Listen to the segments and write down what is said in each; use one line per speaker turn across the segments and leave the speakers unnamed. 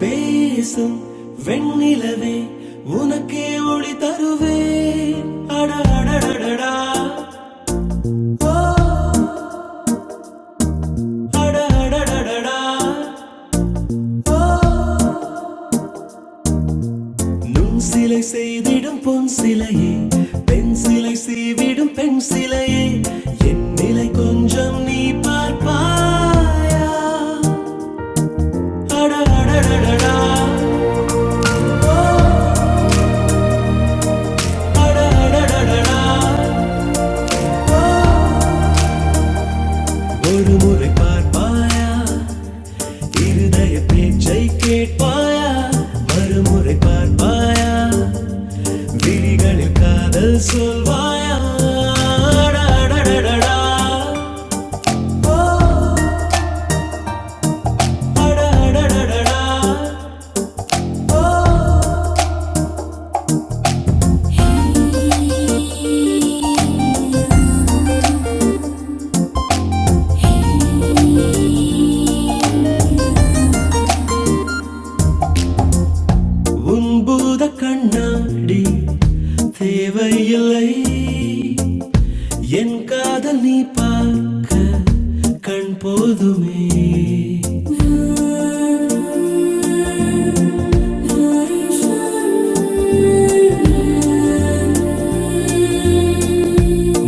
பேசும் வெண்ணிலவே உனக்கே ஒளி தருவே அட அடடடடா ஓ அடடடடடா ஓ நுண் சிலை செய்திடும் பொன் சிலையே பெண் சிலை செய்விடும் பெண் சிலையே என் நிலை கொஞ்சம் நீ பார்ப்பாயா அடடடடடா அடடடடடா ஒரு முறை பார்ப்பாயா இருதய பேச்சை கேட்பாயா மறுமுறை பார்ப்பாயா விழிகளில் காதல் சொல்வாயா அடடடடடடா. ஓ, அடடடடடா. ஓ, உன் பூத கண்ணாடி தேவையில்லை என் காதல் நீ பார்க்க கண் போதுமே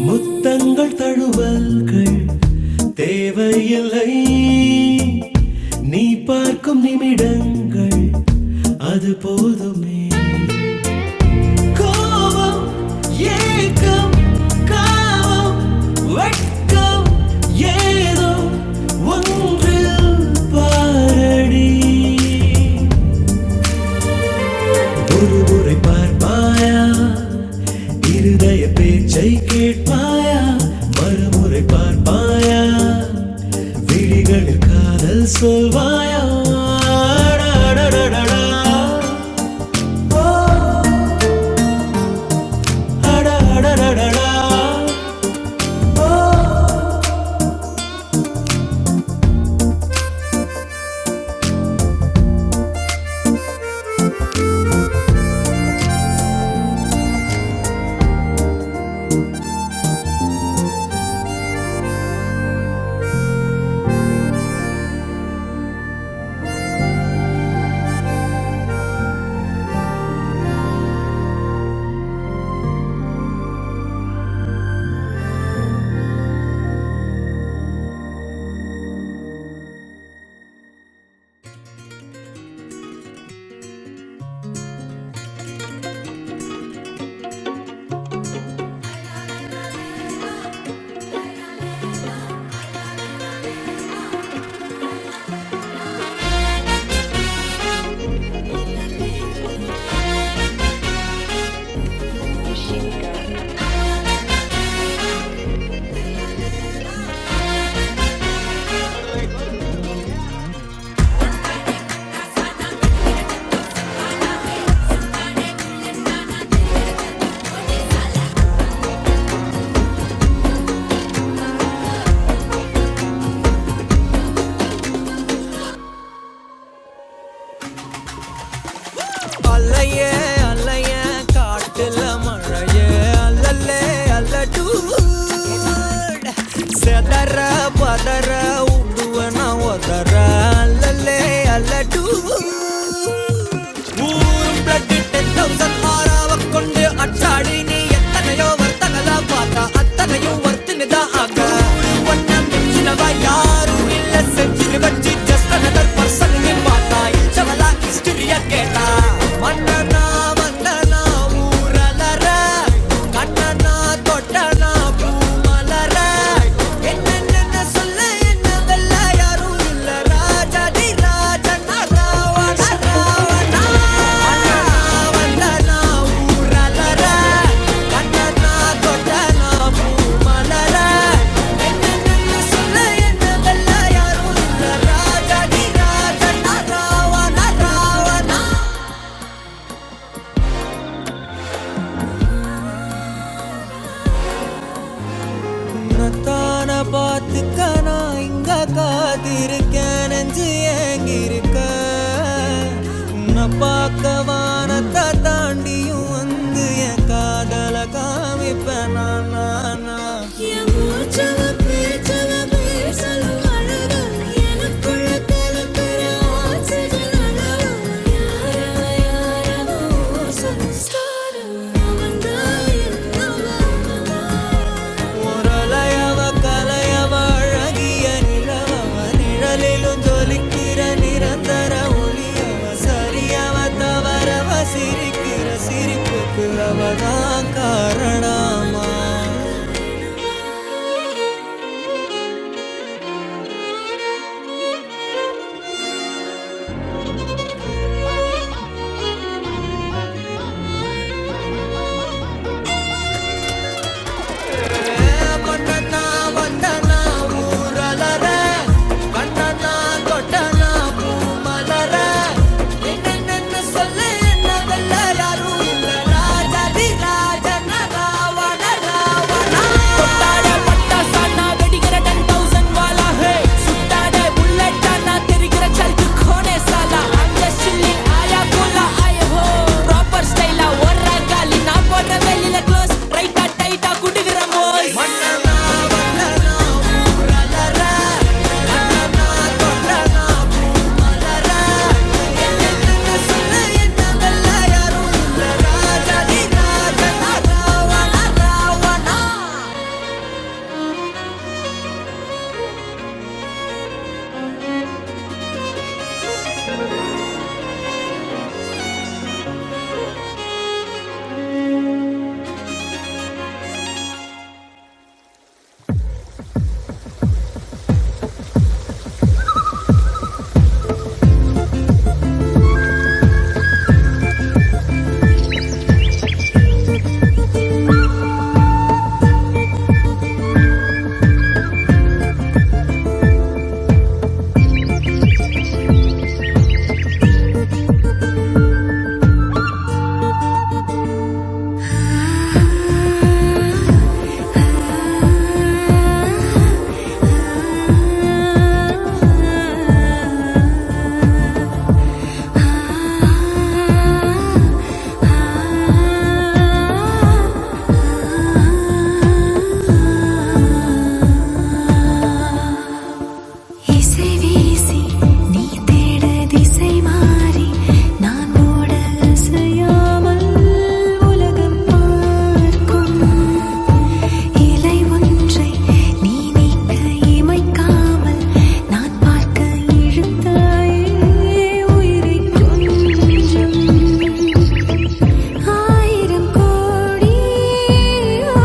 முத்தங்கள் தழுவல்கள் தேவையில்லை நீ பார்க்கும் நிமிடங்கள் அது போதுமே கோபம் ஏக்கம் காமம் வெட்கம் ஏதோ ஒன்று பாரடி ஒரு முறை பார்ப்பாயா இருதய பேச்சை கேட்பாயா மறுமுறை பார்ப்பாயா விழிகளில் காதல் சொல்வாயா அடடடடடா. ஓ, அடடடடடா. ஓ அலையே அலையே காட்டுல மழையே அல்லல்லே அல்லடூட் செதற பதற உடுவன ஒதற அல்லல்லே அல்லடூட் ஊரும் blood 10,000 ஆறாவக் கொண்டு அச்சாடி நீ எத்தனையோ வர்த்தகலா பார்த்தா, அத்தனையும் வர்த்தினிதா ஆக. ஒண்ணம் மிஞ்சினவா யாரும் இல்ல செஞ்சிரு வச்சு just another person நீ பார்த்தா, இச்சவளா history ய கேட்டா. மன்னனா மன்னனா ஊரலற, கண்ணனா தொட்டனா பூமலற என்னென்ன சொல்ல என்ன வெல்ல யாரும் இல்ல ராஜா டி ராஜா நான் ராவணா ராவணா வந்தனா ஊரலர கண்ணனா கொட்டனா பூமலர என்னென்ன சொல்ல என்ன வெல்ல யாரும் இல்ல ராஜா டி ராஜா நான் ராவணா ராவணா உன்னத்தான பார்த்துக்க நான் இங்க காத்திருக்கேன் நெஞ்சு ஏங்கிருக்க உன்னை பார்க்க வானத்தை தாண்டியும் வந்து என் காதல காமிப்பேன் நான் நான், நான். என் மூச்சவ பேச்சவ பேசலும் அழகு. எனக்குள்ள கலக்கிற ஆக்சிஜன் அளவு. யாரவ யாரவ ஓசோன் ஸ்தானம். அவன்தான் என்னவா? முரளையவ கலையவ அழகிய நிலவவ நிழலிலும் ஜொலிக்கிற நிரந்தர ஒளியவ சரியவ தவறவ சிரிக்கிற சிரிப்புக்கு அவதான் காரணமா பொட்டனா வண்டனா ஊரலர கண்ணனா கொட்டனா பூமலர என்னென்ன சொல்ல என்ன வெல்ல யாரும் இல்ல ராஜதி ராஜன ராவண ராவணா ఆ இசை வீசி நீ தேட திசை மாறி நான் ஓட அசையாமல் உலகம் பார்க்கும் இலை ஒன்றை நீ நீக்க இமைக்காமல் நான் பார்க்க இழுத்தாயே உயிரை கொஞ்சம் ஆயிரம் கோடி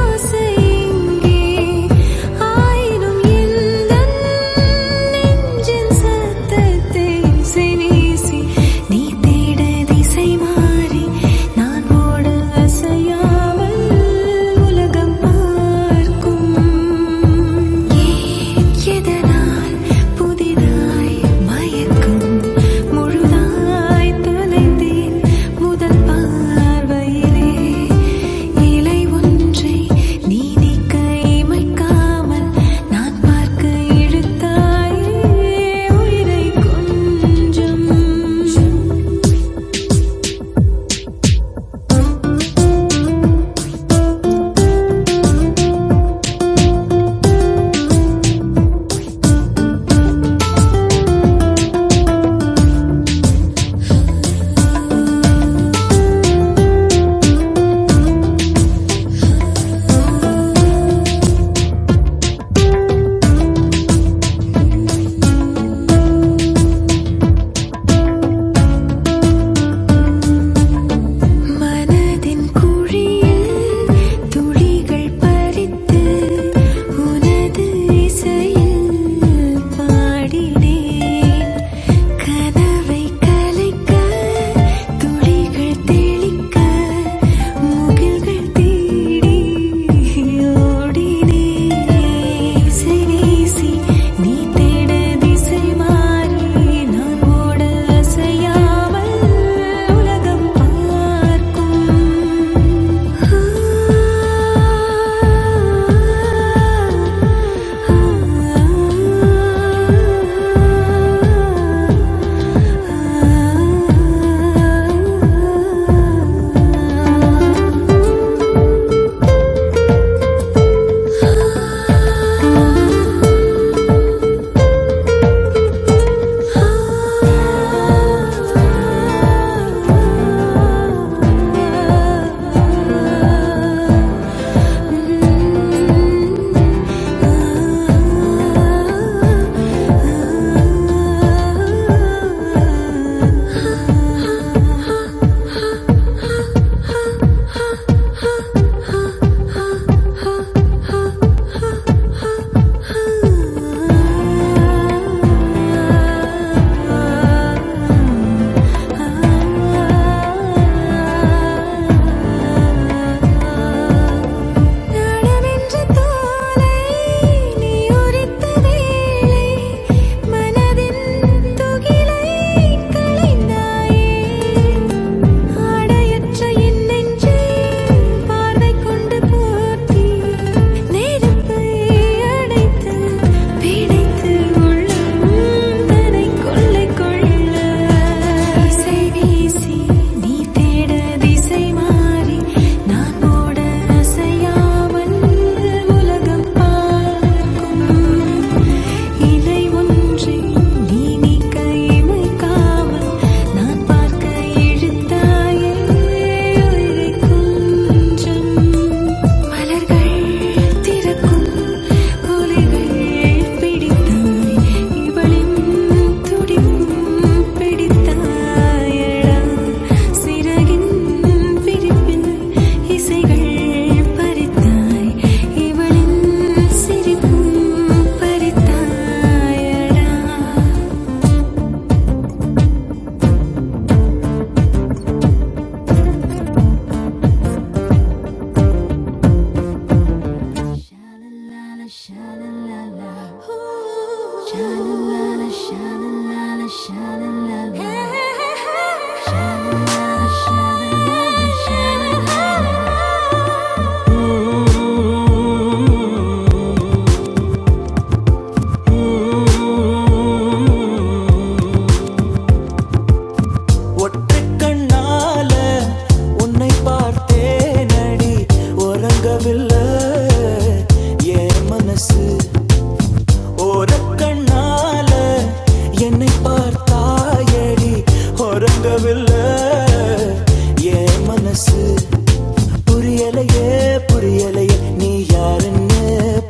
ஆசை இங்கே ஆயினும் எந்தன் நெஞ்சின் சத்தத்தை சிநேசி நீ தேட திசை மாறி நான் ஓட அசையாமல் உலகம் பார்க்கும் ஏன் எதனால் புதிதாய் மயக்கும் முழுதாய் தொலைந்தேன் முதல் பார்வையிலே இலை ஒன்றை நீ நீக்க இமைக்காமல் நான் பார்க்க இழுத்தாயே உயிரை கொஞ்சம் மனதின் குழியில் துளிகள் பறித்து உனது இசையில் பாடினேன் கனவை கலைக்க துளிகள் தெளிக்க முகில்கள் தேடி ஓடினே இசை வீசி நீ தேட திசை மாறி நான் ஓட அசையாமல் உலகம் பார்க்கும் Thank you நாடமென்ற தோலை நீ உரித்த வேளை மனதின் துகிலை களைந்தாயே ஆடையற்ற என் நெஞ்சை பார்வை கொண்டு போற்றி, நெருப்பை அடைத்து, பிணைத்து உள்ளம் தன்னை கொள்ளை கொள்ள. இசை வீசி, நீ தேட திசை மாறி, நான் ஓட அசையாமல் உலகம் பார்க்கும். இலை ஒன்றை நீ நீக்க இமைக்காமல் நான் பார்க்க இழுத்தாயே உயிரை கொஞ்சம் மலர்கள் திறக்கும் ஒலிகள் பிடித்தாய் இவளின் துடிப்பும் பிடித்தாயடா சிறகின் பிரிப்பின் இசைகள் பறித்தாய் இவளின் சிரிப்பும் பறித்தாயடா Sha-la-la-la, sha-la-la-la. Ooh. Sha-la-la-la, sha-la-la-la, sha-la-la-la. Hey. Sha-la-la-la, sha-la-la-la, sha-la-la-la. ஒற்றை கண்ணால உன்னை பார்த்தேனடி உறங்கவில்லை என் மனசு ஒரு கண்ணால என்னை பார்த்தாயடி உறங்கவில்லை என் மனசு புரியலையே புரியலையே நீ யாருன்னு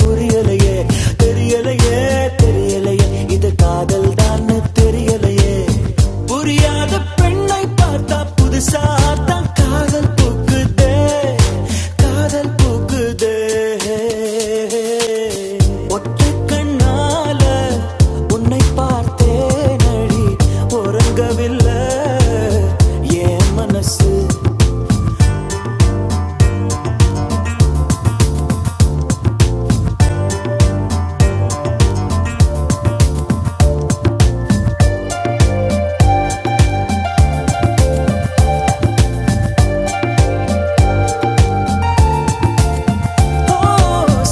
புரியலையே தெரியலையே தெரியலையே இது காதல் தான் தெரியலையே புரியாத பெண்ணை பார்த்தா புதுசா தான் காதல் பூக்குதே காதல் பூக்குதே ஒற்றை கண்ணால உன்னை பார்த்தேன் அடி உறங்கவில்லை என் மனசு ஓ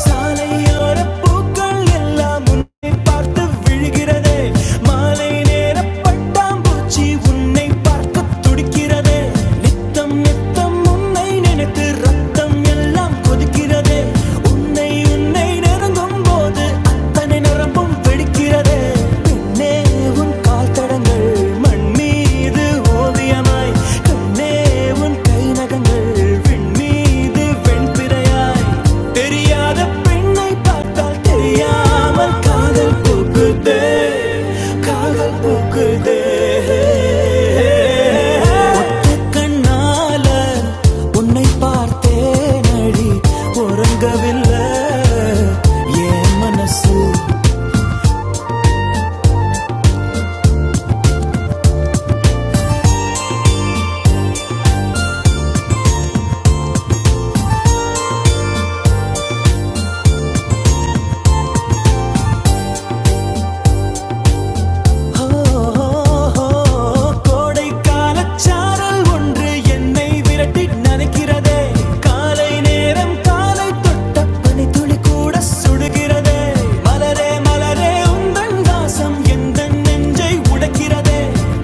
சாலையோர பூக்கள் எல்லாம் உன்னை பார்த்து விழுகிறதே மாலை நேர பட்டாம்பூச்சி உன்னை பார்த்து துடிக்கிறதே நித்தம் நித்தம் உன்னை நினைத்து ரத்தம் எல்லாம் கொதிக்கிறதே உன்னை உன்னை நெருங்கும் போது அத்தனை நரம்பும் வெடிக்கிறதே பின்னே உன் கால் தடங்கள் மண் மீது ஓ பிரியமாய் கண்ணே உன் கை நகங்கள் விண்மீது வெண்பிறையாய் தெரியாத பெண்ணை பார்த்தால் தெரியாமல் காதல் பூக்குதே காதல் பூக்குதே ஒத்த கண்ணால உன்னை பார்த்தேனடி உறங்கவில்லை என் மனசு கோடைக்காலச்சாரல் ஒன்று என்னை விரட்டி நனைக்கிறதே காலை நேரம் காலை தொட்ட பனித்துளி கூட சுடுகிறதே மலரே மலரே உந்தன் வாசம் எந்த நெஞ்சை உடைக்கிறதே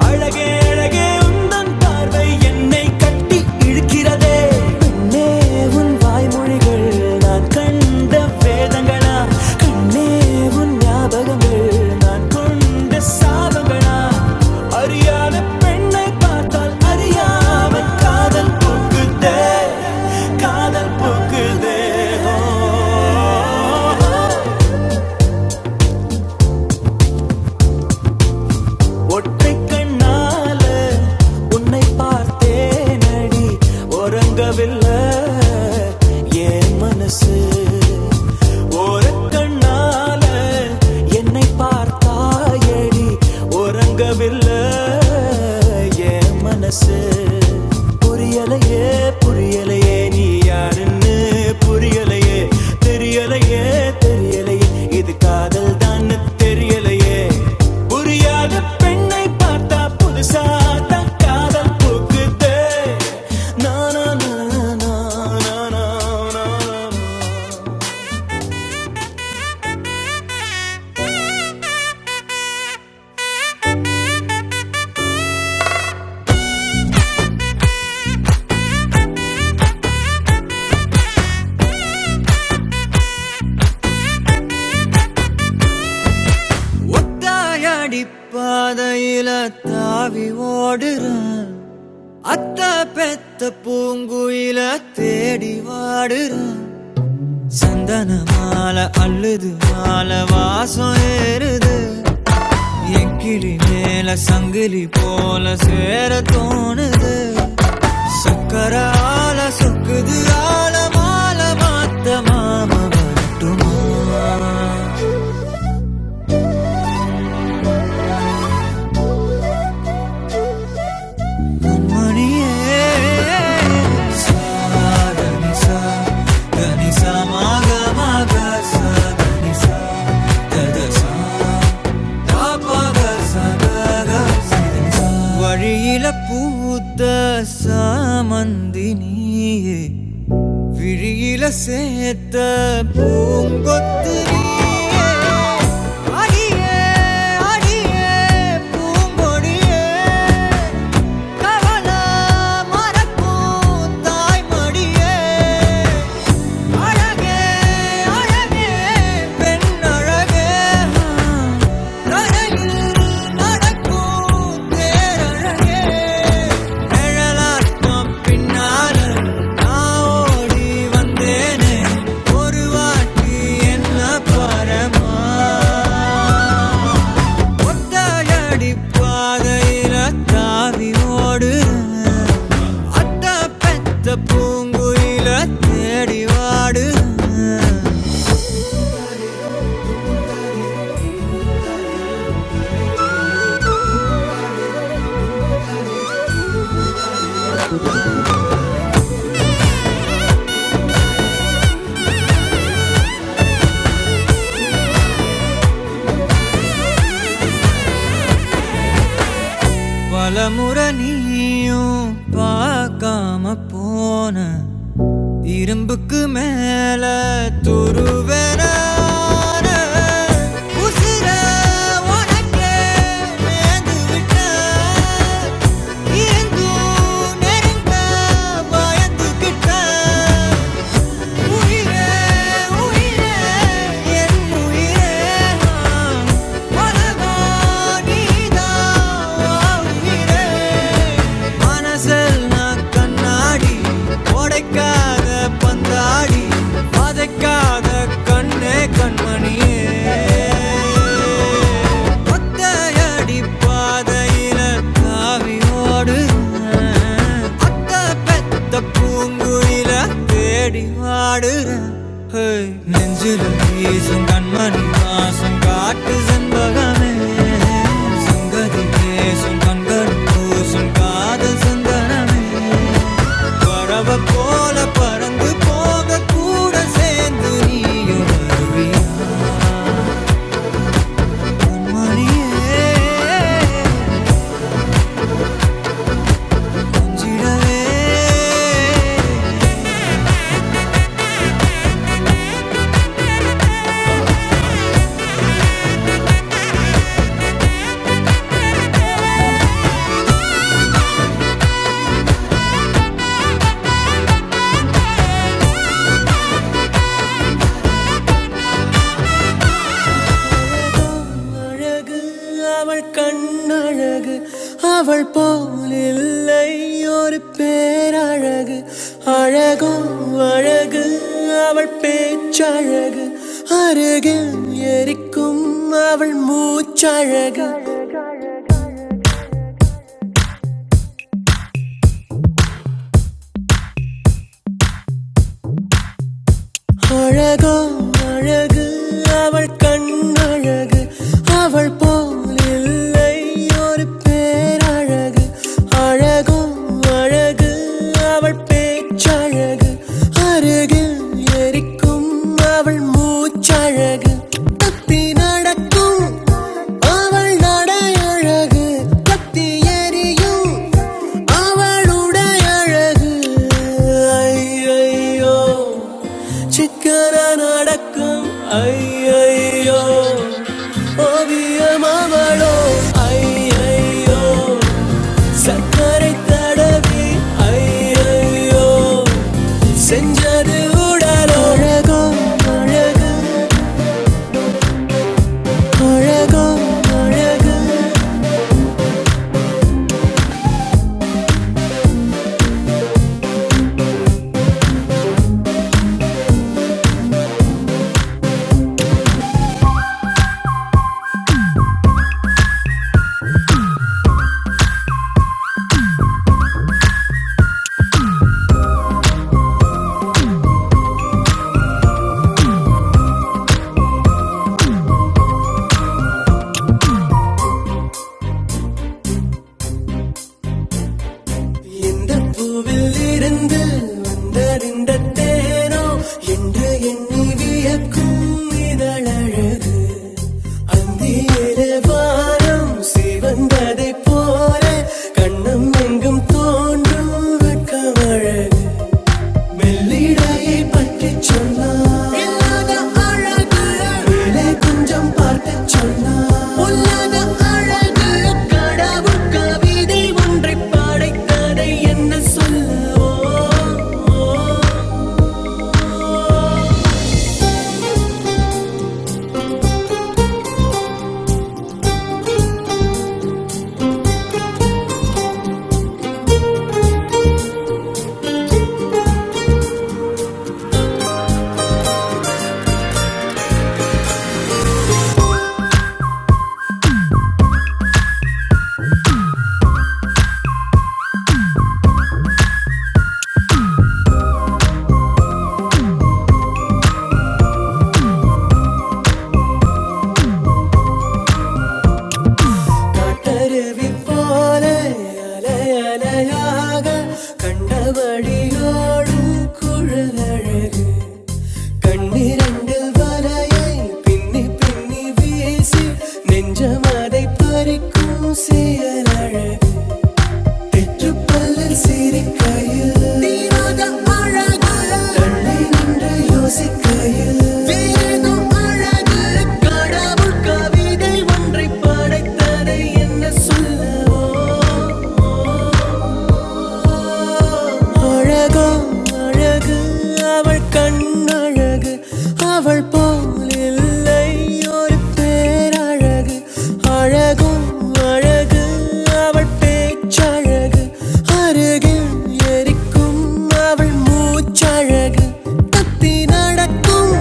அழகே அழகே உந்தன் பார்வை என்னை கட்டி இழுக்கிறது இருக்கிறதே கண்ணே உன் வாய்மொழிகள் நான் கண்ட வேதங்களா கண்ணே உன் ஞாபகங்கள் நான் கொண்ட சாபங்களா அறியாத பெண்ணை பார்த்தால் அறியாமல் காதல் போக்குதே காதல் போக்குதே ஓ, ஓ, ஓ. ஒற்றை கண்ணால உன்னை பார்த்தேனடி உறங்கவில்லை என் மனசு ஓரக்கண்ணால என்னை பார்த்தாயடி உறங்கவில்லை என் மனசு புரிய புரியலையே புரியலையே நீ யாருன்னு புரியலையே தெரியலையே தெரியலையே இது காதல் தான் தெரியலையே புரியாத பெண்ணை பார்த்தா புதுசா தான் காதல் பூக்குதே நானா நானா நானா நானா ஒத்தாயடி பாதையில தாவி ஓடுறான் அத்த பெத்த பூங்குயில தேடி வாடுறான் சந்தன மாலை அல்லது மாலை வாசம் ஏறுது என் கிளி மேல சங்கிலி போல சேர தோணுது சக்கரால சொக்குது ஆல மாலை மாத்த மாம வரட்டும் மணியே சா கனிசா கனிசா மாக மாக சா கனிசா தத சா வழியில பூத்த சாமந்தி நீயே விழியில சேர்த்த பூங்கொத்து நீயே. அடியே, அடியே, பூங்கொடியே. கவள மறக்கும் தாய்மடியே அழகே அழகே பெண் அழகே நடையில் நடக்கும் தேரழகே நிழலாட்டம் பின்னால நான் ஓடி வந்தேனே ஒரு வாட்டி என்ன பாரமா ஒத்தாயடி பாதையில தாவி ஓடுறேன் அட்டா பெத்த பூங்குயில தேடி வாடு பலமுறை நீயும் பார்க்காம போன இரும்புக்கு மேல துருவென உசிர உனக்கே நேர்ந்து விட்ட இருந்தும் நெருங்க பயந்துக்கிட்ட உயிரே, உயிரே, என் உயிரே நான். உலகம் நீதான் உயிரே. மனசில் நான் கண்ணாடி உடைக்காத பந்தாடி பதைக்காத கண்ணே கண்மணியே ஒத்தையடி பாதையில தாவி ஓடுறேன். அத்தை பெத்த பூங்குயில தேடி வாடுறேன். ஹேய், நெஞ்சில வீசும் கண்மணி வாசம் காட்டு செண்பகமே சங்கதி பேசும் கண்கள் பூசும் காதல் சந்தனமே பறவை போல பறந்து போக கூட சேர்ந்து நீயும் மணியே சிடவே அழகு அவள் கண்ணழகு அவள் போல் இல்லை ஒரு பேரழகு அழகோ அழகு அவள் பேச்சழகு அருகில் எரிக்கும் அவள் மூச்சழகு அழகோ அழகு அவள் கண்ணழகு அவள் போல் இல்லை ஒரு பேரழகு அழகோ அழகு அவள் பேச்சழகு அருகில் எரிக்கும் அவள் மூச்சழகு தப்பி நடக்கும் அவள் நடையழகு தப்பி எரியும் அவளுடைய அழகு ஐயையோ சிக்கன நடக்கும் ஐயையோ ஓவியம் அவளோ ஐயையோ சக்கரை தடவி ஐயையோ செஞ்சது உடலோ அழகோ அழகு அழகோ அழகு எந்த பூவில் இருந்து வந்தறிந்த தேனோ என்று எண்ணி வியக்கும் இதழழகு அந்தியிலே வானம் சிவந்ததைப் போல கண்ணம் எங்கும் தோன்றும் வெட்கமழகு மெல்லிடையை பற்றி சொன்னார் இல்லாத அழகு மேலே கொஞ்சம் பார்த்து சொன்னார் பொல்லாத அழகு கடவுள் கவிதை ஒன்றை பாடைக்கதை என்ன சொல்லுவோம் காட்டருவி போல அலை அலையாக கண்டபடியோடும் குழலழகு கண்ணிரண்டில் வரையை பின்னி பின்னி வீசி நெஞ்சமாதை பறிக்கும் சீரழகு தெற்று பல்லில் சிரிக்கையில் தீராத அழகு தள்ளி நின்று யோசிக்கையில் வேறேதோ அழகு கடவுள் கவிதை ஒன்றை படைத்ததை என்ன சொல்லவோ அழகோ அழகு அவள் கண்ணழகு அவள் போல் இல்லை ஒரு பேரழகு அழகோ அழகு அவள் பேச்சழகு அருகில் எரிக்கும் அவள் மூச்சழகு கத்தி நடக்கும்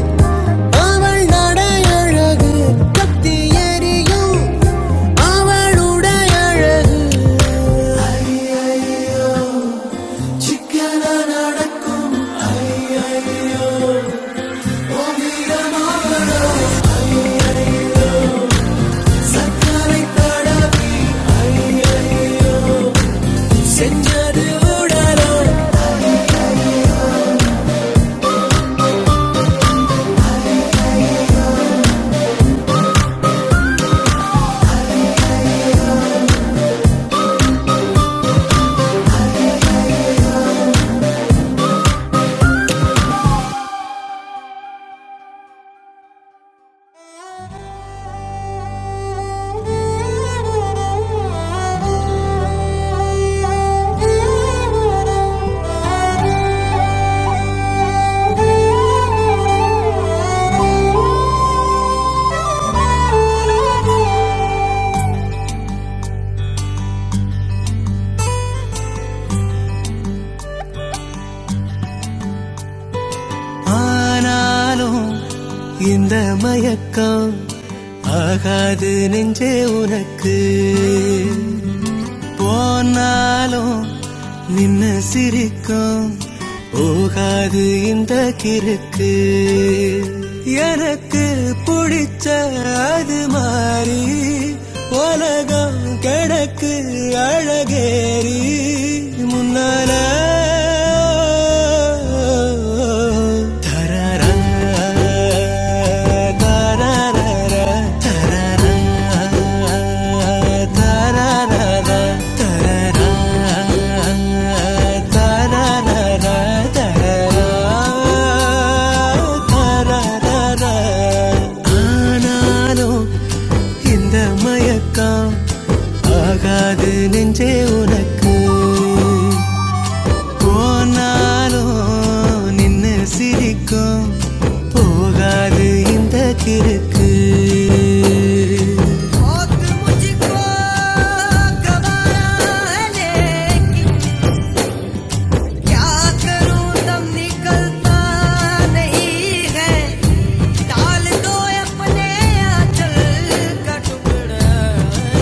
அவள் நடையழகு கத்தி எரியும் அவளுடைய அழகு சிக்கன நடக்கும் ஆனாலும் இந்த மயக்கம் ஆகாது நெஞ்சே உனக்கு போனாலும் நின்னு சிரிக்கும் போகாது இந்த கிறுக்கு எனக்கு பிடிச்ச அது மாறி உலகம் கிடக்கு அழகேறி முன்னால ஆனாலும் இந்த மயக்கம் ஆகாது நெஞ்சே உனக்கு போனாலோ நின்னு சிரிக்கும் போகாது இந்த கிறுக்கு क्या करूं दम निकलता नहीं है डाल दो अपने आंचल का टुकड़ा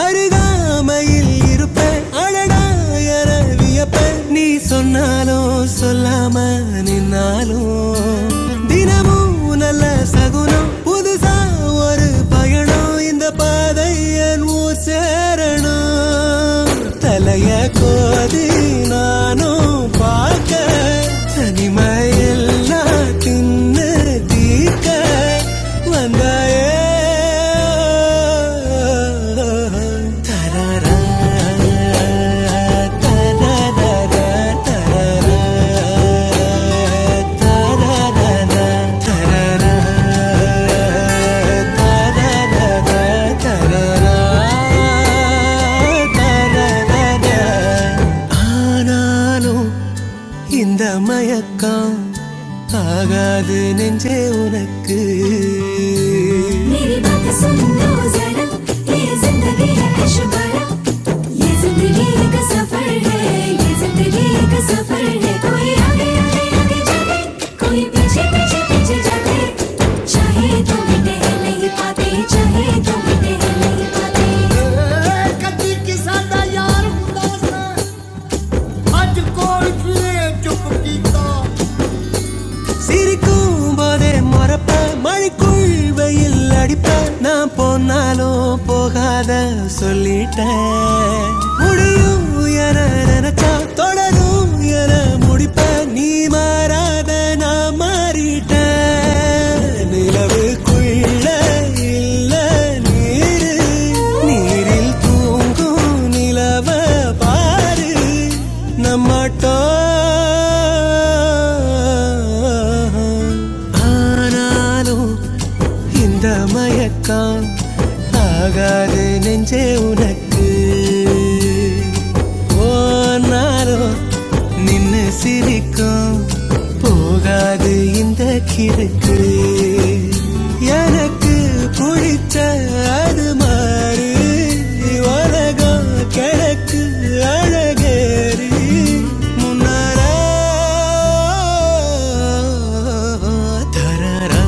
அருகாமையில் இருப்ப அழகாயர வியப்ப நீ சொன்னாலும் சொல்லாம நின்னாலும் தினமும் நல்ல சகுனம் புதுசா ஒரு பயணம் இந்த பாதை என் ஊர் சேரணும் தலைய கோதி நானும் பார்க்க தனிமையில் நான் தின்னு தீர்க்க ఆనాలు इंदम यकां आगाद नेंजे उनक मेरी बात सुन्दो जैनं ये जिन्ददी है किश्र बाला ये जिन्दी एक सफर है कोई आगे आगे जादे कोई पीछे पीछे पीछे जादे चाहे तो मिटे हैं नहीं पादे तुले कदी की सान्दा यारूं दोसना ਅੱਜ ਕੋਲ ਫਿਰੇ ਚੁੱਪ ਕੀਤਾ சிரிக்கும் போதே மறப்ப மழைக்குள் வெயில் அடிப்ப நான் போனாலும் போகாத சொல்லிட்டேன் முடியும் என நினைச்சா தொடரும் என முடிப்ப நீ மாறாத நான் மாறிட்டேன் நிலவுக்குள்ள இல்ல நீரு நீரில் தூங்கும் நிலவ பாரு நம்மாட்டா ஆனாலும் இந்த மயக்கம் ஆகாது நெஞ்சே உனக்கு போனாலும் நின்னு சிரிக்கும் போகாது இந்த கிறுக்கு எனக்கு பிடிச்ச அது மாறு உலகம் கிடக்கு அழகேறி முன்னார தரரா,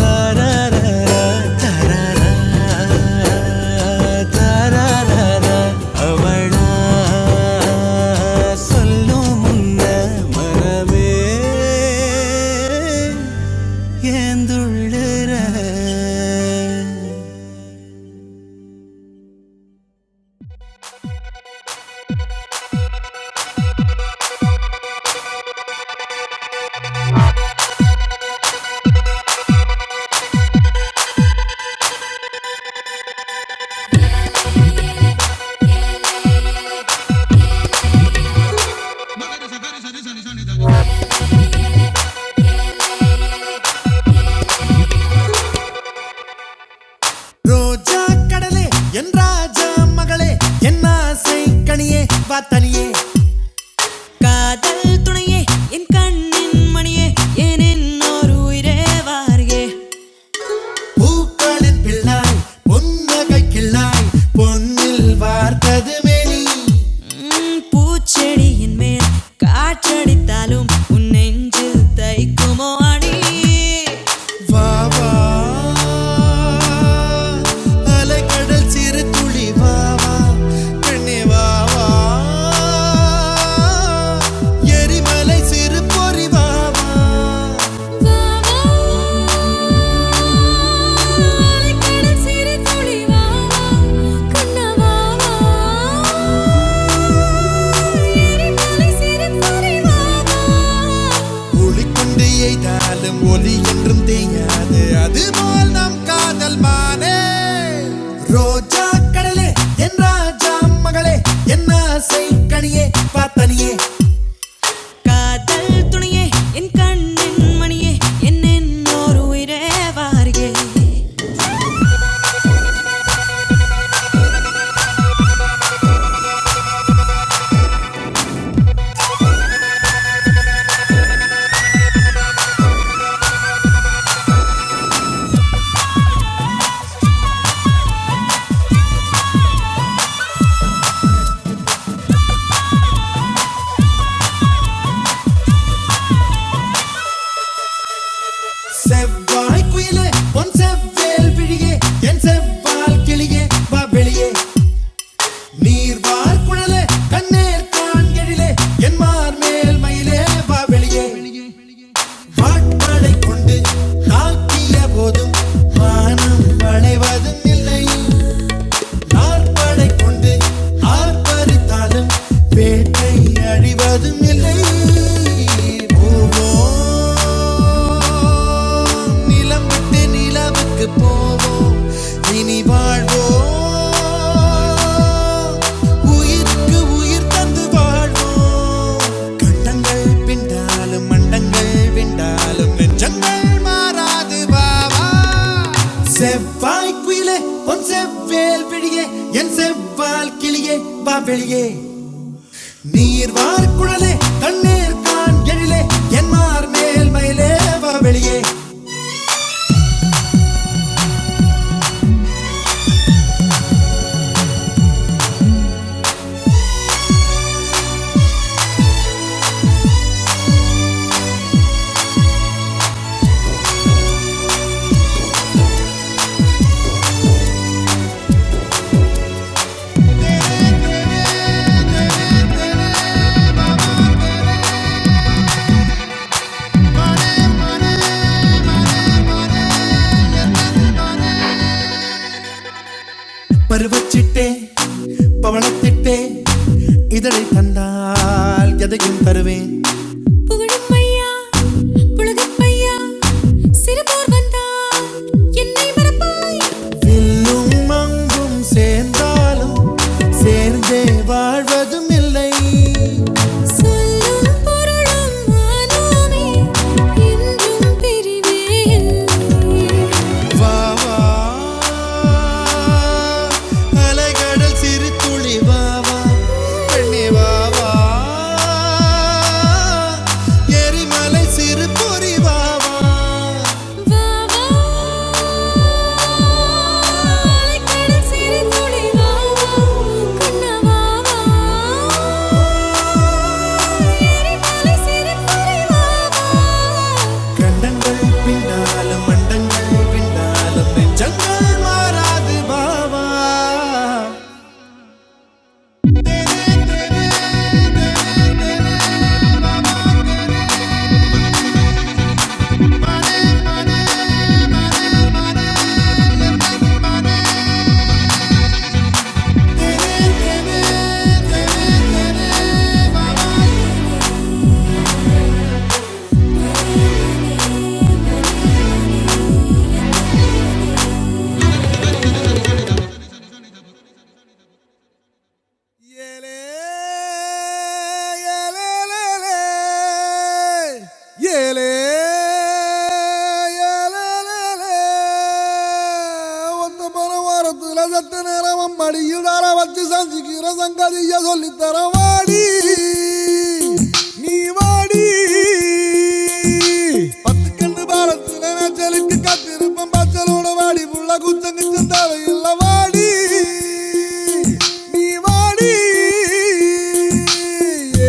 தரரா, தரரா, தரரா. அவளா சொல்லும் முன்ன மனமே ஏந்துள்ளற கடலே மகளே என்ன ஆசை கனியே வா தனியே காதல் துணையே என் கண்ணின் மணியே ஏனென் ஒரு உயிரே வாரியே பூக்களின் பிள்ளாய் பொன்னகை கிள்ளாய் பொன்னில் உம், பூச்செடியின் மேல் காற்றடித்தாலும் உன் நெஞ்சில் தைக்குமோ அடி வால் சிறு துளி வா கண்ணே வா வா எரிமலை சிறு பொறி வா வா வாவா, ஒளிக்குண்டு எய்தாலும் ஒளி என்றும் தேயாது அதுபோல் நம் காதல் மானே ரோஜா கடலே என் ராஜா மகளே என் ஆசை கனியே பார்த்தனியே காதல் துணையே என் கண்ணின் மணியே என்னென்னோர் உயிரே வாரியே செவ்வாய் குயிலே பொன் செவ்வேல் விழியே என் செவ்வால் கிளியே வா வெளியே நீர் வார் குழலே கண்ணேர் காண்கெழிலே என் மார் மேல் மயிலே வா வெளியே வாட்பாடை கொண்டு தாக்கிய போதும் மானம் வளைவதும் இல்லை ஆர்ப்பாடை கொண்டு ஆர்ப்பரித்தாலும் வேட்டை அழிவதும் இல்லை போவோம் நிலம் விட்டு நிலவுக்கு போவோம் இனி வாழ்வோம் உயிருக்கு உயிர் தந்து வாழ்வோம் கண்டங்கள் பிண்டாலும் மண்டங்கள் விண்டாலும் நெஞ்சங்கள் மாறாது வாவா செவ்வாய் குயிலே பொன் செவ்வேல் விழியே என் செவ்வால் கிளியே வா வெளியே நீர் வார் குழலே தண்ணீர் கான் எழிலே என் மார் மேல் மயிலே வா வெளியே பருவச்சிட்டே பவளத்திட்டே இதழை தந்தால் எதையும் தருவேன் புகழும்மையா, புழுகும்மையா, சிறுபோர் வந்தால் என்னை மறப்பாய். வில்லும் அங்கும் சேர்ந்தாலும் சேர்ந்தே வாழ்வதும் இல்லை சொல்லுமா, வா வா அலைகடல் சிறு துளி வா வா பெண்ணே வா வா எரிமலை சிறு பொறி வா வா வா வா அலைக்கடல் சிறு துளிதான் கண்ணவா எரிமலை சிறு பொறிவா கண்டங்கள் பின்னாலும் மண்டங்கள் பின்னாலும் நெஞ்சங்கள் மாறாது பாவா ஏலே ஏலேலேலே. ஏலே ஏலேலேலே. ஒத்த பண வாரத்துல சத்த நேரம் மடியுடார வச்சு சஞ்சிக்கிற சங்கதிய சொல்லித்தர வாடி நீ வாடி பத்து கண்டு பாரத்துல நான் கத்திருப்பம் பச்சலோட வாடி புள்ள குத்தங்கு சந்தாவை இல்ல வாடி நீ வாடி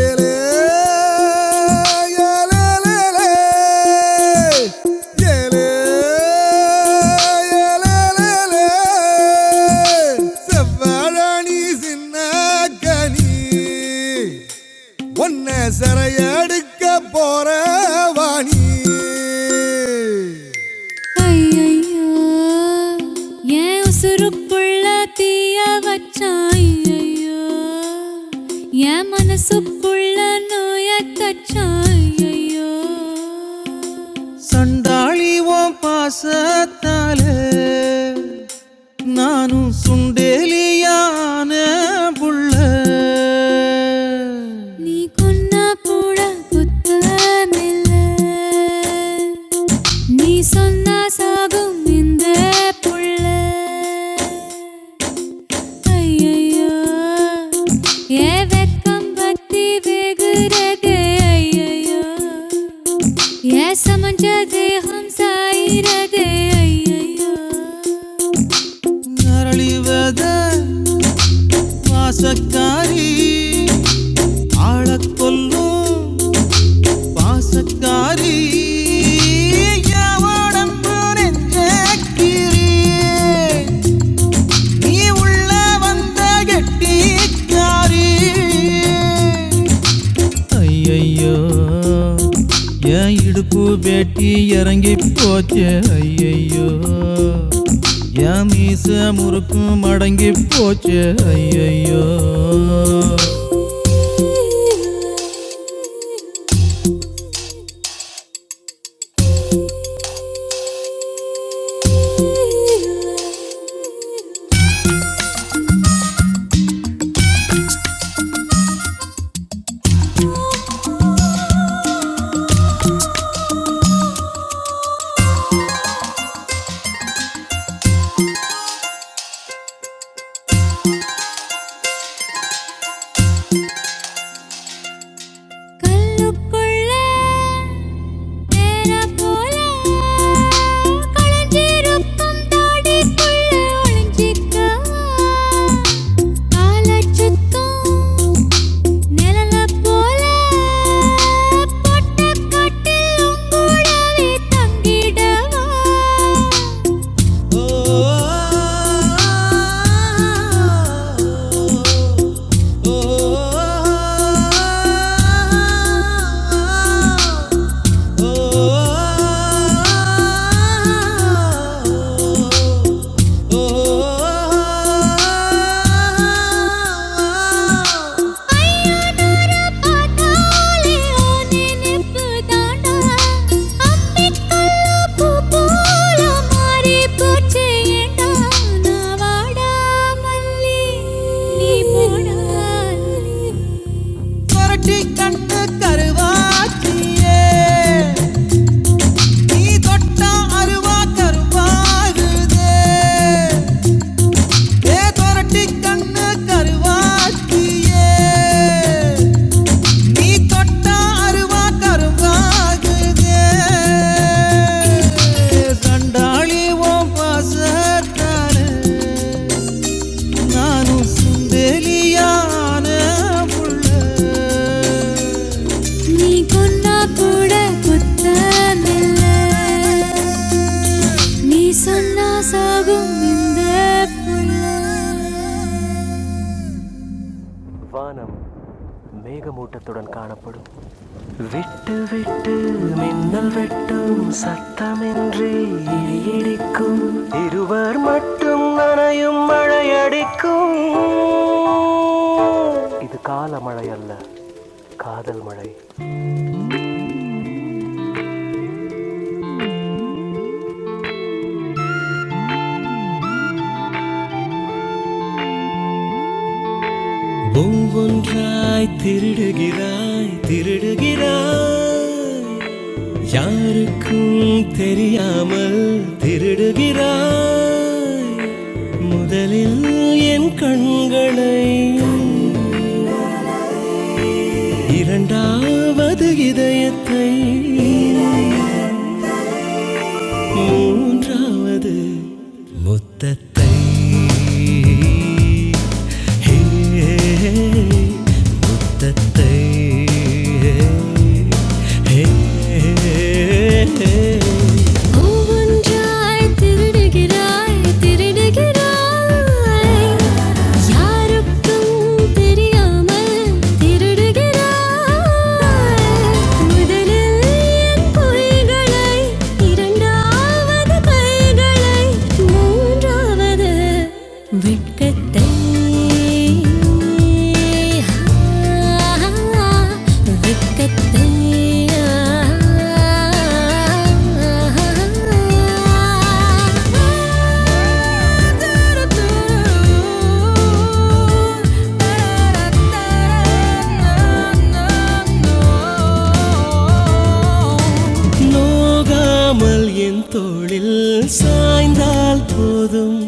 ஏலே ஏலேலேலே. ஏலே ஏலேலேலே. செவ்வாழாணி சின்ன கனி உன்னை சிறையெடுக்க போற வாணி என் உசுருக்குள்ள தீய வச்சாய் ஐயோ என் மனசுக்குள்ள நோய தச்சாய் ஐயோ பாசத்தாலே நானும் சுண்டேலியான புள்ள நீ கொன்னா கூட குத்தமில்ல நீ சொன்னா சாகும் இந்த புள்ள ஐயையோ, ஏன் வெட்கம் பக்தி வெகுரது? ஐயையோ, ஏன் சமஞ்ச தேகம் சாயிரது? ஐயையோ, நரளிவத வாசக்காரி ஆளக் கொல்லும் பாசக்காரி இவளே வந்த கெட்டிக்காரி ஐயையோ என் இடுப்பு வெட்டி இறங்கி போச்சே ஐயையோ என் மீச முறுக்கு மடங்கி போச்சே ஐயையோ கல்லுக்குள்ள தேரை போல களைஞ்சிருக்கும் தாடிக்குள்ள ஒளிஞ்சிக்க காலச்சுத்தம் நிழல போல பொட்டக்கட்டில் உங்கூடவே தங்கிடவா? Oh பையனோர பார்த்தாலே ஆனே நிப்பு தாண்டா அம்பிக்கல்ல பூ போல மாறி போச்சே ஏண்டா நான் வாடா மல்லி நீ போடா அல்லி. புரட்டி கட்ட கருவாக்கியே நீ தொட்ட அருவா கருவாகுதே ஏ தொரட்டி கண்ணு கருவாக்கியே நீ தொட்டா அருவா கருவாகுதே சண்டாளி ஓ பாசத்தால நானும் சுந்தேலியான புள்ள நீ கொன்னா கூட குத்தமில்ல நீ சொன்னா சாகும் இந்த புல்ல வானம் மேகமூட்டத்துடன் காணப்படும் விட்டு விட்டு மின்னல் வெட்டும் சத்தமின்றி இடி இடிக்கும் இருவர் மட்டும் நனையும் மழையடிக்கும் இது கால மழை அல்ல காதல் மழை ஒவ்வொன்றாய் திருடுகிறாய் திருடுகிறாய் யாருக்கும் தெரியாமல் திருடுகிறாய் முதலில் என் கண்களை இரண்டாவது இதயத்தை மூன்றாவது முத்தத்தை ஹே, சத்தத்தை ஹே, ஹே, ஹே. ஒவ்வொன்றாய் திருடுகிறாய் திருடுகிறாய் யாருக்கும் தெரியாமல் திருடுகிறாய் முதலில் என் பொய்களை இரண்டாவது கைகளை மூன்றாவது வெட்கத்தை No நோகாமல் என் தோளில் சாய்ந்தால் போதும்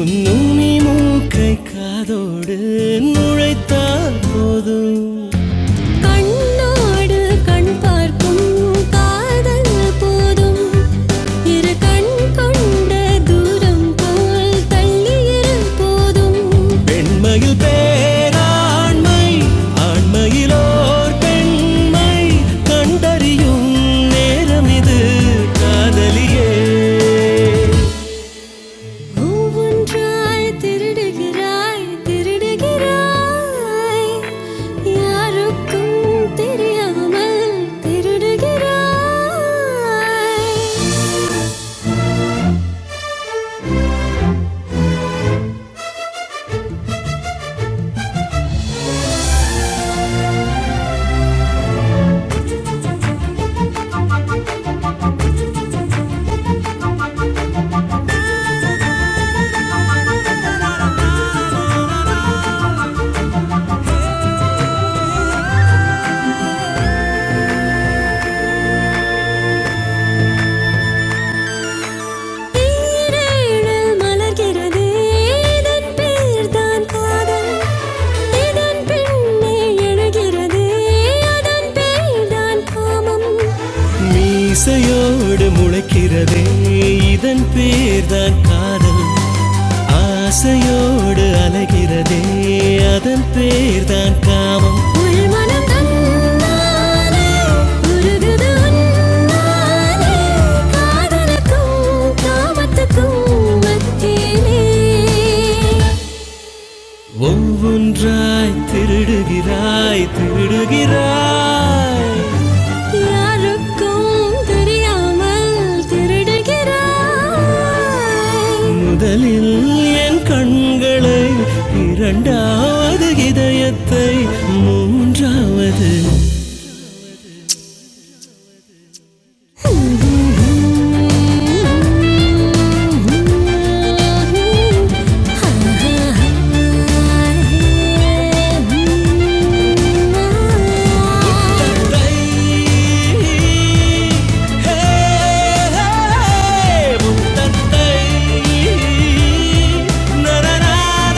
உன்னுனி மூக்கை காதோடு நுழைத்தால் போதும் கண்ணோடு கண் பார்க்கும் காதல் போதும் இரு கண் கொண்ட தூரம் போல் தள்ளி இரு போதும் பெண்மையில் பேராண்மை ஆண்மையிலோர் பெண்மை கண்டறியும் நேரம் இது காதலியே ஒவ்வொன்றாய் திருடுகிறாய் திருடுகிறாய் யாருக்கும் தெரியாமல் திருடுகிறாய் தேனிடல் மலர்கிறது இதன் பேர் தான் காதல் இதன் பின்னே எழுகிறது அதன் பேர் தான் காமம் மீசையோடு முளைக்கிறதே இதன் பேர்தான் காதல் ஆசையோடு அலைகிறதே அதன் பேர் தான் காமம் உள்மனம் தன்னாலே உருகுது உன்னாலே காதலுக்கும் காமத்துக்கும் மத்தியிலே ஒவ்வொன்றாய் திருடுகிறாய் திருடுகிறாய் யாருக்கும் தெரியாமல் திருடுகிறாய் முதலில் என் கண்களை இரண்டாவது இதயத்தை மூன்றாவது தட்டே முத்தத்தை. நரநரநரநர.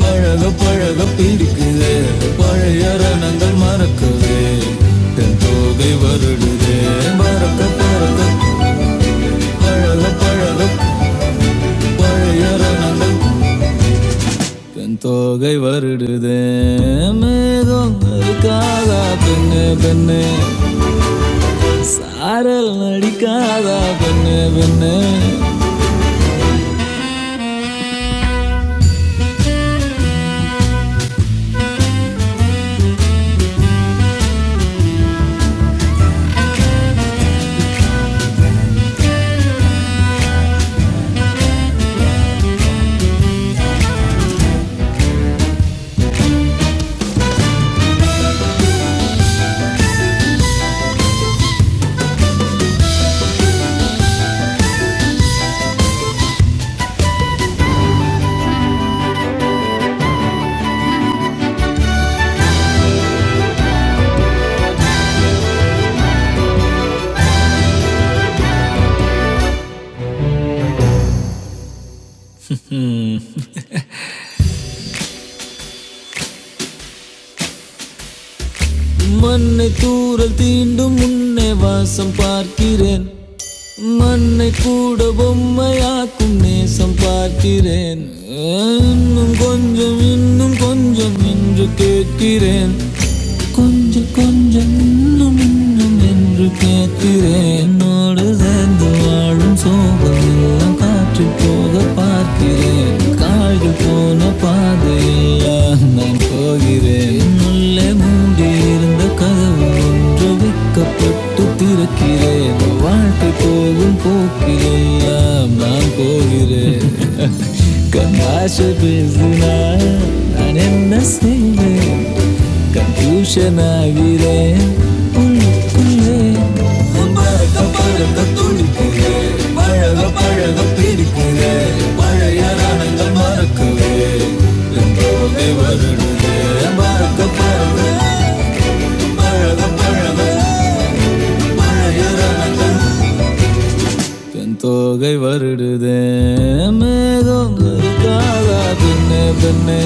பழக பழக பிடிக்குது தென் தோகை வருடுதே பறக்க பறக்க பழக பழக பழைய ரணங்கள் தென் தோகை வருடுதே மேகங்களுக்காதா பெண்ணு பெண்ணு அரல் நடிக்காதா பெண்ணு பெண்ணு முன்பேன் அன்னை பூபொம்மையாக்கும் நேசம் பார்க்கிறேன் இன்னும் கொஞ்சம் இன்னும் கொஞ்சம் என்று கேட்கிறேன் கொஞ்சம் கொஞ்சம் இன்னும் இன்னும் என்று கேட்கிறேன் என்னோடு சேர்ந்து வாழும் சோகம் எல்லாம் காற்று போக பார்க்கிறேன் கால்கள் போன பாதையெல்லாம் நான் போகிறேன் உள்ளே மூடியிருந்த கதவு ஒன்று விற்கப்பட்டு திறக்கிறேன் வாழ்க்கை போகும் போக்கிலெல்லாம் நான் போகிறேன் கண்ணாச பேசினார் நான் என்ன செய்வேன் டியூஷனாகிறேன் பழக துடிக்கு பழக பழக பிடிக்கு பழைய நாணங்கள் மறக்கு என் தோகை வருடுதே மேகம் இருக்காதா பெண்ணே பெண்ணே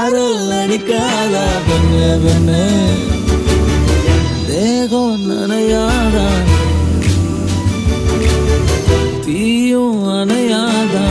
அரல் அடிக்காதா பெண்ணே பெண்ணே மேகம் நனையாதா தீயும் அணையாதா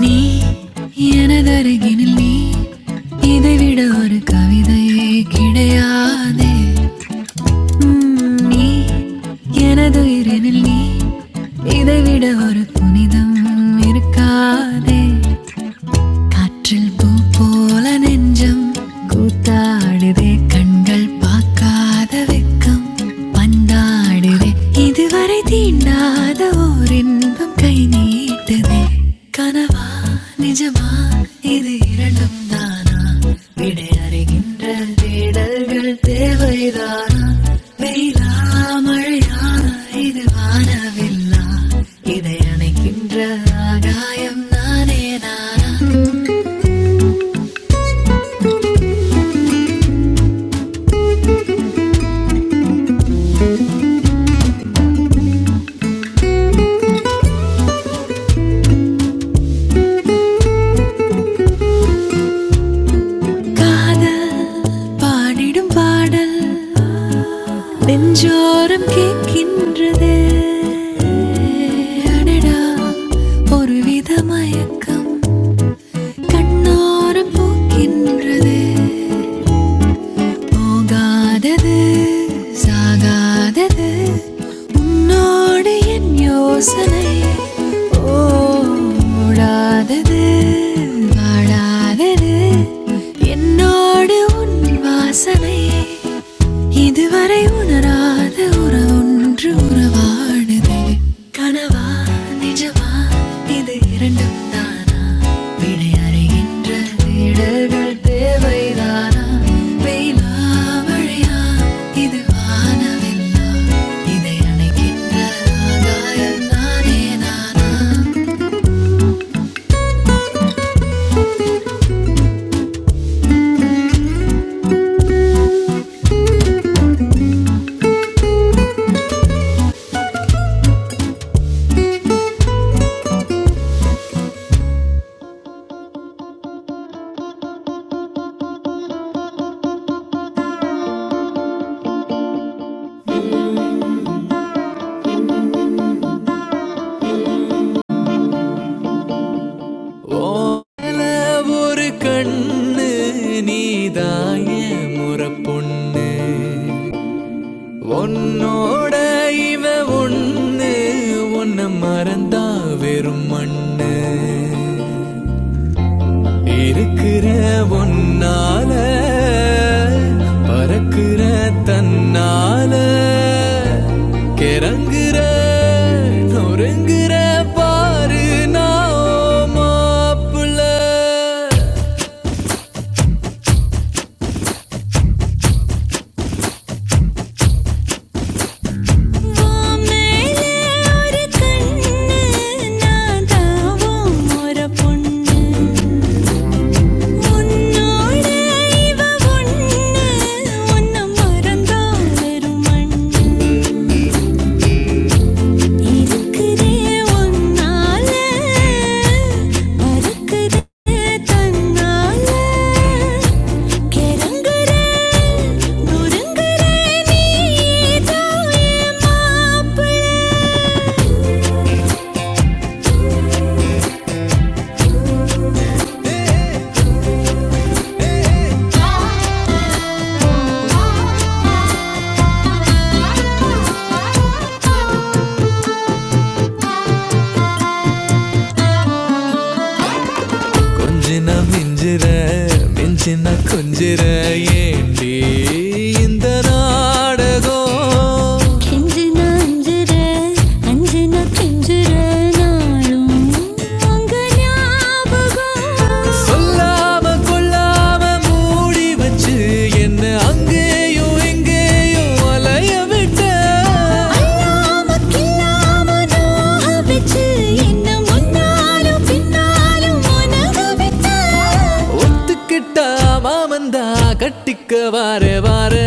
நீ எனதருகினில் நீ இதைவிட ஒரு கவிதையே கிடையாதே உம், நீ எனது உயிரினில் நீ இதைவிட ஒரு புனிதம் இருக்காதே காற்றில் பூ போல நெஞ்சம் கூத்தாடுதே கண்கள் பார்க்காத வெக்கம் பந்தாடுதே இதுவரை தீண்டாத ஓர் இன்பம் கை நீட்டுதே கனவா நிஜமா இது இரண்டும் தானா விடை அறிகின்ற தேடல்கள் தேவைதானா வெயிலா மழையா இது வானவில்லா இதை அணைக்கின்ற ஆகாயம் நானே நானா காதல் பாடிடும் பாடல் நெஞ்சோரம் கேட்கின்றது அடடா ஒரு வித மயக்கம் கண்ணோரம் போக்கின்றது போகாதது சாகாதது உன்னோடு என் யோசனை ஓடாதது வாழாதது என்னோடு உன் வாசனை இதுவரை உணராத உறவொன்று உறவாடுதே கனவா நிஜமா இது இரண்டும் தானா விடையறைகின்ற இடர்கள் தேவைதானா வெயிலா மழையா இது வானவில்லா இதை அணைக்கின்ற ஆகாயம் நானே நானா ஒரு கண்ணு நீதாய முறப்பொண்ணு உன்னோட இவ ஒண்ணு உன்னை மறந்தா வெறும் மண்ணு இருக்கிற ஒன்னால பறக்கிற தன்னால கிறங்குற நொறுங்குற பாரு நான் மாப்பிள்ள வாமேலே ஒரு கண்ணு நான் தாவும் ஒரு பொண்ணு உன்னோட இவ ஒண்ணு, உன்னை மறந்தா வெறும் மண். இருக்கிறேன் உன்னால, மறக்கிறேன் தன்னால. கிறங்குறேன், நொறுங்குறேன், நீதான் என் மாப்பிள்ளை. கொஞ்சின மிஞ்சிற மிஞ்சின கொஞ்சிற ஏண்டி இந்த நாடகம் கெஞ்சினா அஞ்சுற அஞ்சினா கெஞ்சுற நாளும் உங்க ஞாபகம் சொல்லாம கொள்ளாம மூடி வச்சு என்ன அங்கேயும் இங்கே உலைய விட்ட ஒத்துக்கிட்டா மாமந்தா கட்டிக்க வாரே வாரே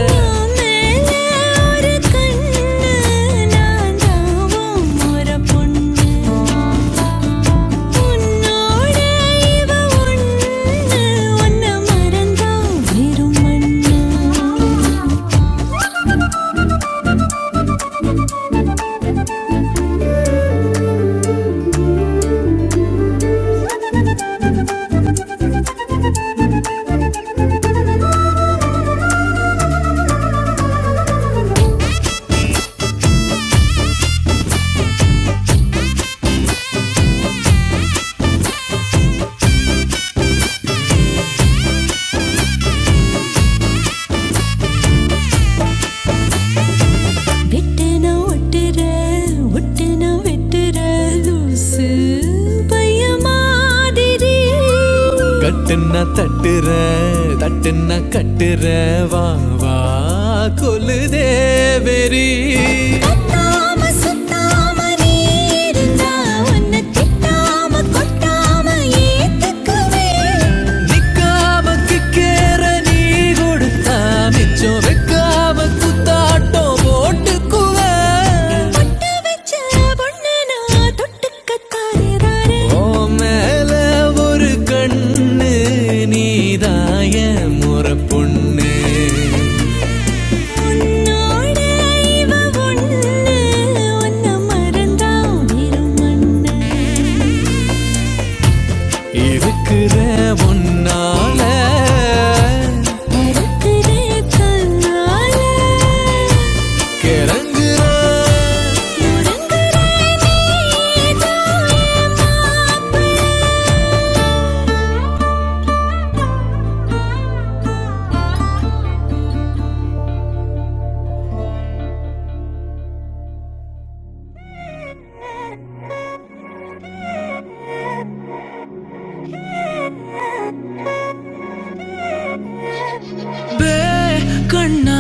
மறந்தா வெறும் மண்ணு வெட்டுன ஒட்டுற ஒட்டுன வெட்டுற லூசு பைய மாதிரி கட்டுன்னா தட்டுற தட்டுன்னா கட்டுற வா வா கொலு தேவரி கத்தாம சுத்தாம நீ இருந்தா உன்னை திட்டாம கொட்டாம ஏத்துக்குவேன். நிக்காம கிக்கேற நீ கொடுத்தா மிச்சம் வைக்காம குத்தாட்டம் போட்டுக்குவ பொட்டு வச்ச பொண்ணு நான் தொட்டுக்கத்தாரே தாரே. ஓ மேல ஒரு கண்ணு நீதாய முறை பொண்ணு நாடு அழிவ ஒண்ணு ஒன்ன மறந்தா வெறும் மண்ணு இருக்கிற ஒன்னா மறக்கிற தன்னால முடங்கு நீதான் என் மாப்பிள்ளை.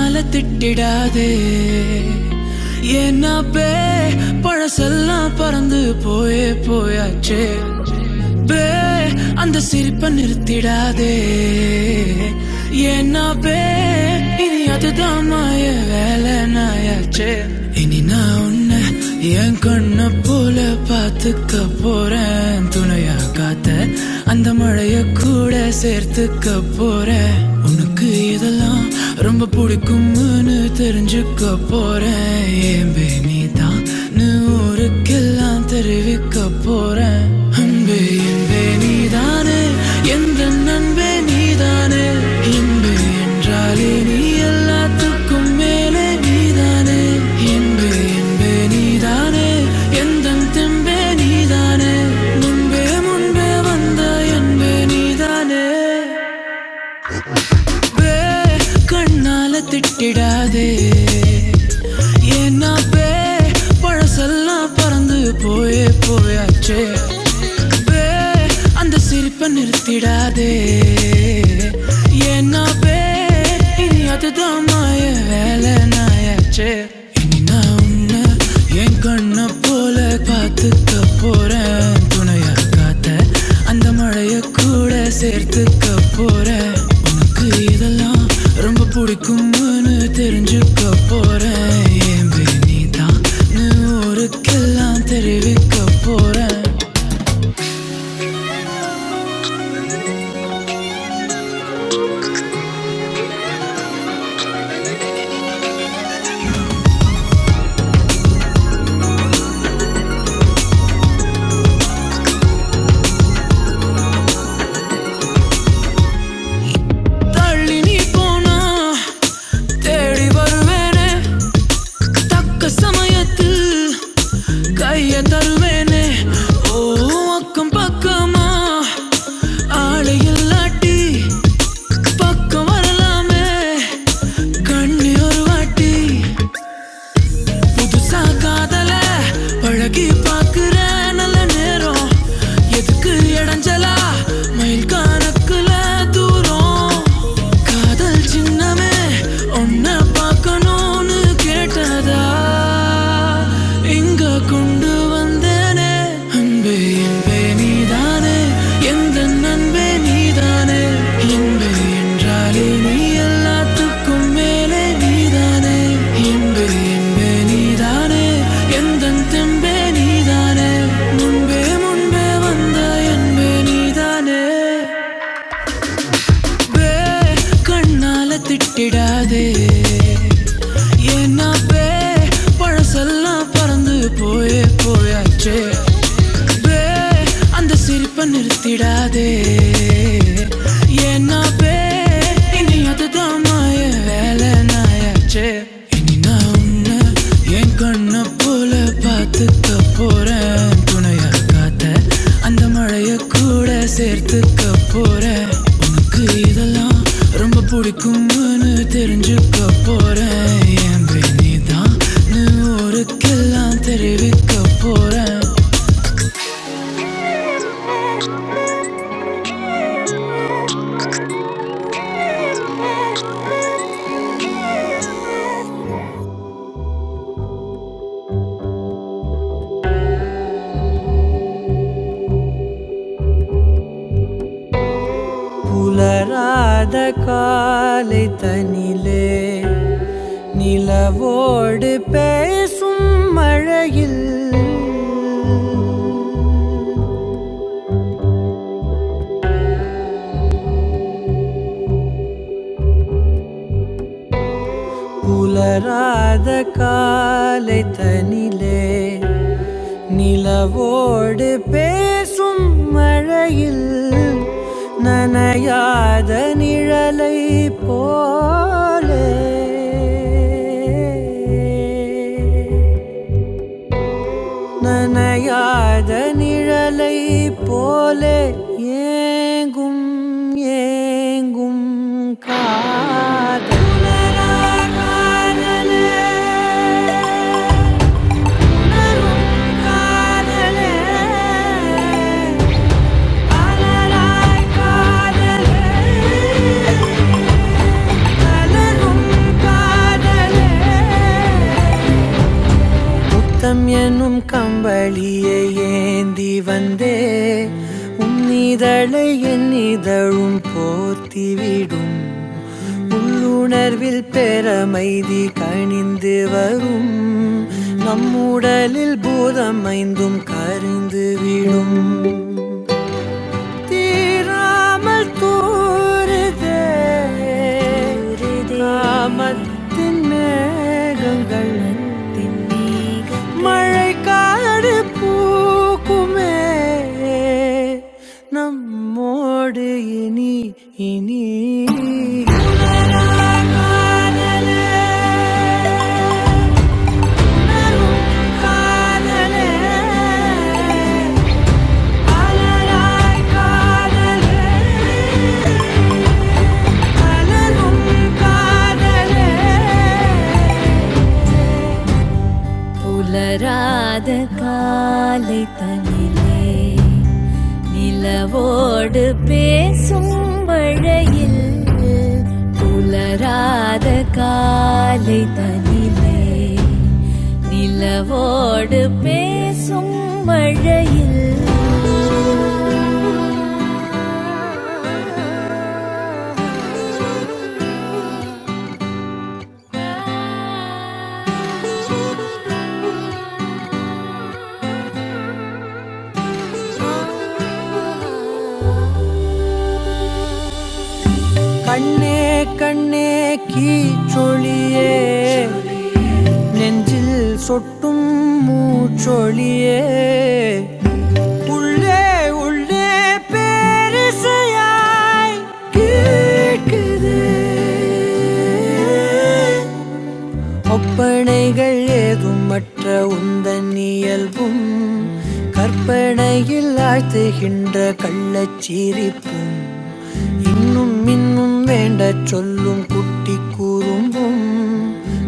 அல திட்டிடாதே என்ன பே பழசெல்லாம் பறந்து போயே போயாச்சே பே அந்த சிரிப்பை நிறுத்திடாதே ஏன்னா பே இது யானே இன்பு என்றாலே நீ எல்லாத்துக்கும் மேலே நீதானே இன்பு என்பே நீதானே எந்த தெம்பே நீதானே முன்பே முன்பே வந்த என்பே நீதானே பே கண்ணால திட்டிடாதே ஏன்னா பே பழசெல்லாம் பறந்து போயே போயாச்சே பே அந்த சிரிப்பை நிறுத்திடாதே ஏன்னா பே இனி அதுதான் மாய வேலை நாயாச்சே இனி நான் உன்னை என் கண்ணை போல பார்த்துக்க போறேன் துணையா காத்த அந்த மழைய கூட சேர்த்துக்க போறேன் உனக்கு இதெல்லாம் ரொம்ப பிடிக்கும்னு தெரிஞ்சுக்க போறேன் ஏன் நீ தான் ஊருக்கெல்லாம் தெரிவிக்க போறேன் தள்ளி நீ போனா தேடி வருவேனே தக்க சமயத்தில் கைய தருவேனே ஓ அக்கம் பக்கமா ஆளை இல்லாட்டி பக்கம் வரலாமே கண்ணி ஒரு வாட்டி புதுசா காதல பழகி பார்க்குற நல்ல நேரம் எதுக்கு இடைஞ்சலா மயில் கணக்குல தூரம் காதல் சின்னமே ஒன்ன பார்க்கணும் கண்ணால திட்டிடாதே ஏன்னா பே பழசெல்லாம் பறந்து போயே போயாச்சே பே அந்த சிரிப்பை நிறுத்திடாதே ஏன்னா பே இனி அதுதான் மாய வேலை நாயாச்சே இனி நான் உன்னை என் கண்ணை போல பார்த்துக்க போறேன் துணையா காத்த அந்த மழைய கூட சேர்த்துக்க போறேன் உனக்கு இதெல்லாம் ரொம்ப பிடிக்கும்னு தெரிஞ்சுக்க போறேன் என் பேனி தான் ஊருக்கெல்லாம் தெரிவிக்க போறேன் புலராத காலை தனிலே நிலவோடு பேசும் மழையில் புலராத காலை தனிலே நிலவோடு பேசும் மழையில் நனையாத நிழலை போலே நனையாத நிழலை போலே ஏங்கும் ஏங்கும் காதல் காதலே காதலே அலராய் காதலே அலரும் காதலே முத்தம் எனும் கம்பளியை ஏந்தி வந்தே உன்னிதழை என் இதழும் போர்த்திவிடும் உள்ளுணர்வில் பெறமைதி கணிந்து வரும் நம்முடலில் பூதமைந்தும் கரிந்து விடும் தீராமல் தோறுதே காமத்தின் மேகங்கள் மழை காடு பூக்குமே நம்மோடு இனி இனி காதலே அலராய் காதலே புலராத காலை தனிலே நிலவோடு பேசும் மழையில் புலராத காலை தனிலே நிலவோடு பேசும் மழையில் கண்ணே கண்ணே கீச்சொழியே நெஞ்சில் சொட்டும் மூச்சொழியே உள்ளே உள்ளே பேரிசையாய் கேட்குது ஒப்பனைகள் ஏதும் மற்ற உந்தன் இயல்பும் கற்பனையில் ஆழ்த்துகின்ற கள்ளச்சிரிப்பு இன்னும் இன்னும் வேண்டச் சொல்லும் குட்டி கூறும்பும்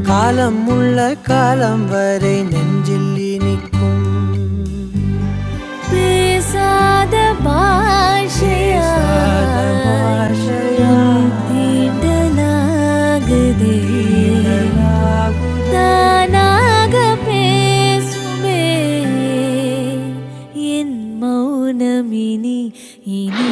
காலம் உள்ள காலம் வரை நெஞ்சில் இனிக்கும் பேசாத பாஷையா பேசாத பாஷையா. தீண்டலாகுதே தானாக பேசுமே என் மௌனமினி இனி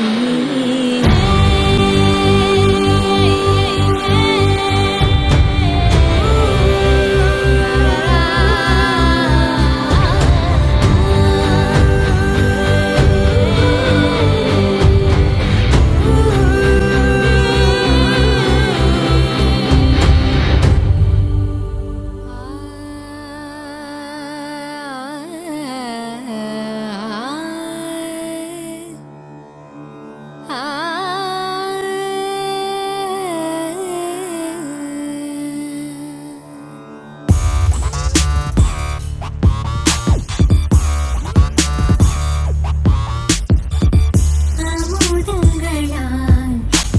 അമുതങ്ങളാൽ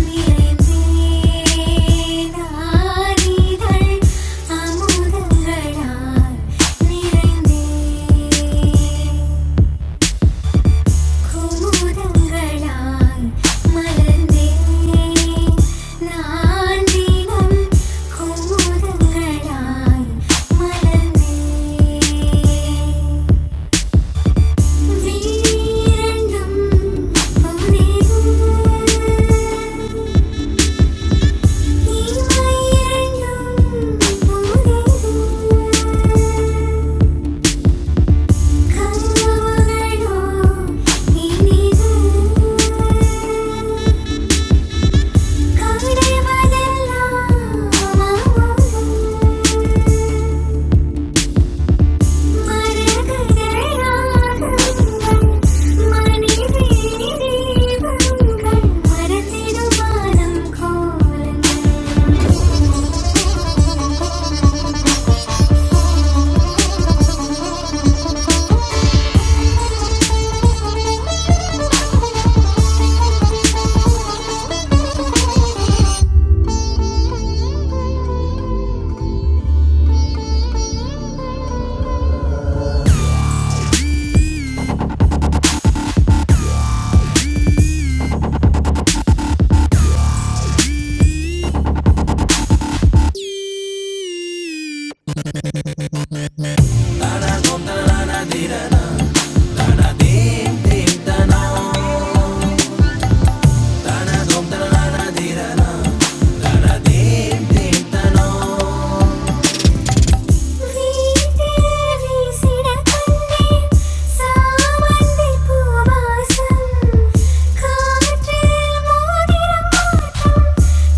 നിറവേനാരികൾ അമുതങ്ങളാൽ നിറവേ khung thung lũng malen, nhan điềm khung thung lũng malen, viranum nirut, ni ma iranum nirut, khajnubaloo niirut காற்றில் மோதிரம்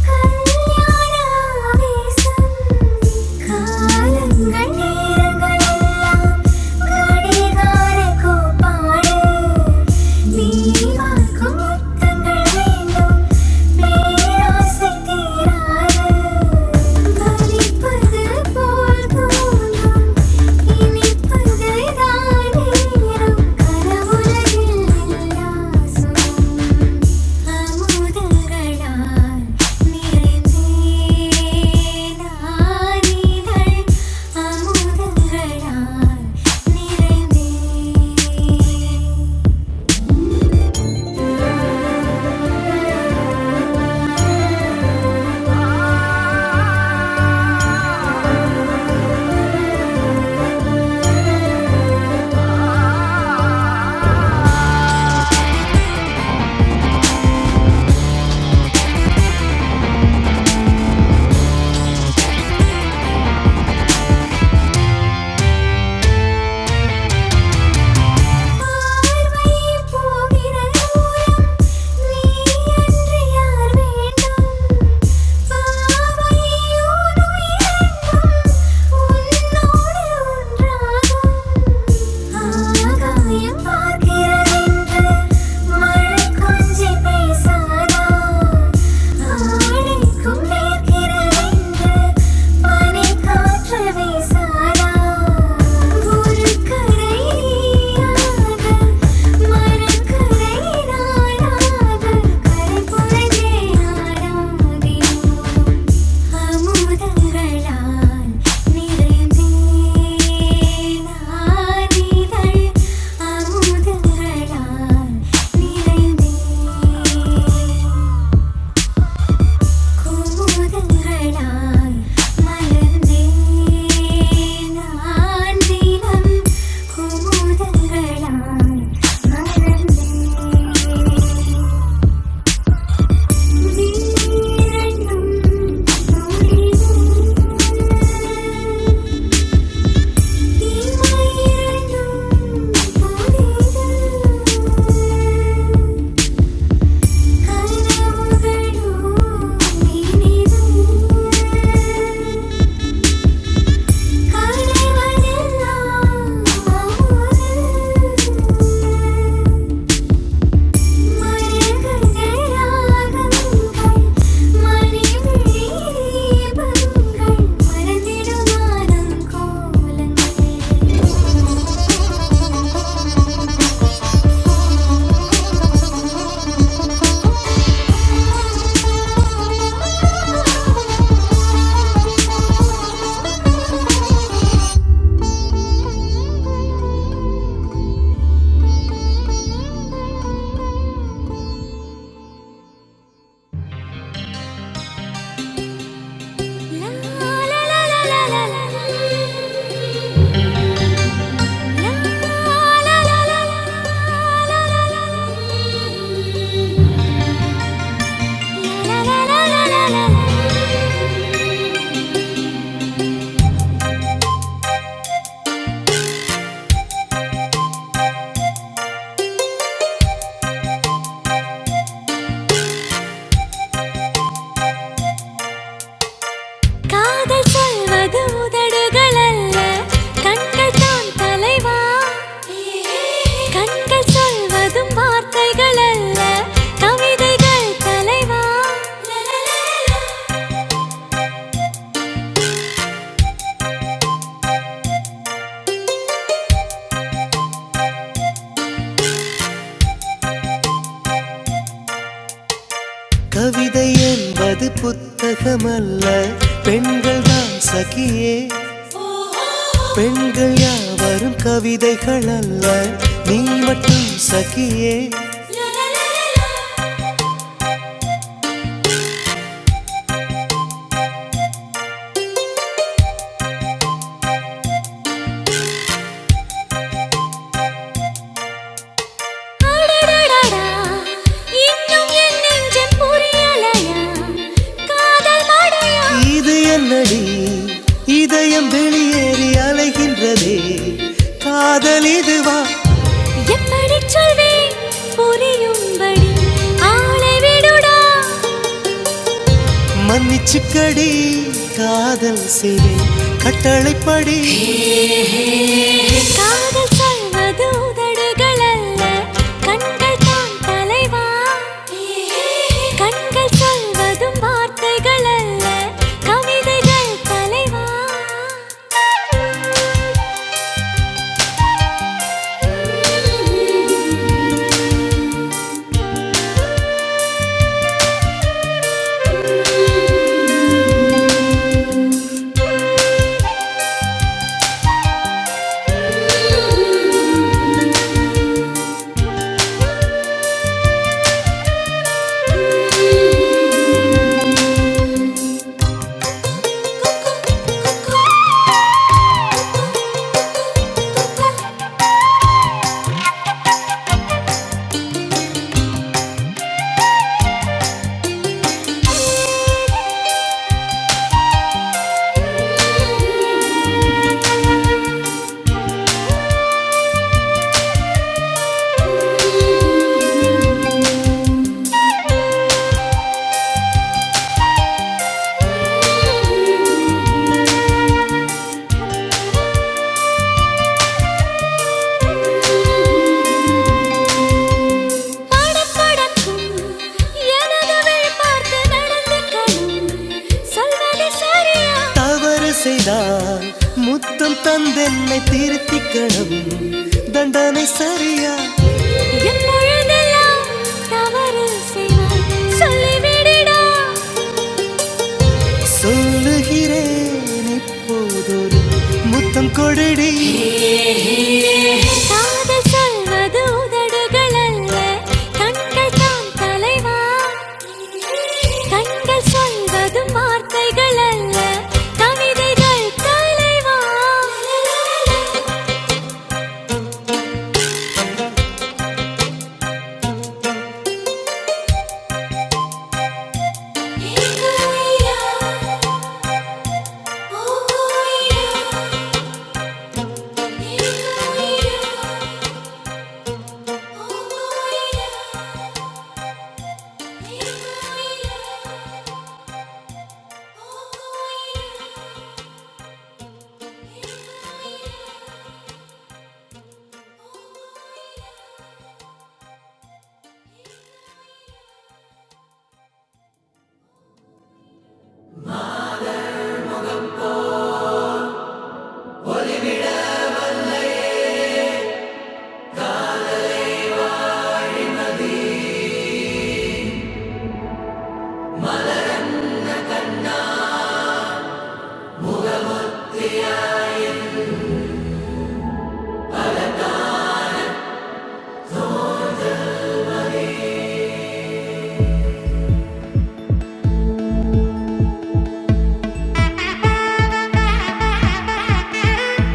கனவுலகில் எல்லா சுகம் ആമോദങ്ങളാൽ നിറവേനാനിതൾ ആമോദങ്ങളാൽ നിറവേ പാർവൈ പോകിരൂരം നീയന്ത്രിയാർ വേണ്ടും പാവൈ ഊനുയരങ്ങും ഉന്നോട് ഒന്നാകും ஆகாயம் பார்க்கிறதென்று மழை கொஞ்சி பேசாதா? ஆடைக்கும் நிற்கிறதென்று பனிக்காற்று வீசாதா? ஒரு கரையாக, மறுகரை நாளாக, கரைபுரகே ஆடாதினோ. അമുതങ്ങളാൽ നിറമേനാദികൾ അമുതങ്ങളാൽ നിറമേ കുമുദങ്ങളാൽ മലർന്നേനാൻ ദിനം കുമുദങ്ങളാൽ മലർന്നേ വീരനും നൂലിനും மறந்திடும் கோலங்கள் La la la la la la la. La la la la la la la la. La la la la la la la. காதல் சொல்வது உதடுகள் அல்ல கண்கள் தான் தலைவா கண்கள் சொல்வதும் வார்த்தைகள் அல்ல கவிதைகள் தலைவா கவிதை என்பது புத்தகமல்ல பெண்கள் தான் சகியே பெண்கள் யாவரும் கவிதைகள் அல்ல நீ மட்டும் சகியே அடடடடா, இன்னும் என் நெஞ்சம் புரியலையா? காதல் மழையா? எப்படி சொல்வேன் புரியும்படி? ஆளை விடுடா. காதல் சொல்வது உதடுகள் அல்ல, கண்கள் தான் தலைவா. கண்கள் சொல்வதும் வார்த்தைகள் அல்ல, கவிதைகள் தலைவா படப்படக்கும் எனதுவை பார்த்து நடந்துக்கணும் சொல்வது சரியா தவறு செய்தால் முத்தம் தந்தென்னை திருத்திக்கணும் தண்டனை சரியா எப்பொழுதெல்லாம் தவறு செய்வாய் சொல்லிவிடுடா சொல்லுகிறேன் நீ புத்தம் கொடுடி காதல் சொல்வது உதடுகளல்ல, கண்கள் தான் தலைவா. கண்கள் சொல்வதும் வார்த்தைகளல்ல, கவிதைகள் தலைவா. Thank you.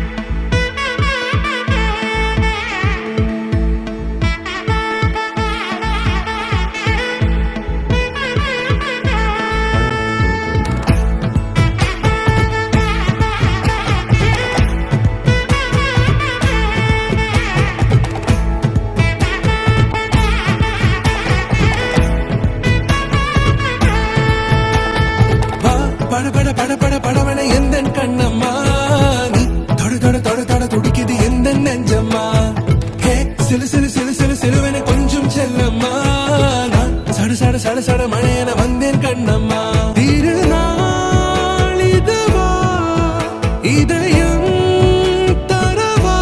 வா பட பட பட பட படவன எந்த கண்ணம்மா நீ தொட தொட தொட தொட துடிக்குது எந்த நெஞ்சம்மா ஹே சிலு சிலு சிலு சிலு சிலுவன கொஞ்சம் செல்லம்மா நான் சட சட சட சட மழையன வந்தேன் கண்ணம்மா திருநாளி இதுவா? இதயம் தரவா?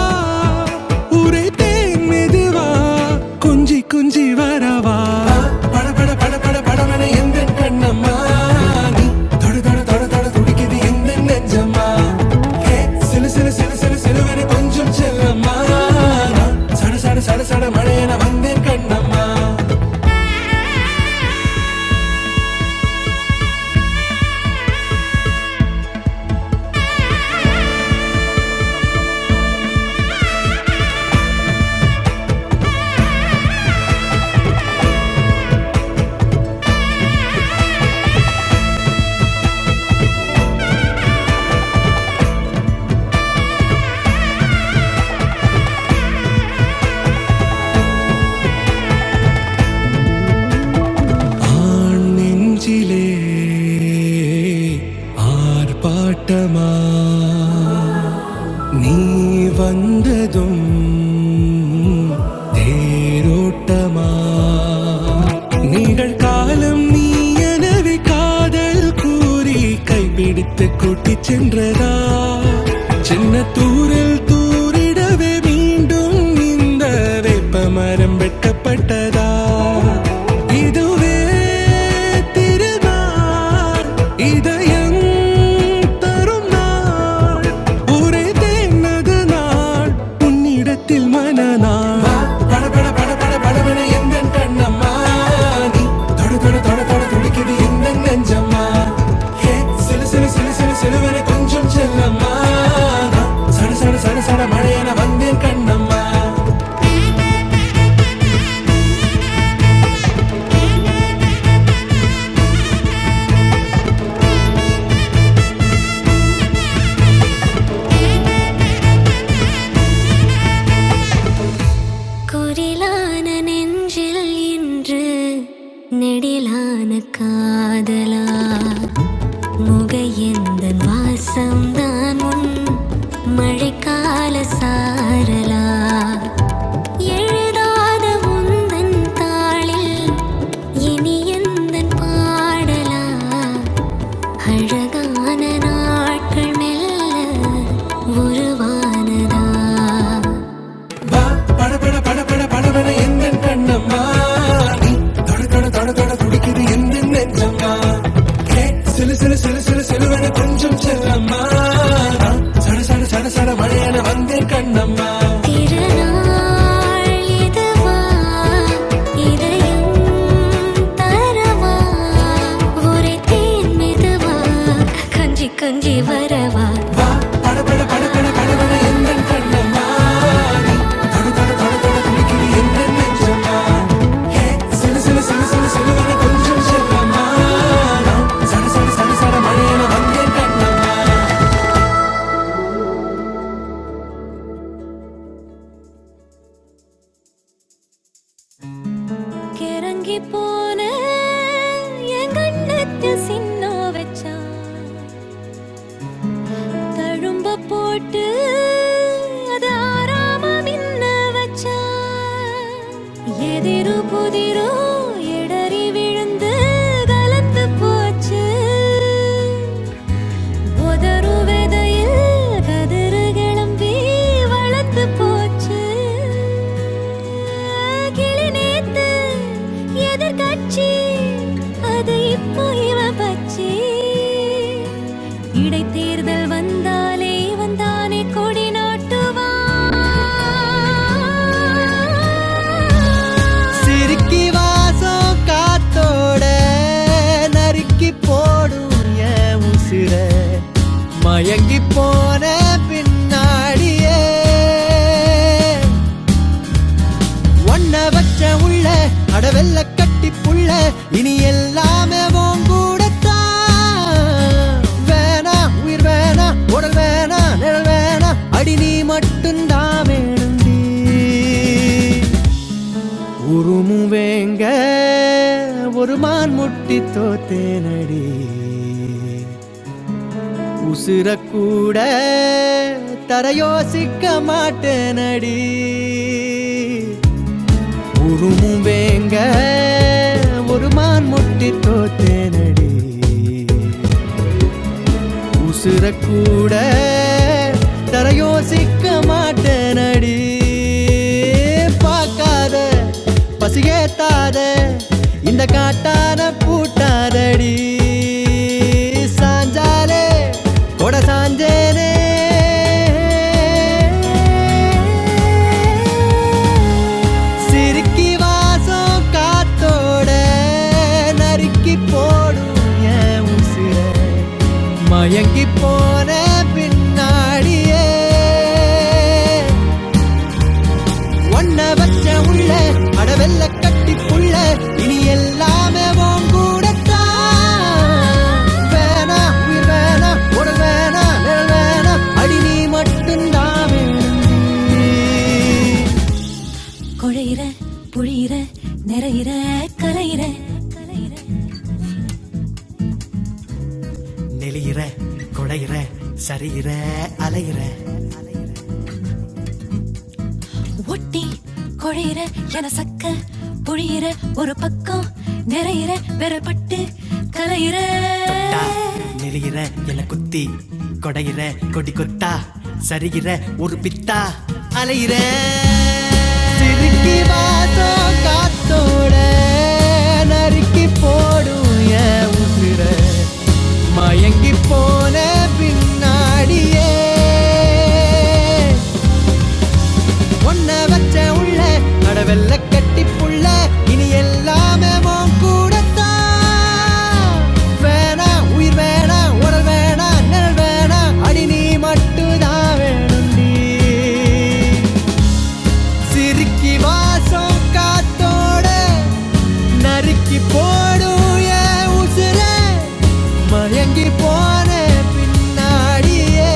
உரை தேன் மெதுவா? கொஞ்சி கொஞ்சி வரவா பட பட பட பட படவன எந்த கண்ணம்மா நீ தொடு தொடு தொடு தொடு துடிக்குது எந்த நெஞ்சம்மா ஹே, சிலு சிலு சிலு சிலு சிலுவனை கொஞ்சம் செல்லம்மா நான் சட சட சட சட மழையன வந்தேன் கண்ணம்மா அஞ்சிலே ஆர்ப்பாட்டமாய் வந்ததும் நீரோட்டமா நிகழ்காலம் நீ எனவே காதல் கூறி கைபிடித்து கூட்டிச் சென்றதா சின்ன தூரில் தூரிடவே மீண்டும் இந்த வேப்பமரம் வெட்டப்பட்டதா இதுவே திருநாள் இதயம் தரும் நாள் ஒரே தேனது நாள் உன்னிடத்தில் மனநாள் பட பட பட பட படவன எந்த கண்ணம்மா நீ தொடு தொடு தொட தொட துடிக்குது எந்த நெஞ்சம்மா ஹே சிலு சிலு சிலு சிலு சிலுவன கொஞ்சம் செல்லம்மா நான் சட சட சட சட மழையன வந்தேன் கண்ணம்மா குரிலான நெஞ்சில் இன்று நெடிலான காதலா முகையெந்த வாசம்தான் உன் மழைக்கால சாரலா எழுதாத உந்தன் தாளில் இனி எந்தன் பாடலா அழகான நாட்கள் மெல்ல உருவானதா வா, பட, பட, பட, பட, படபட எந்தன் கண்ணம்மா. நீ தொட, தொட, தொட, தொட துடிக்குது எந்தன் நெஞ்சம்மா. ஏ, சிலு, சிலு, சிலு, சிலு, சிலுவென கொஞ்சம் செல்லம்மா. நான் சட, சட, சட, சட மழையென வந்தேன் கண்ணம்மா. திருநாள் இதுவா இதயம் தரவா ஒரே தேன் மெதுவா கஞ்சி கஞ்சி வரவா பட, பட, பட, பட, படபட எந்தன் கண், எந்தன் நெஞ்சம். கிறங்கி போன என் கண்ணத்து சின்ன வச்சா தழும்ப போட்டு அது ஆறாம மின்ன வச்சா எதிரு புதிரு இடறி விழுந்து கலந்து போச்சு உதறுவெதையில் கதிர்கிளம்பி வளர்த்துப் போச்சு. கிளி நேத்து எதிர்க்கட்சி, அது இப்போ இவ பச்சை. இடைத்தேர்தல் வந்தாலே வந்தானே கொடி நாட்டுவான் சிரிக்கி வாசம் காத்தோட நறுக்கி போடும் என் உசிர மயங்கி போன பின்னாடியே ஒன்ன வச்ச உள்ள அடவெல்ல கட்டி புள்ள இனி எல்லாமே உன் கூடத்தான் வேணா உயிர் வேணா உடல் வேணா நிழல் வேணா அடி நீ மட்டும்தான் வேணுண்டி உருமுவேங்க ஒரு மான் முட்டி தோத்தேனடி உசுர கூட தருத்திக்க மாட்டேனடி பாக்கார் ஏத்தார் கொடை சாஞ்சேனே சிரிக்கி வாசம் காத்தோட நறுக்கி போடும் என் உசிர மயங்கி போன பின்னாடியே ஒன்ன வச்ச உள்ள அடவெல்ல கட்டி புள்ள இனி எல்லாமே உன் கூடத்தான் வேணா உயிர் வேணா உடல் வேணா நிழல் வேணா அடி நீ மட்டும்தான் வேணும் குழையிற புழியிற நிறையிற கலையிற கலையிற நெளியிற குடையிற சரியிற அலையிற ஒட்டி குழையிற என சக்க புழியிற ஒரு பக்கம் நிறையிற விரப்பட்டு கலையிற நெளியிற எலி கொடையிற கொடி கொத்தா சிற வா அலையிற திருக்கி வாசம் காத்தோட நறுக்கி போடும் என் உசுர மயங்கி போன பின்னாடியே ஒன்ன வச்ச உள்ள அடவெல்ல கட்டி புள்ள இனி எல்லாமே உன் கூடத்தான் வேணா உயிர் வேணா உடல் வேணா நிழல் வேணா அடி நீ மட்டும்தான் வேணும்டி சிரிக்கி வாசம் காத்தோட நறுக்கி போடும் என் உசுர மயங்கி போன பின்னாடியே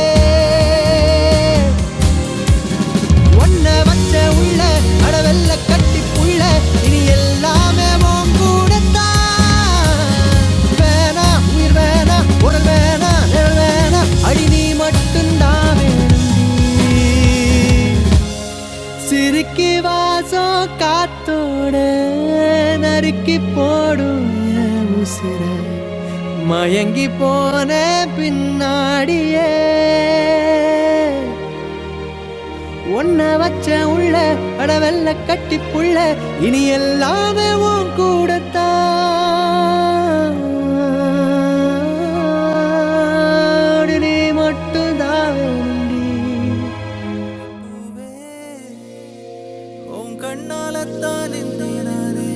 ஒன்ன வச்ச உள்ள அடவெல்ல கட்டி புள்ள இனி எல்லாமே உன் கூடத்தான் வேணா உயிர் வேணா உடல் வேணா நிழல் வேணா அடி நீ மட்டும்தான் வேணும் சிரிக்கி வாசம் காத்தோட நறுக்கி போடும் என் உசிர மயங்கி போன பின்னாடியே ஒன்ன வச்ச உள்ள அடவெல்ல கட்டி புள்ள இனி எல்லாமே உன் கூடத்தான் நீ மட்டும்தான் வேணும்டி. உன் கண்ணாலத்தான் நின்னே நானே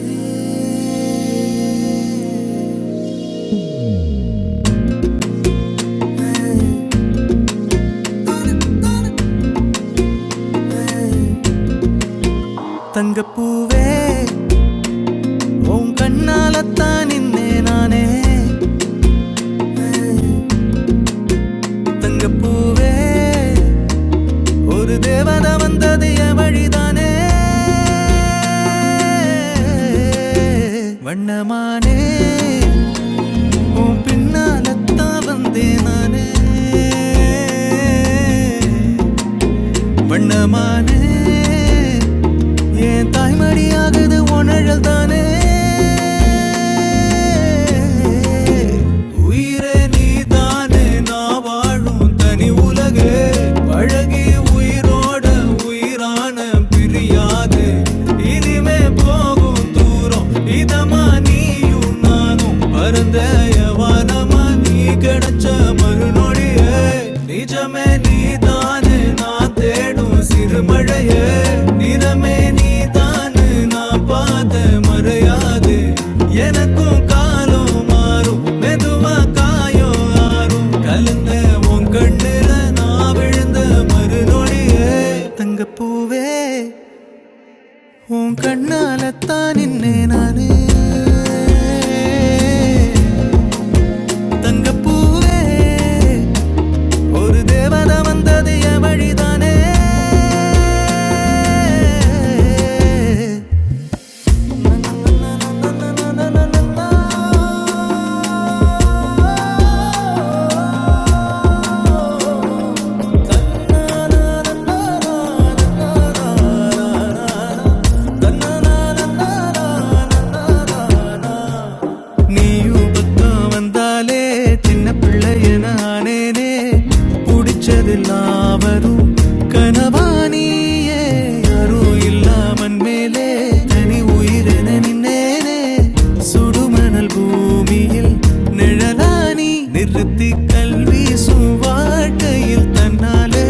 தங்கப்பூவே உன் கண்ணாலத்தான் நின்னே நானே தங்கப்பூவே ஒரு தேவதை வந்தது என் வழிதானே வண்ணமானே உன் பின்னாலத்தான் வந்தேன் நானே வண்ணமானே என் தாய்மடியாகுது உணழல் தானே உயிரே நீதானே நான் வாழும் தனி உலகே பழகி உயிரோட உயிரான பிரியாது இனிமே போகும் தூரம் இதமா நீயும் நானும் பரந்த வானமா நீ கிடைச்ச மறுநொடியே நிஜமே நீதானு நான் தேடும் சிறுமழையே நிறமே நீதானு நான் பார்த்த மறையாது எனக்கும் காலம் மாறும் மெதுவா காயம் ஆறும் கலந்த உன் கண்ணுல நான் விழுந்த மறுநொடியே தங்கப்பூவே உன் கண்ணால தான் நின்னே நானு தங்கப்பூவே ஒரு தேவதை வந்தது என் வழிதானே நன்னா, நன்னா, நன்னா, நன்னா, நன்னா, நன்னா, நன்னா, நன்னா. நீயும் பக்கம் வந்தாலே சின்ன பிள்ளைய நானேனே பிடிச்சதெல்லாம் வரும் கனவா நீயே யாரும் இல்லாமன் மேலே தனி உயிரென நின்னேனே சுடுமணல் பூமியில் நிழலானி நிறுத்தி கல்வி வாழ்க்கையில் தன்னாலே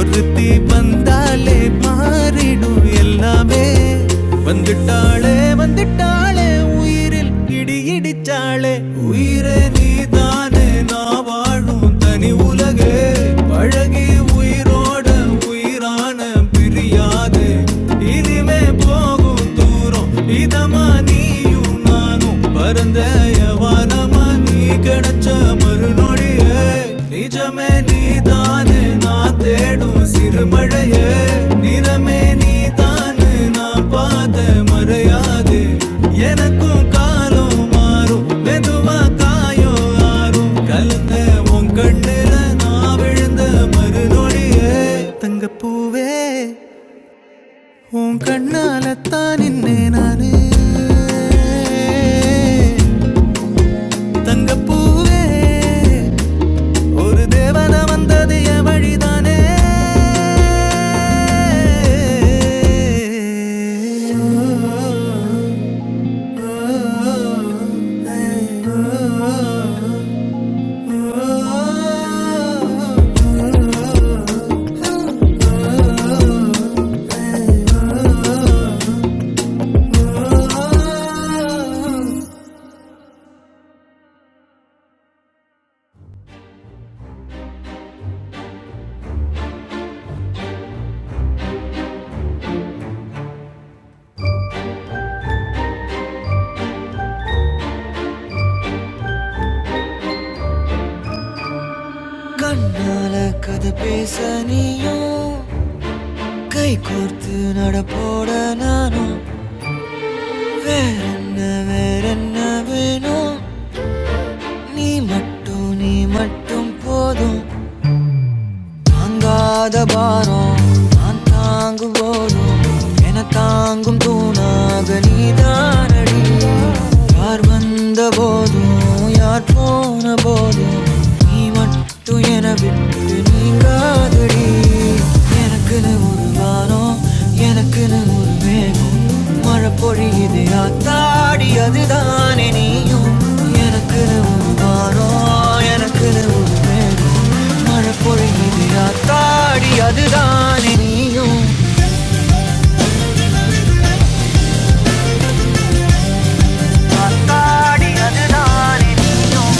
ஒருத்தி வந்த வந்தாலே மாறிடும் எல்லாமே வந்துட்டாளே வந்துட்டாளே உயிரில் இடி இடிச்சாளே உயிரே நீதானே நான் வாழும் தனி உலகே பழகி உயிரோட உயிரான பிரியாது இனிமே போகும் தூரம் இதமா நீயும் நானும் பரந்தயவா வானமா நீ கிடைச்ச மறுநொடியே நிஜமே நீதானே நான் தேடும் சிறுமழையே நிறமே நீதானே நான் பார்த்த மறையாது எனக்கும் காலம் மாறும் மெதுவா காயோ ஆறும் கலந்த உன் கண்ணுல நான் விழுந்த மறுநொடியே தங்கப்பூவே உன் கண்ணால தான் நின்னே நானு தங்கப்பூவே ஒரு தேவன வந்தது என் வழிதானே கண்ணால கதை பேச நீயும் கை கோர்த்து நடப்போட நானும் வேற என்ன வேற என்ன வேணும் நீ மட்டும் நீ மட்டும் போதும் தாங்காத பாரம் நான் தாங்கும் போதும் என தாங்கும் தூணாக நீதானடி யார் வந்த போதும் யார் போன போதும் நீ மட்டும் என விட்டு நீங்காதடி எனக்குன்னு ஒரு வானம் எனக்குன்னு ஒரு மேகம் மழை பொழியுது ஆத்தாடி அதுதானே நீயும் எனக்குன்னு ஒரு வானம் எனக்குன்னு ஒரு மேகம் மழை பொழியுது ஆத்தாடி அதுதானே நீயும் ஆத்தாடி அதுதானே நீயும்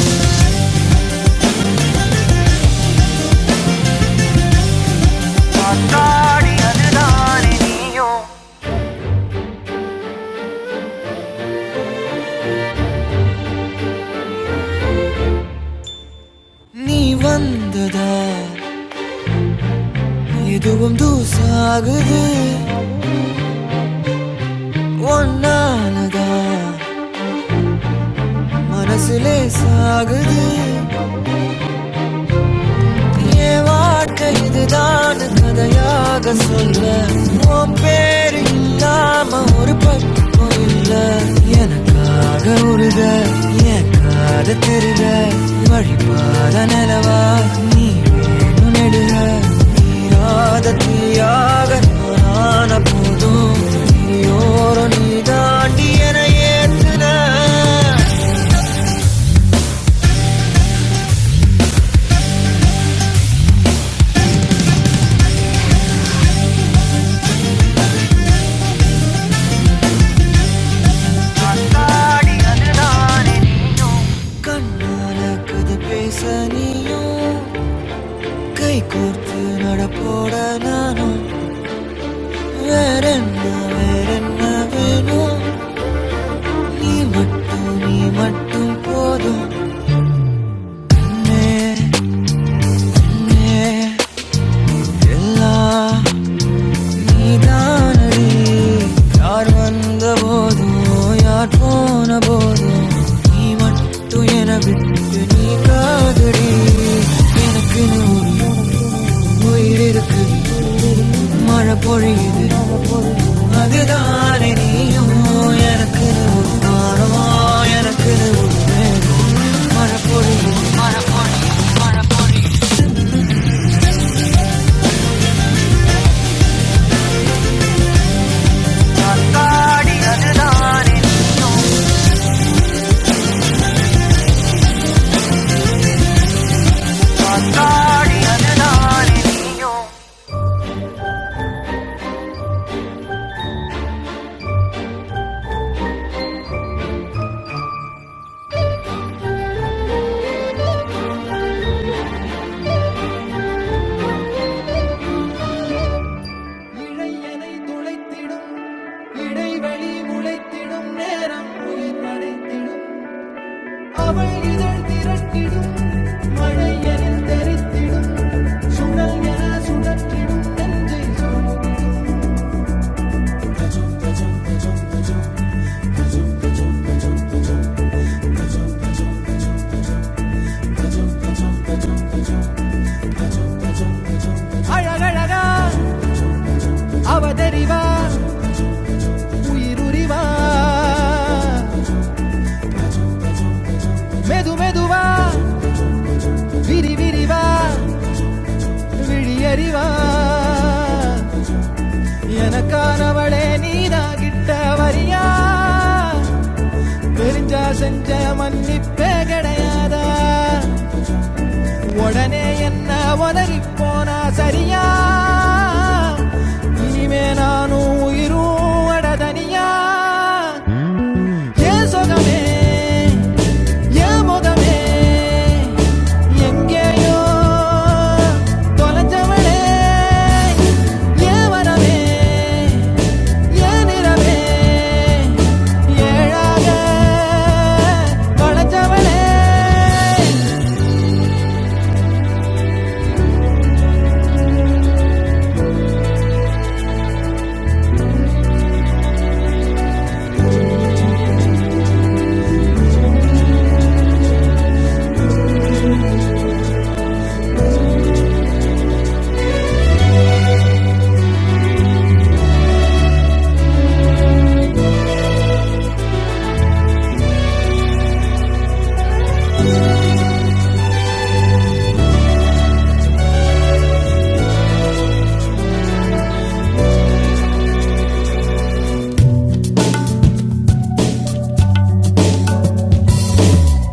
ஆத்தாடி அதுதானே நீயும் நீ வந்ததா எதுவும் தூசாகுது ஒன்னாலதா மனசுலே சாகுது என் வாழ்க்கை இதுதான் கதையாக சொல்ல உன் பேரு இல்லாம ஒரு பக்கம் இல்ல எனக்காக உருக என் காத தெருக வழிபாத நிலவா நீ வேணும் நெடுக நீராத தீயாக நானான போதும் நீயோரோ நீ தாண்டி என ஏத்துன அடி அதுதான் கண்ணால கதை பேச நீயும் கை கோர்த்து நடப்போட நானும் வேற என்ன வேற என்ன வேணும் நீ மட்டும் நீ மட்டும் போதும் என்னே, என்னே, எல்லா நீதானடி யார் வந்த போதும் யார் போன போதும் நீ மட்டும் என விட்டு நீ காதடி எனக்கு உயிர் இருக்கு மழை பொழியுது அதுதானே நீயும் எனக்கு தானமோ எனக்கு மழை பொழியுது மழை பொழியாடி அதுதானே அவள் இதழ் திரட்டிடும் மழை என தெரித்திடும் மெது மெதுவா விரி விரிவா விழியறிவா எனக்கானவளே நீதாகிட்ட வரியா தெரிஞ்சா செஞ்ச மன்னிப்பே கிடையாதா உடனே என்ன உதறி போனா சரியா இனிமே நானும் உயிரும் அடதனியா ஏன் சொகமே ஞாபகமே எங்கேயோ தொலைஞ்சவளே ஏன் வரவே ஏன் நிறவே ஏழாக தொலைஞ்சவளே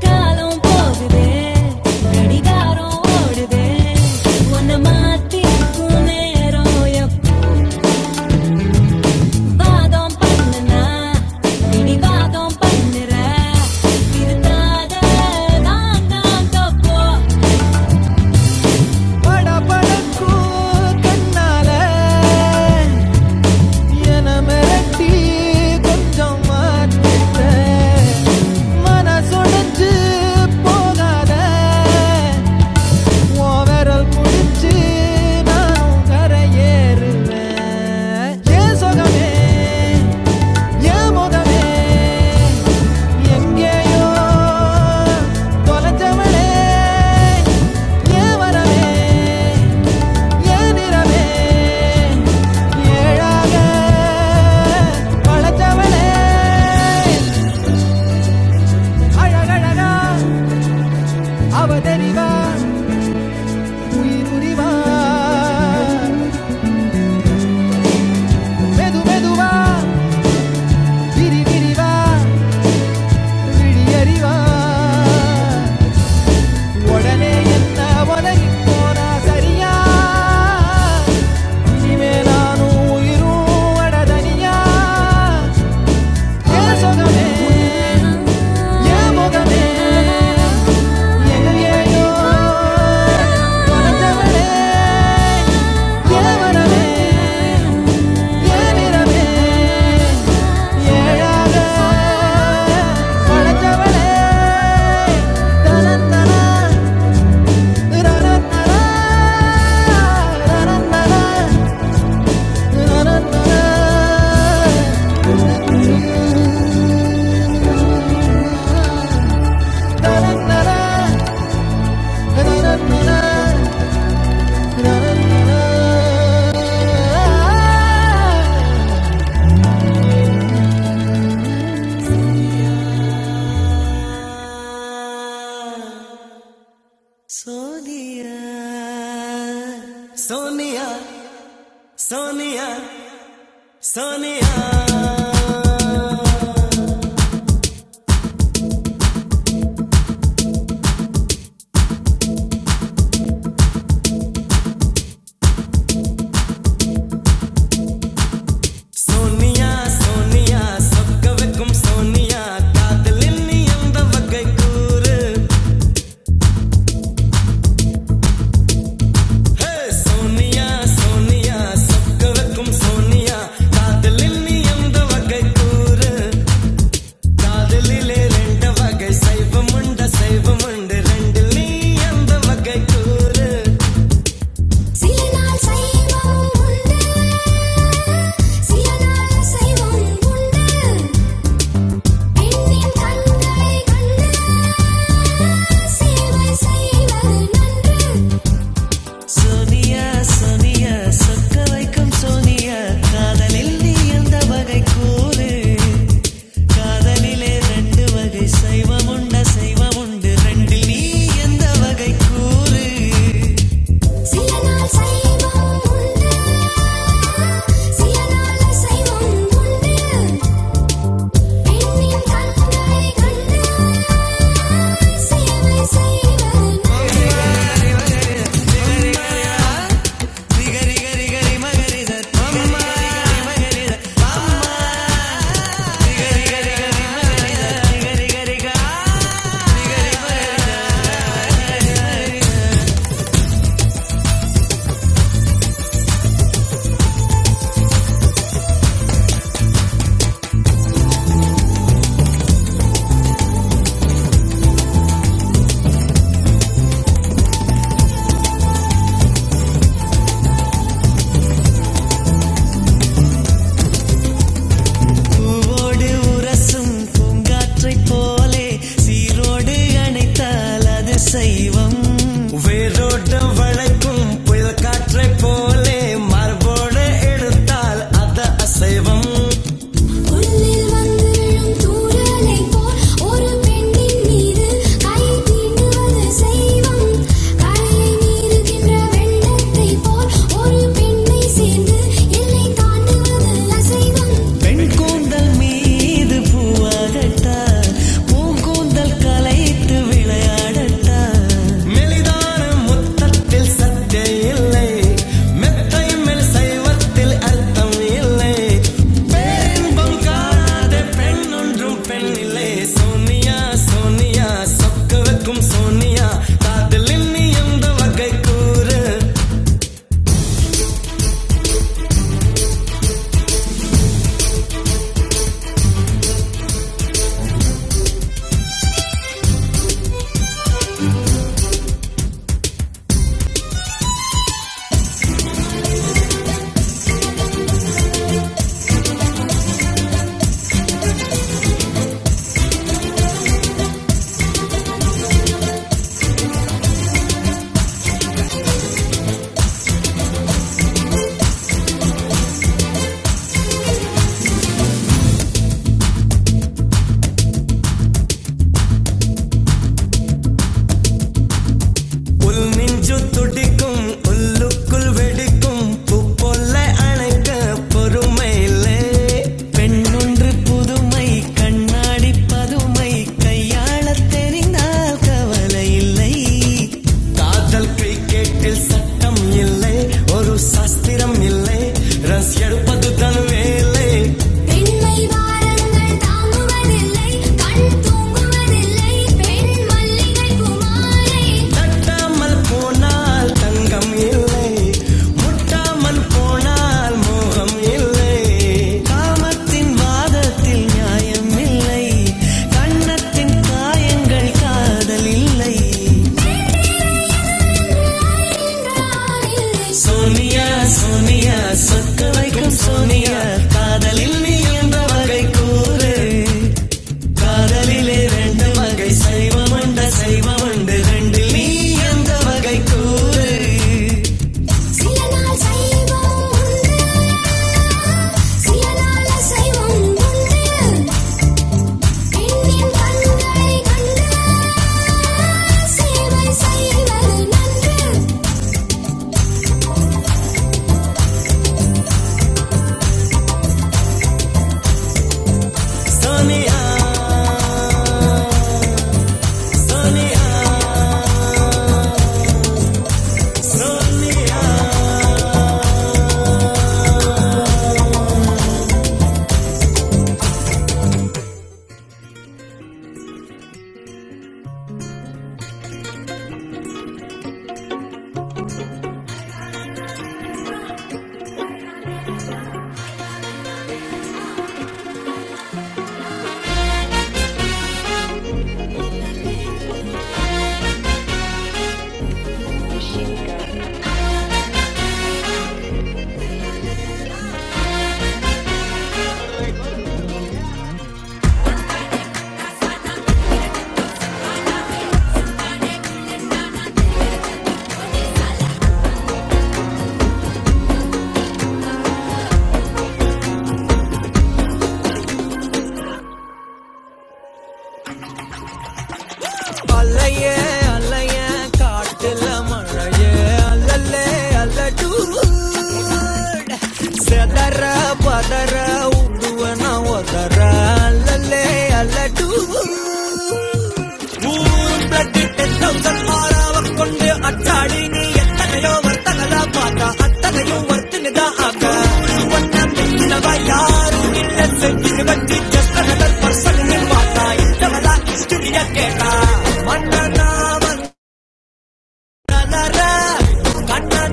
காலம் போகுதே கடிகாரம் ஓடுதே உன்னை மாத்தி இருக்கும் நேரம் எப்போ வாதம் பண்ணுனா பிடிவாதம் பண்ணுற திருத்தாத நான் தான் தப்போ படபடக்கும் கண்ணால என மிரட்டி கொஞ்சம் மாற்றிட்ட. மனசுடைஞ்சு போகாத உன் விரல் பிடிச்சு நானும் கரையேறுவேன். என் சுகமே, என் முகமே, எங்கேயோ தொலைஞ்சவளே, ஏன் வரவே, ஏன் நிறமே? ஏழாக படைச்சவளே, அழகழகா அவ தெரிவாள், உயிர் உரிவாள். மெது மெதுவா, விரி விரிவா, விழியறிவாள். உடனே என்ன உலகி போனா சரியா Yeh songam hai, yeh moga hai, yeh lag hai, yeh mana hai, yeh mira hai, yeh yaar hai, yeh chhodh hai, na na na, ura na na, na na na, na na na. Sonia Sonia Sonia Sonia Sonia Sonia சொக்க வைக்கும் சோனியா காதலில் நீ எந்த வகை கூறு சோனியா சோனியா சொக்க வைக்கும் சோனியா காதலில் நீ எந்த வகை கூறு காதலிலே ரெண்டு வகை சைவம் உண்டு சைவம் உண்டு ரெண்டு நீ அந்த வகை கூறு சில நாள் சைவம் உண்டு சில நாள் சைவம் உண்டு பெண்ணின் கண்களை கண்டு சேவை செய்வது நன்று சோனியா சோனியா சொக்க வைக்கும் சோனியா காதலில் நீ எந்த வகை கூறு அதனிலே ரெண்டு வகை சைவம் உண்டு அசைவம் உண்டு ரெண்டில் நீ எந்த வகை கூறு சிலநாள் சைவம் உண்டு சிலநாள் சைவம் உண்டு பெண்ணின் கண்களை கண்டு சேவை செய்வது பூவோடு உரசும் பூங்காற்றைப் போலே சீரோடு அணைத்தால் அது சைவம் வேரோட்டம் வளைக்கும் புயல் காற்றைப் போலே மார்போடு எடுத்தால் அது அசைவம் உள்ளில் வந்து விழும் தூறலைப் போல் ஒரு பெண்ணின் மீது கை தீண்டுவது செய்வம். கரையை மீறுகின்ற வெள்ளத்தைப் போல் ஒரு பெண்ணைச் சேர்ந்து எல்லை தாண்டுவது அசைவம். பெண் கூந்தல் மீது பூவாகட்டா பூங்கூந்தல் கலைத்து விளையாடட்டா மெலிதான முத்தத்தில் சத்தே இல்லை மெத்தை மேல் சைவத்தில் அர்த்தம் இல்லை பேரின்பம் காணாத பெண் ஒன்றும் பெண் இல்லை சோனியா சோனியா சொக்க வைக்கும் சோனியா காதலின் நீ எந்த வகை கூறு உல் நெஞ்சு துடிக்கும் உள்ளுக்குள் வெடிக்கும் பூப்பொல்ல அணைக்க பொறுமை இல்லை பெண்ணொன்று புதுமை கண்ணாடி பதுமை கையாள தெரிந்தால் கவலை இல்லை காதல் கிரிக்கெட்டில் சட்டம் இல்லை ஒரு சாஸ்திரம் இல்லை ரஸ் எடுப்பது தன் வேலை பெண்மை வாரங்கள் தாங்குவதில்லை கண் தூங்குவதில்லை பெண் மல்லிகை குமாரை தட்டாமல் போனால் தங்கம் இல்லை முட்டாமல் போனால் மோகம் இல்லை காமத்தின் வாதத்தில் நியாயம் இல்லை கண்ணத்தின் காயங்கள் காதல் இல்லை சோனியா சோனியா சொத்து வைக்கும் சோனியா காதலில் நீ எந்த வகை கூறு காதலிலே ரெண்டு வகை சைவம் உண்டு சைவம் உண்டு ரெண்டில் நீ எந்த வகை கூறு சோனியா சோனியா அலையே அலைய காட்டுல மழையே அல்லல்லே அல்லடூட் செதற பதற உடுவன ஒதற அல்லல்லே அல்லடூட் ஊர் blood 10,000 ஆறாவக் கொண்டு அச்சாடி நீ எத்தனையோ வர்த்தகதா பார்த்தா, அத்தனையும் வர்த்தகதா ஆக்கா. வண்ணம் இல்லவா யாரும் இல்லை, செஞ்சுது வட்டி just another person ன்னு பார்த்தா, இத்தவதா history ய கேட்டா. மன்னனா வந்த ராஜா ராவண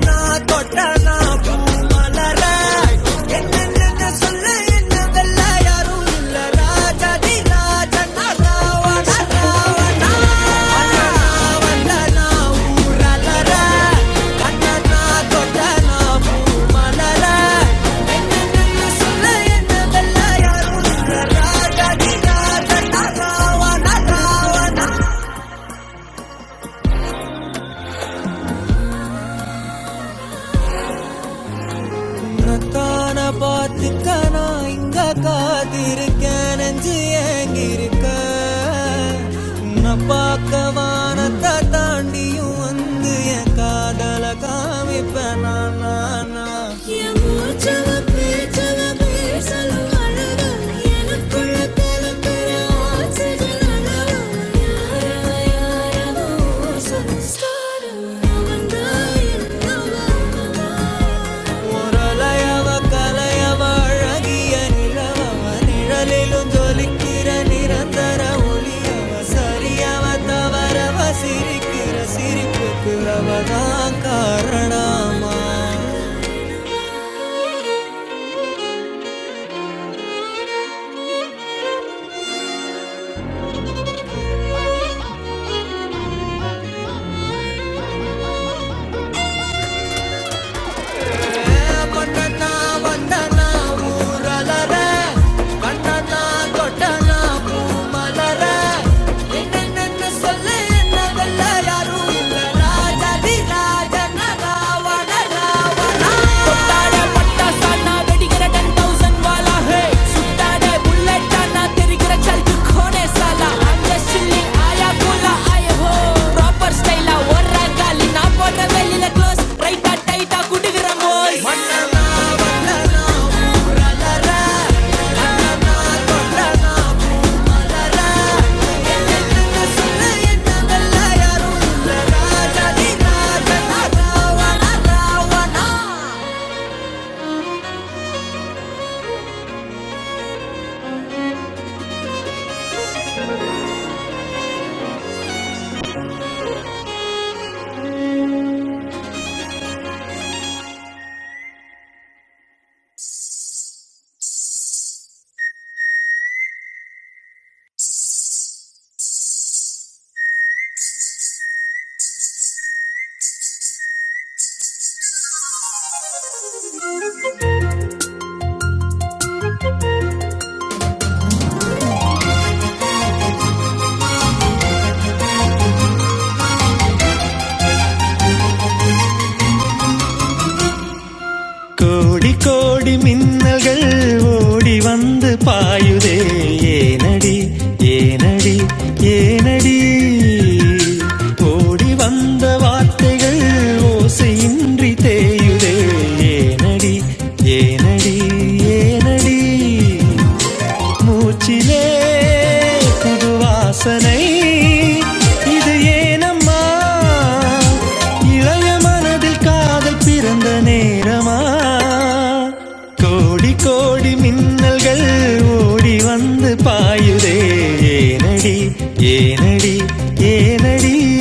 ராவண உன்னத்தான பார்த்துக்க நான் இங்க காத்திருக்கேன் நெஞ்சு ஏங்கிருக்க உன்னை பார்க்க வானத்தை தாண்டியும் வந்து என் காதல காமிப்பேன் நான் நான் நான் என் மூச்சவ பேச்சவ பேசலும் அழகு எனக்குள்ள கலக்கிற ஆசைகள் அளவு யாரவ யாரவோ சொந்த ஸ்டாரு அவன் தான் என் அவன் முரலையவ கலையவ அழகிய நிலவவ நிழலிலும் ஜொலிக்கிற நிரந்தர ஒளியவ சரியவ தவறவ சிரிக்கிற சிரிப்புக்கு அவதான் காரணமா கொண்டனா வந்தனா ஊரலர கண்ணனா கொட்டனா பூ மலர என்னென்ன சொல்ல என்ன வெல்ல யாரும் இல்ல ராஜதி ராஜனா ராவண ராவணா சாட்னா வெடிக்கிற 10,000 வாலா, hey. சுட்டாத bullet ஆ நான் தெரிக்கிற சல்கு கோனே சாலா. I'm just chilling, ஆயா கூலா, ஆயா ho. Proper style ஆ ஓடுற காலி, நான் போடுற வெளியில close. Right ஆ, tight ஆ குடுக்குற mole. ராஜா கோடி கோடி மின்னல்கள் ஓடி வந்து பாயுதே ஏனடி ஏனடி ஏனடி ஓடி வந்த வார்த்தைகள் ஓசையின்றி தேயுதே ஏனடி ஏனடி ஏனடி மூச்சிலே புது வாசனை இது ஏனம்மா இளைய மனதில் காதல் பிறந்த நேரமா கோடி கோடி மின்னல்கள் ஓடி வந்து பாயுதே ஏனடி ஏனடி ஏனடி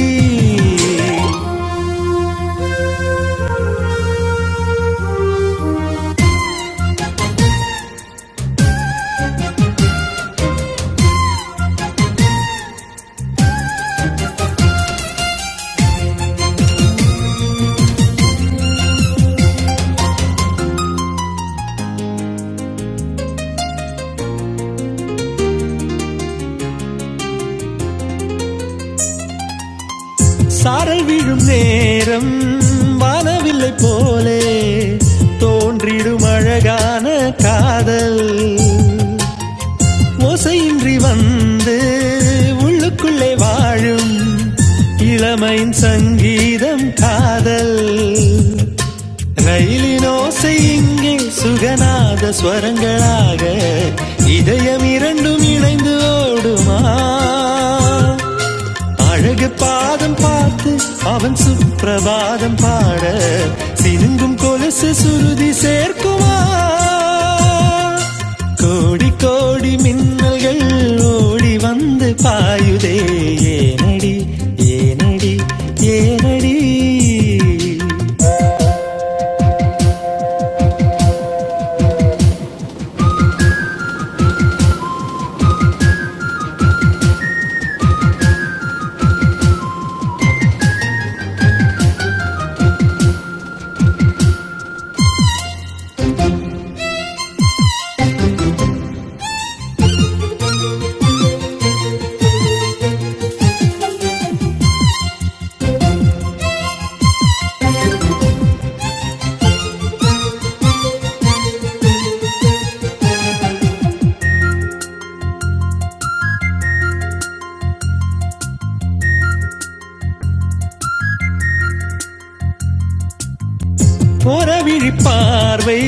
சாரல் விழும் நேரம் வானவில்லை போலே தோன்றிடும் அழகான காதல் ஓசையின்றி வந்து உள்ளுக்குள்ளே வாழும் இளமையின் சங்கீதம் காதல் ரயிலின் ஓசை இங்கே சுகநாத ஸ்வரங்களாக இதயம் இரண்டும் இணைந்து ஓடுமா அழகு பாதம் பார்த்து அவன் சுப்பிரபாதம் பாட சினுங்கும் கொலுசு சுருதி சேர்க்குமா கோடி கோடி மின்னல்கள் ஓடி வந்து பாயுதே ஏனடி ஏனடி ஏனடி தவிழி பார்வை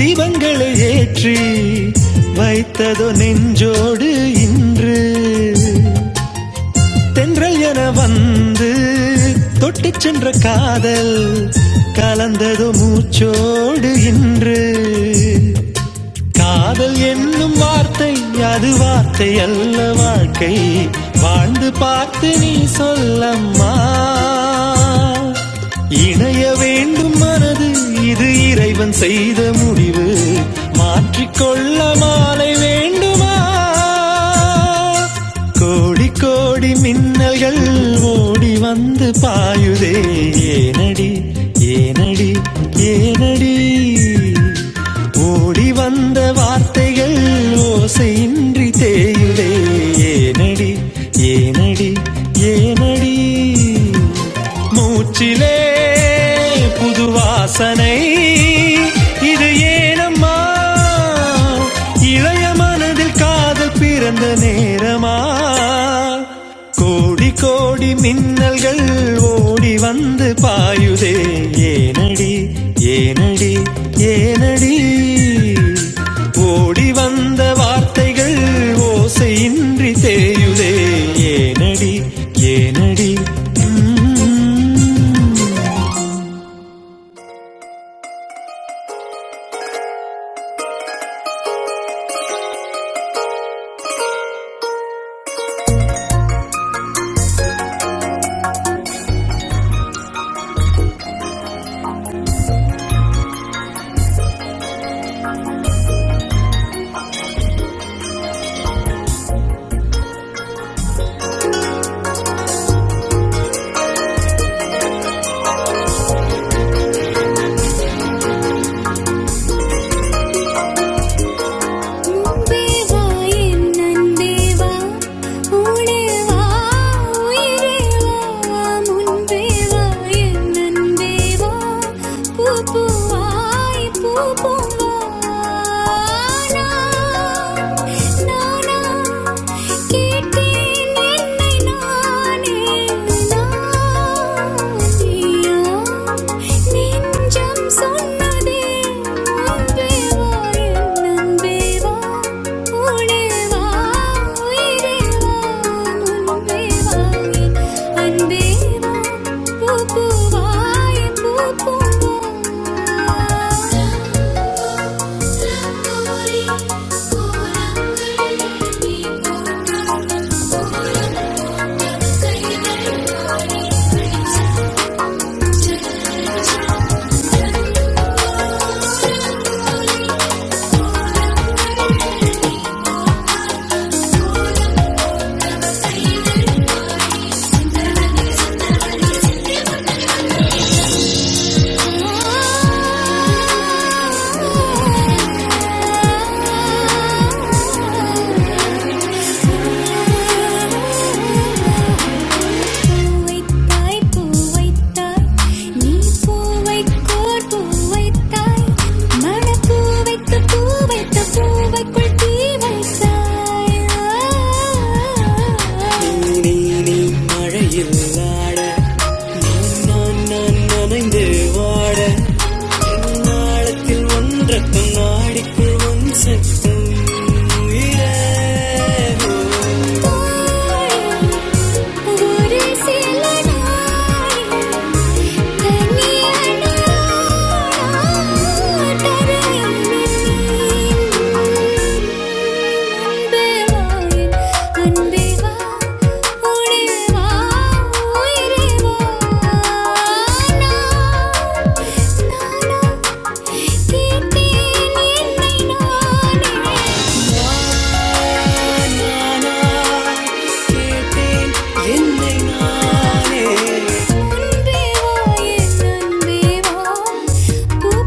தீபங்களை ஏற்றி வைத்ததோ நெஞ்சோடு இன்று தென்றல் என வந்து தொட்டுச் சென்ற காதல் கலந்ததோ மூச்சோடு இன்று காதல் என்னும் வார்த்தை அது வார்த்தை அல்ல வாழ்க்கை வாழ்ந்து பார்த்து நீ சொல்லம்மா இணைய வேண்டும் மனது இது இறைவன் செய்த முடிவு மாற்றிக்கொள்ள மாலை வேண்டுமா கோடி கோடி மின்ன மின்னல்கள் ஓடி வந்து பாயுதே ஏனடி ஏனடி ஏனடி ஓடி வந்த வார்த்தைகள் ஓசையின்றி தேயுதே ஏனடி ஏனடி ஏனடி மூச்சிலே புது வாசனை இது ஏனம்மா இளைய மனதில் காதல் பிறந்த நேரமா கோடி கோடி மின்னல்கள் ஓடி வந்து பாயுதே ஏனடி ஏனடி ஏனடி ஓடி வந்த வார்த்தைகள் ஓசையின்றி தேயுதே ஏனடி ஏனடி ம். உம்பேவா என் நந்தேவா உணேவா உயிரேவா முன்பேவா என் நந்தேவா பூ பூவாய் பூ பூவா நானா நானா கேட்டேன் என்னை நானே நான் நீயா நெஞ்சம் சொன்ன Thank you. సింధనది సింధనది సింధనది பூவைத்தாய் பூவைத்தாய் நீ பூவைக்கோர் பூவைத்தாய் மனப்பூவைத்து பூவைத்த பூவைக்குள் தீ வைத்தாய் நான் பூ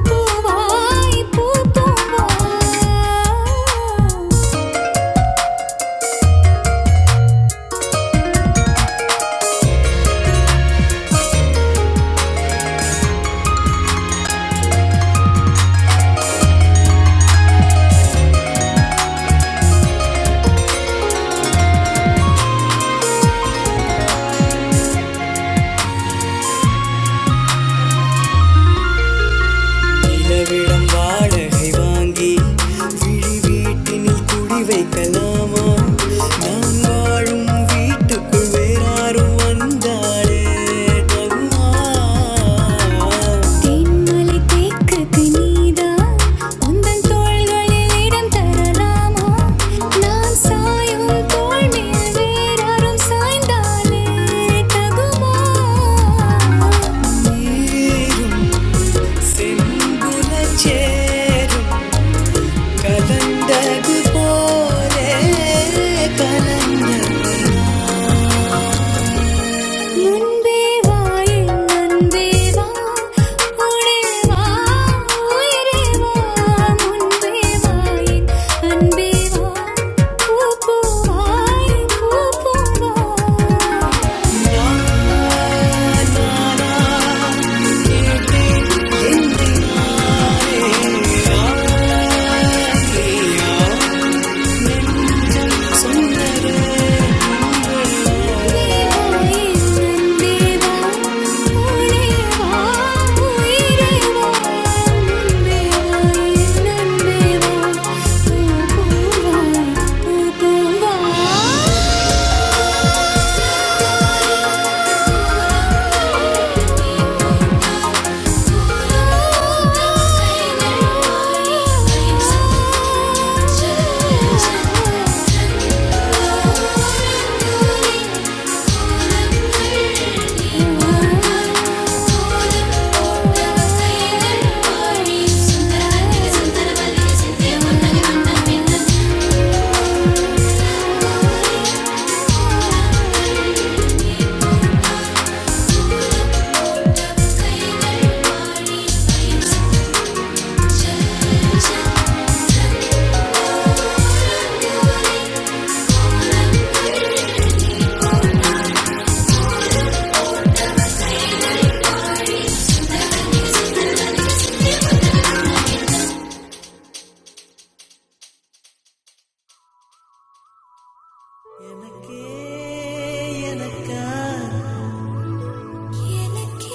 பூவாய் பூ பூவாய் நிலவிடம் வாடகை வாங்கி விழி வீட்டினில் குடி வைக்கலாமா நான் வாழும் வீட்டுக்குள் வேறாரும் வந்தாலே தருமா தேன்மலை தேக்குக்கு நீதான் உந்தன் தோள்களில் இடம் தரலாமா நான் சாயும் தோள் மேல் வேறாரும் சாய்ந்தாலே தகுமா முன்பே வாயின் முன்பே வா கூடே வா உயிரே வா முன்பே வாயின் அன்பே வா பூப்பூவாய் பூப்பூவா முன்பே வாயின் முன்பே வா கூடே வா உயிரே வா முன்பே வாயின் அன்பே வா பூப்பூவாய் பூப்பூவா സുന്ദരമല്ലേ സുന്ദരമല്ലേ സത്യമൊന്നകെ വണ്ണമെന്നത് எனக்கே எனக்கா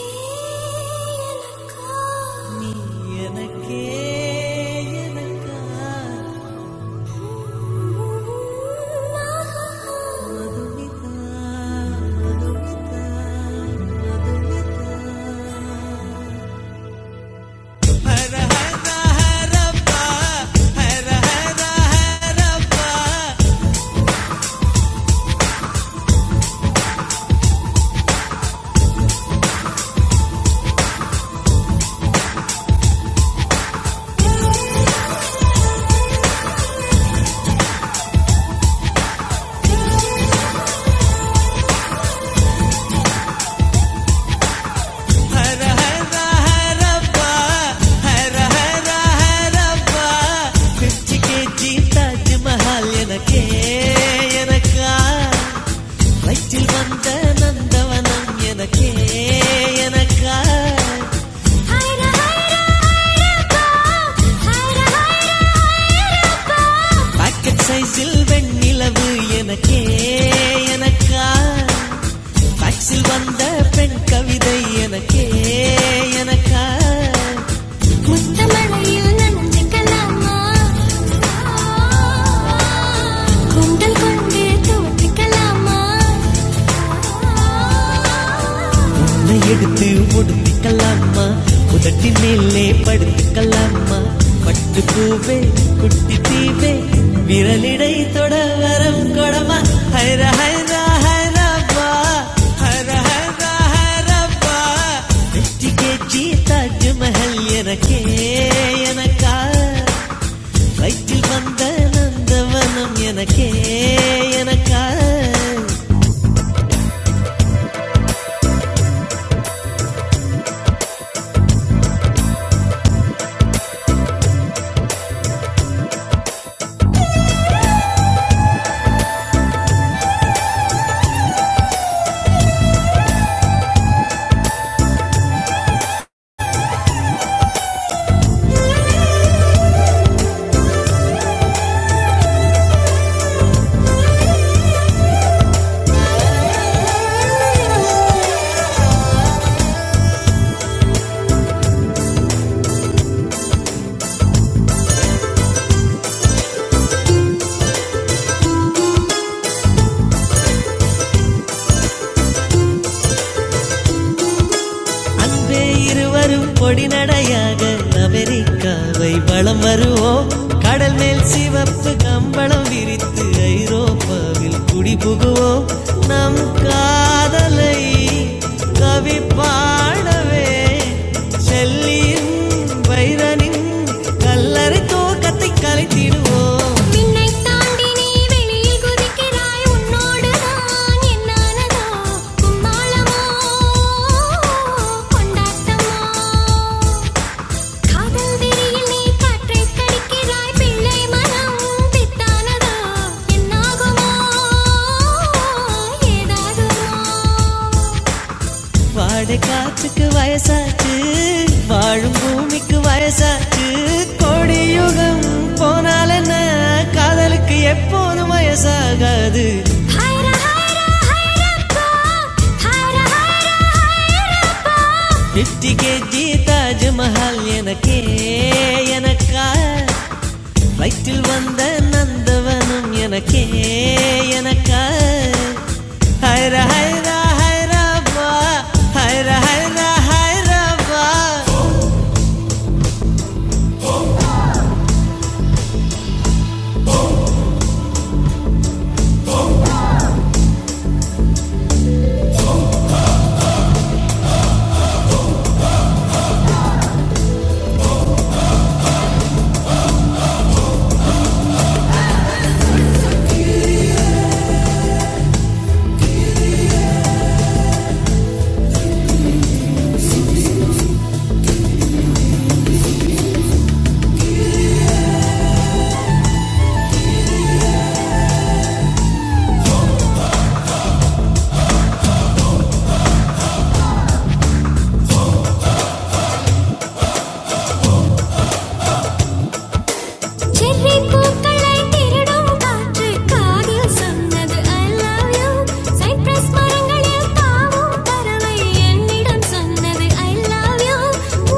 சைஸில் வெண்ணிலவு எனக்கே எனக்கா அச்சில் வந்த பெண் கவிதை எனக்கே எனக்கா இந்த மழையில் நனைஞ்சுக்கலாமா? கூந்தல் கொண்டு துவட்டிக்கலாமா? உள்ளே படுத்துக்கலாமா பட்டு பூவே குட்டி தீவே விரலிடை தொட வரம் கொடமா ஹைர ஹைரா ஹைரப்பா ஹைர ஹைரா ஹைரப்பா வெற்றி கேச்சி தாஜ் மஹல் எனக்கே எனக்கா வயிற்றில் வந்த நந்தவனம் எனக்கே எனக்கா அன்பே இருவரும் பொடிநடையாக அமெரிக்காவை வலம் வருவோம் கடல் மேல் சிவப்பு கம்பளம் விரித்து ஐரோப்பா மின்னை தாண்டி நீ வெளியில் குதிக்கிறாய் உன்னோடு நான் என்னானதோ கும்மாளமோ கொண்டாட்டமோ காதல் விரியில் நீ காற்றை கடிக்கிறாய் பிள்ளை மனம் பித்தானதோ என்னாகுமோ ஏதாகுமோ வாடை காற்றுக்கு வயசாச்சு வாழும் பூமிக்கு வயசாச்சு கோடி யுகம் போனால் என்ன காதலுக்கு எப்போதும் வயசாகாது ஹைரா ஹைரா ஹைரப்பா ஹைரா ஹைரா ஹைரப்பா பிப்டி கேஜி தாஜ்மஹால் எனக்கே எனக்கான செர்ரி பூக்களை திருடும் காற்று காதில் சொன்னது I love you. சைப்ரஸ் மரங்களில் தாவும் பறவை என்னிடம் சொன்னது I love you.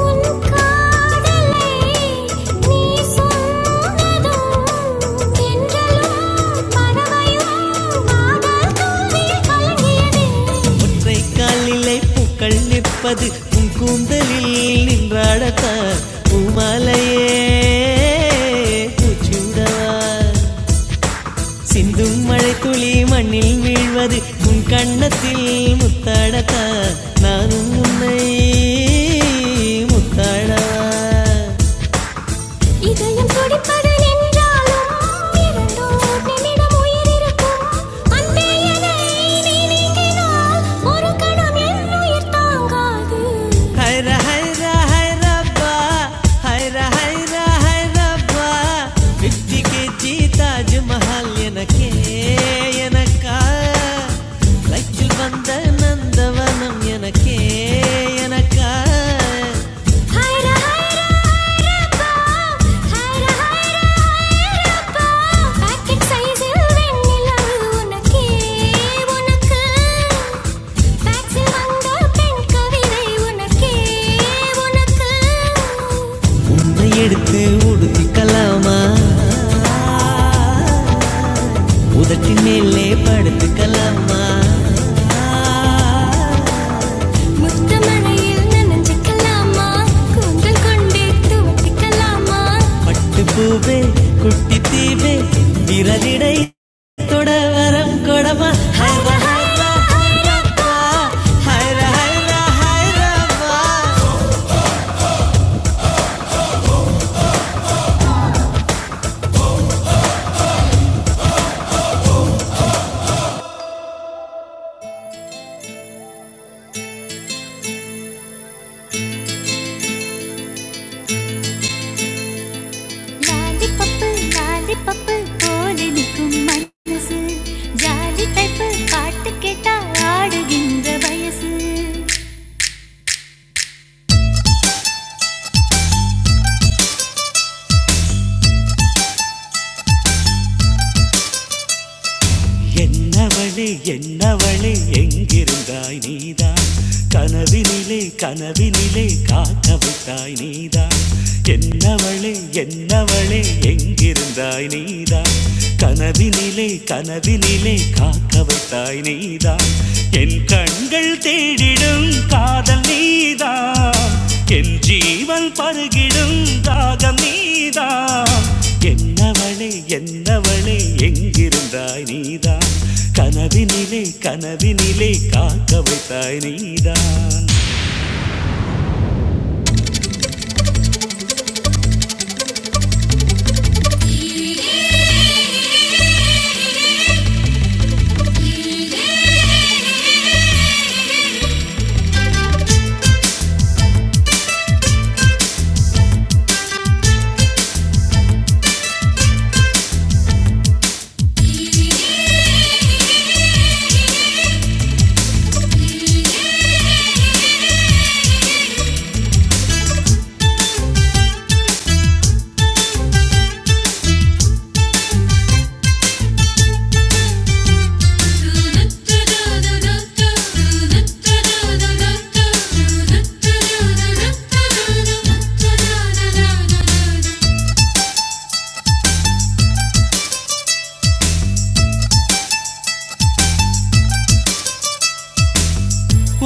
உன் காதலை நீ சொன்னதும் தென்றலும் பறவையும் காதல் தூவில் கலங்கியதே. ஒற்றை காலிலே பூக்கள் நிற்பது உன் கூந்தலில் நின்றாடத்தான் பூமாலையே பூச்சியுடவா சிந்தும் மழை துளி மண்ணில் வீழ்வது உன் கண்ணத்தில் முத்தாடத்தான் நானும் உன்னை முத்தாடவா இதயம் துடிப்பது நின்றாலும் இரண்டோர் நிமிடம் உயிர் இருக்கும். அன்பே என்னை நீ நீங்கினால் ஒரு கணம் என் உயிர் தாங்காது रब्बा हाय रहरा हाय रब्बा विद्धि की ताज महल केनक வந்த நந்தவனம் எனக்கே எனக்கே முத்தமழையில் நனைஞ்சுக்கலாமா கூந்தல் கொண்டே துவட்டிக்கலாமா லாலிபப்பு லாலிபப்பு போல நிற்கும் மனசு ஜாலி டைப்பு பாட்டு கேட்டா ஆடுகின்ற வயசு என்னவளே என்னவளே எங்கிருந்தாய் நீதான் கனவினிலே கனவினிலே காக்க வைத்தாய் நீதான் என்னவளே என்னவளே எங்கிருந்தாய் நீதான் கனவினிலே கனவினிலே காக்க வைத்தாய் நீதான் Kencan galte dinum kadal nida. Kencivil pargirum dagamida. Kenna vale yenna vale engirum ra nida. Kanavini le kanavini le kaakavita nida.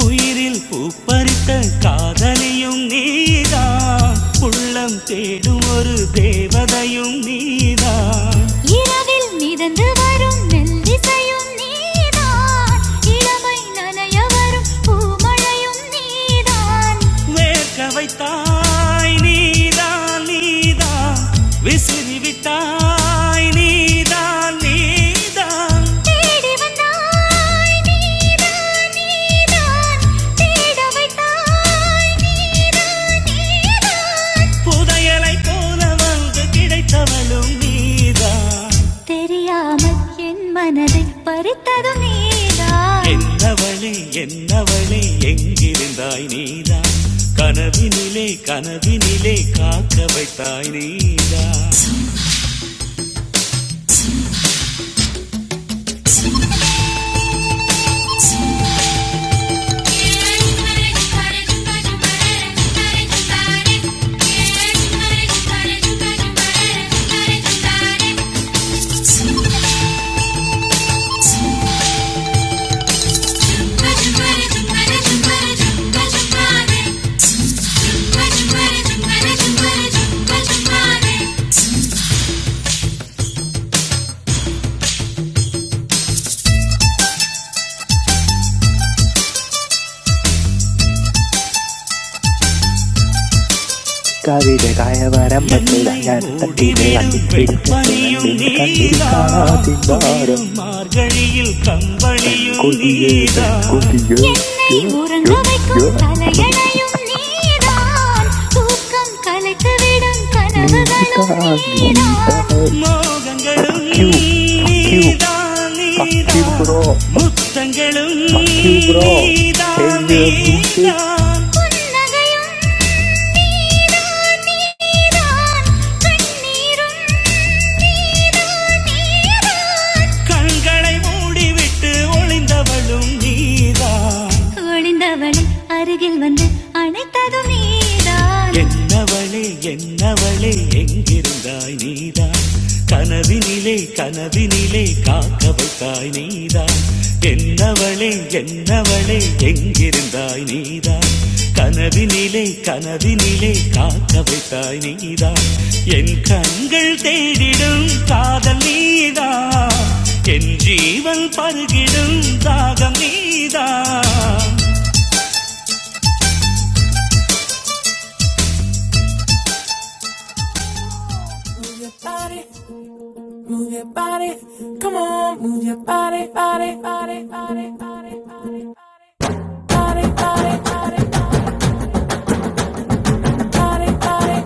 உயிரில் பூப்பறித்த காதலியும் நீதான் உள்ளம் தேடும் ஒரு தேவதையும் நீதான் இரவில் மிதந்து வரும் நெல்லிசையும் நீதான் இளமை நனைய வரும் பூமழையும் நீதான் வேர்க்க வைத்தாய் நீதான் நீதான் விசிறி விட்டாய் நீதான் நீதான் தேடி வந்தாய் நீதான் நீதான் தேட வைத்தாய் நீதான் நீதான் புதையலை போல வந்து கிடைத்தவளும் நீதான் தெரியாமல் என் மனதை பறித்ததும் நீதான் என்னவளே என்னவளே எங்கிருந்தாய் நீதான் கனவினிலே கனவினிலே காக்க வைத்தாய் நீதான் Thank you.
കവിതകയവരമ്പത്ത് ജ്ഞാനത്തണ്ടിലെ കണ്ണിക്കിടഞ്ഞിട്ട് കണ്ണിൽ കണ്ണിൽ കാണാ
நீதான்
ചിങ്കാരം
குளிரும் மார்கழியில் கம்பளியும்
പെൺകൊതിയെ
நீதான்
പെൺകൊതിയെ
என்னை
യ്യോ,
உறங்க
യ്യോ, യ്യോ,
வைக்கும்
യ്യോ.
தலையணையும் நீதான் தூக்கம் கலைத்துவிடும்
നീതാ
கனவுகளும்
നീതാ
நீதான் மோகங்களும்
ഫക്ക് യു ഫക്ക് യു
நீதான்
ഫക്ക് യു
நீதான்
ബ്രോ
முத்தங்களும்
ഫക്ക് യു ബ്രോ
நீதான்
ചേഞ്ച് ദ മ്യൂസിക്
நீதான் புன்னகையும் நீதான் நீதான் கண்ணீரும் கண்களை மூடிவிட்டு ஒளிந்தவளும் நீதான் ஒளிந்தவளை அருகில் வந்து அணைத்ததும் நீதான் என்னவளே என்னவளே எங்கிருந்தாய் நீதான் கனவினிலே கனவினிலே காக்க வைத்தாய் நீதான் என்னவளே என்னவளே இருந்தாய் நீதான், கனவினிலே கனவினிலே காக்க வைத்தாய் நீதான், என் கண்கள் தேடிடும் காதல் நீதான், என் ஜீவன் பருகிடும் தாகம் நீதான். Come on, move your body, body, body, body, body, body, body, body. body, body.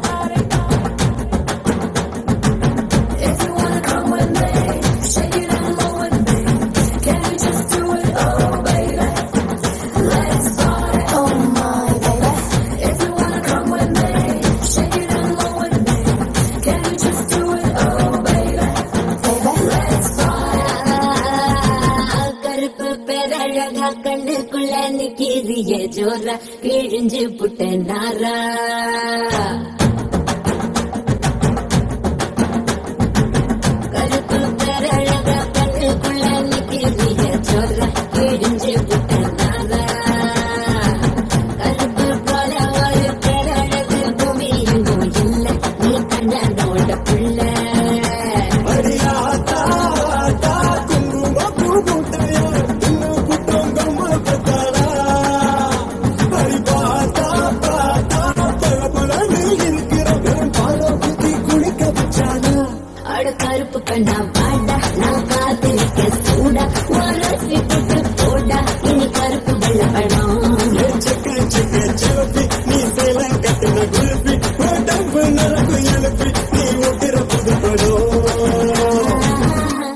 ஆஹா, கருப்பு பேரழகா கண்ணுக்குள்ள நிக்கிறிய ஜோரா கிழிஞ்சு புட்ட நாரா கருப்பு பேரழகா கண்ணுக்குள்ள நிக்கிறிய ஜோரா கிழிஞ்சு புட்ட நாரா கருப்பு போல ஒரு பேரழகு பூமி எங்கும் இல்ல நீ கண்ணோட புள்ள அட கருப்பு கண்ணா வாடா நான் காத்து நிக்க சூடா உரசி போட்டு போடா இனி கருப்பு வெள்ளப்படம்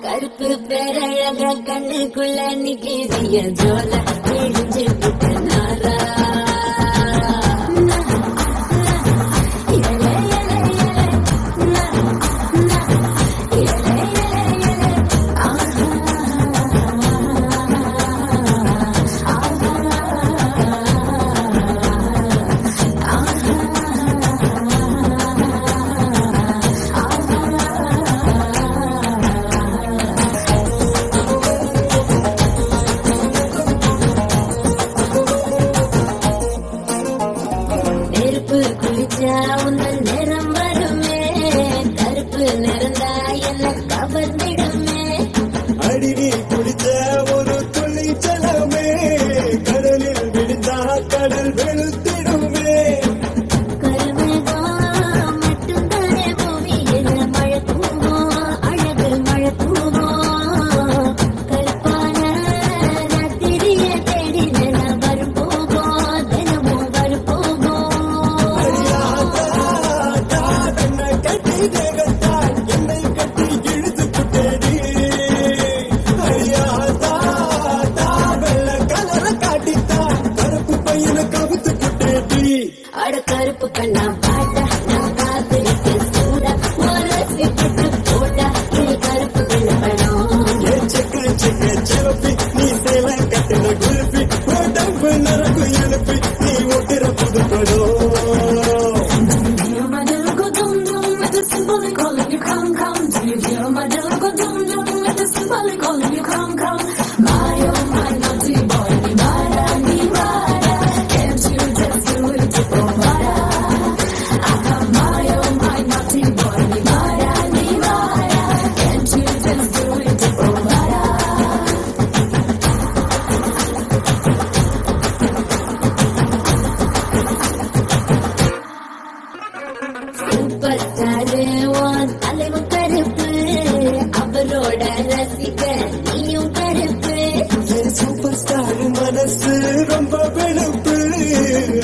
கருப்பு பேரழக கண்ணுக்குள்ள நிக்கிறிய ஜோல தெரிஞ்சு புட்ட நாரா ஆஹா ஆஹா நெருப்பு குளிச்சா உன்னல் நிறம் வருமே கருப்பு நிறந்தா என்ன கவர்ந்திடுமே கருமேகம் மட்டும்தானே பூமி என்ன மழை பூவோ அழகு மழை பூவோ கருப்பான ராத்திரிய தேடி நான் வரும் போகோ தினமும் வரும் போகோ கெட்டதா அட கருப்பு கண்ணா பாட்டா நான் காத்திருக்கேன் சூடா மனசை பட்டு போட்டா இது கருப்பு கண்ணா படம் Do you hear my little go dum dum at the symbolic calling you come come? Do you hear my little go dum dum at the symbolic calling you come come? My oh my naughty boy, நீ வாடா நீ வாடா. பட்டாரு உன் தலைவன் கருப்பு அவரோட ரசிக்க நீயும் கருப்பு சூப்பர் ஸ்டார்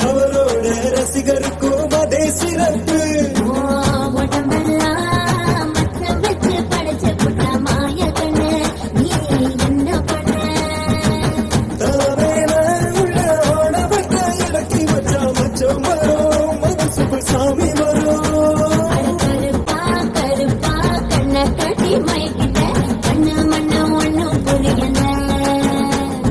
அவரோட ரசிகருக்கு சிறப்பு ஓ உடம்பெல்லாம் மச்சம் வச்சு படைச்ச புட்டா மாயக்கண்ணு. நீ என்ன பண்ண? அவட்ட இடக்கி வச்சா மச்சம் வரும் வரும். அட கருப்பா, கருப்பா, கண்ணை கட்டி மயக்கிட்ட. கண்ணு மண்ணு ஒண்ணும் புரியல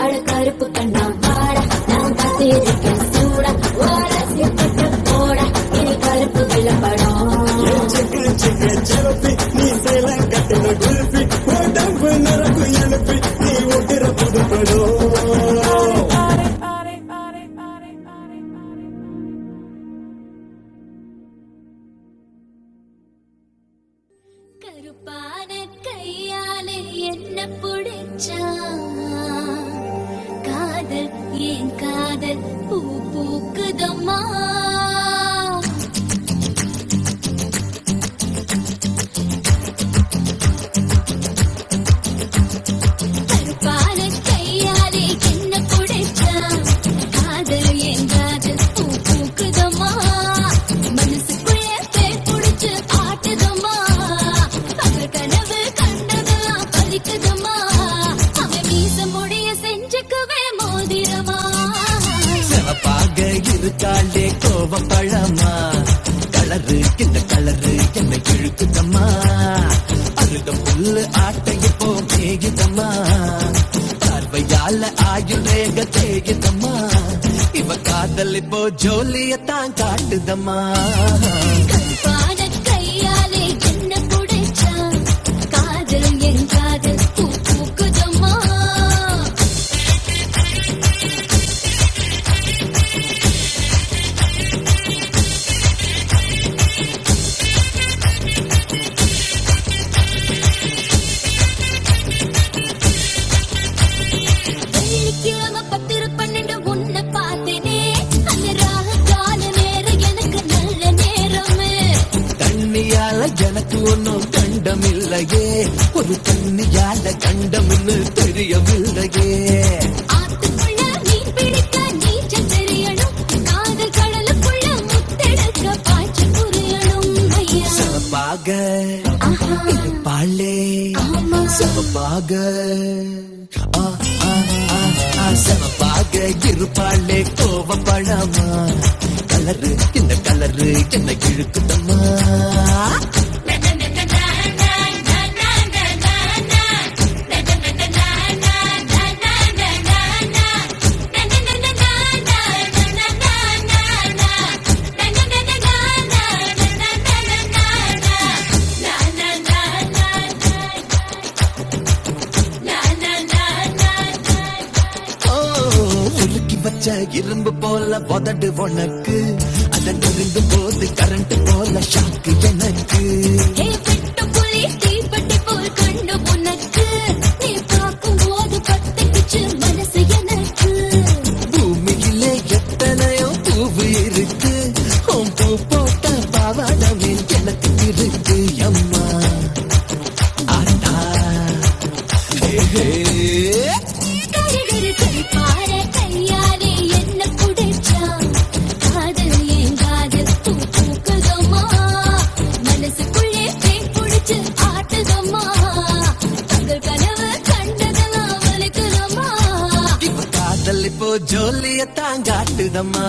அட கருப்பு கண்ணா பாட நான் பார்த்து இருக்கேன் சூட ஓட சிற்பட்ட போட இனி கருப்பு வெள்ளப்படம் கருப்பான கையாலே என்ன பிடிச்சா காதல் என் காதல் பூ பூக்குதம்மா கருப்பான கையாலே என்ன குடைச்சான் காதல் என்றாது பூ பூக்குதம்மா மனசுக்குள்ளே பேர் புடிச்சு ஆட்டுதம்மா அவள் கனவு கண்டதெல்லாம் பலிக்குதம்மா அவன் மீச முடிய செஞ்சுக்குவே மோதிரமா சிவப்பாக இருக்காளே கோவப்பழமா கலரு இந்த கலரு என்னை இழுக்குதம்மா அழுத புல்லு ஆட்டையப்போ மேயுதம்மா பார்வையால ஆயுள் ரேக தேயுதம்மா இவ காதல் இப்போ ஜோலியத்தான் காட்டுதம்மா கண்பாடக் கையாலே என்ன புடைச்சா காதல் என் காதல் பூ பூக்குதம்மா வெள்ளிக்கிழமை பத்திர பன்னெண்டு உன்னை பார்த்தேனே அந்த ராகு கால நேரம் எனக்கு நல்ல நேரமே தண்ணியால எனக்கு ஒன்னும் கண்டம் இல்லையே ஒரு தண்ணியால கண்டம்னு தெரியவில்லையே ஆத்துக்குள்ள மீன் பிடிக்க நீச்சல் தெரியணும் காதல் கடலுக்குள்ள முத்தெடுக்க பாய்ச்ச புரியணும் ஐயா பாக ஆஹா பாலே ஆமா பாக ஆ ஆ ஆ ஆ சமபாக இருப்பாளே கோவப்படாமா கலரு என்ன கலரு என்ன இழுக்குதம்மா Na na na na na. ஓ, உருக்கி வச்ச இரும்பு போல உதடு உனக்கு அதன் விழுந்தும் போது கரண்ட் போல ஷாக்கு எனக்கு பூமியிலே எத்தனையோ பூவு இருக்கு உன் பூ போட்ட பாவாடமே எனக்கு இருக்கு அம்மா கரகரப்பார கையாலே என்ன குடிச்சா காதல் ஏங்காது தூ தூக்குதம்மா மனசுக்குள்ளே தேன் புடிச்சு ஆட்டுதம்மா தங்கள் கனவு கண்டதெல்லாம் வலிக்குதம்மா இப்ப காதல் இப்போ ஜோலிய தாங்காட்டுதம்மா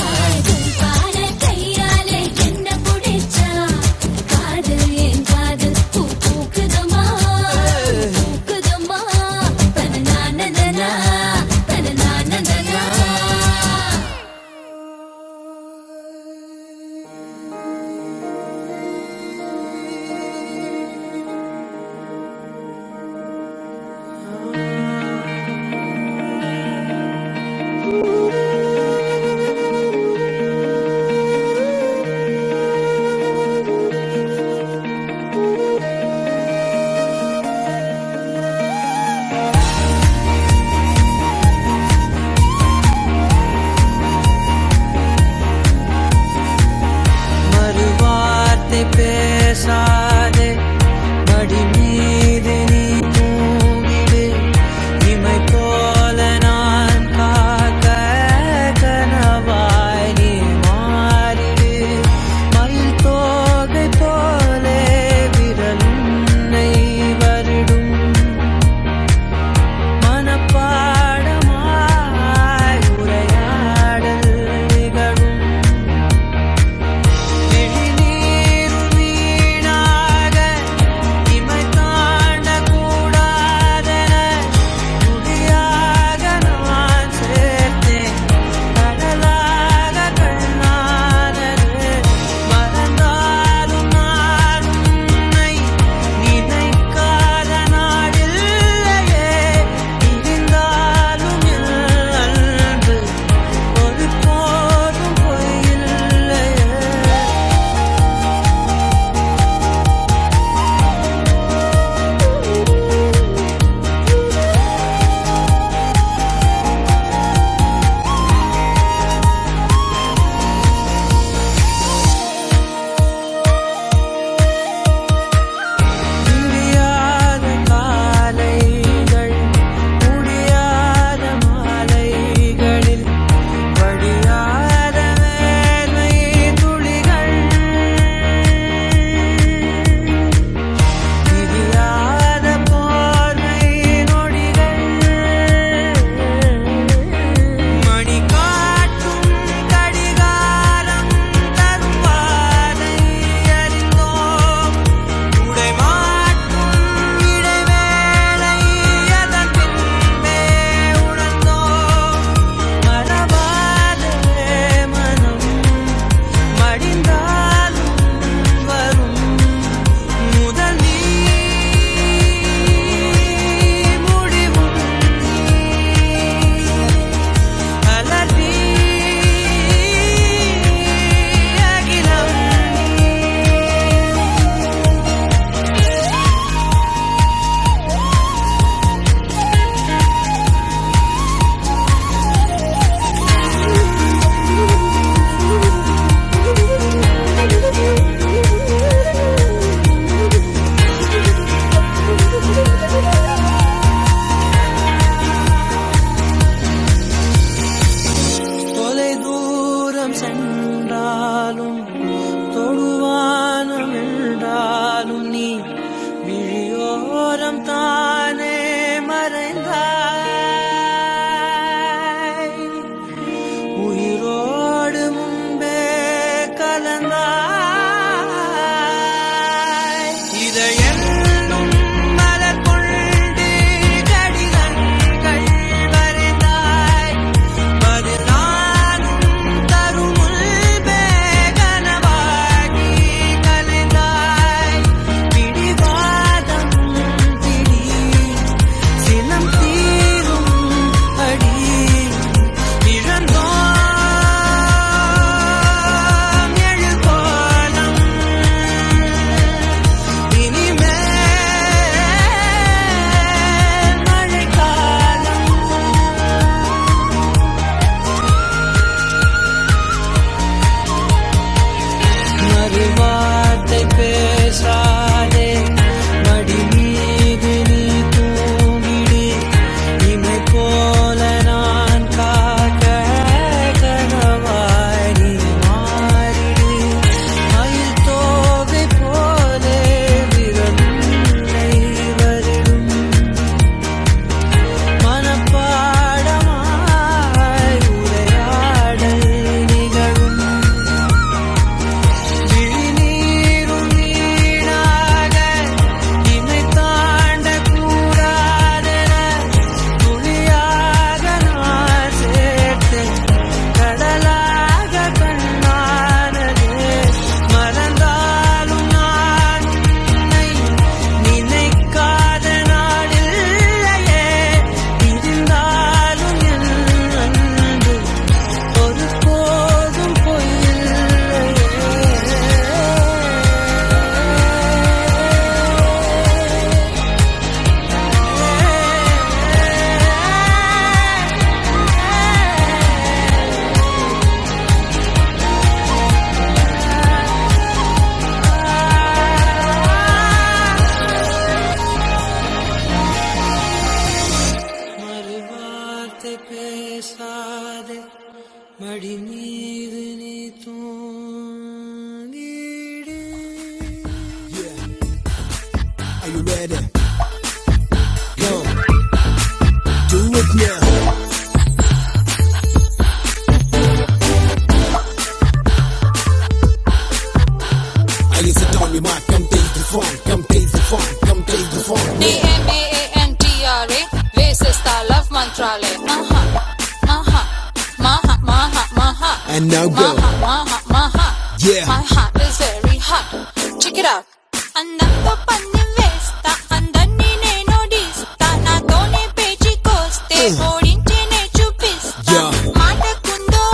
கரகரப்பார கையாலே என்ன குடிச்சா காதல் ஏங்காது தூ தூக்குதம்மா மறுவார்த்தை பேசாதே மடி மீது நீ தூங்கிடு இமை போல நான் காக்க கனவாய் நீ மாறிடு மல் தோகை போலே விரல் உன்னை வருடும் மனப்பாடமாய் உரையாடல் நிகழும் ஒரு போதும் போயில்லையே முடியாத காலைகள் முடியாத மாலைகளில் படியாத வேர்வை துளிகள் திரியாத போர்வை நொடிகள் மணி காட்டும் கடிகாரம் தரும் பாதை அறிந்தோம் உடைமாட்டும் இடைவேளை அதன் பின்பே உணர்ந்தோம். மனவாதே மனம் மடிந்தாலும் வரும் முதல் நீ முடிவும் அலறி அகிலம் தொலை தூரம் சென்றாலும் தொடுவானம் என்றாலும் நீ விழியோரம் தானே மறைந்தாய் உயிரோடு முன்பே கலந்தாய் மலர் கொண்டு கடிதங்கள் வரைந்தாய் இனிமே மழைக்காலம் மறுவார்த்தை பேசாதே மடி மீது நீ தூங்கிடு இமை போல நான் காக்க கனவாய் நீ மாறிடு மயில் தோகை போலே விரலை வருடும் மனப்பாடமாய் உரையாடல் நிகழும் விழிநீரும் நீராக இமை தாண்ட கூடாதென துளியாக நான் சேர்த்தேன் கடலாக கண்ணானது மறந்தாலும் நான் உன்னை நினைக்காத நாளில்லையே இருந்தாலும் என் அன்பு ஒருபோதும் மறுவார்த்தை பேசாதே மடி மீது நீ தூங்கிடு Are you ready? Go. Do it now. I is a dummy, my come taste the fun, come taste the fun, come taste the fun. డిఎంఏఎన్టీఆర్ఏ వేసేస్తా లవ్ మంత్రాలే మహా మహా మహా మహా మహా And now go. మహా మహా మహా Yeah. My heart is very hot check it out అందంతో పన్ను వేస్తా అందరినీ నేను డీస్తా నాతోనే పేచి కోస్తే Uh. ఓడించి నే చూపిస్తా మాటకుందో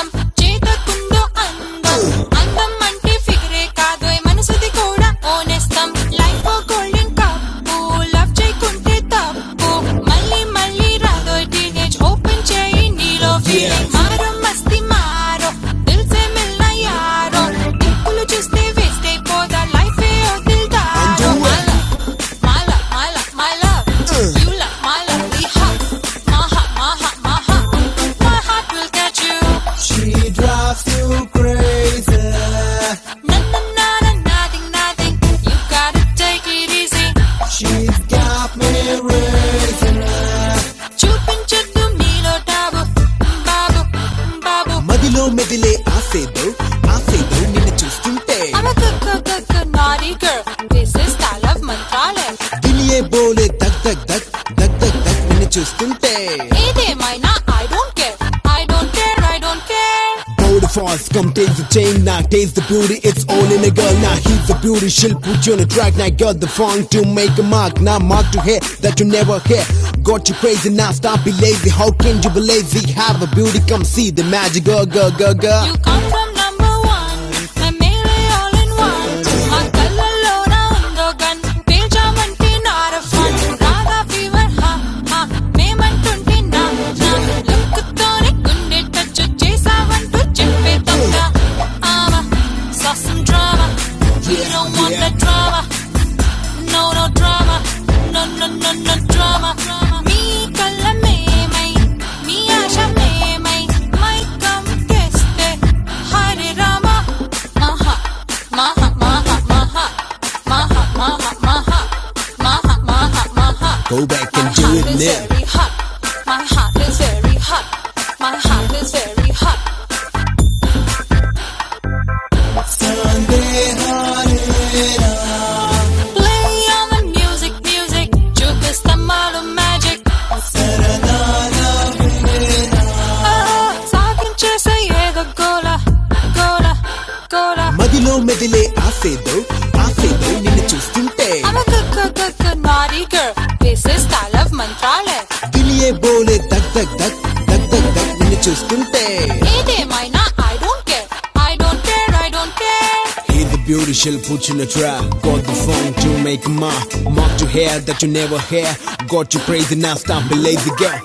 అందం చేతకుందో అందం అందం అంటే ఫిగరే కాదు మనసుది కూడా ఓనేస్తాం లైఫ్ గోల్డెన్ కప్పు లవ్ చేయకుంటే తప్పు మళ్ళీ మళ్ళీ రాదో టీనేజ్ ఓపెన్ చేయి నీలో ఫీలింగ్ మారో మస్తి మారో దిల్ సే మిల్నా యారో టిప్పులు చూస్తే వేస్ట్ అయిపోదా లైఫ్ ఏ వదిల్దారో అలా my love, my love, my love. You love, my love, we My heart, my heart, my heart. My heart will get you. She drives you crazy. Na na na na nothing, nothing. You gotta take it easy. She's got me raising. her. చూపించొద్దు మీలో టాబు బాబు బాబు మదిలో మెదిలే ఆసేదో ఆసేదో నిన్ను చూస్తుంటే I'm a good, good, good, good naughty girl. This is style of Mantralayam దిలియే బోలే దగ్ దగ్ దగ్ దగ్ దగ్ దగ్ నిన్ను చూస్తుంటే ఏదేమైనా I don't care I don't care I don't care Bold falls, come take the chain, now taste the beauty, it's all in a girl. Now he's the beauty, she'll put you on a track. Now got the funk to make a mark. Now mark to hear that you never hear. Got you crazy, now stop be lazy. How can you be lazy? Have a beauty, come see the magic, girl, girl, girl, girl. You come from number one, i मैं मेरे all in one. और colour लोना उन दो गन, तेजा मंटी नारफन, राधा fever, ha. हाँ, मैं చేసావంటుంటే నా నా లుక్కుతోనే గుండె టచ్ చేసావంటూ చెప్పే దొంగ ఆవా సాసం drama you don't want the drama No, no drama. No, no, no, no drama. Me kala me mai, me asha me Mai mai kam keste, Hare Rama. Maha, maha, maha, maha. Maha, maha, maha. Maha, maha, maha. Go back and do it now. My heart is very hot. My heart is very hot. My heart is very hot. Sunday hot. Play on the music, music. Juke is the model magic. సాగించేసే ఏదో గోల గోల గోల మదిలో మెదిలే ఆసేదో ఆసేదో నిన్ను చూస్తుంటే I'm a good, good, good, good naughty girl. This is style of మంత్రాలే దిలియే బోలే దగ్ దగ్ దగ్ దగ్ దగ్ దగ్ నిన్ను చూస్తుంటే ఏదేమైనా I don't care I don't care I don't care He's a beautiful put in a trap. Got the phone to make a mark. Mark to hair that you never hear. Got you crazy now, stop a lazy girl.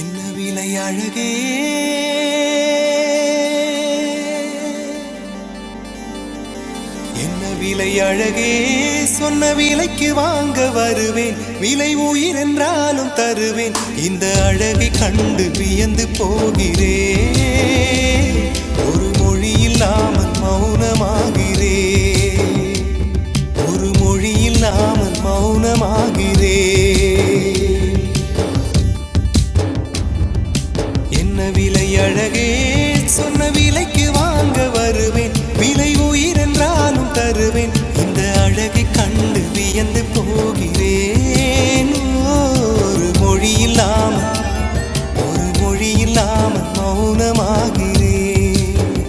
என்ன விலை அழகே என்ன விலை அழகே சொன்ன விலைக்கு வாங்க வருவேன் விலை உயிர் என்றாலும் தருவேன் இந்த அழகை கண்டு வியந்து போகிறேன் ஒரு மொழி இல்லாமல் மௌனமாகிறேன் ஒரு மொழி இல்லாமல் மௌனமாகிறேன் என்ன விலை அழகே சொன்ன விலைக்கு வாங்க வருவேன் விலை உயிர் என்றாலும் தருவேன் இந்த அழகை கண்டு வியந்து போகிறேன் ஒரு மொழி இல்லாமல் ஒரு மொழி இல்லாமல் மௌனமாகிறேன்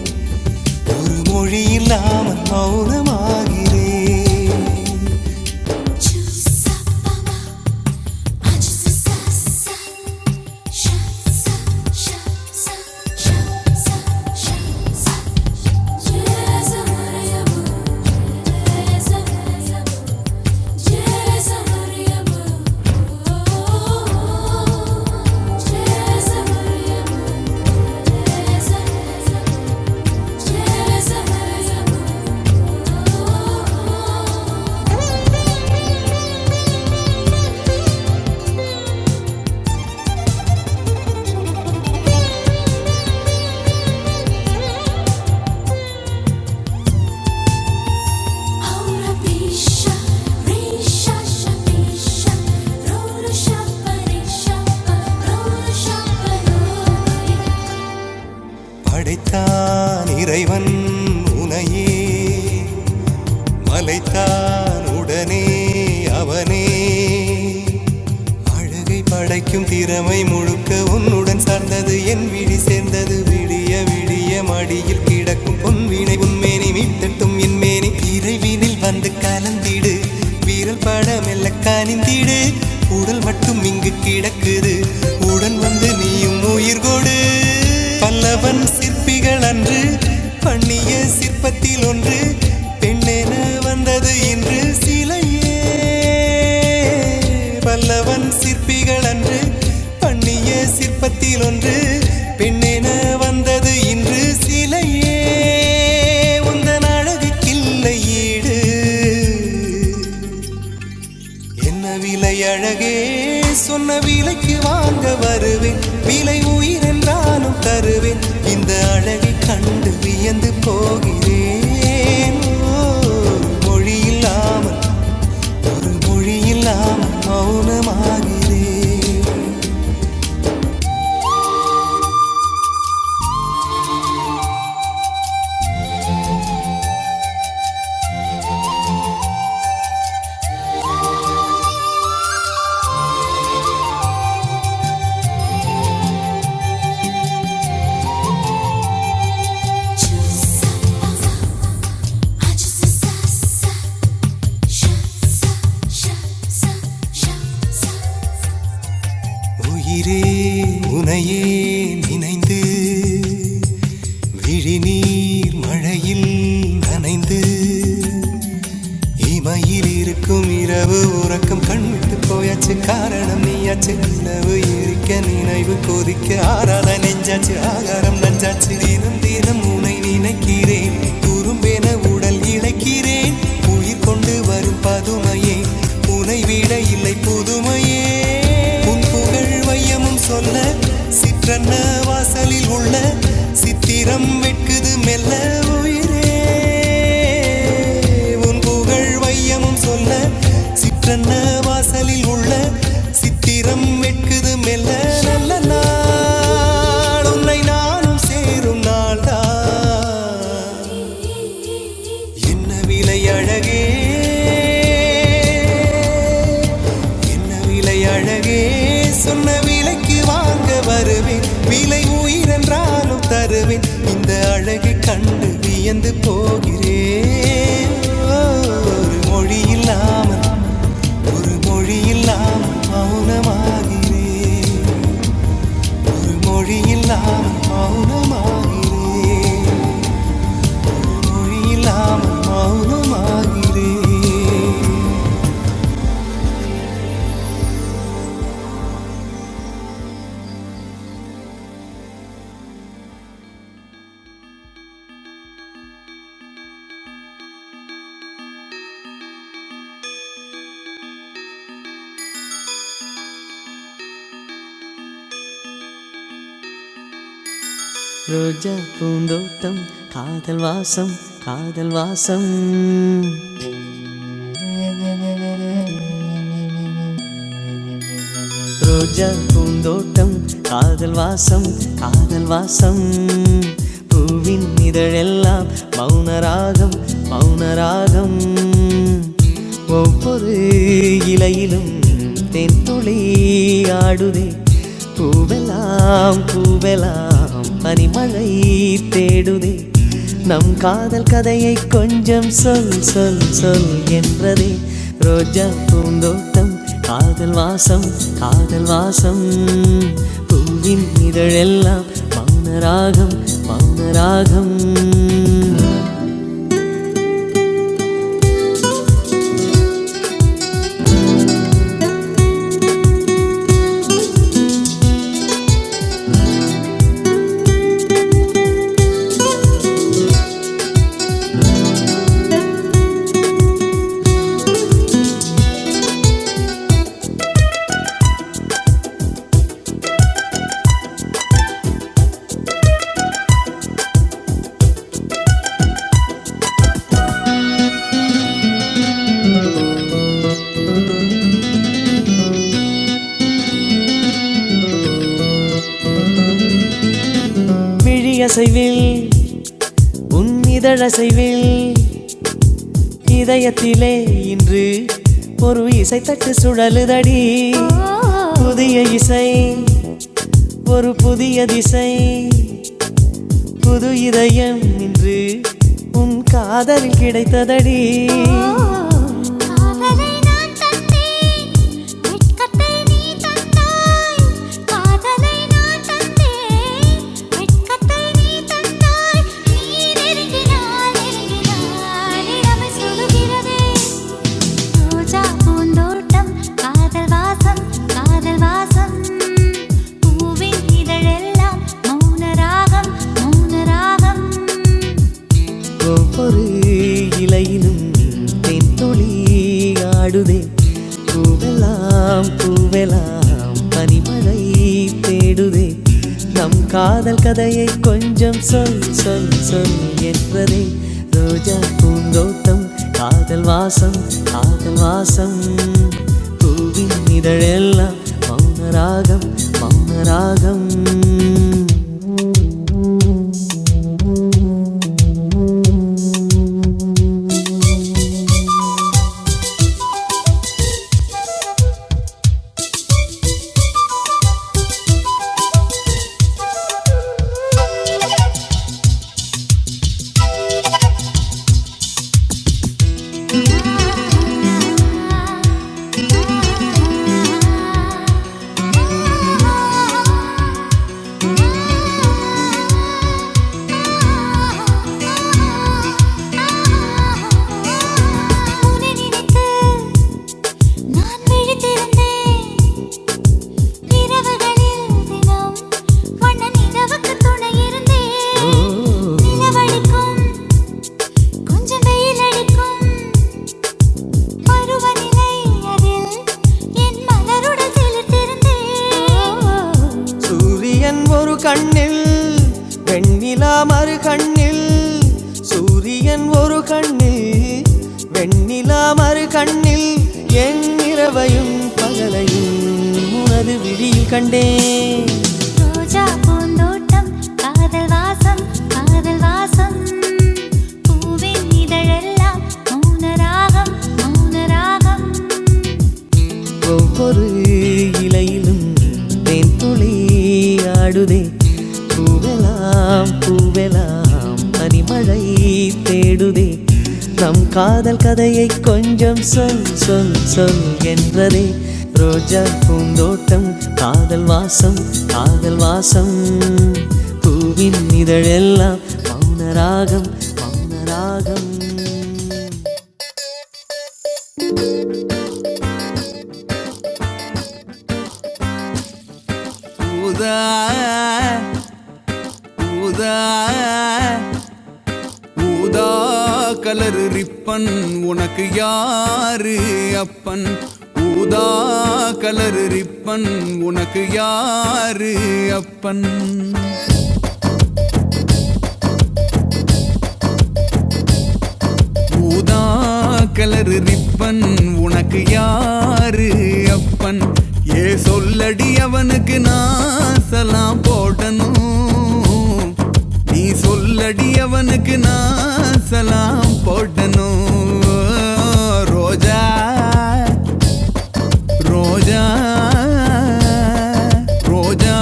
ஒரு மொழி இல்லாமல் மௌனமாகிறேன் Chusapama, Thank you படைத்தான் இறைவன் உனையே மலைத்தான் உடனே அவனே அழகை படைக்கும் திறமை முழுக்க உன்னுடன் சார்ந்தது என் விழி சேர்ந்தது விடிய விடிய மடியில் கிடக்கும் பொன்வினை உன்மேனி மீட்டட்டும் என் மேனி இறைவினில் வந்து கலந்திடு வீரல் பட மெல்ல கனிந்திடு உடல் மட்டும் இங்கு கிடக்குது உடன் வந்து நீயும் உயிர் கொடு பல்லவன் சிற்பிகள் விழிகள் அன்று பண்ணிய சிற்பத்தில் ஒன்று பெண்ணென வந்தது இன்று சிலையே பல்லவன் சிற்பிகள் அன்று பண்ணிய சிற்பத்தில் ஒன்று பெண்ணென வந்தது இன்று சிலையே உந்தன் அழகுக்கில்லை ஈடு என்ன விலை அழகே சொன்ன விலைக்கு வாங்க வருவேன் விலை உயிர் என்றாலும் தருவேன் இந்த அழகை கண்டு வியந்து போகிறேன் ஓ, மொழி இல்லாமல் ஒரு மொழி இல்லாமல் மௌனமாகிறேன் Shut உயிரே உனையே நினைந்து விழிநீர் மழையில் நனைந்து இமையில் இருக்கும் இரவு உறக்கம் கண்விட்டு போயாச்சு காரணம் நீயாச்சு நிலவு இருக்க நினைவு கொதிக்க ஆறாத நெஞ்சாச்சு ஆகாரம் நஞ்சாச்சு தினம் தினம் உனை நினைக்கிறேன் குறும்பென உடல் இழைக்கிறேன் உயிர் கொண்டு வரும் பதுமையே உனை விட இல்லை புதுமையே உன் புகழ் வையம் சத்தியமும் சொல்ல சிற்றன்ன வாசலில் உள்ள சித்திரம் வெட்குது மெல்ல உயிரே உன் புகழ் வையமும் சொல்ல சிற்றன்ன வாசலில் உள்ள சித்திரம் வெட்குது மெல்ல நல்ல நாள் உன்னை நானும் சேரும் நாள்தான் என்ன விலை அழகே என்ன விலை அழகே சொன்ன விலைக்கு வாங்க வருவேன் விலை உயிரென்றாலும் தருவேன் இந்த அழகை கண்டு வியந்து போகிறேன் ஒரு மொழி இல்லாமல் ஒரு மொழி இல்லாமல் மௌனமாகிறேன் ஒரு மொழி இல்லாமல் மௌனமாகிறேன் மொழியில்லாமல் மௌனமாகிறேன் ரோஜா பூந்தோட்டம் காதல் வாசம் காதல் வாசம் ரோஜா பூந்தோட்டம் காதல் வாசம் காதல் வாசம் பூவின் இதழெல்லாம் மௌனராகம் மௌனராகம் ஒவ்வொரு இலையிலும் தென்துளி ஆடுதே பூவெல்லாம் பூவெல்லாம் ஆம், பனிமழை தேடுதே நம் காதல் கதையை கொஞ்சம் சொல் சொல் சொல் என்றதே ரோஜா பூந்தோட்டம் காதல் வாசம் காதல் வாசம் பூவின் இதழெல்லாம் மௌனராகம் மௌனராகம் மிழியசைவில் உன் இதழசைவில் இதயத்திலே இன்று ஒரு இசைத்தட்டு சுழலுதடி புதிய இசை ஒரு புதிய திசை புது இதயம் இன்று உன் காதலில் கிடைத்ததடி காதலை நான் தந்தேன் வெட்கத்தை நீ தந்தாய் காதலை நான் தந்தேன் வெட்கத்தை நீ தந்தாய் நீ நெருங்கினாய் நெருங்கினாய் நிலவு சொல்லுகிறதே ரோஜா பூந்தோட்டம் காதல் வாசம் காதல் வாசம் பூவின் இதழெல்லாம் மௌன ராகம் மௌன ராகம் ஒவ்வொரு இலையிலும் தென்தொளி ஆடுதே பூவெல்லாம் பூவெல்லாம் பனிமழை தேடுதே நம் காதல் கதையை கொஞ்சம் சொல் சொல் சொல் என்பதே ரோஜா பூந்தோட்டம் காதல் வாசம் காதல் வாசம் பூவின் இதழெல்லாம் மௌன ராகம் மௌன ராகம் உன்னை நினைத்து நான் விழித்திருந்தேன். இரவுகளில் தினம் வண்ண நிலவுக்கு துணை இருந்தேன். நிலவடிக்கும், கொஞ்சம் வெயில் அடிக்கும் பருவநிலை அதில் என் மலருடன் சிலிர்த்திருந்தேன். சூரியன் ஒரு கண்ணில் வெண்ணிலா மறு கண்ணில் சூரியன் ஒரு கண்ணில் வெண்ணிலா மறு கண்ணில் என் இரவையும் பகலையும் உனது விழியில் கண்டேன் ரோஜா பூந்தோட்டம் காதல் வாசம் காதல் வாசம் பூவின் இதழெல்லாம் மௌன ராகம் மௌன ராகம் ஒவ்வொரு இலையிலும் தேன்துளி ஆடுதே பூவெலாம் பூவெலாம் பனிமழை தேடுதே நம் காதல் கதையை கொஞ்சம் சொல் சொல் சொல் என்றதே ரோஜா பூந்தோட்டம் காதல் வாசம் காதல் வாசம் பூவின் இதழெல்லாம் மௌன ராகம் மௌன ராகம் உதா உதா ஊதா கலர் ரிப்பன் உனக்கு யாரு அப்பன் ஊதா கலர் ரிப்பன் உனக்கு யாரு அப்பன் ஊதா கலர் ரிப்பன் உனக்கு யாரு அப்பன் ஏ சொல்லடி அவனுக்கு நாசலாம் போடணும் நீ சொல்லடி அவனுக்கு நாசலாம் போடணும் ரோஜா ரோஜா ரோஜா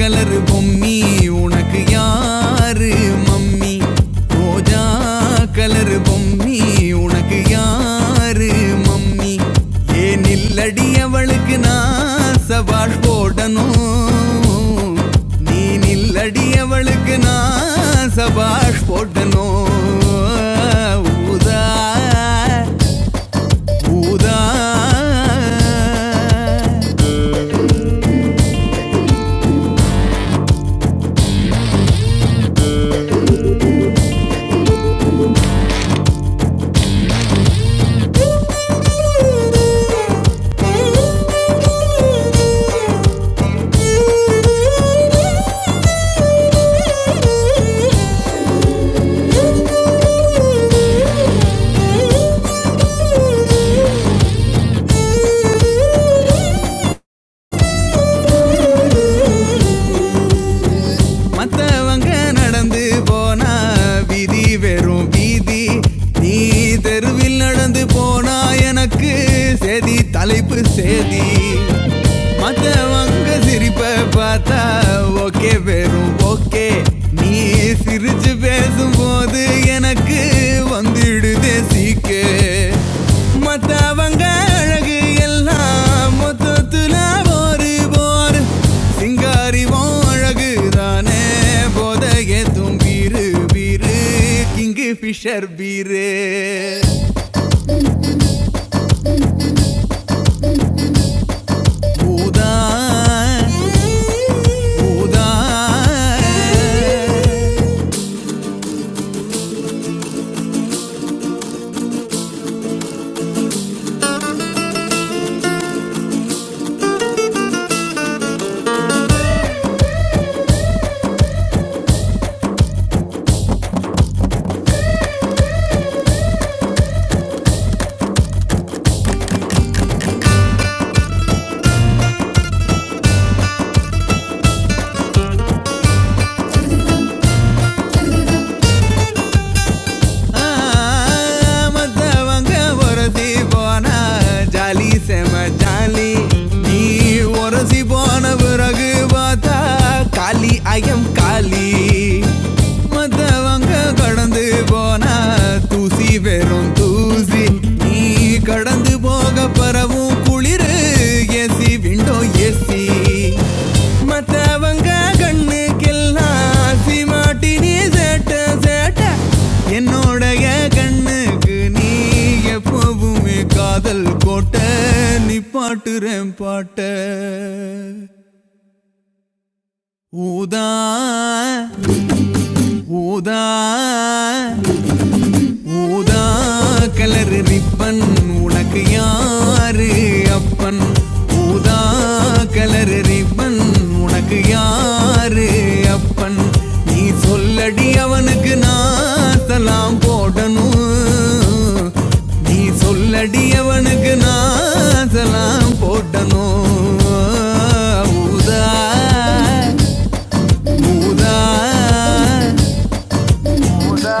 கலர் பொம்மி உனக்கு யாரு மம்மி ரோஜா கலர் பொம்மி உனக்கு யாரு மம்மி ஏன் இல்லடி அவளுக்கு நான் சபாஷ் போடணும் நீ நில்லடி அவளுக்கு நான் சபாஷ் போட்டனோ ஊதா ஊதா மத்தவங்க நடந்து போனா விதி வெறும் வீதி நீ தெருவில் நடந்து போனா எனக்கு சேதி தலைப்பு சேதி மத்தவங்க சிரிப்ப பார்த்தா ஓகே வெறும் ஓகே நீ சிரிச்சு பேசும்போது அது எனக்கு வந்துடுதே சீக்க மத்தவங்க அழகு எல்லாம் மொத்தத்துல ஒரு போர் சிங்காரிவும் அழகு தானே போதைய தும்பீரு பீரு கிங்கு ஃபிஷர் பீரு பூதா பூதா ஆ, மத்தவங்க உரசி போனா ஜாலி செம ஜாலி நீ உரசி போன பிறகு பார்த்தா காலி ஐயம் காலி மத்தவங்க கடந்து போனா தூசி வெறும் தூசி நீ கடந்து போ ಹೋಗ ಬರவும் ಕುಳಿರು ಎಸಿ ವಿಂಡೋ ಎಸಿ மத்தவங்க கண்ணுக்கெல்லாம் ஆசி மாட்டி நீ சேட்ட சேட்ட என்னோடைய கண்ணுக்கு நீ எப்பவுமே காதல் கோட்ட நீ பாட்டுறேன் பாட்ட ஊதா ஊதா ஊதா கலர் ரிப்பன் உனக்கு யாரு அப்பன் ஊதா கலர் ரிப்பன் உனக்கு யாரு அப்பன் நீ சொல்லடி அவனுக்கு நாத்தலாம் போடணும் நீ சொல்லடி அவனுக்கு நாத்தலாம் போடணும் ஊதா ஊதா எம்மா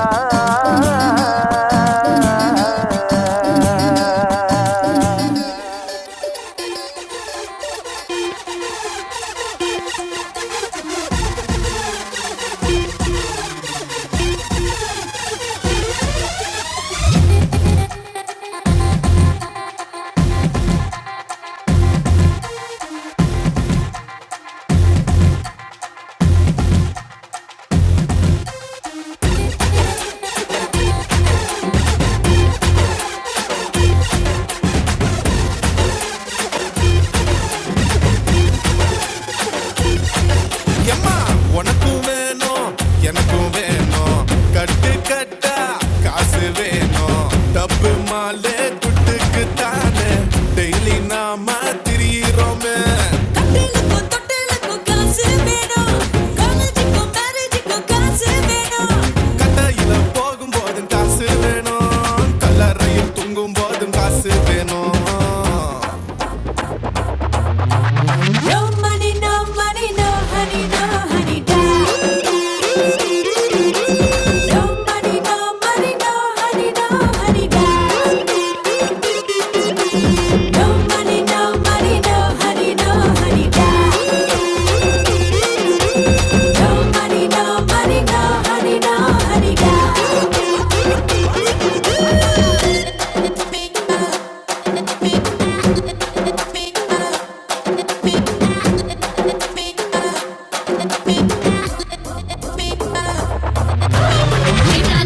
உனக்கும் வேணும் எனக்கும் வேணும் கட்டு கட்டா காசு வேணும் டப்பு மாலே குட்டுக்கு தானே டெய்லி நாம திரியிறோமே கட்டையில போகும் போதும் காசு வேணும் கல்லறையில் தூங்கும் போதும் காசு வேணும் No money, no money, no honey, no honey, dad. No money, no money, no honey, no honey, dad. No money, no money, no honey, no honey, dad. No money, no money, no honey, no honey, dad. Big up, big up, big up, big up. Yeah.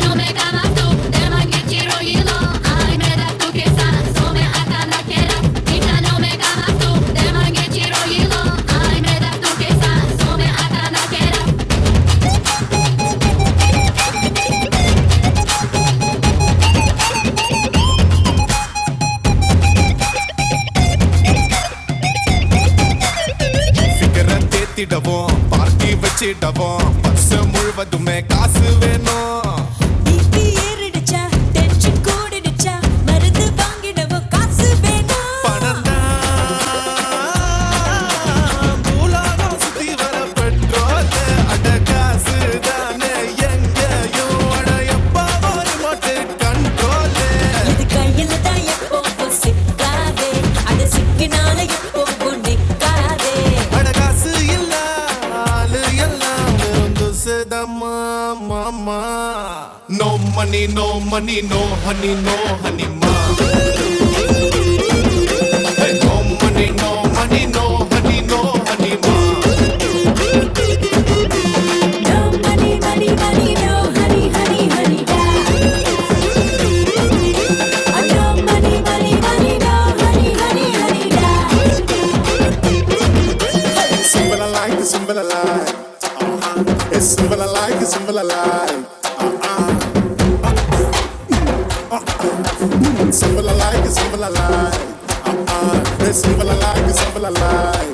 சீக்கிரம் தேத்திடவும் party வச்சிடவும் வருஷம் முழுவதுமே காசு வேணும் BP ஏறிடுச்சா, tension கூடிடுச்சா, மருந்து வாங்கிடவும் காசு வேணும். பணம் பூலாகம் சுத்தி வர பெட்ரோல் அட காசு தானே எங்கேயும் அட எப்போ ரிமோட்டு கண்டு இது கையில தான் எப்போ சிக்காதே அது சிக்கினால எப்போ நிக்காதே No money, no money, no honey, no honey, ma. Hey, no money, no money, no honey, no honey, ma. அண்ணா மணி மணி மணிடா ஹனி ஹனி ஹனிடா symbol I like, the symbol I like. It's symbol I like, the symbol I like. Simple I like, it's simple I like. It's simple I like, it's simple I like.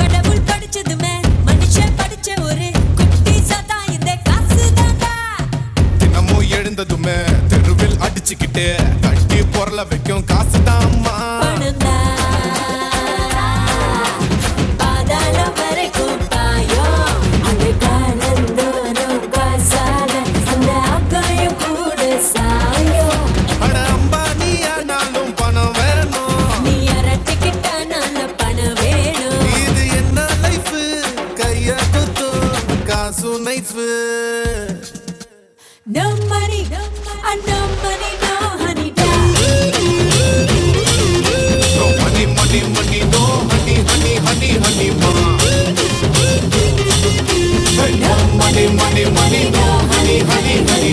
கடவுள் படிச்சதுமே மனுஷன் படிச்ச ஒரு குட்டி சதா இந்த காசு தாண்டா தினமும் எழுந்ததுமே தெருவில் அடிச்சுக்கிட்டு கட்டி பொருளை வைக்கும் காசு தாம்மா பணம் ஆதரைக்கும் அழைக்கானந்தம் சமயம் அட அம்பானியானாலும் பணம் வேணும் இது என்ன லைஃப் கைய குத்தும் காசு knife Money, money, money, no, honey, honey, honey, honey, ma. Money, money, money, no, honey, honey.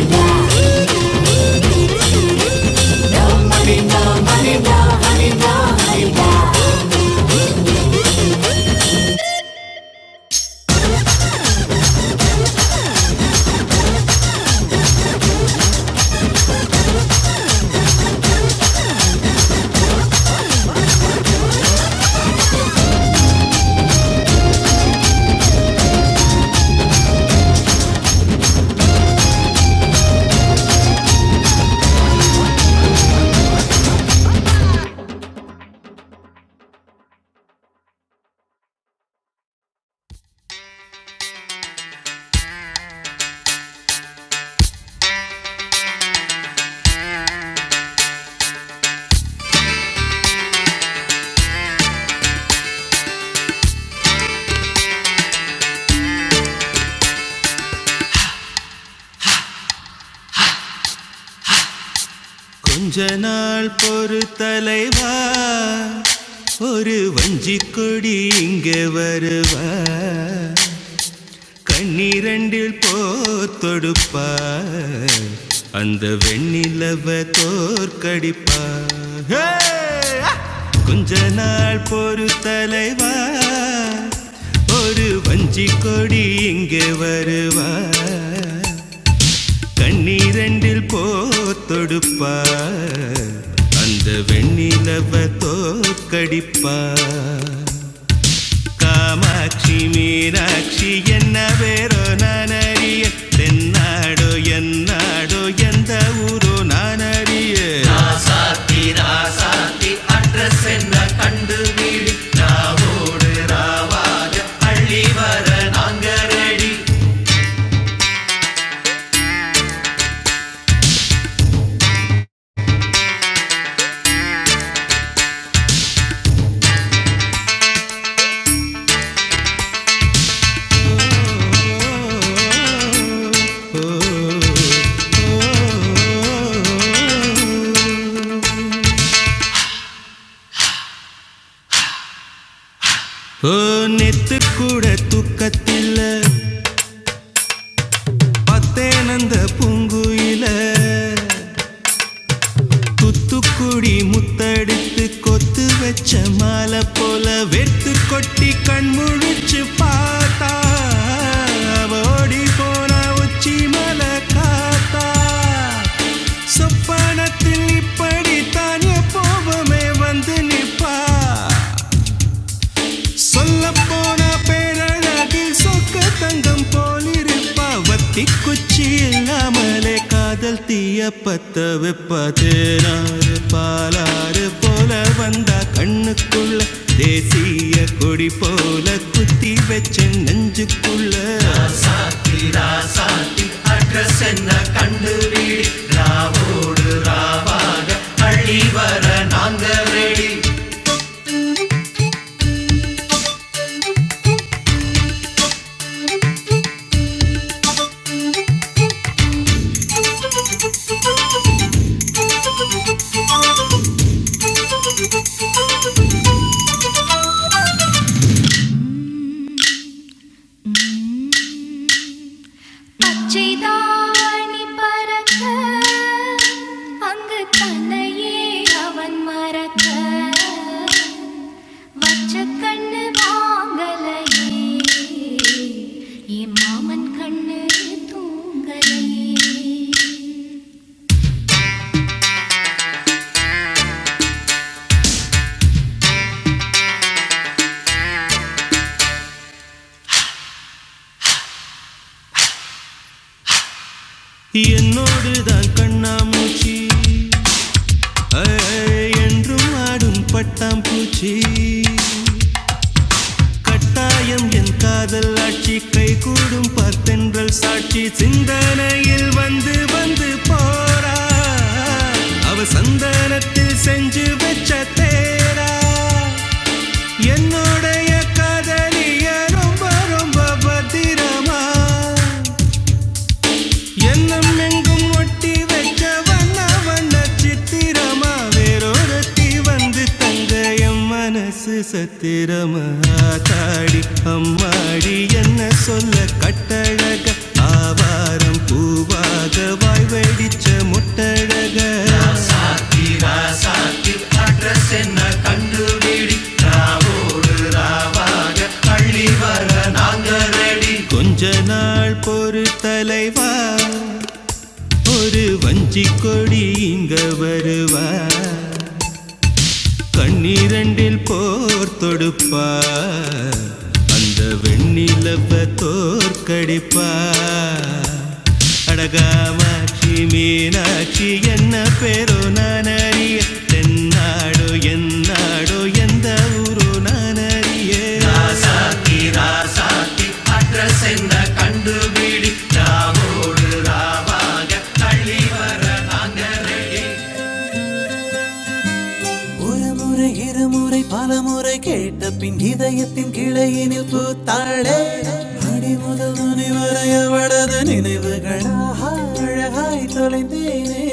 கொஞ்ச நாள் பொறு தலைவா ஒரு வஞ்சிக் கொடி இங்கே வருவா கண்ணிரண்டில் போத்தொடுப்பார் அந்த வெண்ணிலவ தோற்கடிப்பார் ஹே! கொஞ்ச நாள் பொறு தலைவா ஒரு வஞ்சி கொடி இங்கே வருவார் கண்ணிரண்டில் போத்தொடுப்பார் அந்த வெண்ணிலவ தோற்கடிப்பார் Kamakshi, Mira, Kshi, yenna ve ro naniye, dinnaado, yennaado, yantha uro naniye. Aasaathi address na kandu mil, aavu alivaran angaradi, nitkuze tu kattil, patenandu pungu ille. Thoothukudi முத்தடித்து கொத்து வச்ச மாலை போல வெத்து கொட்டி கண் முழிச்சு பார்த்தா அவ ஓடி போன உச்சி மலை காத்தா சொப்பனத்தில் இப்படித்தான் எப்போவுமே வந்து நிப்பா சொல்லப்போன பேரழகு சொக்க தங்கம் போலிருப்பா வத்தி குச்சி இல்லாமலே காதல் தீய பத்த வெப்ப தேனாறு பாலாறு போல வந்தா கண்ணுக்குள்ள தேசிய கொடி போல குத்தி வச்ச நெஞ்சுக்குள்ள அட்ரஸ் என்ன கண்டு வீடு ராவோடு ராவாக அழிவா மறக்க அங்கு தன்னையே அவன் மறக்க வச்ச கண்ணு வாங்கலையே என் மாமன் கண்ணு தூங்கலையே என்னோடு தான் கண்ணாமூச்சி ஐ, என்றும் ஆடும் பட்டாம்பூச்சி கட்டாயம் என் காதல் ஆட்சி கைகூடும் பத்தென்றல் சாட்சி சிந்தனையில் வந்து வந்து போறா அவ சந்தனத்தில் செஞ்சு வச்ச தேரா என்னுடைய காதலிய ரொம்ப ரொம்ப பத்திரமா எண்ணம் எங்கும் ஒட்டி வைக்க வண்ண வண்ண சித்திரமா வேறொருத்தி வந்து தங்க என் மனசு சத்திரமா தாடி அம்மாடி என்ன சொல்ல கட்டழக ஆவாரம் பூவாக வாய் வெடிச்ச முட்டழக அள்ளி வர நாங்க ரெடி கொஞ்ச நாள் பொறு தலைவா ஒரு வஞ்சி கொடி இங்க வருவா கண்ணீரண்டில் போர் தொடுப்பார் அந்த வெண்ணிலவ தோற்கடிப்பார் அடகாமாட்சி மீனாட்சி என்ன பேரோ நான் அறிய தென்னாடோ என்னாடோ எந்த ஊரோ நான் அறிய அட்ரஸ் என்ன கண்டுபிடி ஒருமுறை இருமுறை பலமுறை கேட்ட பின் இதயத்தின் கிளையினில் பூத்தாளே அடி முதல் முனி வரை அவளது நினைவுகளாக அழகாய் தொலைந்தேனே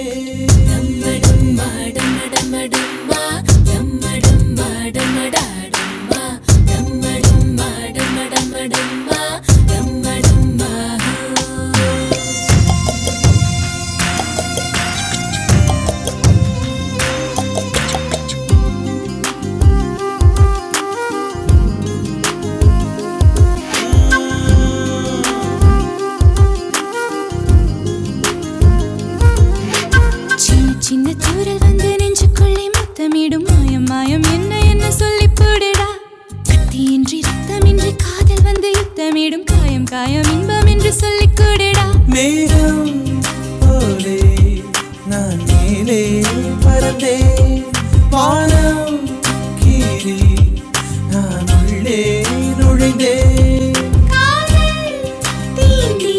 சின்ன சின்ன தூரல் வந்து நெஞ்சுக்குள்ளே முத்தமிடும் மாயம் மாயம் என்ன என்ன சொல்லி போடுடா தீன்றி ரத்தமின்றி காதல் வந்து யுத்தமிடும் காயம் காயம் இன்பம் என்று சொல்லிக் கொடுடா நேரம் போலே நான் மேலே பறந்தே வானம் கீறி நான் உள்ளே நுழைந்தே காதல் தீண்டி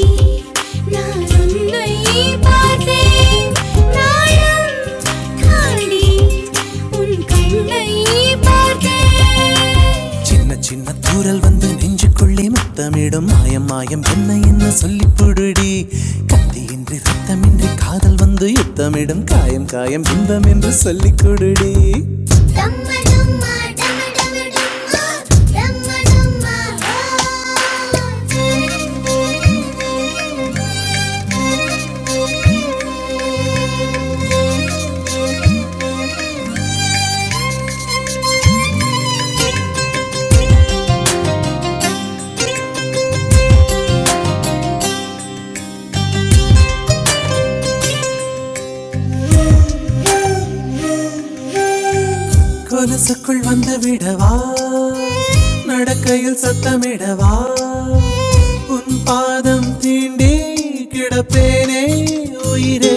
நான் உன்னை பார்த்தேன். நானும் தாண்டி உன் கண்ணை பார்த்தேன் சின்ன சின்ன தூரல் வந்து நெஞ்சுக்குள்ளே முத்தமிடும் மாயம் மாயம் என்ன என்ன சொல்லி புடுடி கத்தியின்றி ரத்தமின்றி காதல் வந்து யுத்தமிடும் காயம் காயம் இன்பம் என்று சொல்லிக் கொடுடி டம்ம டம்மா டம்ம டம டம டம்மா டம்ம டம்மா ஓ கொலுசுக்குள் வந்து விடவா நடக்கையில் சத்தமிடவா உன் பாதம் தீண்டி கிடப்பேனே உயிரே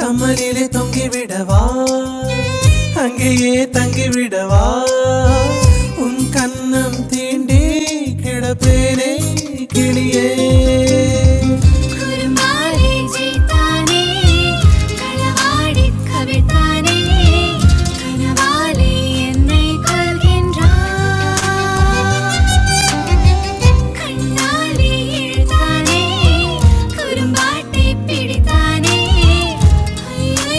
கமலிலே தொங்கி விடவா அங்கேயே தங்கி விடவா உன் கன்னம் தீண்டி கிடப்பேனே கிளியே தானே ஆடிக் கவிதானே கனவாலே என்னை கொள்கின்றான் கண்ணாலே இழுத்தானே குறும்பாட்டை பிடித்தானே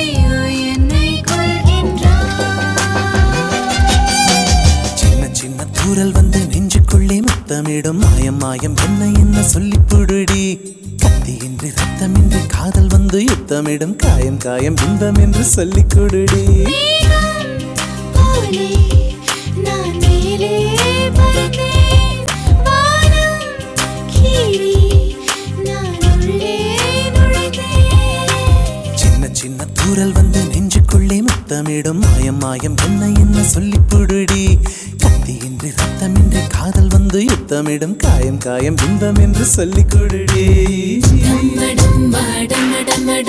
ஐயோ என்னை கொள்கின்றான் சின்ன சின்ன தூரல் வந்து நெஞ்சுக்குள்ளே முத்தமிடும் மாயம் மாயம் என்ன என்ன சொல்லி புடுடி கத்தியின்றி ரத்தமின்றி காதல் வந்து யுத்தமிடும் காயம் காயம் இன்பம் என்று சொல்லிக் கொடுடி நீயா போலே நான் மேலே பறந்தேன் வானம் கீழே நான் உள்ளே நுழைந்தேன் சின்ன சின்ன தூரல் வந்து நெஞ்சுக்குள்ளே முத்தமிடும் மாயம் மாயம் என்ன என்ன சொல்லி புடுடி கத்தியின்றி ரத்தமின்றி காதல் வந்து யுத்தமிடும் காயம் காயம் இன்பம் என்று சொல்லிக் கொடுடி అంటేనే అది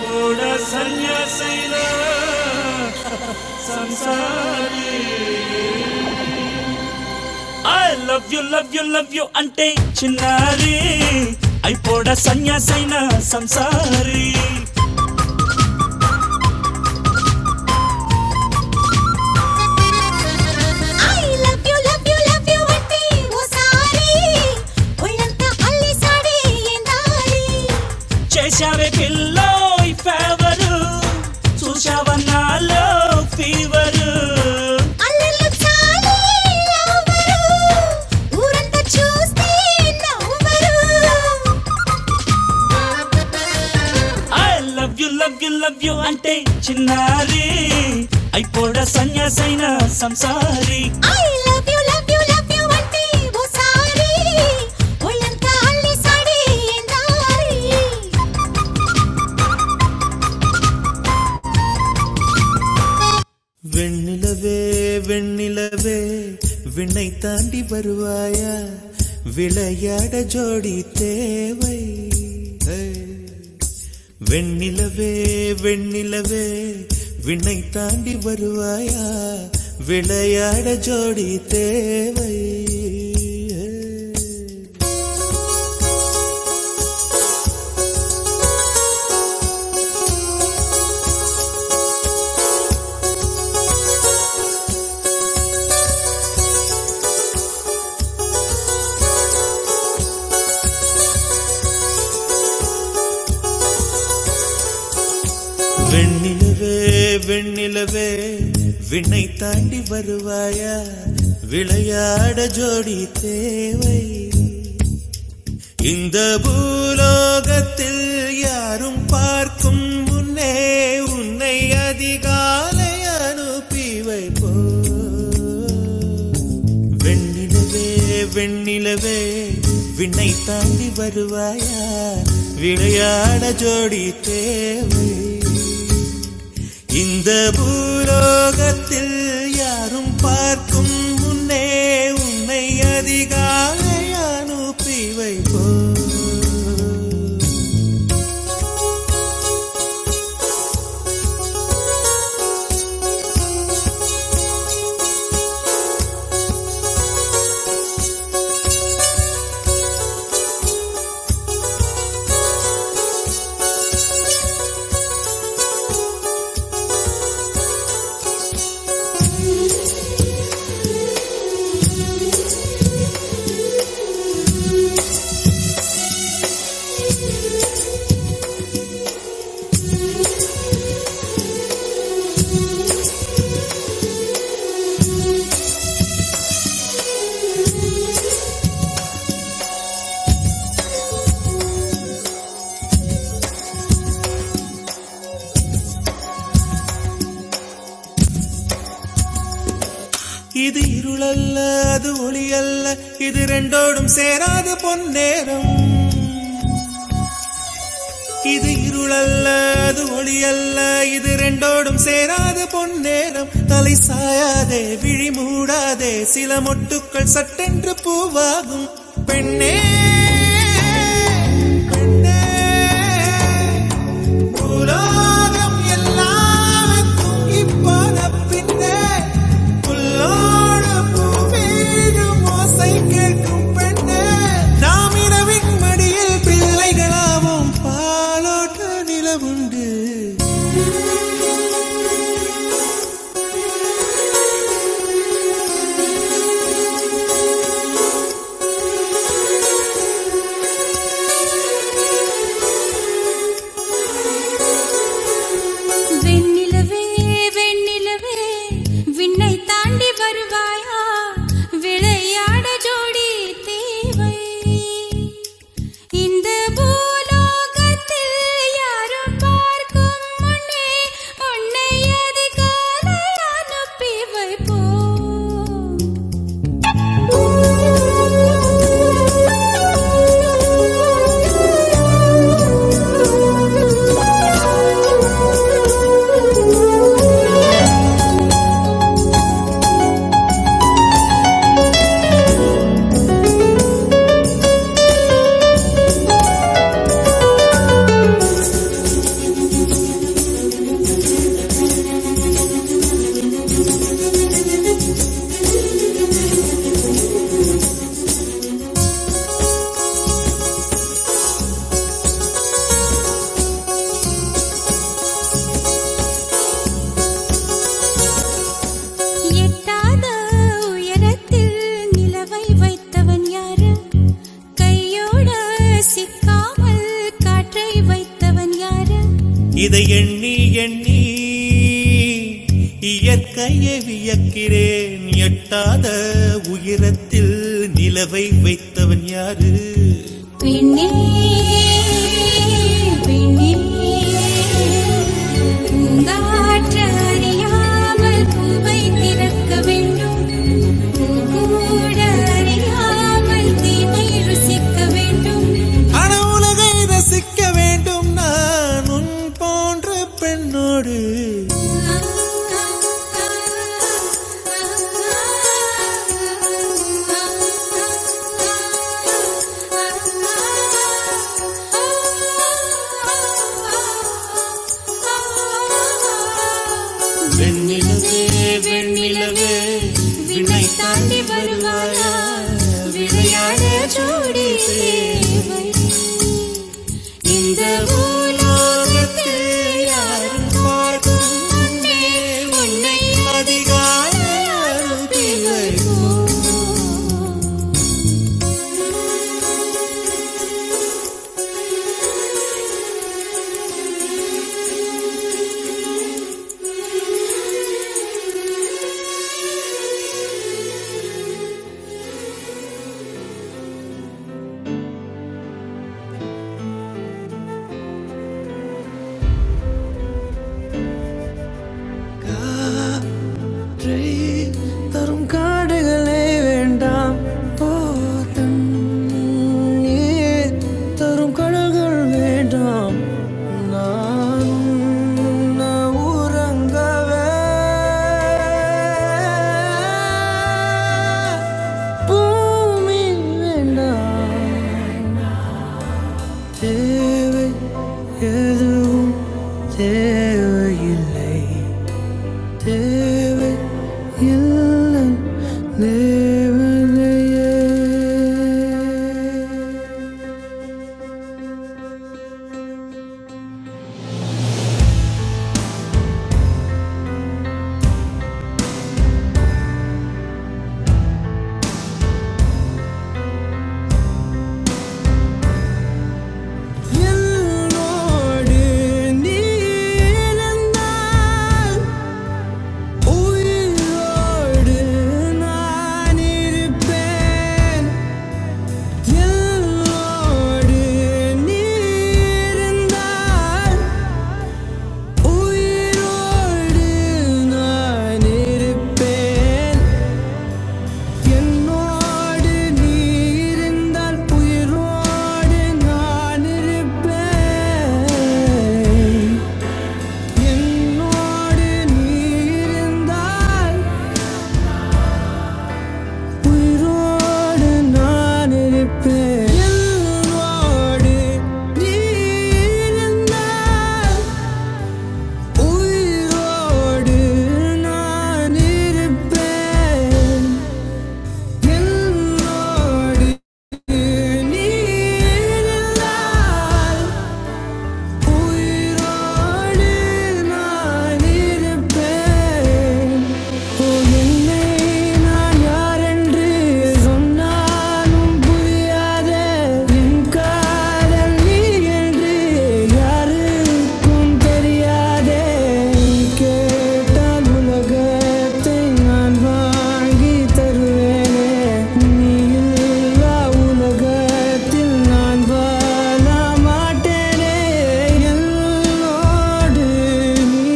కూడా సన్యాసైనా love you love you love you చాలి అయిపోడ సన్యాసైన సమీ I love you love you love you అంటే ఓసారి ఒళ్ళంతా అల్లేసాడే ఏందాలి లో ఫేవరు చూసావన్నాలో ఫీవరు అల్లెళ్ళు చాలి లవ్వరు ఊరంతా చూస్తే నవ్వరు I love you love you love you అంటే చిన్నారి అయిపోడ సన్యాసైన సంసారి I love you love you love you అంటే ఓసారి ఒళ్ళంతా అల్లేసాడే ఎందారి வெண்ணிலவே வெண்ணிலவே விண்ணை தாண்டி வருவாயா விளையாட ஜோடி தேவை Hey. வெண்ணிலவே வெண்ணிலவே விண்ணை தாண்டி வருவாயா விளையாட ஜோடி தேவை வெண்ணிலவே வெண்ணிலவே விண்ணை தாண்டி வருவாயா விளையாட ஜோடி தேவை இந்த பூலோகத்தில் யாரும் பார்க்கும் முன்னே உன்னை அதிகாலை அனுப்பி வைப்போ வெண்ணிலவே வெண்ணிலவே விண்ணை தாண்டி வருவாயா விளையாட ஜோடி தேவை இந்த பூலோகத்தில் யாரும் பார்க்கும் முன்னே உன்னை அதிகாலை அனுப்பி வைப்போ இது இருளல்ல அது ஒளியல்ல இது ரெண்டோடும் சேராது பொன்னேரம் இது இருளல்ல அது ஒளியல்ல இது ரெண்டோடும் சேராது பொன்னேரம் தலை சாயாதே விழி மூடாதே சில மொட்டுக்கள் சட்டென்று பூவாகும் பெண்ணே பெண்ணே உலோகம் எல்லாருக்கும் இப்போது பின்னே புல்லோடு பூமியிலும் ஓசை கேட்கும் பெண்ணே நாம் இரவின் மடியில் பிள்ளைகளாவும் பாலோட்ட நிலவுண்டு வெண்ணிலவே வெண்ணிலவே விண்ணை தாண்டி வருவாயா விளையாட ஜோடி தேவை இந்த பூலோகத்தில் யாரும் பார்க்கும் முன்னே உன்னை அதிகாலை அனுப்பி வைப்போம் எட்டாத உயரத்தில் நிலவை வைத்தவன் யாரு கையோட சிக்காமல் காற்றை வைத்தவன் யாரு இதை எண்ணி இயற்கையை வியக்கிறேன் எட்டாத உயரத்தில் நிலவை வைத்தவன் யாரு விண்ணே விண்ணே உங்காற்று அறியாமல் பூவை திறக்க வேண்டும் கூட அறியாமல் தீமை ருசிக்க வேண்டும் அன உலகை ரசிக்க வேண்டும் நான் உன் போன்ற பெண்ணோடு வெண்ணிலவே வெண்ணிலவே வினை தாண்டி வருவாயா விளையாட ஜோடி தேவை இந்த பூலோகத்தில் யாரும் பார்க்கும் முன்னே உன்னை அதிகாலை அனுப்பிவர் ஒன்றை தரும் காடுகளே வேண்டாம் போதும் நீர் தரும் கடல்கள் வேண்டாம் நான் உன்னை உறங்கவே பூமி வேண்டாம் தேவை எதுவும் தேவையில்லை தேவை இல்லை தேவனையே என்னோடு நீ இருந்தால் உயிரோடு நான் இருப்பேன். என்னோடு நீ இருந்தால் உயிரோடு நான் இருப்பேன். என்னோடு நீ இருந்தால் உயிரோடு நான் இருப்பேன். என்னோடு நீ இருந்தால் உயிரோடு நான் இருப்பேன். என்னோடு நீ இருந்தால் உயிரோடு நான் இருப்பேன். என்னோடு நீ இருந்தால் உயிரோடு நான் இருப்பேன். இப்போ என்னை நான் யாரென்று சொன்னாலும் புரியாத என் காதல் நீ என்று யாருக்கும் தெரியாதே நீ கேட்டால் உலகத்தை நான் வாங்கி தருவேனே நீ இல்லா உலகத்தில் நான் வாழ மாட்டேனே என்னோடு நீ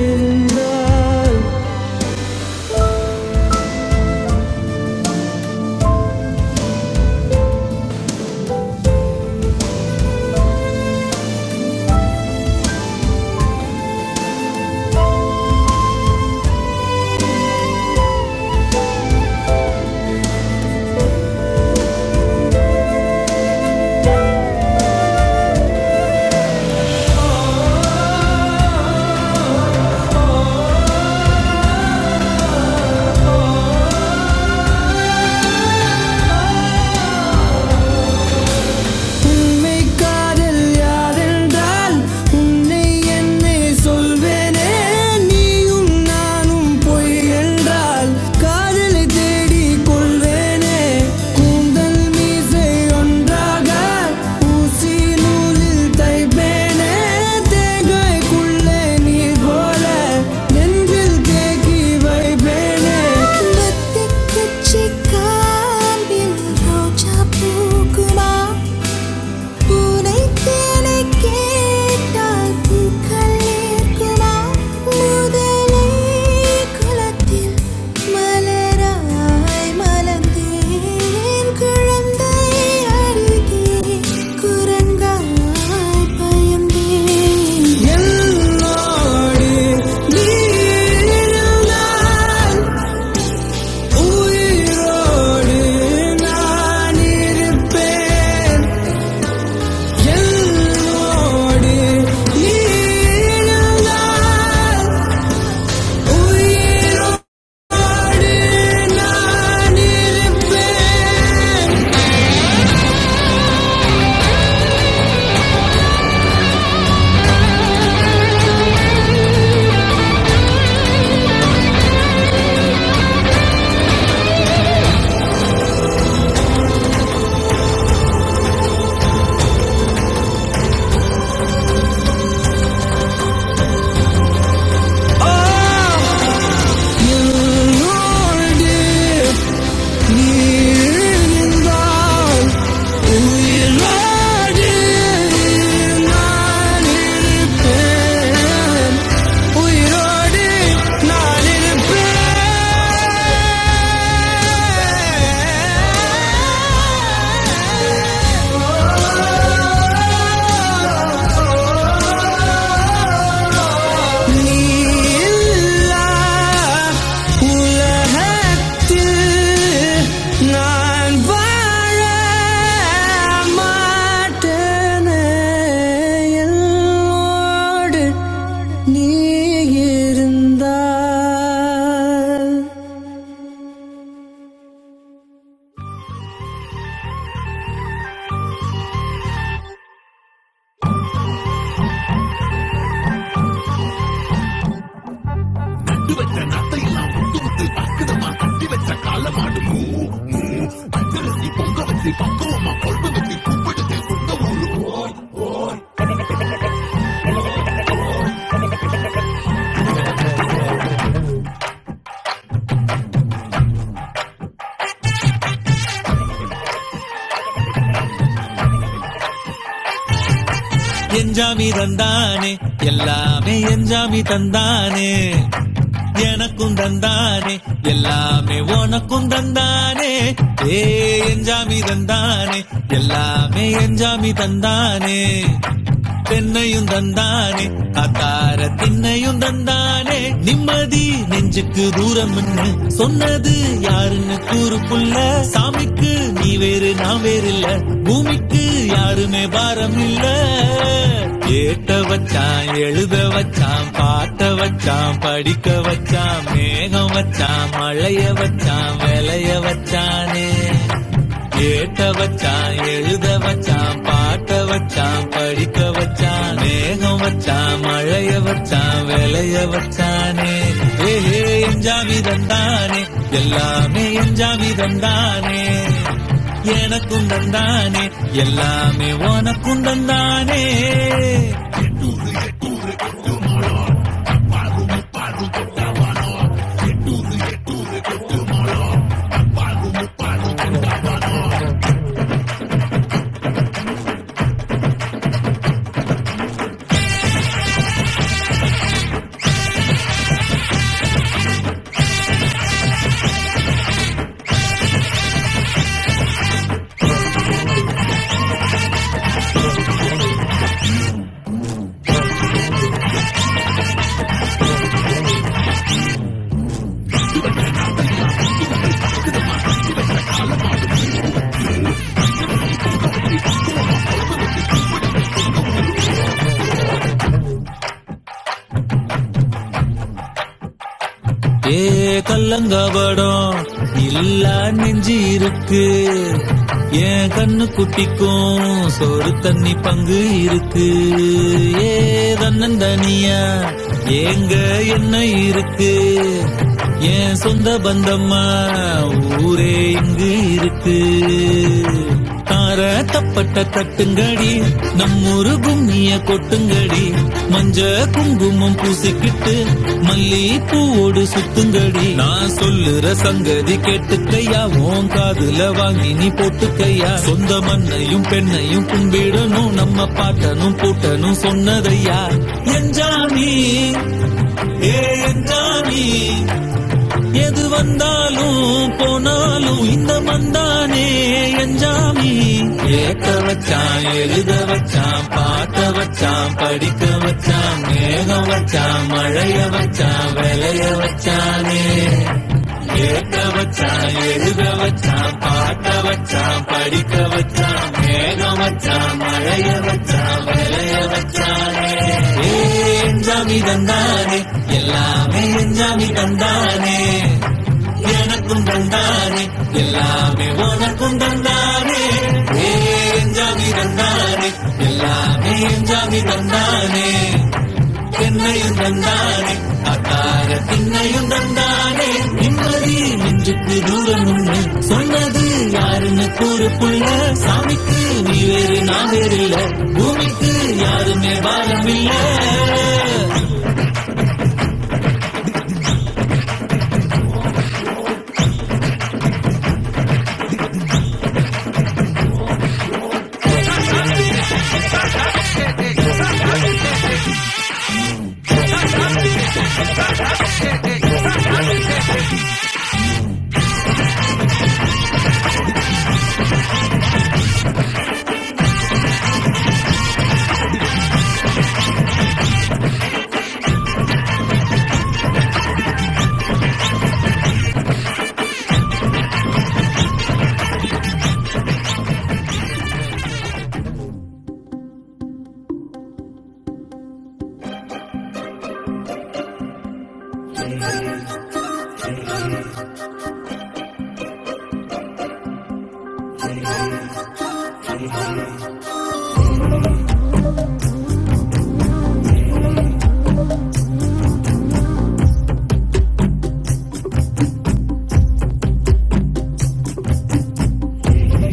இருந்தால் உண்மை காதல் யாரென்றால் உன்னை என்னை சொல்வேனே நீயும் நானும் பொய் என்றால் காதலை தேடி கொள்வேனே கூந்தல் மீசை ஒன்றாக ஊசி நூலில் தைப்பேனே தேங்காய்க்குள்ளே நீர் போல நெஞ்சில் தேக்கி வைப்பேனே உயிரோடு நான் இருப்பேன் என்னோடு நீ இருந்தால் உயிரோடு நிற்பேன். ஓ, என்னோடு நீ இருந்தால் உயிரோடு நான் இருப்பேன். உயிரோடு நான் இருப்பேன் நீ இல்லா உலகத்தில் நான் வாழ மாட்டேனே. என்னோடு நீ இருந்தால் எஞ்சாமி தந்தானே எல்லாமே எஞ்சாமி தந்தானே எனக்கும் தந்தானே எல்லாமே உனக்கும் தந்தானே ஏ எஞ்சாமி தந்தானே எல்லாமே எஞ்சாமி தந்தானே பெண்ணையும் தந்தானே அத்தார திண்ணையும் தந்தானே நின்னே நிம்மதி நெஞ்சுக்கு தூரம் என்ன சொன்னது யாருன்னு கூறுப்புள்ள சாமிக்கு நீ வேறு நான் வேறு இல்ல பூமிக்கு யாருமே பாரம் இல்ல ஏத்த வச்சான் எழுத வச்சான் பாட்ட வச்சான் படிக்க வச்சான் மேகம் வச்சான் மழைய வச்சான் விளைய வச்சானே ஏட்ட வச்சான் எழுத வச்சான் வச்சான் பாட்ட வச்சான் படிக்க வச்சான் மேகம் வச்சான் மழைய வச்சான் விளைய வச்சானே ஏஹே எஞ்சாமி தந்தானே எல்லாமே எஞ்சாமி தந்தானே எனக்கும் தந்தானே எல்லாமே உனக்கும் தந்தானே ஏ கல்லங்கவடம் இல்லா நெஞ்சு இருக்கு என் கண்ணு குட்டிக்கும் சோறு தண்ணி பங்கு இருக்கு ஏ தன்னன் தனியா ஏங்க என்ன இருக்கு என் சொந்த பந்தம்மா ஊரே இங்கு இருக்கு தார தப்பட்ட தட்டுங்கடி நம்மூரு கும்மிய கொட்டுங்கடி மஞ்ச குங்குமம் பூசிக்கிட்டு மல்லி பூவோடு சுத்துங்கடி நான் சொல்லுற சங்கதி கேட்டுக்கையா உன் காதுல வாங்கி நீ போட்டுக்கையா சொந்த மண்ணையும் பெண்ணையும் கும்பிடணும் நம்ம பாட்டனும் பூட்டனும் சொன்னதையா என் ஜானி ஏ என் ஜானி எது வந்தாலும் போனாலும் இந்த மந்தானே எஞ்சாமி ஏத்த வச்சான் எழுத வச்சான் பாட்ட வச்சான் படிக்க வச்சான் மேகம் வச்சான் மழைய வச்சான் விளைய வச்சானே ஏத்த வச்சான் எழுத வச்சான் பாட்ட வச்சான் படிக்க வச்சான் மேகம் வச்சான் வச்சே எஞ்சானே எல்லாமே எஞ்சாமி தந்தானே எனக்கும் தந்தாரே எல்லாமே உனக்கும் தந்தாரே ஏஞ்சாமி தந்தாரே எல்லாமே ஏஞ்சாமி தந்தானே என்னையும் தந்தாரே என்னையும் தந்தாய் நிம்மதி நெஞ்சுக்கு தூரம் உண்டு சொன்னது யாருன்னு கூறு புள்ள சாமிக்கு நீ வேறு நான் வேறு இல்ல பூமிக்கு யாருமே பாரம் இல்ல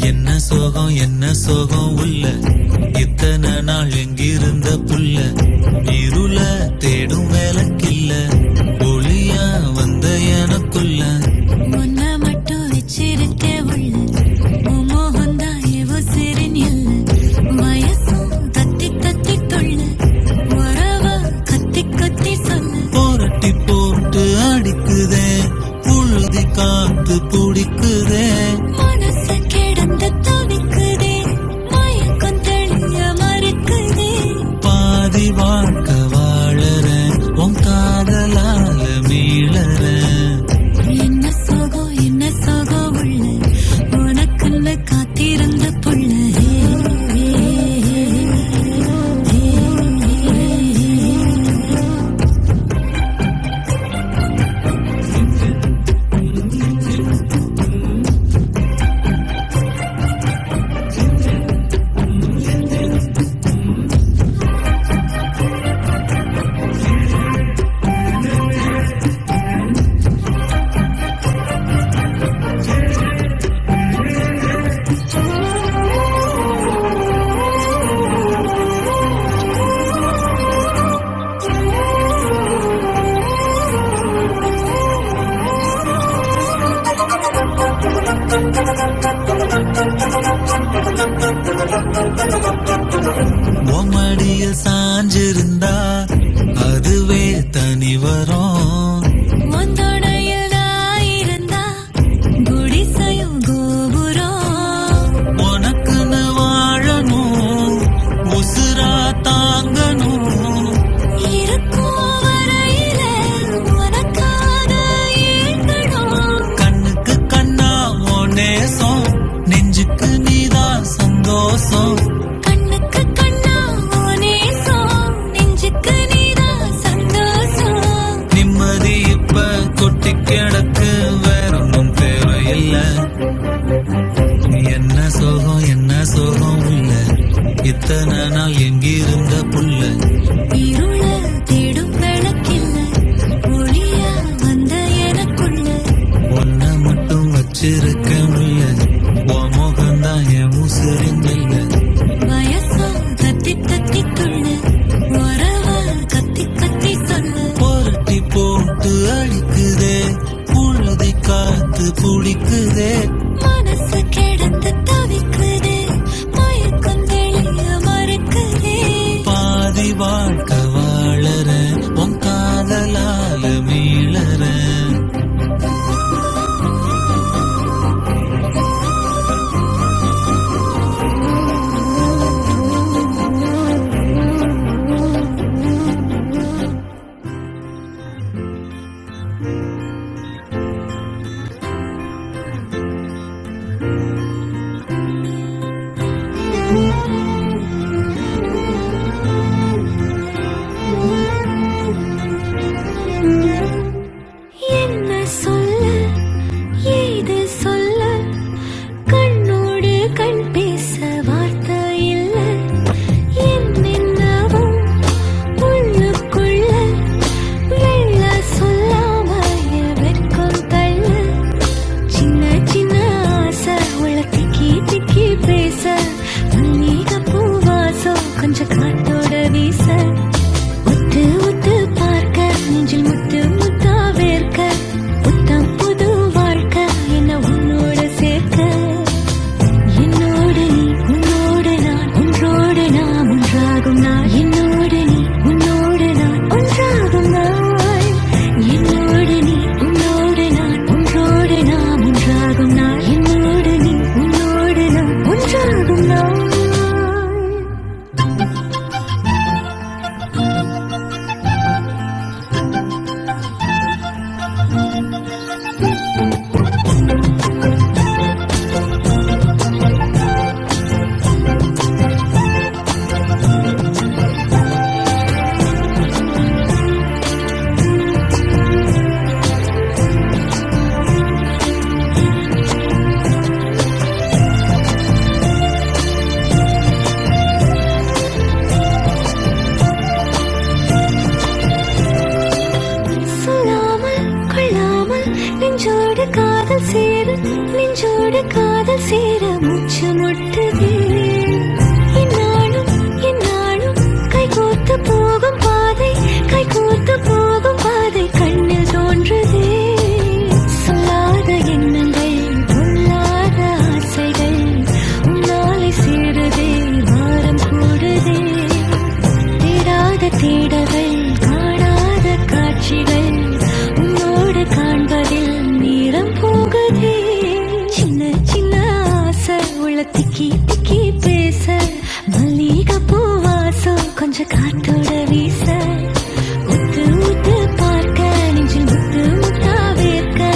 என்ன சோகம் என்ன சோகம் உள்ள இத்தனை நாள் எங்கிருந்த புல்ல இருள தேடும் விளக்கில்ல ஒளியா வந்த எனக்குள்ள முன்ன மட்டும் வச்சிருக்க உள்ள மோகந்தான் எவ சிறின் இல்ல வயசும் தத்தி தத்தி தொள்ள உறவ கத்தி கத்தி சொல்ல புரட்டி போட்டு அடிக்குதே புழுதி காத்து பிடிக்குதே மனசு கிடந்து தவிக்குதே மயக்கம் தெளிய மறுக்குதே பாதி வாழ்க்க வாழற உன் காதலால மீளற என்ன சோகம் என்ன சோகம் உள்ள உனக்குள்ள காத்திருந்த புள்ள உன் மடியில் சாஞ்சிருந்தா அதுவே தனி வரும் உனக்குன்னு வாழணும் உசுரா தாங்கணும் இருக்கும் வரையில உனக்காக ஏங்கணும் கண்ணுக்கு கண்ணா ஓ நேசம் நெஞ்சுக்கு நீதான் சந்தோஷம் கண்ணுக்கு கண்ணா உனேசம் நெஞ்சுக்கு நீதான் சந்தோஷம் நிம்மதி இப்ப கொட்டி கிடக்கு வேறொன்னும் தேவையில்லை என்ன சோகம் என்ன சோகம் உள்ள இத்தனை நாள் எங்கிருந்த புள்ள இருள தேடும் விளக்கில்ல ஒளியா வந்த எனக்குள்ள ஒன்ன மட்டும் வச்சிருக்க முல்ல உன் முகம்தான் என் உசுரின் நெல்லு. வயசா கத்தி கத்தி துள்ள உறவா கத்தி கத்தி சொல்ல புரட்டி போட்டு அழிக்குதே புழுதி காத்து புடிக்குதே மனசு கிடந்து தவிக்குது மயக்கம் தெரி பாதி வாழ்க்கை வாழற உன் காதலால மீளற என்ன சொல்ல ஏது சொல்ல கண்ணோடு கண் பேச வார்த்தை இல்ல என்னென்னவும் உள்ளுக்குள்ள வெள்ள சொல்லாம வெட்கம் தள்ள சின்ன சின்ன ஆசை உள்ள திக்கி திக்கி பேச மல்லிக பூவாசம் கொஞ்சம் காத்தோட வீச ஒத்து ஒத்து பார்க்க நெஞ்சில் முத்து முத்தா வேர்க்க புத்தம் புது வாழ்க்கை என்ன உன்னோட சேர்க்க என்னோடு நீ உன்னோடு நான் ஒன்றோடு நாம் ஒன்றாகும் நாள் என்னோடு நீ உன்னோடு நான் ஒன்றாகும் நாள் என்னோடு நீ உன்னோடு நான் ஒன்றோடு நாம் ஒன்றாகும் நாள் என்னோடு நீ உன்னோடு நான் ஒன்றாகும் நாள் சொல்லாமல் கொள்ளாமல் நெஞ்சோடு காதல் சேர நெஞ்சோடு காதல் சேர மூச்சு முட்டுதே இந்நாளும் இந்நாளும் கைகோத்து போகும் பாதை கைகோத்து போகும் பாதை கண்ணில் தோன்றுதே சொல்லாத எண்ணங்கள் பொல்லாத ஆசைகள் உன்னாலே சேருதே வாரம் கூடுதே தேடாத தேடல்கள் காணாத காட்சிகள் உன்னோடு காண்பதில் நேரம் போகுதே சின்ன சின்ன ஆசை உள்ள திக்கி திக்கி பேச மல்லிகை பூ வாசம் கொஞ்சம் காத்தோட வீச ஒத்து ஒத்து பார்க்க நெஞ்சில் முத்து முத்தா வேர்க்க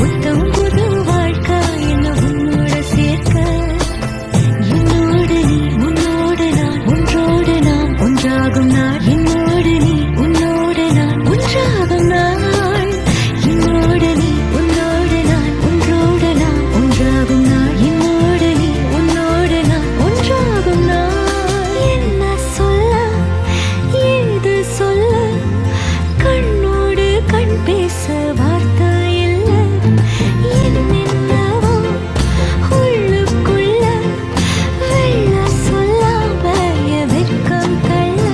புத்தம் புது வாழ்க்கை என்ன உன்னோட சேர்க்க என்னோடு நீ உன்னோடு நான் ஒன்றோடு நாம் ஒன்றாகும் நாள் என்னோடு நீ உன்னோடு நான் ஒன்றாகும் நாள் என்னோடு நீ உன்னோடு நான் ஒன்றோடு நாம் ஒன்றாகும் நாள் என்னோடு நீ உன்னோடு நான் ஒன்றாகும் நாள் என்ன சொல்ல ஏது சொல்ல கண்ணோடு கண் பேச வார்த்தை இல்லை என்னென்னவோ உள்ளுக்குள்ள வெள்ள சொல்லாம என் வெட்கம் தள்ள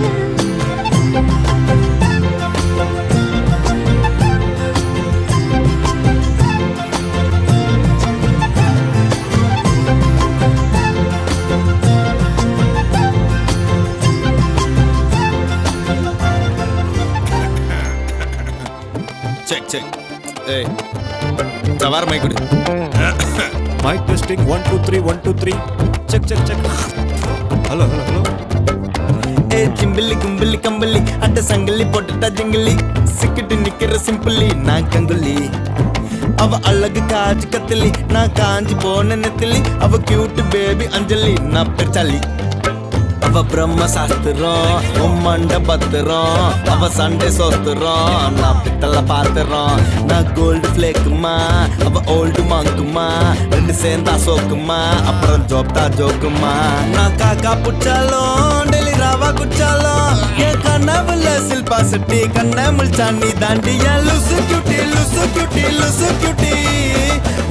mic testing one two three one two three போட்டுட்டு கிம்பிள்ளி கும்பிள்ளி கம்பிள்ளி அட்ட சங்கிலி போட்டுட்டா ஜங்கிலி சிக்கிட்டு நிக்கிற சிம்பிளி நான் கங்குலி அவ அழகு காஜு கத்திலி நான் காஞ்சி போன நெத்திலி அவ கியூட் பேபி அஞ்சலி நான் பெருச்சாலி அவ பிரம்ம சாஸ்திரம் உன் மண்ட பத்திரம் அவ சண்டை சோத்துறோம் நான் பித்தல பாத்துறோம் நான் கோல்டு ஃபிளேக்குமா அவ ஓல்டு மாங்குமா ரெண்டு சேர்ந்தா சோக்குமா அப்புறம் ஜோப்தா ஜோக்குமா நான் காக்கா புச்சாலும் டெல்லி ராவா குச்சாலும் என் கனவுல சில்பா சிட்டி கண்ணை முழிச்சாண்டி தாண்டி என் லுசு கியூட்டி லுசு கியூட்டி லுசு கியூட்டி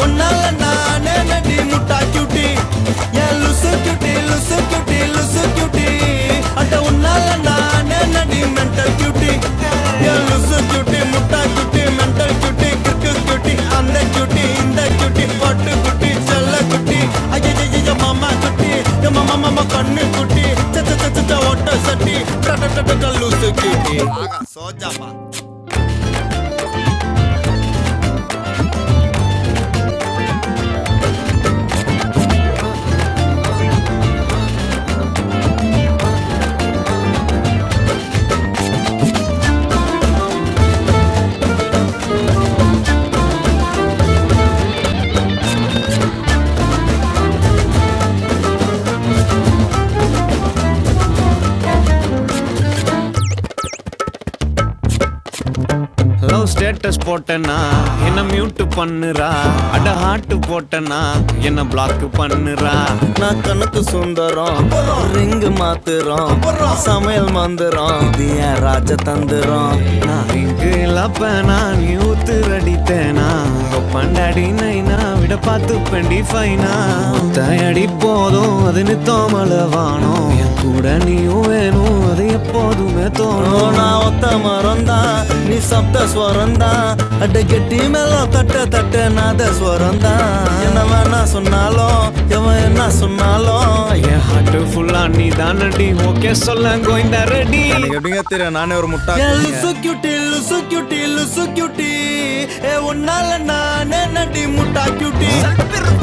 உன்னால நானே நடி முட்டா கியூட்டி என் லுசு கியூட்டி லுசு கியூட்டி கியூட்டி லுசு கியூட்டி அட உன்னால நானே நடி மென்டல் கியூட்டி என் லுசு கியூட்டி முட்டா கியூட்டி மென்டல் கியூட்டி கிற்கு கியூட்டி அந்த கியூட்டி இந்த கியூட்டி பட்டு குட்டி செல்ல குட்டி ஐயோ லவ் ஸ்டேட்டஸ் போட்டேன்னா என்ன மியூட் பண்ணுறா அட ஹார்ட் போட்டேன்னா என்ன பிளாக் பண்ணுறா நான் கணக்கு சுந்தரம் ரிங்கு மாத்துறோம் சமையல் மந்திரம் இது என் ராஜ தந்திரம் நான் இங்கு இல்லப்பேனா நீ ஊத்து அடித்தேனா பண்டாடி நைனா விட பார்த்து பெண்டி ஃபைனா தயடி போதும் அது நித்தோமளவா வானம் என் கூட நீயும் வேணும் அது எப்போதுமே தோணும் நான் ஒத்த மரம்தான் நீ சப்த ஸ்வரம்தான் அட கெட்டி மேல தட்ட தட்ட நாத ஸ்வரம்தான் என்ன வேணா சொன்னாலும் எவன் என்ன சொன்னாலும் என் ஹார்ட் ஃபுல்லா நீ தானடி ஓகே சொல்ல கோயிந்தா ரெடி எனக்கு எப்படிங்க தெரியும் நானே ஒரு முட்டா லுசு கியூட்டி லுசு கியூட்டி லுசு கியூட்டி ஏ உன்னால நானே நடி முட்டா குட்டி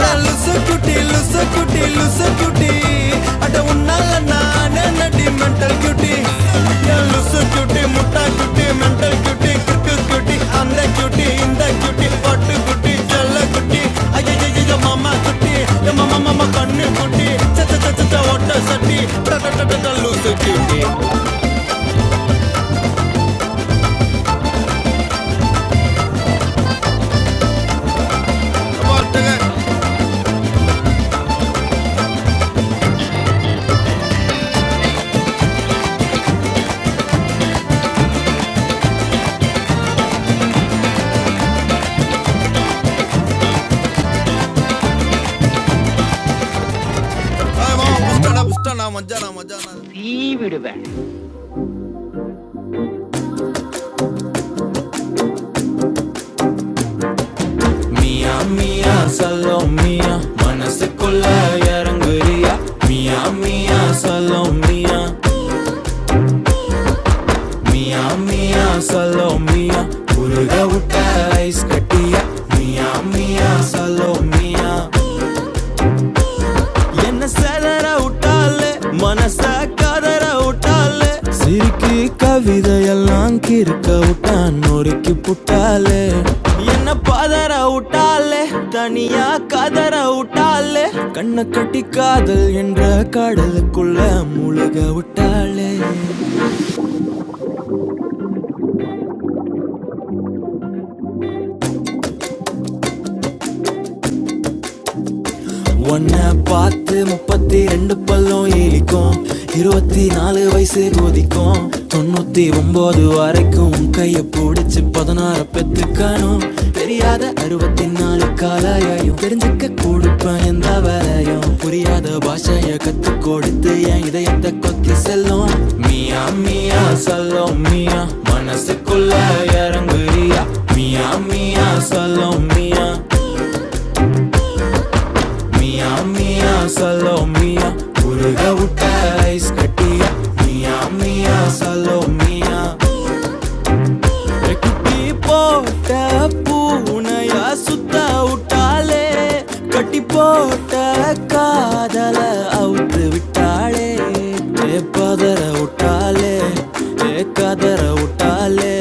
நான் லுசு குட்டி லுசு குட்டி லுசு குட்டி அட உன்னால நானே நடி மென்டல் குட்டி நான் லுசு குட்டி முட்டா குட்டி மென்டல் குட்டி குக்கு குட்டி அந்த குட்டி இந்த குட்டி பட்டு குட்டி செல்ல குட்டி ஐயோ மாமா குட்டி ஏ மாமா மாமா கண்ணு குட்டி சச்ச சச்ச சச்ச ஒட்ட சட்டி பிரட லுசு குட்டி பாட்டுங்க. ஆ, மாமா, புஷ்டாடா, புஷ்டாடா, மச்சானா, மச்சானா. மியா மியா சலோ மியா மனசுக்குள்ள இறங்குறியா மியா மியா சலோ மியா மியா மியா சலோ மியா உருக விட்ட ஐஸ் கட்டியா மியா மியா சலோ மியா என்ன சதற விட்டாலே மனச கதற விட்டாலே சிரிக்கு கவிதையெல்லாம் கிறுக்க விட்டான் நொறுக்கி புட்டாலே என்ன பதற விட்டாலே தனியா கதற விட்டாலே கண்ணை கட்டி காதல் என்ற கடலுக்குள்ள முழுக விட்டாலே உன்னை பார்த்து முப்பத்தி ரெண்டு பல்லும் இழிக்கும் இருபத்தி நாலு வயசு கொதிக்கும் தொண்ணூத்தி ஒன்பது வரைக்கும் உன் கைய பிடிச்சு பதினாறு பெத்துக்கணும் தெரியாத அறுபத்தி நாலு காலாயும் தெரிஞ்சுக்க கொடுப்பேன் எந்த வேலையும் புரியாத பாஷைய கத்து கொடுத்து என் இதயத்தை கொத்தி செல்லும் மியா மியா சொல்லும் மியா மனசுக்குள்ள இறங்குறியா மியா மியா சொல்லும் மியா மியா மியா சலோ மியா உருக விட்ட ஐஸ் கட்டியா மியா மியா சலோ மியா குட்டி போட்ட பூனையா சுத்த விட்டாளே கட்டி போட்ட காதல அவுத்து விட்டாளே ஏ பதற விட்டாளே ஏ கதற விட்டாளே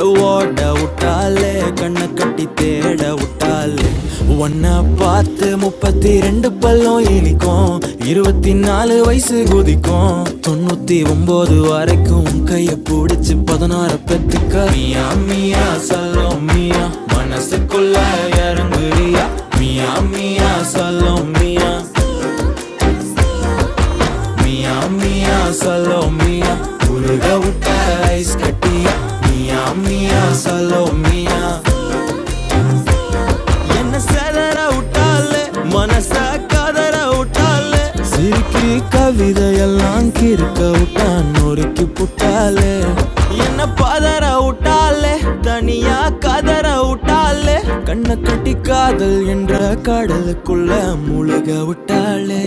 ஏ ஓட விட்டாளே கண்ணை கட்டி தேட விட்டாளே காலு. உன்னை பார்த்து முப்பத்தி ரெண்டு பல்லும் இனிக்கும் இருபத்தி நாலு வயசு குதிக்கும் தொண்ணூத்தி ஒன்பது வரைக்கும் உன் கைய பிடிச்சு பதினாறு பெத்துக்க மியா மியா சல்லோ மியா மனசுக்குள்ள இறங்குறியா மியா மியா சல்லோ மியா மியா மியா சல்லோ மியா உருக விட்ட ஐஸ் கட்டியா மியா மியா சல்லோ மியா என்ன செதற விட்டாலே மனச கதற விட்டாலே சிரிக்கி கவிதையெல்லாம் கிறுக்க விட்டான் நொறுக்கி புட்டாலே என்ன பதற விட்டாலே தனியா கதற விட்டாலே கண்ணை கட்டி காதல் என்ற கடலுக்குள்ள முழுக விட்டாலே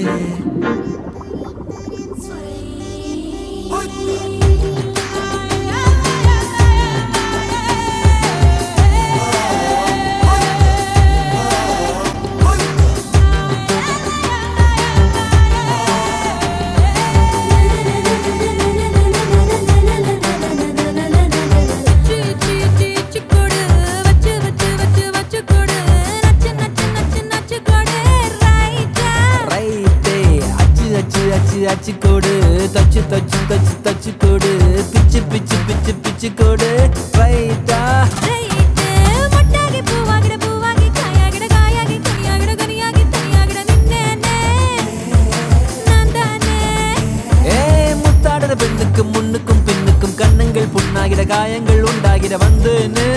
ரைட்டே அச்சு அச்சு அச்சு அச்சு கோடு தச்சு தச்சு தச்சு தச்சு கோடு பிச்சு பிச்சு பிச்சு பிச்சு கோடு ரைட்டா ரைட்டு மொட்டாகி பூவாகிட பூவாகி காயாகிட காயாகி கனியாகிட கனியாகி தனியாகிட நின்னேனே நான் தானே ஏ முத்தாடுற பெண்ணுக்கும் முன்னுக்கும் பின்னுக்கும் கண்ணுங்கள் புண்ணாகிட காயங்கள் உண்டாகிட வந்தேனே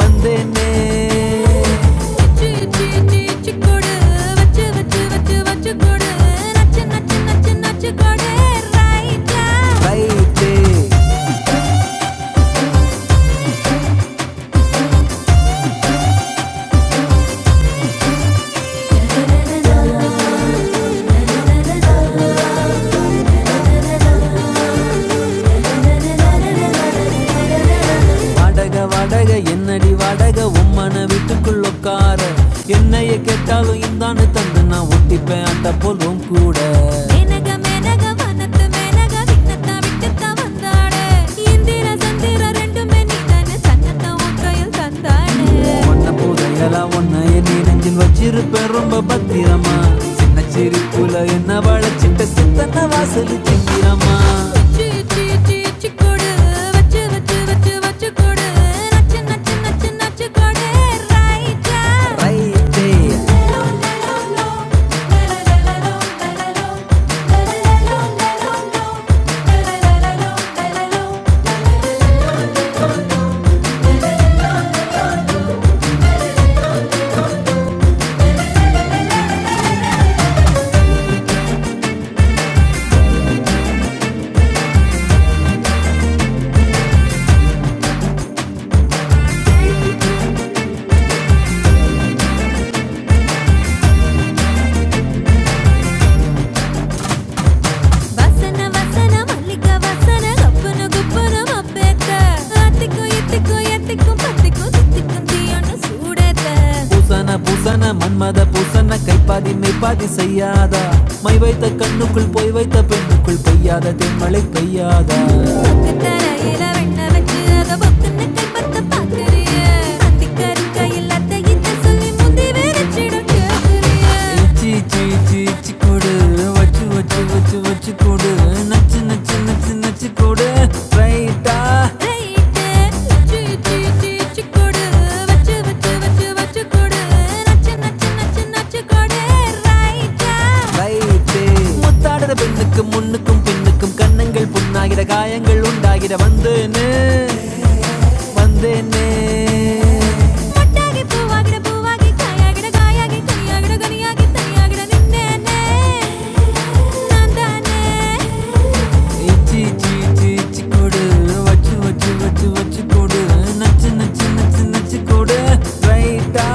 வந்தேனே சி, சி, சி, சி, சின்ன, சின்ன, சின்ன. ரைட்டு வாடக வாடக என்னடி வாடக உம்மன வீட்டுக்குள்ள உட்கார என்னைய கேட்டாலும் இந்தான்னு தந்து நான் ஒட்டிப்பேன் அந்த போலும் கூட மேனக மேனக வனத்து மேனக விண்ணத்தா விக்கத்தா வந்தாடு இந்திர சந்திர ரெண்டுமே நீதானே சன்னத்தா உக்கையில் தந்தாடு ஒன்ன புதையலாம் ஒன்ன என்னை நெஞ்சில் வச்சிருப்பேன் ரொம்ப பத்திரமா சின்ன சிரிப்புல என்ன வளைச்சிட்ட சித்தன வாசல் சிங்கிறமா வச்சு வச்சு வச்சு வச்சு வச்சு நச்சு நச்சு நச்சு நச்சு கொடே ரைட்டா ரைட்டு வசன வசன மல்லிக வசன கப்புனு குப்புனு மப்பேத்த அத்திக்கும் இத்திக்கும் எத்திக்கும் பத்திக்கும் சுத்திக்கும் தீயொன்னு சூடேத்த பூசன பூசன மன்மத பூசன கைப்பாதி மெய்ப்பாதி செய்யாதா மை வைத்த கண்ணுக்குள் போய் வைத்த பெண்ணுக்குள் பெய்யாத தென்மழை பெய்யாதா சொக்கு தரையில வெண்ண வச்சு அத பொத்துன்னு கல்பத்த பாக்குறிய சந்திக்கருக்க இல்லாத இத சொல்லி முந்தி வெறிச்சிடும் கேக்குறிய இச்சி இச்சி இச்சி இச்சி கொடு வச்சு வச்சு வச்சு வச்சு கொடு நச்சு நச்சு நச்சு நச்சு கொடு ரைட்டா ரைட்டு சீ சீ சீ சீ கொடு வச்சு வச்சு வச்சு வச்சு கொடு நச்சு நச்சு நச்சு நச்சு கொடு ரைட்டா ரைட்டு முத்தாடுற பெண்ணுக்கு முன்னுக்கும் பின்னுக்கும் கண்ணங்கள் புண்ணாகிற காயங்கள் உண்டாகிற வந்தேன்னு வந்தேன்னு மொட்டாகி பூவாகிட பூவாகி காயாகிட காயாகி கனியாகிட கனியாகி தனியாகிட நின்னேனே நான் தானே இச்சி இச்சி இச்சி இச்சி கொடு வச்சு வச்சு வச்சு வச்சு கொடு நச்சு நச்சு நச்சு நச்சு கொடு ரைட்டா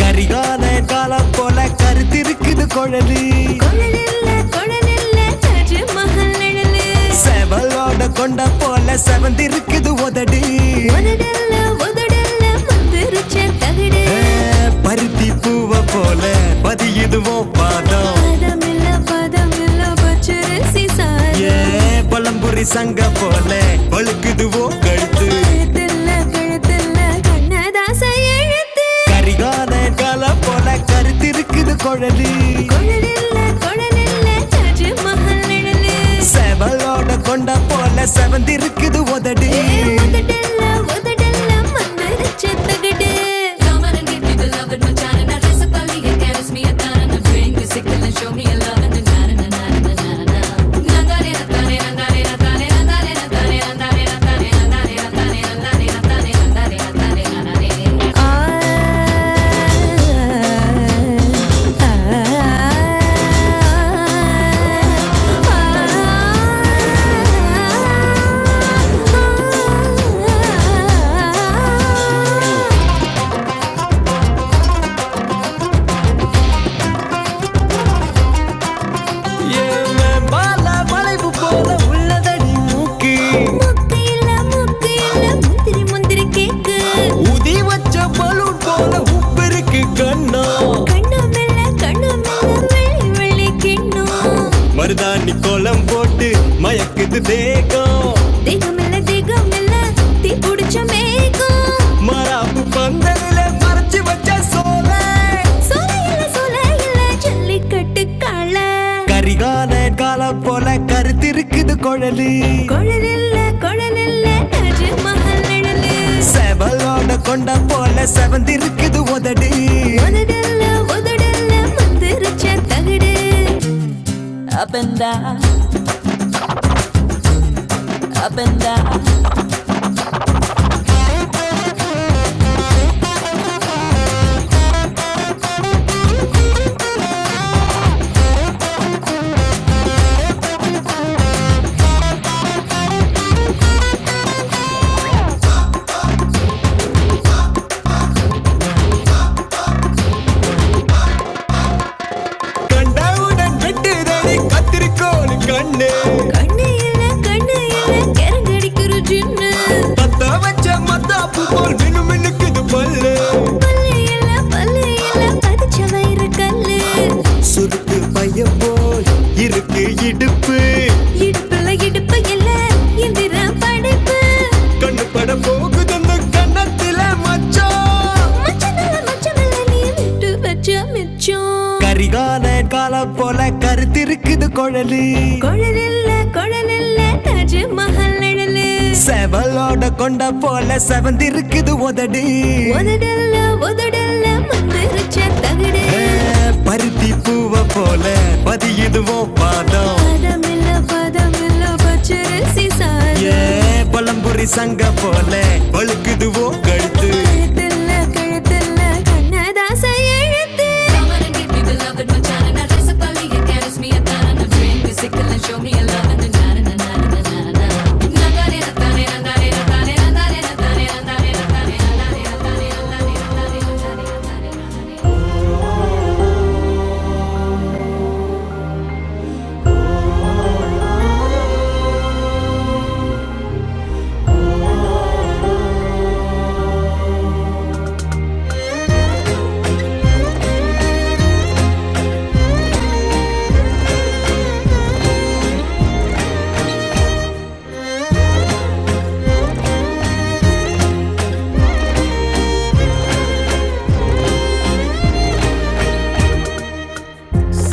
கரிகால காலம் போல கருத்திருக்குது குழலு கொழலில்ல, கொழலில்ல, தாஜ்மஹால் நிழலு. செவலோட கொண்ட போல செவந்திருக்குது உதடு உதடல்ல, உதடல்ல, மந்திரிச்ச தகடு. ஏ, பருத்தி பூவ போல பதியுதுவோ பாதம் பாதமில்ல, பாதமில்ல, பச்சரிசி சாறு. ஏ பழம்புரி சங்க போல வழுக்குதுவோ கழுத்து கழுத்தில்ல, கழுத்தில்ல, கண்ணதாச எழுத்து. கரிகான காலம் போல கருத்து இருக்குது குழலி குழலில்ல, குழலில்ல, தாஜ்மஹால் நிழலு. செவலோட கொண்ட போல செவந்திருக்குது உதடு ஏ, உதடல்ல, உதடல்ல, மண்ணரிச்ச தகடு. ஆ, ah, ah, ah, ah. வளைவு போல உள்ளதடி மூக்கு முக்கு இல்ல, முக்கு இல்ல, முந்திரி முந்திரி கேக்கு. உதி வச்ச பலூன் போல உப்பிருக்கு கண்ணா கண்ணும் இல்ல, கண்ணும் இல்ல, வெள்ளி வெள்ளி கிண்ணம். மருதாணி கோலம் போட்டு மயக்குது தேகம் தேகம் இல்ல, தேகம் இல்ல, தீ பிடிச்ச மேகம். மராப்பு பங்கு சோல இல்ல சோல இல்ல ஜல்லிக்கட்டு களை கரிகால கால போல கருத்து இருக்குது குழலு குழல் இல்ல குழல் இல்ல தாஜ்மஹால் நிழலு சது உதய உதடல்ல உதடல்ல மந்திரச்ச தகடு up and down, up and down, கண்ணு இல்ல கண்ணு இல்ல கரங்கடிக்கிற ஜின்னு பத்த வச்ச மத்தாப்பு போல் மினு மினுக்குது பல்லு பல்லு இல்ல பல்லு இல்ல பதிச்ச வயிறு கல்லு சுருக்கு பைய போல் இருக்கு இடுப்பு இடுப்புல இடுப்பு இல்ல எந்திர படைப்பு கண்ணு பட போகுது அந்த கண்ணத்தில மச்ச மச்சமல்ல மச்சமல்ல நீ விட்டு வச்ச மிச்சம் கரிகால கால போல கருத்து இருக்குது குழலு குழலில்ல குழலில்ல தாஜ்மஹல் நிழலு செவலோட கொண்ட போல செவந்திருக்குது உதடு உதடல்ல உதடல்ல மந்திரிச்ச தகடு ஏ, பருத்தி பூவ போல பதியுதுவோ பாதம் பதமில்ல பதமில்ல பச்சரிசி சாதம் ஏ பழம்புரி சங்க போல ஒழுக்குதுவோ கழுத்து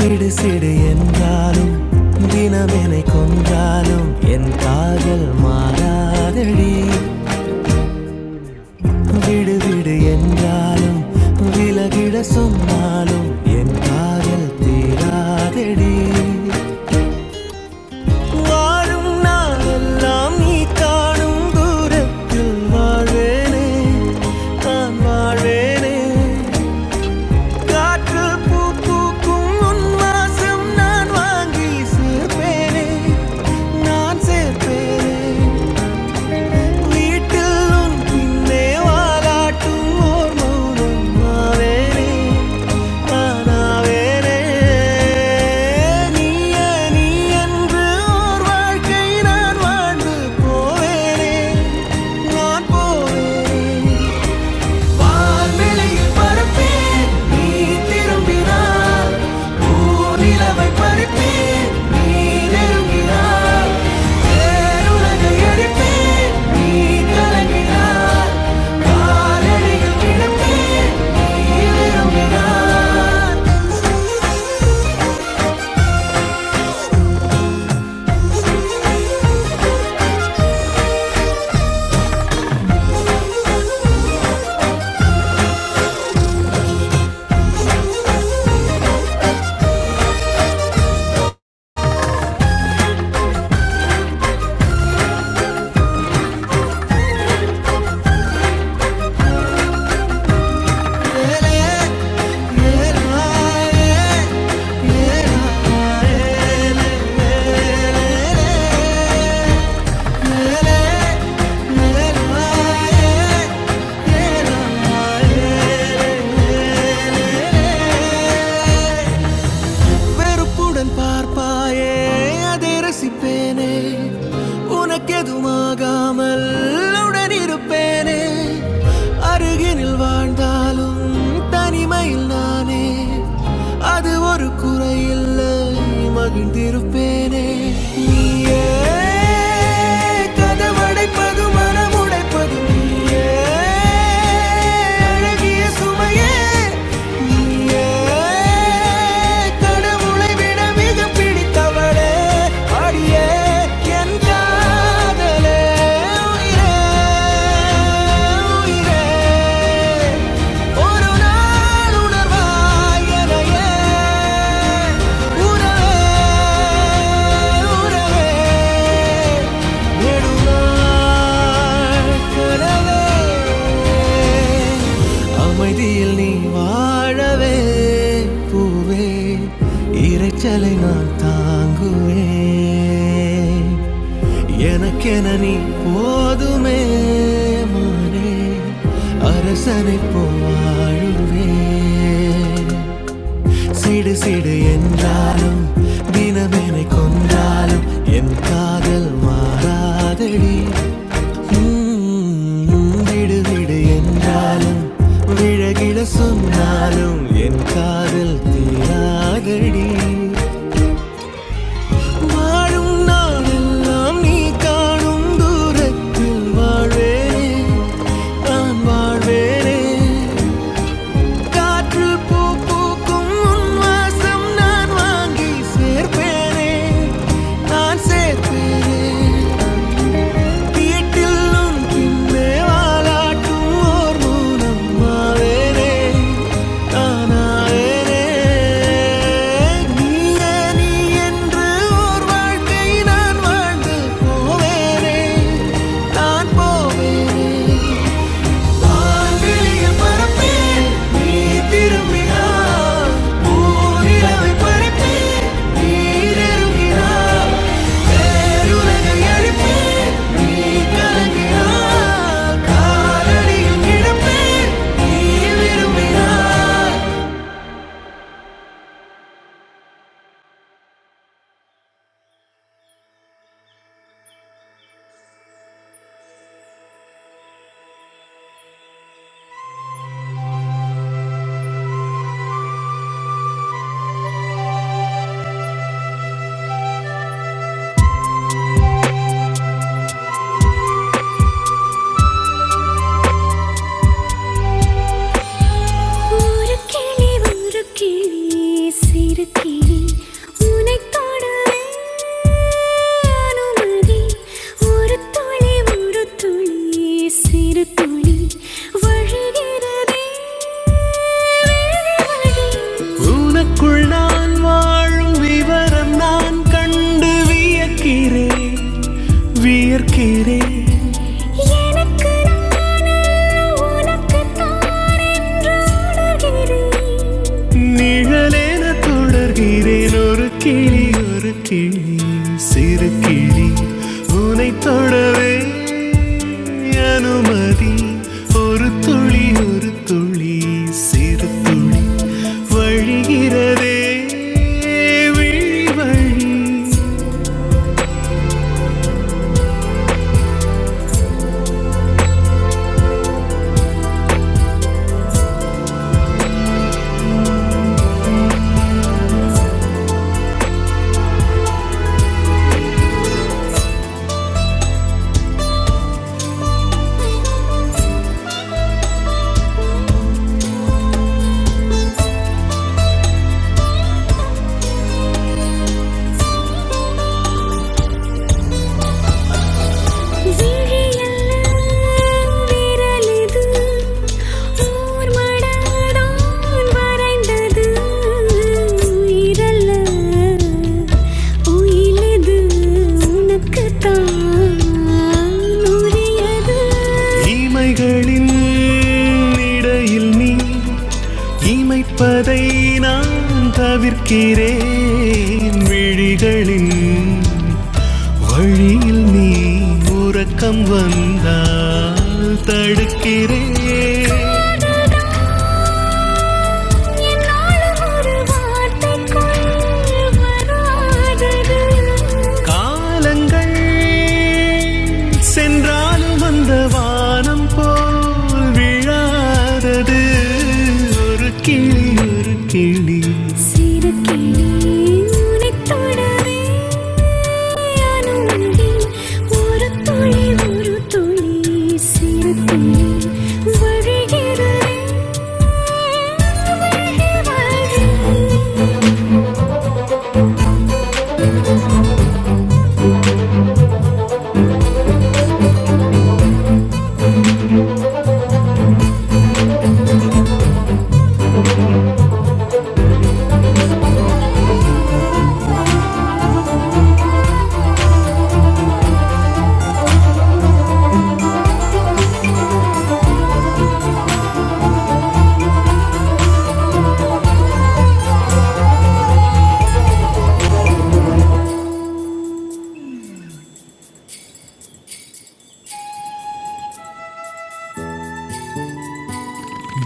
சிடு சிடு என்றாலும் தினமெனை கொன்றாலும் என் காதல் மாறாதடி. விடு விடு என்றாலும் விலகிட சொன்னாலும் என் காதல் தீராதடி வாழும் நாளெல்லாம் நீ காணும் தூரத்தில் வாழ்வேனே நான் வாழ்வேனே காற்றில் பூ பூக்கும் உன் வாசம் நான் வாங்கி சேர்ப்பேனே நான் சேர்ப்பேனே വീട്ടിൽ നിന്നെ വാലാട്ടും ഓർ മൗനം ആവേനെ താനാവേനെ നീയ നീ என்று ஓர் வாழ்க்கை நான் வாழ்ந்து போவேனே நான் போவேனே வான்வெளியில் பறப்பேன் நீ திரும்பினால் பூநிலவை பறிப்பேன் நீ நெருமலை வெறுப்புடன் பார்ப்பாயே அதை ரசிப்பேனே உனக்கெதுமாகாமல் உடன் இருப்பேனே அருகினில் வாழ்ந்தாலும் தனிமையில் நானே அது ஒரு குறையில்லை மகிழ்ந்திருப்பேனே நீயே கதவடைப்பது மனம் உடைப்பது நீயே அழகிய சுமையே கடவுளை விட மிக பிடித்தவளே அடியே என் காதலே உயிரே உயிரே ஒரு நாள் உணர்வாய் என்னையே உறவே உறவே நெடுநாள் கனவே அமைதியில் நீ வாழவே பூவே இரைச்சலை நான் தாங்குவேன் எனக்கென நீ போதுமே மானே அரசனை போவாழுவேன் சிடு சிடு என்றாலும் தினமெனை கொன்றாலும் என் காதல் மாறாதடி ம்ம். விடு விடு என்றாலும் விழகிட சொன்னாலும் என் காதல் தீராதடி வாழும் நாளெல்லாம் நீ காணும் தூரத்தில் வாழ்வேனே நான் வாழ்வேனே காற்று பூ பூக்கும் உன் வாசம் நான் வாங்கி சேர்ப்பேனே நான் சேர்ப்பேனே வீட்டில் உன் பின்னே வாலாட்டும் ஓர் மௌனம் மாவேனே தானாவேனே நீயே நீ என்று ஓர் வாழ்க்கை நான் வாழ்ந்து போவேனே நான் போவேனே வான்வெளியில் பறப்பேன், நீ திரும்பினாய். பூநிலவை பறப்பேன், நீர் இறங்கினாய். பேருலகை அழிப்பேன், நீ கலங்கினாய். காலடியில் கிடப்பேன், நீ விரும்பினாய். ஒரு கிளி ஒரு கிளி சிறு கிளி உனைத் தொட அனுமதி ஒரு துளி ஒரு துளி சிறு துளி வழிகிறதே வழி. எனக்கு நானல்ல, உனக்கு நான் என்று உணர்கிறேன். தொடர்கிறேன் ஒரு கிளி ஒரு கிளி சிறு கிளி உனை தொடவே அனுமதி ஒரு துளி ஒரு துளி சிறு துளி வழிகிறதே விழி வழி ஈமைகளின் இடையில் நீ இமைப்பதை நான் தவிர்க்கிறேன் விழிகளின் வழியில் நீ உறக்கம் வந்தால் தடுக்கிறேன் என்னாலும் ஒரு வார்த்தை கொண்டு வராதது காலங்கள் சென்றாலும் அந்த வானம் போல் விழாதது ஒரு கிளி ஒரு கிளி சிறு கிளி உனைத் தொடவே அனுமதில் ஒரு துளி ஒரு துளி சிறு துளி வழிகிறதே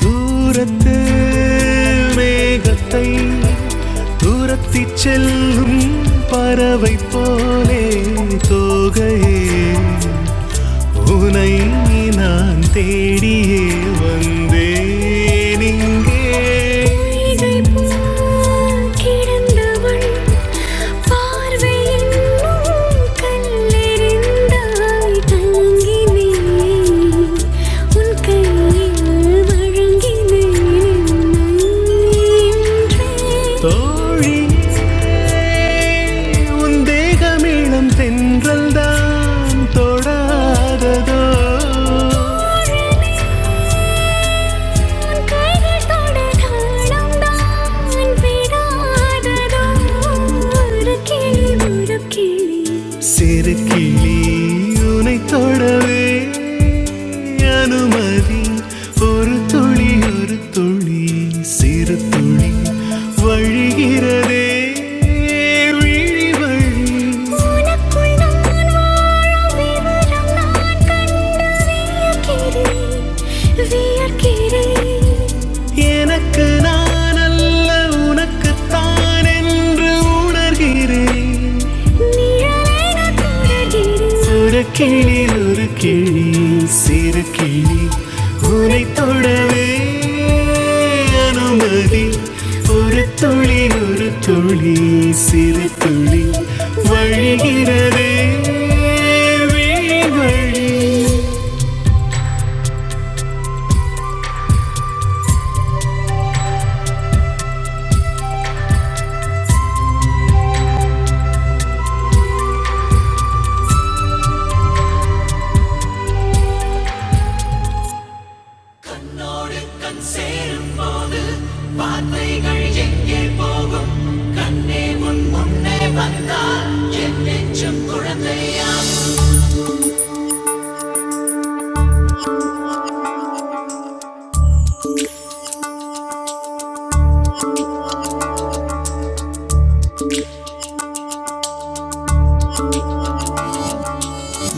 தூரத்து மேகத்தை துரத்தி செல்லும் பறவை போலே தோகையே உனை நான் தேடியே வந்தேன் இங்கே தோழி உன் தேகமிளம் தென்றல் தான் தொடாததோ உன் கைகள் தொடர்ந்தாலும் நான் விடாததோ ஒரு கிளி ஒரு கிளி சிறு கிளி உனை தொடவே அனுமதி ஒரு துளி ஒரு துளி சிறு துளி வழிகிறதே விழி வழி எனக்கு நான் அல்ல உனக்குத்தான் என்று உணர்கிறேன் ஒரு கிளியில் ஒரு கிளி சிறு கிளி உனை தொடவே அனுமதி ஒரு துளி ஒரு துளி சிறு துளி வழிகிறதே வீண் வழி கண்ணோடு கண் சேரும் போது வார்த்தைகள் எங்கே போகும் கண்ணே உன் முன்னே வந்தால் என் நெஞ்சம் குழந்தையா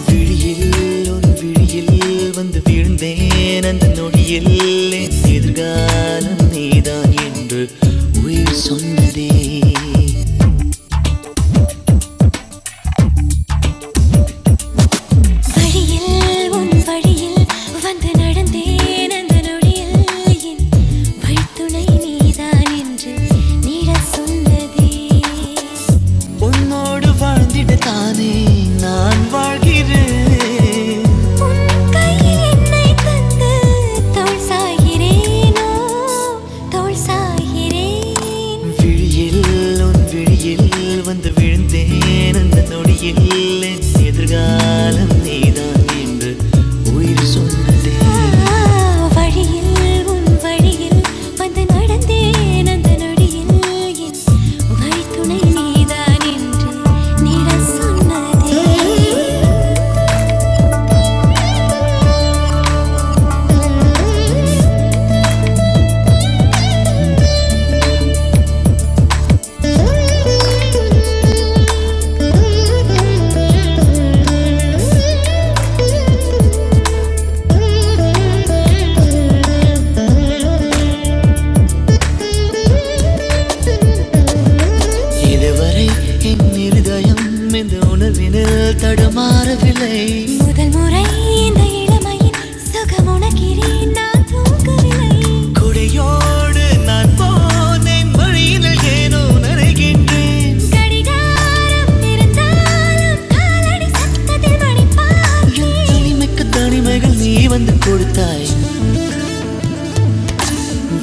விழியில் ஒரு விழியில் வந்து விழுந்தேன் அந்த நொடியில் என் எதிர்காலம் நீதான் என்று உயிர் சொன்னதே வழியில் உன் வழியில் வந்து நடந்தேன் அந்த நொடியில் என் வழித்துணை நீதான் என்று நீடச் சொன்னதே உன்னோடு வாழ்ந்திட தானே நான் வாழ்கிறேன் உன் கையில் என்னை தந்து தோள் சாகிறேனோ தோள் சாகிறேன் விழியில் உன் விழியில் வந்து விழுந்தேன் அந்த நொடியில் என் எதிர்காலம் நீதான் என்று உயிர் சூழ வழியில் உன் வழியில் வந்து நடந்தேன் அந்த நொடியில் என் வழித்துணை நீதான் என்று நிழல் சொன்னதே இதுவரை என் இருதயம் இந்த உணர்வினில் தடுமாறவில்லை முதல் முறை இந்த இளமையின் சுகம் உணர்கிறேன் நான் தூங்கவில்லை கொடையோடு நான் போனேன் வழியினில் ஏனோ நனைகின்றேன் கடிகாரம் இருந்தாலும் காலடி சத்தத்தில் மணி பார்க்கிறேன். தனிமைக்கு தனிமைகள் நீ வந்து கொடுத்தாய்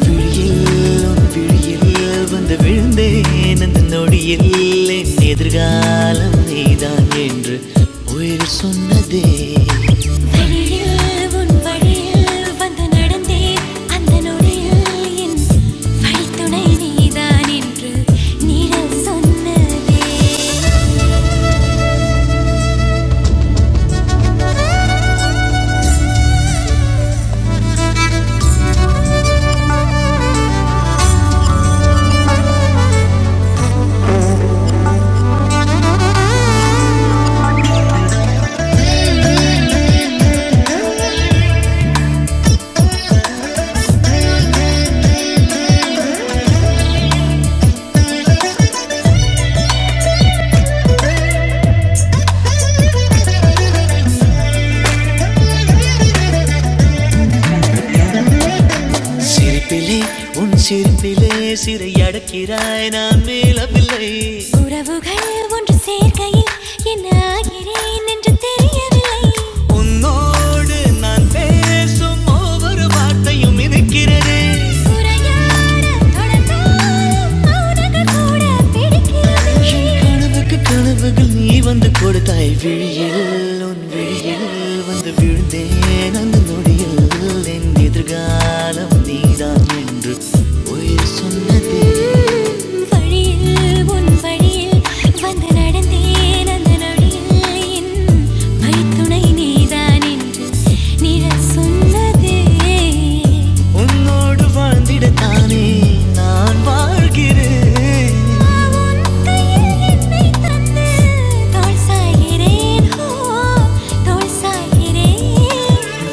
விழியில் விழியில் வந்து விழுந்தேன் அந்த நொடியில் என் எதிர்காலம் நீதான் என்று உயிர் சொன்னதே வெளியில் உன் வழியில் வந்து நடந்தே அந்த நொடியில் என் வழித்துணை நீதான் என்று நிழல் சொன்னதே சிரிப்பிலே உன் சிரிப்பிலே சிறை அடக்கிறாய் நான் மேலவில்லை உறவுகள் ஒன்று சேர்க்கையில் என்ன ஆகிறேன் என்று தெரியவில்லை உன்னோடு நான் பேசும் ஒவ்வொரு வார்த்தையும் இருக்கிறதே உரையாட தொடர்ந்தால் மௌனங்கள் கூட என் பிடிக்கவில்லை. கனவுக்கு கனவுகள் நீ வந்து கொடுத்தாய் விழியில் உன் விழியில் வந்து விழுந்தேன் அந்த நொடி நொடியில் என் எதிர்காலம் நீதான் என்று உயிர் சொன்னதே வழியில் உன் வழியில் வந்து நடந்தேன் அந்த நொடியில் என் மைத்துணை நீதான் என்று நிழல் சொன்னதே உன்னோடு வாழ்ந்திடத்தானே நான் வாழ்கிறேன்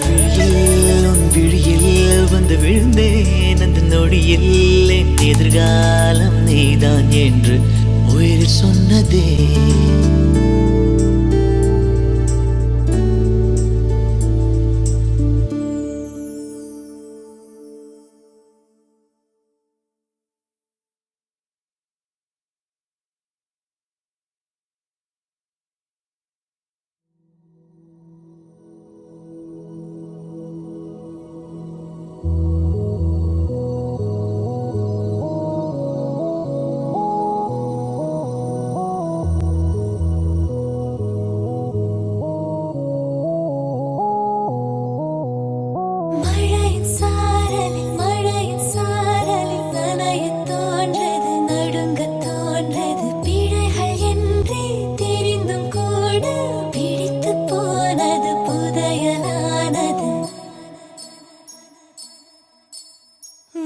விழியில் உன் விழியில் வந்து விழுந்தேன் அந்த நொடியில் என் எதிர்காலம் நீதான் என்று உயிர் சொன்னதே மழையின் சாரலில் மழையின் சாரலில் நனையத் தோன்றது நடுங்கத் தோன்றது பிழைகள் என்றே தெரிந்தும் கூட பிடித்துப் போனது புதையலானது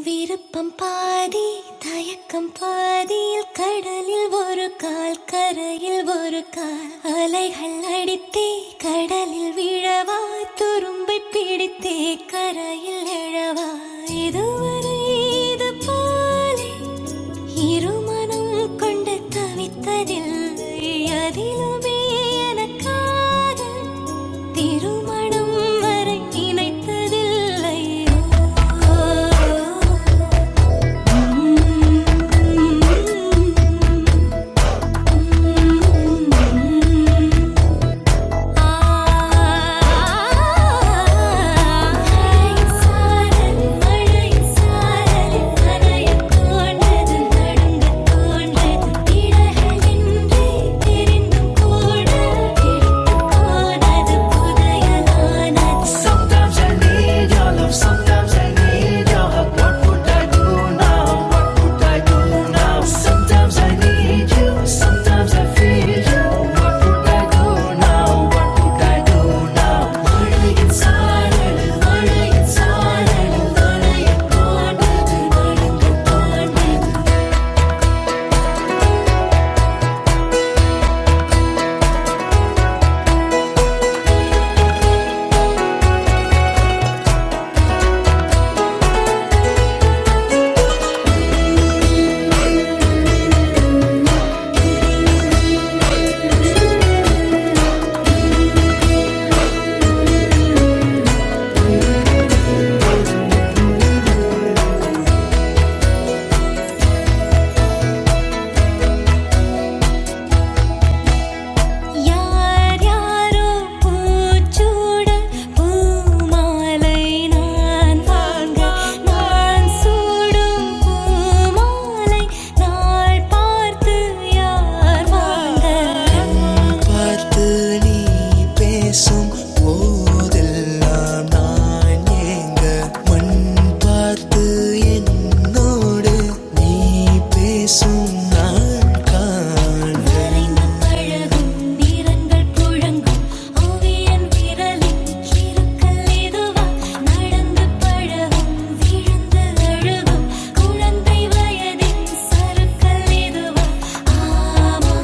விருப்பம் பாதி தயக்கம் பாதியில் கடலில் ஒரு கால் கரையில் ஒரு கால் அலைகள் அடித்தே கடலில் விழவா துரும்பை பிடித்தே கரையில் எழவா இதுவரை இது போலே இருமனம் கொண்டு தவித்ததில்லை அதிலுமே எனக்காக திருமணம் வரை நினைத்ததில்லை ஓ, உம், உம், உம், உம், உம். ஹாய் சாலலும் மழை சாலலும் நனைத் தோன்து நடுங்கத் தோன்து திடகல் என்றை பிரிந்து கூடு பிரித்து கோனது புதையானது சம்தாம் சண்டி ஜாலும் love. Sometimes I need your hug. What would I do now? What would I do now? Sometimes I need you. Sometimes I feel you. What would I do now? What would I do now? மழையின் சாரல், மழையின் சாரல், நனையத் தோன்றது, நனைந்து தோன்றது, யார் யாரோ பூச்சூட பூமாலை நான் வாங்க நான் சூடும் பூமாலை நாள் பார்த்து யார் வாங்க பார்த்து நீ பேசும் போதெல்லாம் நான் ஏங்க மண் பார்த்து என்னோடு நீ பேசும் நான் காண்கிறேன் வரைந்து பழகும் நீ இரங்கள் புழங்கும் ஓவியன் விரலின் சிறுக்கல் இதுவா நடந்து பழகும் விழுந்து அழுகும் குழந்தை வயதின் சறுக்கல் இதுவா ஆமா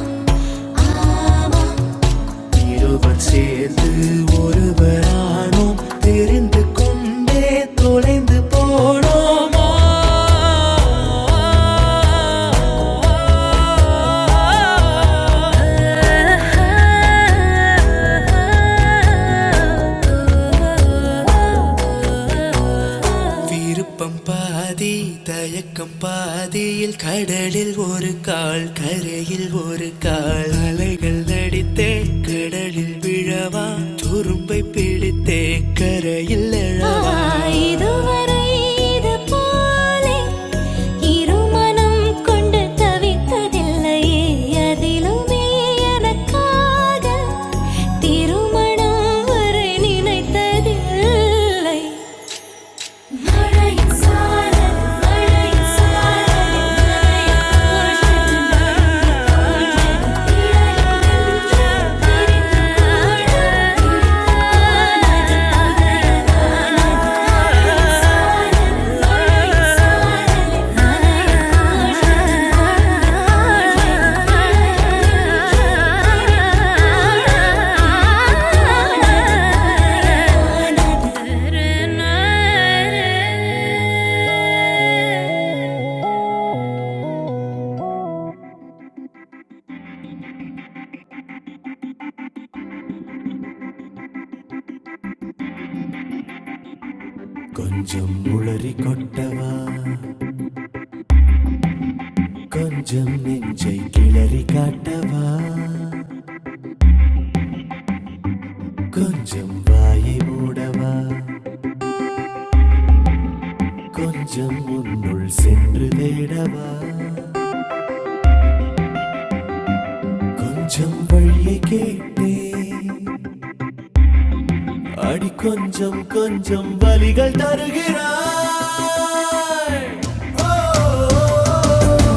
ஆமா இருவர் சேர்ந்து ஒருவரானோம் தெரிந்து கொண்டே தொலைந்து போனோம் விருப்பம் பாதி தயக்கம் பாதியில் கடலில் ஒரு கால் கரையில் ஒரு கால் அலைகள் நடித்தே கடலில் விழவா துரும்பை பிடித்தே கரையில் எழவா இதுவரை இது போலே இருமனம் கொண்டு தவித்ததில்லையே அதிலுமே எனக்காக திருமணம் வரை நினைத்ததில்லை மழையின் சாரல் மழையின் சாரல் மழையின் கோஷம் கோஷம் இடையினின்று பிரிந்தாடு பிரிந்தாடு பகையானது மழையின் சாரல் மழையின் சாரல் மழையின் கொஞ்சம் உளறி கொட்டவா கொஞ்சம் நெஞ்சை கிளறி காட்டவா கொஞ்சம் வாயை மூடவா கொஞ்சம் உன்னுள் சென்று தேடவா கொஞ்சம் வழியை கேட்டே அடி கொஞ்சம் கொஞ்சம் வலிகள் தருகிறாய் ஓ,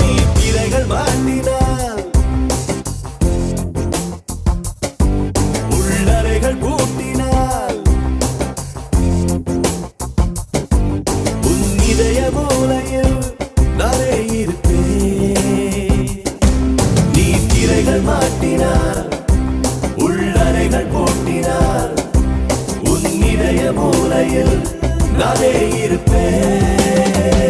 நீ திரைகள் மாட்டினால் உள்ளறைகள் பூட்டினால் உன் இதய மூலையில் நானே இருப்பேன் நீ திரைகள் மாட்டினால் உள்ளறைகள் போட்டினார் உன் இதய மூலையில் நானே இருப்பேன்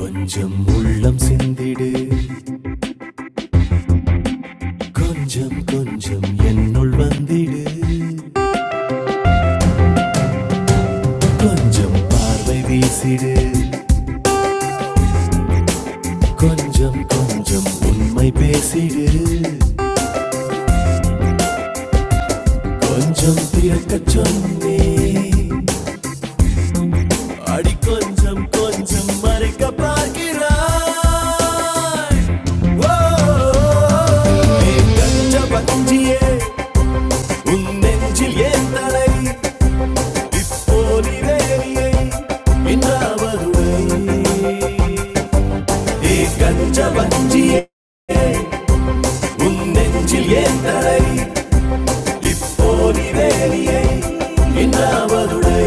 கொஞ்சம் உள்ளம் சிந்திடு கொஞ்சம் கொஞ்சம் என்னுள் வந்திடு கொஞ்சம் பார்வை வீசிடு கொஞ்சம் கொஞ்சம் உண்மை பேசிடு கொஞ்சம் திறக்கச் சொன்னே அடி கொஞ்சம் கொஞ்சம் மறைக்க பார்க்கிறாய் ஓ, நீ கஞ்ச பஞ்சியே உன் நெஞ்சில் ஏன் தலை இப்போது வேலியை இன்றாவதுவை நீ கஞ்ச பஞ்சியே உன் நெஞ்சில் ஏன் தலை இப்போது வேலியை இன்றாவதுடை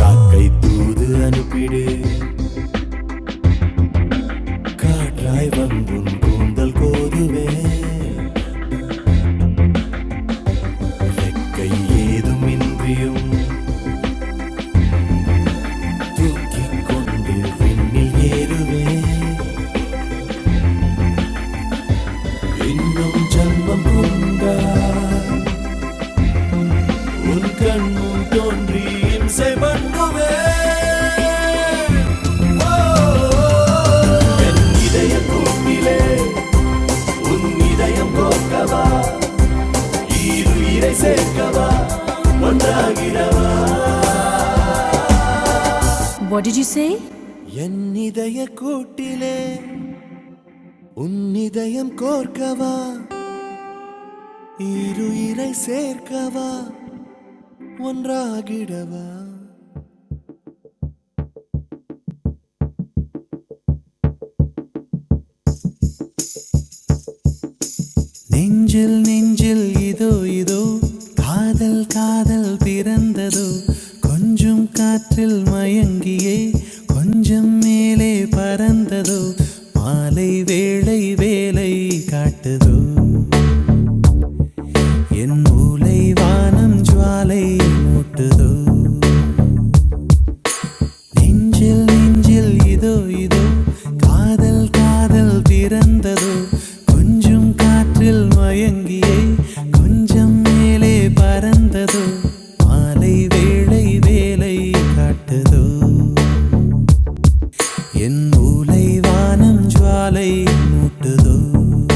காக்கை தூது அனுப்பிடு காற்றாய் வந்தும் கூந்தல் கோதுவே இலக்கை ஏதும் இன்றியும் தூக்கிக் கொண்டு விண்ணில் ஏறுவே இன்னும் ஜன்மம் கொண்டா உன் கண்ணும் தோன்றி இம்சை பண்ணுவே ஓ, என் இதய கூட்டிலே உன் இதயம் கோக்கவா ஈருயிரை சேர்க்கவா ஒன்றாகிறவா என் இதய கூட்டிலே உன் இதயம் கோர்க்கவா இருயிரை சேர்க்கவா ஒன்றாகிடவா நெஞ்சில் நெஞ்சில் இதோ இதோ காதல் காதல் பிறந்ததோ கொஞ்சம் காற்றில் மயங்கியே கொஞ்சம் மேலே பறந்ததோ மாலை வேளை வேலை காட்டுதோ என் மூளை வானம் ஜுவாலை மூட்டுதோ நெஞ்சில் நெஞ்சில் இதோ இதோ காதல் காதல் பிறந்ததோ கொஞ்சம் காற்றில் மயங்கியே கொஞ்சம் மேலே பறந்ததோ மாலை வேளை வேலை காட்டுதோ என் மூளை வானம் ஜுவாலை மூட்டுதோ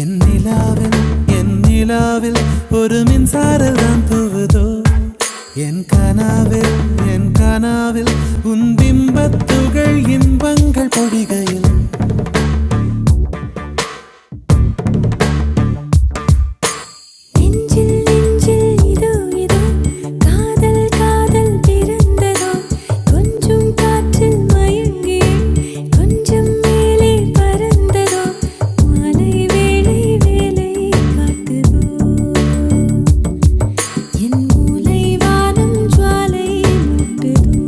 என் நிலாவில் என் நிலாவில் ஒரு மின்சாரம் தான் தூவுதோ என் கனாவில் என் கனாவில் உன் பிம்பத்துகள் இன்பங்கள் பொழிகையில் நெஞ்சில் நெஞ்சில் இதோ இதோ காதல் காதல் பிறந்ததோ கொஞ்சம் காற்றில் மயங்கி கொஞ்சம் மேலே பறந்ததோ மாலை வேளை வேலை காட்டுதோ என் மூலை வானம் ஜுவாலை மூட்டுதோ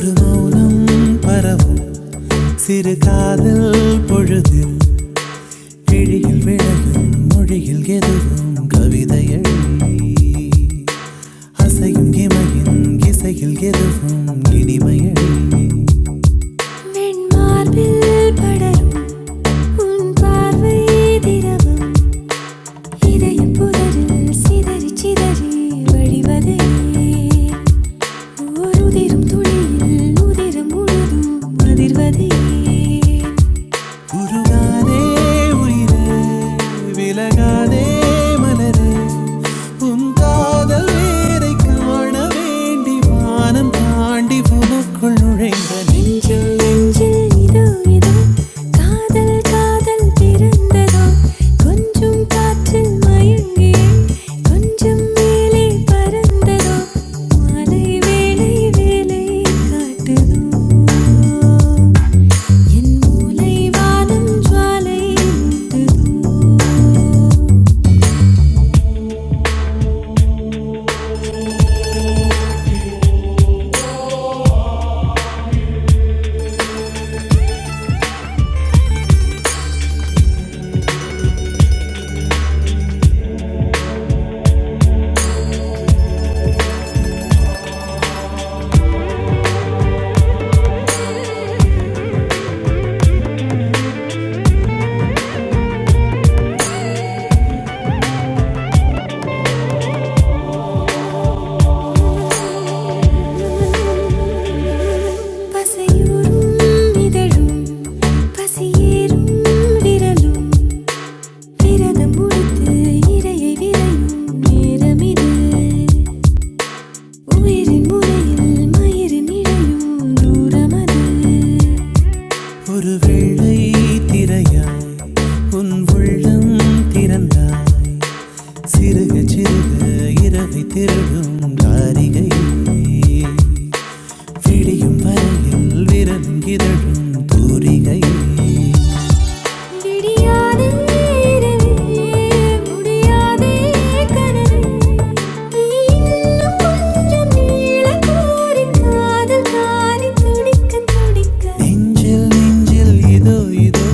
ஒரு மௌனம் பரவும் சிறு காதல் பொழுதில் கிழியில் விழகும் மொழியில் எதுவும் கவிதைகள் அசையும் இமையின் இசையில் எதுவும் இனிமைகள் வெண்மார்பில் படரும் உன் பார்வை திரவம் இதயம் புதரில் சிதறி சிதறி வழிவதே ஓருதிரும் துளியில் உதிரும் முழுதும் அதிர்வதே உருகாதே உயிரே விலகாதே மலரே உன் காதல் வேரை காண வேண்டி வானம் தாண்டி உனக்குள் நுழைந்த நெஞ்சில் நெஞ்சில் இதோ இதோ காதல் காதல் பிறந்ததோ கொஞ்சம் காற்றில் மயங்கியே கொஞ்சம் மேலே பறந்ததோ மாலை வேலை வேலை காட்டுதோ என் மூளை வானம் ஜுவாலை பசையூரும் இதழும் பசியேறும் விரலும் விரதம் முடித்து இரையை விரையும் நேரமிது உயிரின் முறையில் மயிரின் இழையும் தூரமது ஒரு வெள்ளை திரையாய் உன் உள்ளம் திறந்தாய் சிறுக சிறுக இரவை திருடும் தாரிகையே விடியும் வரையில் விரலும் இதழும் தூரிகையில் சிடியாதே இரவே முடியாதே கனவே நீ இன்னும் கொஞ்சம் நீள கோரி காதல் தானி துடிக்க துடிக்க நெஞ்சில் நெஞ்சில் இதோ இதோ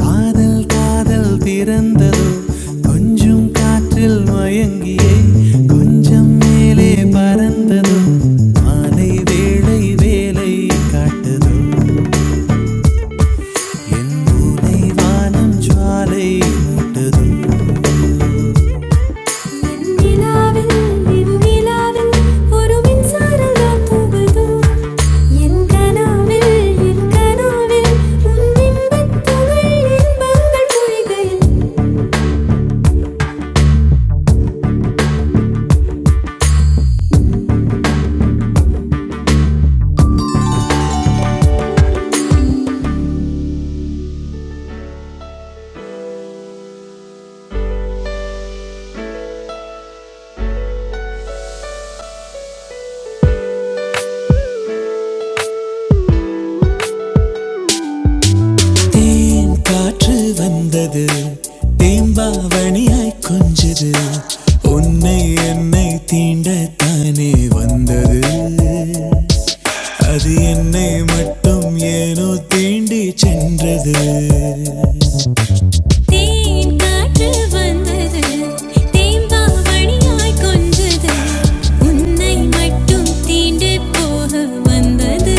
காதல் காதல் பிறந்ததோ கொஞ்சம் காற்றில் மயங்கியே கொஞ்சம் மேலே பறந்ததோ மாலை வேளை வேலை காட்டுதோ வானம் ஜுவாலை நிலாவில் என் நிலாவில் ஒரு மின்சார தூங்குதோ என் கனவில் என் கனவில் உன் இன்பத் துகள் இன்பங்கள் பொழிகையில் ஏன் காற்று வந்தது தேம்பாவணியாய் கொஞ்சது உன்னை என்னை தீண்டத்தானே வந்தது அது என்னை மட்டும் ஏனோ தீண்டி சென்றது தேன் காற்று வந்தது தேம்பாவணியாய் கொஞ்சது உன்னை மட்டும் தீண்டு போக வந்தது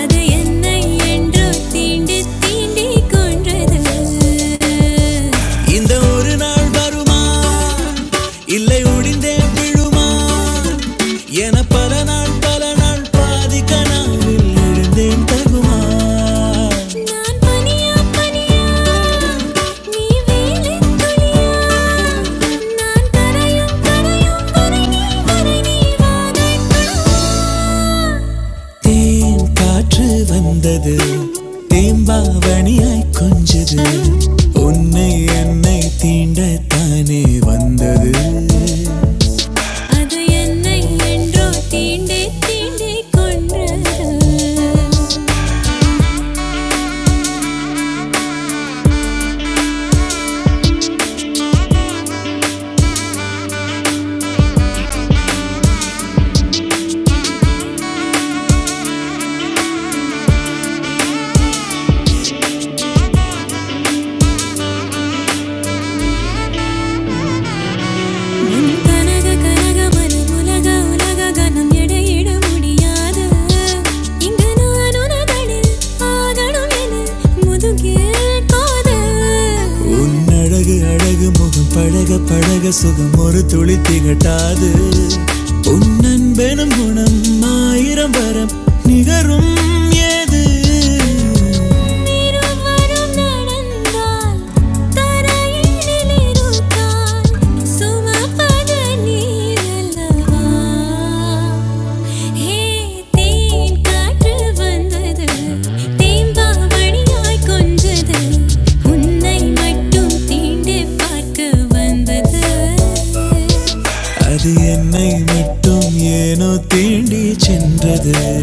அது என்னை என்றோ தீண்டு தீண்டி கொன்றது இந்த ஒரு நாள் வருமா இல்லை ஒடிந்தே விழுமா என பல நாள் பல நாள் பாதி கனாவில் எழுந்தேன் தகுமா நான் பனியா பனியா நீ வேலின் துளியா நான் கரையும் கரையும் வரை நீ வரை நீ வாதைக்குள் தேன் காற்று வந்தது தேம்பாவணியாய் கொஞ்சது உன்னை என்னை தீண்ட தானே வந்தது அது என்னை என்றோ தீண்டே தீண்டே கொன்றது என் கனக கனக மனம் உலக உலக கனம் எடையிட முடியாது இங்கு நான் உனதனில் ஆகணும் என முதுகில் காதல் உன் அழகு அழகு முகம் பழக பழக சுகம் ஒரு துளி திகட்டாது உன் அன்பெனும் குணம் ஆயிரம் வரம் நிகரும் ஏது திருமரம் நடந்தால் தரையினில் இருக்கால் சுமப்பது நீயல்லவா ஹே தேன் காற்று வந்தது தேம்பாவணியாய் கொஞ்சது உன்னை மட்டும் தீண்டி பார்க்க வந்தது அது என்னை மட்டும் ஏனோ தீண்டி சென்றது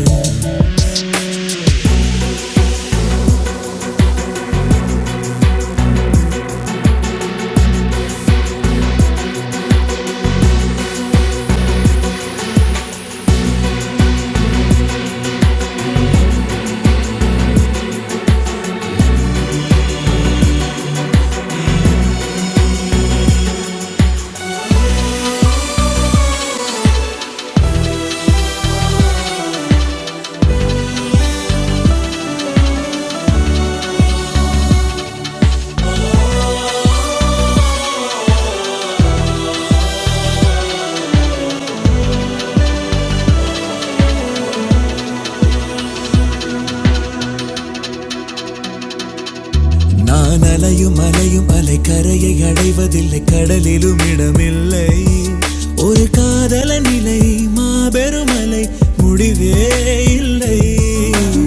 நான் அலையும் அலையும் அலை கரையை அடைவதில்லை கடலிலும் இடமில்லை ஒரு காதல நிலை மாபெரும் அலை முடிவே இல்லை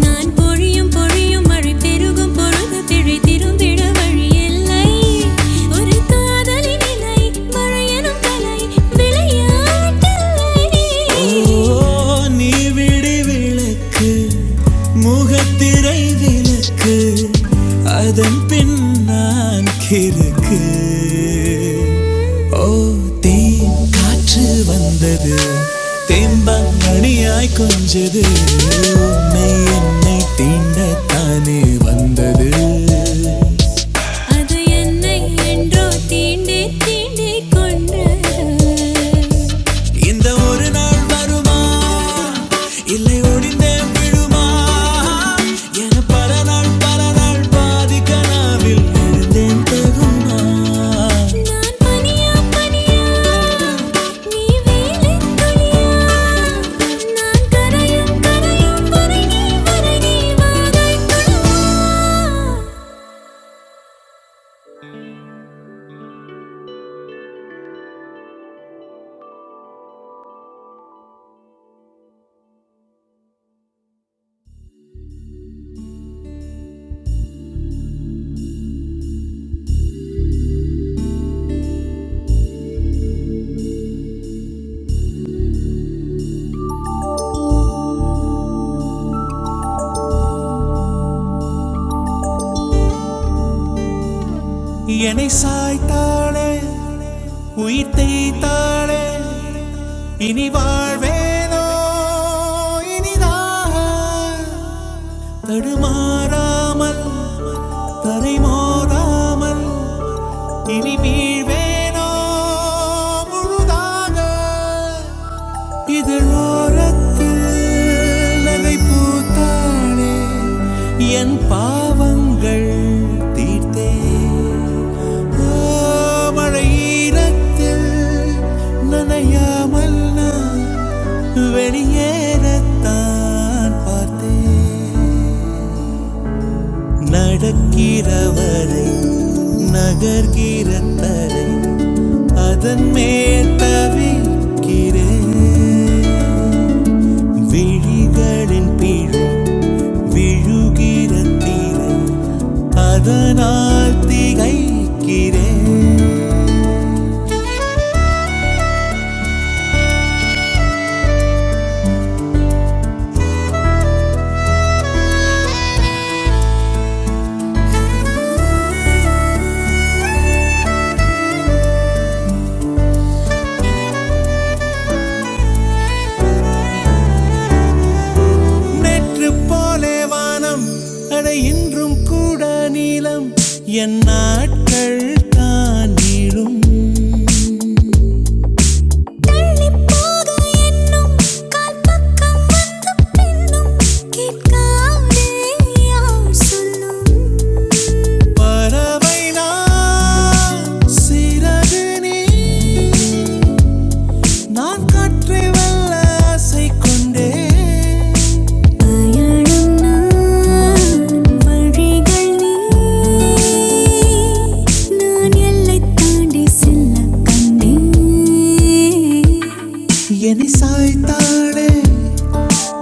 நான் பொழியும் பொழியும் மழை பெருகும் பொழுது திழை திருந்திட வழி இல்லை ஒரு காதலின் இலை மழையனும் கலை விளையாட்டல்லை ஓ நீ விடி விளக்கு முகத்திரை விளக்கு அதன் பின் நான் கிறுக்கு ஓ தேன் காற்று வந்தது தேம்பான் மணியாய் கொஞ்சது உன்னை என்னை தீண்டத்தானே வந்தது அது என்னை என்றோ தீண்டி தீண்டி கொண்டது இந்த ஒரு நாள் வருமா இல்லை ஒடிந்தே விழுமா என பல நாள் பல நாள் பாதி கனாவில் எழுந்தேன் தகுமா நான் பனியா பனியா நீ வேலின் துளியா நான் கரையும் கரையும் வரை நீ வரை நீ வரை கனவா என்னை சாய்த்தாளே உயிர் தேய்த்தாளே இனி வாழ்வேனோ இனிதாக தடுமாறாமல் தரை மோதாமல் இனி வீழ்வேனோ முழுதாக இதழோரத்தில் நகை பூத்தாளே என் பாவங்கள் தீர்த்தே ஓ, மழையீரத்தில் நனையாமல் நான் வெளியேறத்தான் பார்த்தேன் நடக்கிறவரை நகர்கிற தரை அதன் மேல் தவிக்கிறேன் விழிகளின் பிழை விழுகிற தீரன் அதனால் திகைக்கிறேன் நேற்று போலே வானம் அட இன்றும் கூட நீளம் என் நாட்கள் தான் நீளும் பறவை நான் சிறகு நீ நான் காற்றை வல்ல ஆசை கொண்டே என்னை சாய்த்தாளே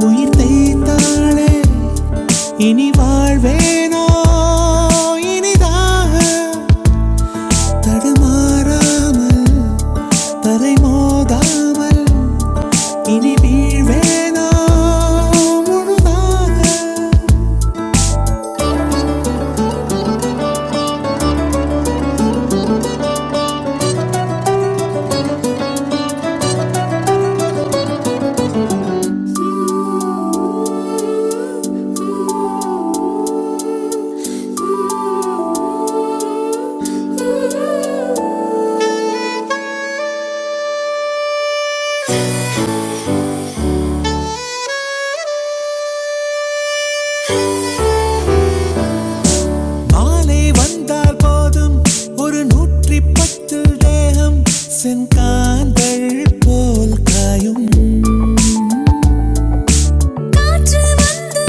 உயிர் தைத்தாளே இனி வாழ்வேனோ இனிதாக தடுமாறாமல் தலை மோதாமல் இனி வீழ்வேனோ முழுதாக மாலை வந்தால் போதும் ஒரு நூற்றி பத்து தேகம் சென்காந்தள் போல் காயும் என்று வந்து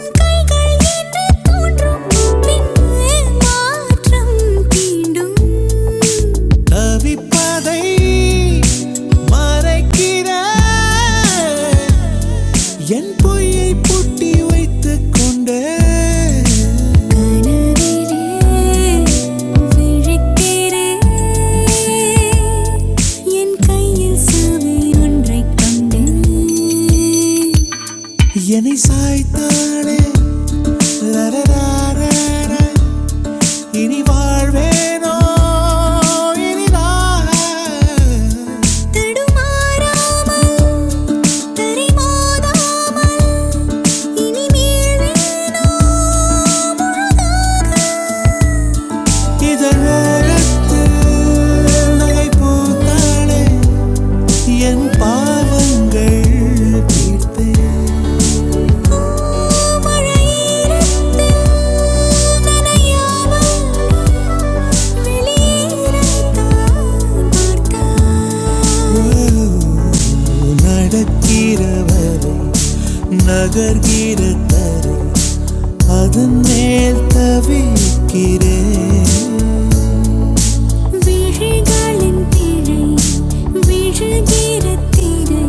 உன் கைகள் என்று தோன்றும் பின்னே மாற்றம் தீண்டும் தவிப்பதை மறைக்கிற என் பொய்யை கொண்டு தாழ்வேனோ இனிதாக வெளியே பார்த்தான் நடக்கிறவரை நகர்கிற தரு அதன் மேல் தவிக்கிறேன் விழிகளின் பிழை விழுகிற திரை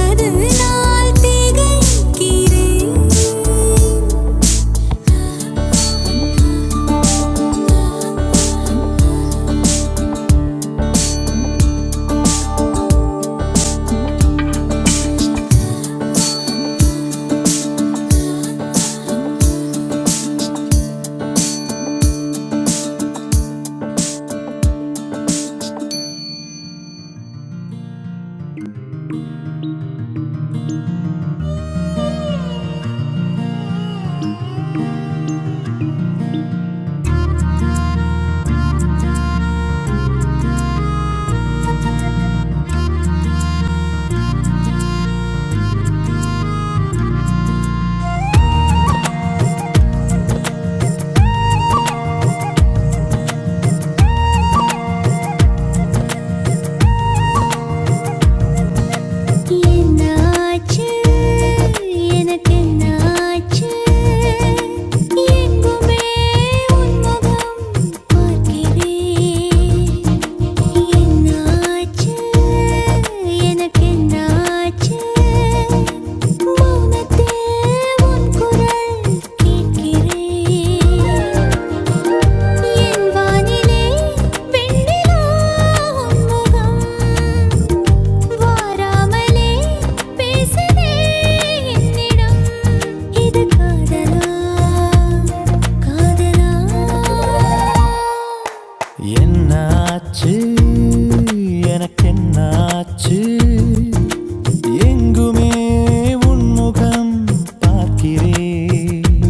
அதனால் திகைக்கிறேன் என்னாச்சு எனக்கு என்னாச்சு எங்குமே உன் முகம் பார்க்கிறேன் என்னாச்சு எனக்கு என்னாச்சு மௌனத்தில் உன் குரல் கேட்கிறேன் என் வானிலே பெண்ணிலா உன் முகம் வாராமலே பேசுதே என்னிடம் இது காதலா காதலா என்னாச்சு எனக்கு என்னாச்சு எங்குமே உன்முகம் பார்க்கிறேன்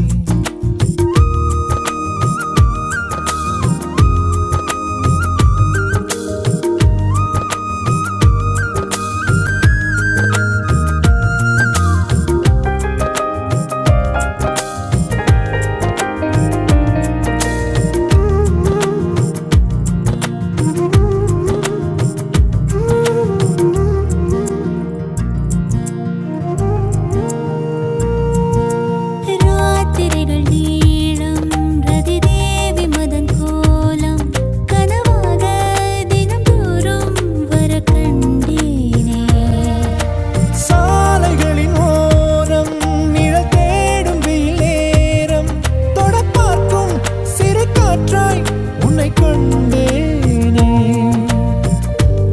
ராத்திரிகள் நீளம் ரதிதேவி மதன் கோலம் கனவாக தினம்தோறும் வர கண்டேனே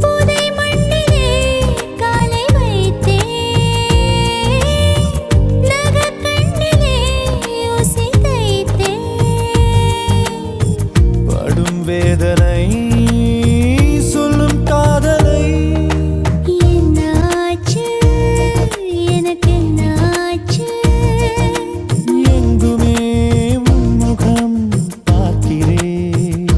புதை மண்ணிலே காலை வைத்தேன் நகக் கண்ணிலே ஓசை தைத்தேன் படும் வேதனை சொல்லும் காதலை என்னாச்சு எனக்கு என்னாச்சு எங்குமே உன் முகம் பார்க்கிறேன்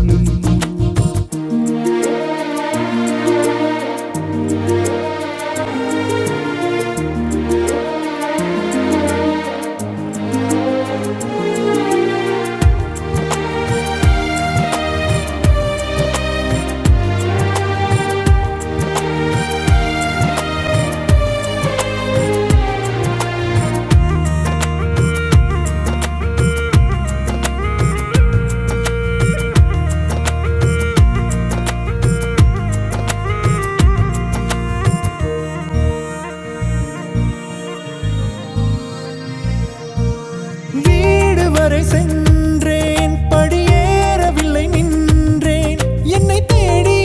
என் பொன்னே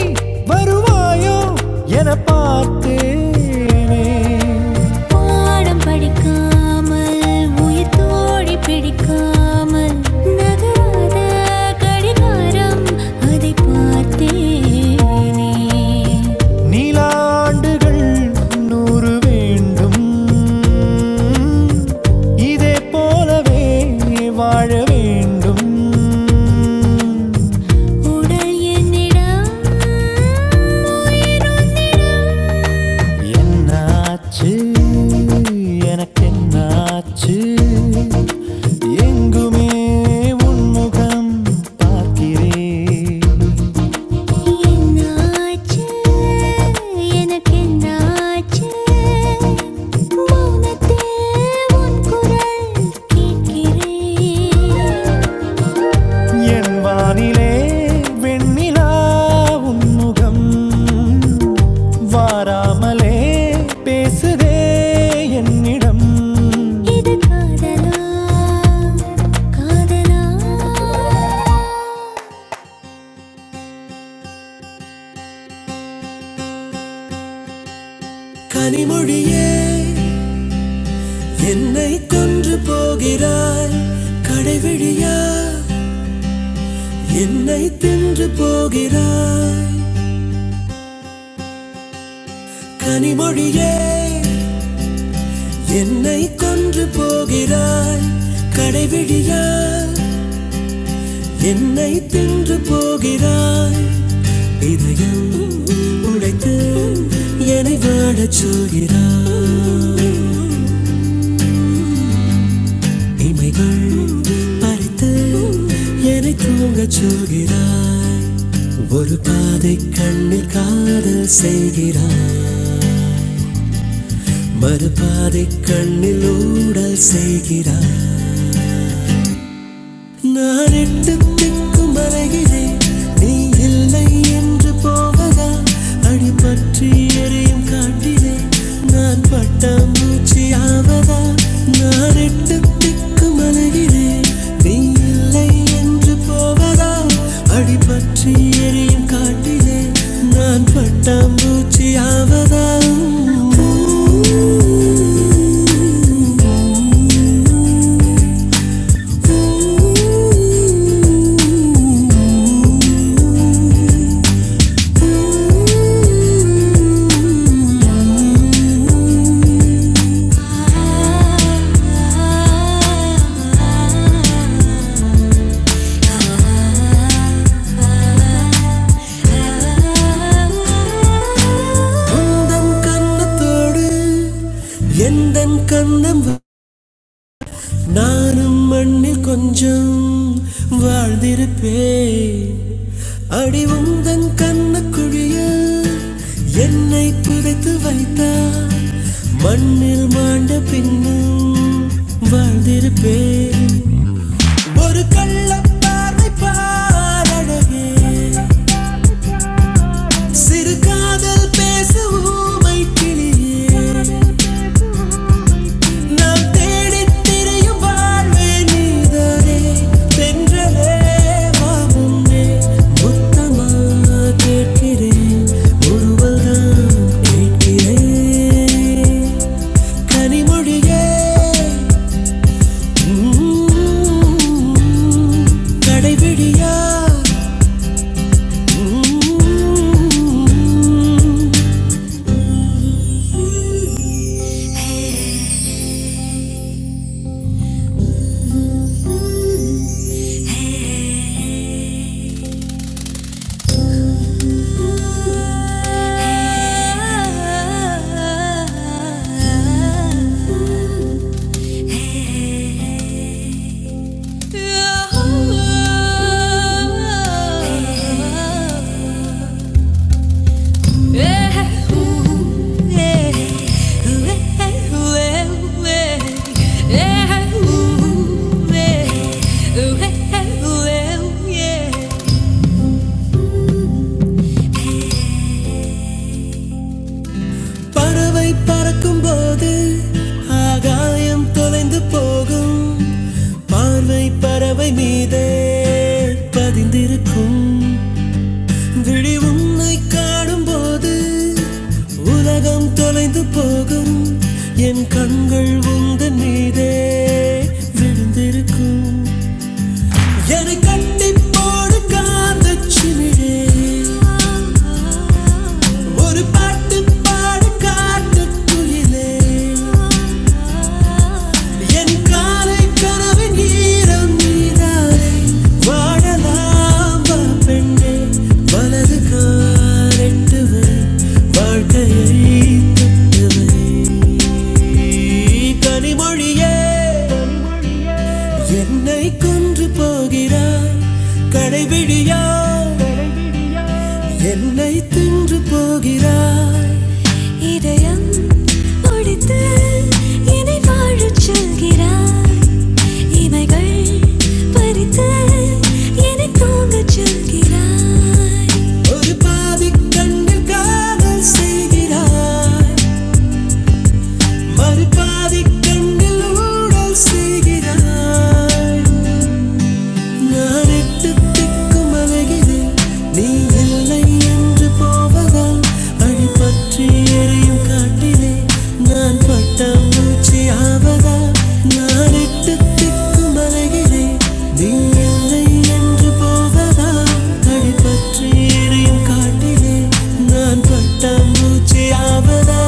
நீ பாடம் படிக்காமல் உயிர் தோழி பிடிக்காமல் நகராத கடிகாரம் அதை பார்த்தேனே நீலாண்டுகள் நூறு வேண்டும் இதே போலவே வாழ வேண்டும் உடல் என்னிடம் உயிரும் என்னாச்சு எனக்கு என்னாச்சு எங்குமே உன்முகம் பார்க்கிட்டு என்னாச்சு எனக்கு என்னாச்சு மௌனத்தே உன் குரல் கேட்கிறேன் ஏ, வெண்ணிலா உன்முகம் வாராமலே பேசுதே என்னிடம் இது காதலா காதலா கனிமொழியே என்னை கொன்று போகிறாய் கடைவிழியா என்னை தின்று போகிறாய் கனிமொழியே என்னை கொன்று போகிறாய் கடைவிழியா என்னை தின்று போகிறாய் இதயம் உடைத்து என்னை வாழச் சொல்கிறாய் இமைகள் பறித்து என்னை தூங்கச் சொல்கிறாய் ஒரு பாதை கண்ணில் காதல் செய்கிறாய் மறுபாதை கண்ணில் ஊடல் செய்கிறாய் நான் எட்டு திக்கும் வரைகிறேன் நீ இல்லை என்று போவதா அடி பற்றி எரியும் காட்டிலே நான் பட்டாம்பூச்சி ஆவதா நான் எட்டு திக்கும் அலைகிறேன் நீ இல்லை என்று போவதா அடி பற்றி எரியும் காட்டிலே நான் பட்டாம்பூச்சி ஆவதா உந்தன் கன்னத்தோடு எந்தன் கண்ணம் நானும் மண்ணில் கொஞ்சம் வாழ்ந்திருப்பேன் அடி உந்தன் கண்ணுக்குழியில் என்னை புதைத்து வைத்தார் மண்ணில் மாண்ட பின்னும் வாழ்ந்திருப்பேன் ஒரு கள்ளப்பார் மலரழகி கடைபிடியா பறவை பறக்கும் போது ஆகாயம் தொலைந்து போகும் பார்வை பறவை மீதே பதிந்திருக்கும் விழி உன்னை காணும் போது உலகம் தொலைந்து போகும் என் கண்கள் உந்தன் மீதே விழுந்திருக்கும் என்னை கட்டி போடு காந்த சிமிழே ஒரு பாட்டு பாடு காட்டு குயிலே என் காலை கனவின் ஈரம் நீதானே வாழலாம் வா பெண்ணே வலது காலெட்டுவை வாழ்க்கையை தொட்டுவை கனிமொழியே என்னை கொன்று போகிறாய் கடைபிடி கொன்று போகிறாய் இதயம் ஒடித்து இனி வாழச் சொல்கிறாய் இமைகள் பறித்து இனி தூங்கச் சொல்கிறாய் ஒரு பாதி கண்ணில் காதல் செய்கிறாய் மறு பாதி கண்ணில் ஊடல் செய்கிறாய் நான் எட்டு திக்கும் அலைகிறேன். நீ இல்லை என்று போவதால் அடி பற்றி எரியும் காட்டிலே நான் பட்ட மூச்சு ஆவதா நான் எட்டு திக்கும் அலைகிறேன். நீ இல்லை என்று போவதா அடி பற்றி எரியும் காட்டிலே நான் பட்ட மூச்சு ஆவதா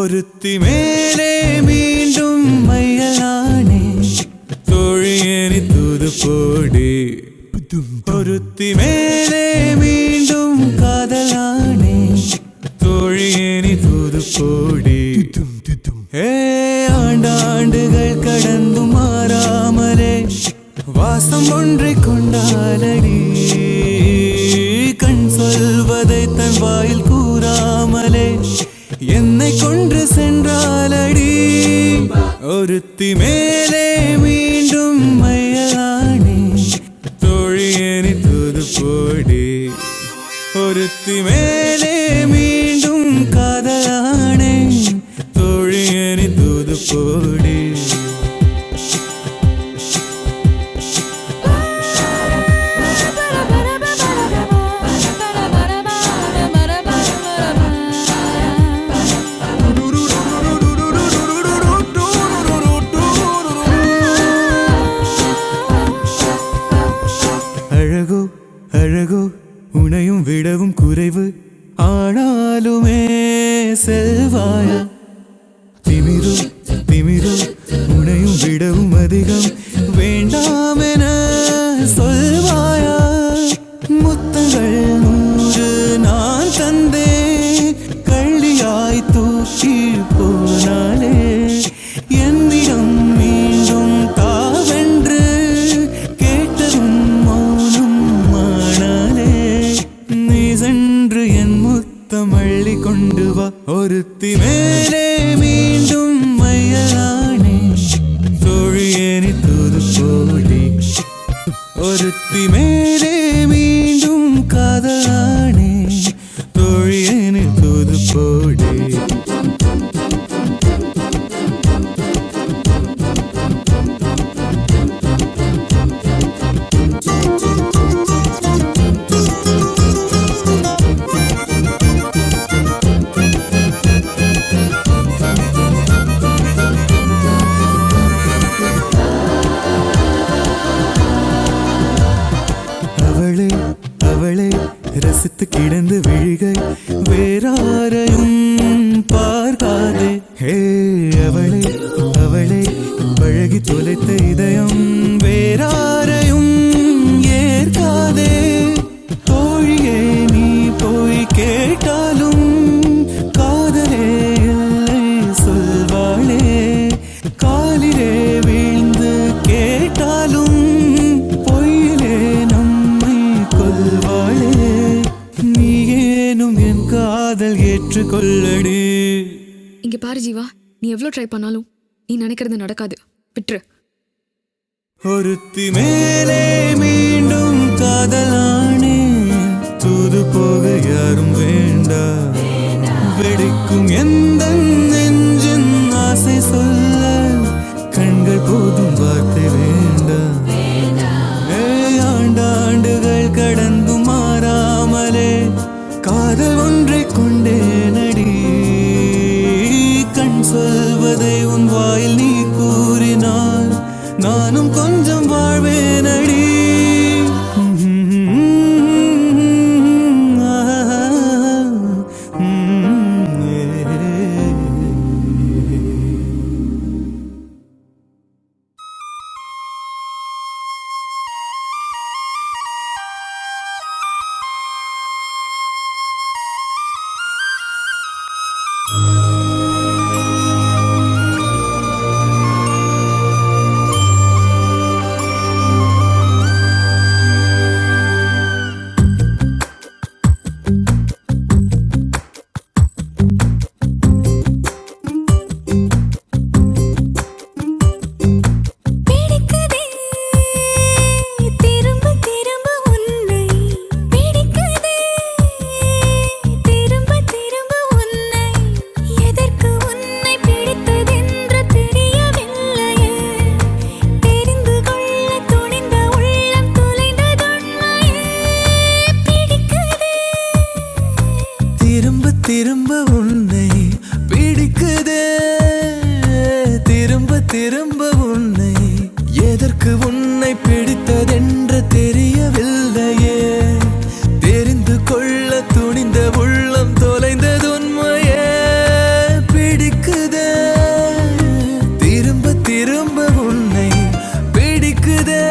ஒருத்தி மேலே மீண்டும் மையலானே तोरियनी दूध पड़े, औरती मेरे मीन दुम कादलाने தோழியேனி தூது கோடி ஏ ஆண்டாண்டுகள் கடந்து மாறாமலே வாசம் ஒன்றை கொண்டாலடி கண் சொல்வதை தன் வாயில் கூறாமலே என்னை கொன்று சென்றாலடி ஒருத்தி மேலே மீண்டும் மையலானே தோழியேனி தூது போடி ഒരുത്തി മേലെ വീണ്ടും കഥയാണ് തൊഴിയണി തൂതുപോടി அழகோ அழகோ உனையும் விடவும் குறைவு ஆனாலுமே செல்வாயா திமிரு திமிரு உனையும் விடவும் அதிகம் வேண்டாம் உன் காதல் வ- ஒரு றினு snaps departed அவள lif commen downs செவி கேட்டாலும் காதலே இல்லை சொல்வாளே காலிலே வீழ்ந்து கேட்டாலும் பொய்யிலே நம்மை கொல்வாளே நீ ஏனும் என் காதல் ஏற்றுக்கொள்ளடி இங்க பாரு ஜீவா நீ எவ்வளோ ட்ரை பண்ணாலும் நீ நினைக்கிறது நடக்காது விட்டுரு ஒருத்தி மேலே மீண்டும் காதலானே தூது போக யாரும் வேண்டா வெடிக்கும் எந்த நெஞ்சின் ஆசை சொல்ல கண்கள் போதும் வார்த்தை வேண்டா ஏழாண்டாண்டுகள் கடந்து மாறாமலே காதல் ஒன்றைக் கொண்டே நடி கண் சொல்வதை உன் வாயில் நீ கூறினால் நானும் கொஞ்சம் வாழ்வேன் அடி ஆஹா. உம், ஏ. பிடிக்குதே திரும்ப திரும்ப உன்னை பிடிக்குதே திரும்ப திரும்ப உன்னை எதற்கு உன்னை பிடித்ததென்று தெரியவில்லையே தெரிந்து கொள்ள துணிந்த உள்ளம் துளைந்ததுண்மையே பிடிக்குதே திரும்ப திரும்ப உன்னை பிடிக்குது திரும்ப திரும்ப உன்னை எதற்கு உன்னை பிடித்ததென்று தெரியவில்லையே தெரிந்து கொள்ள துணிந்த உள்ளம் தொலைந்தது உண்மையே பிடிக்குதே திரும்ப திரும்ப உன்னை பிடிக்குதே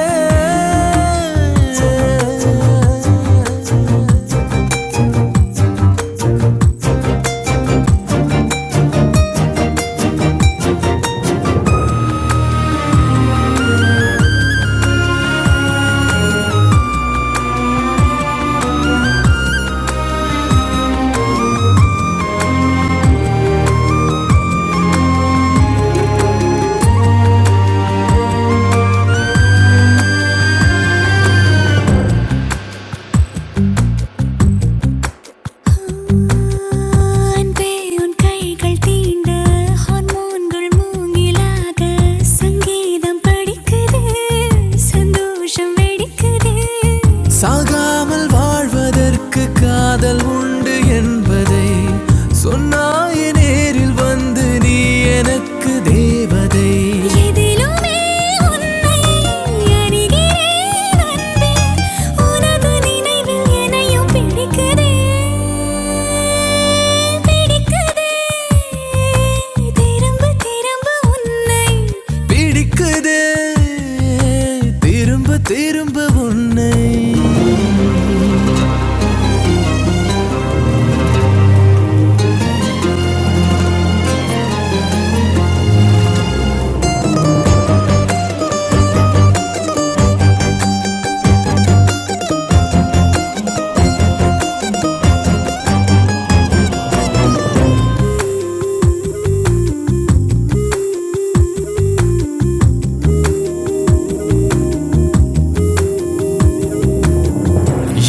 அன்பே உன் கைகள் தீண்ட ஹார்மோன்கள் மூங்கிலாக சங்கீதம் படிக்குது சந்தோஷம் வெடிக்குது சாகாமல் வாழ்வதற்கு காதல் உண்டு என்பதை சொன்னாயே நேரில் வந்து நீ எனக்கு தேவதை எதிலுமே உன்னை அறிகிறேன் அன்பே உனது நினைவில் என்னையும் பிடிக்குதே பிடிக்குதே திரும்ப திரும்ப உன்னை பிடிக்குது திரும்ப திரும்ப உன்னை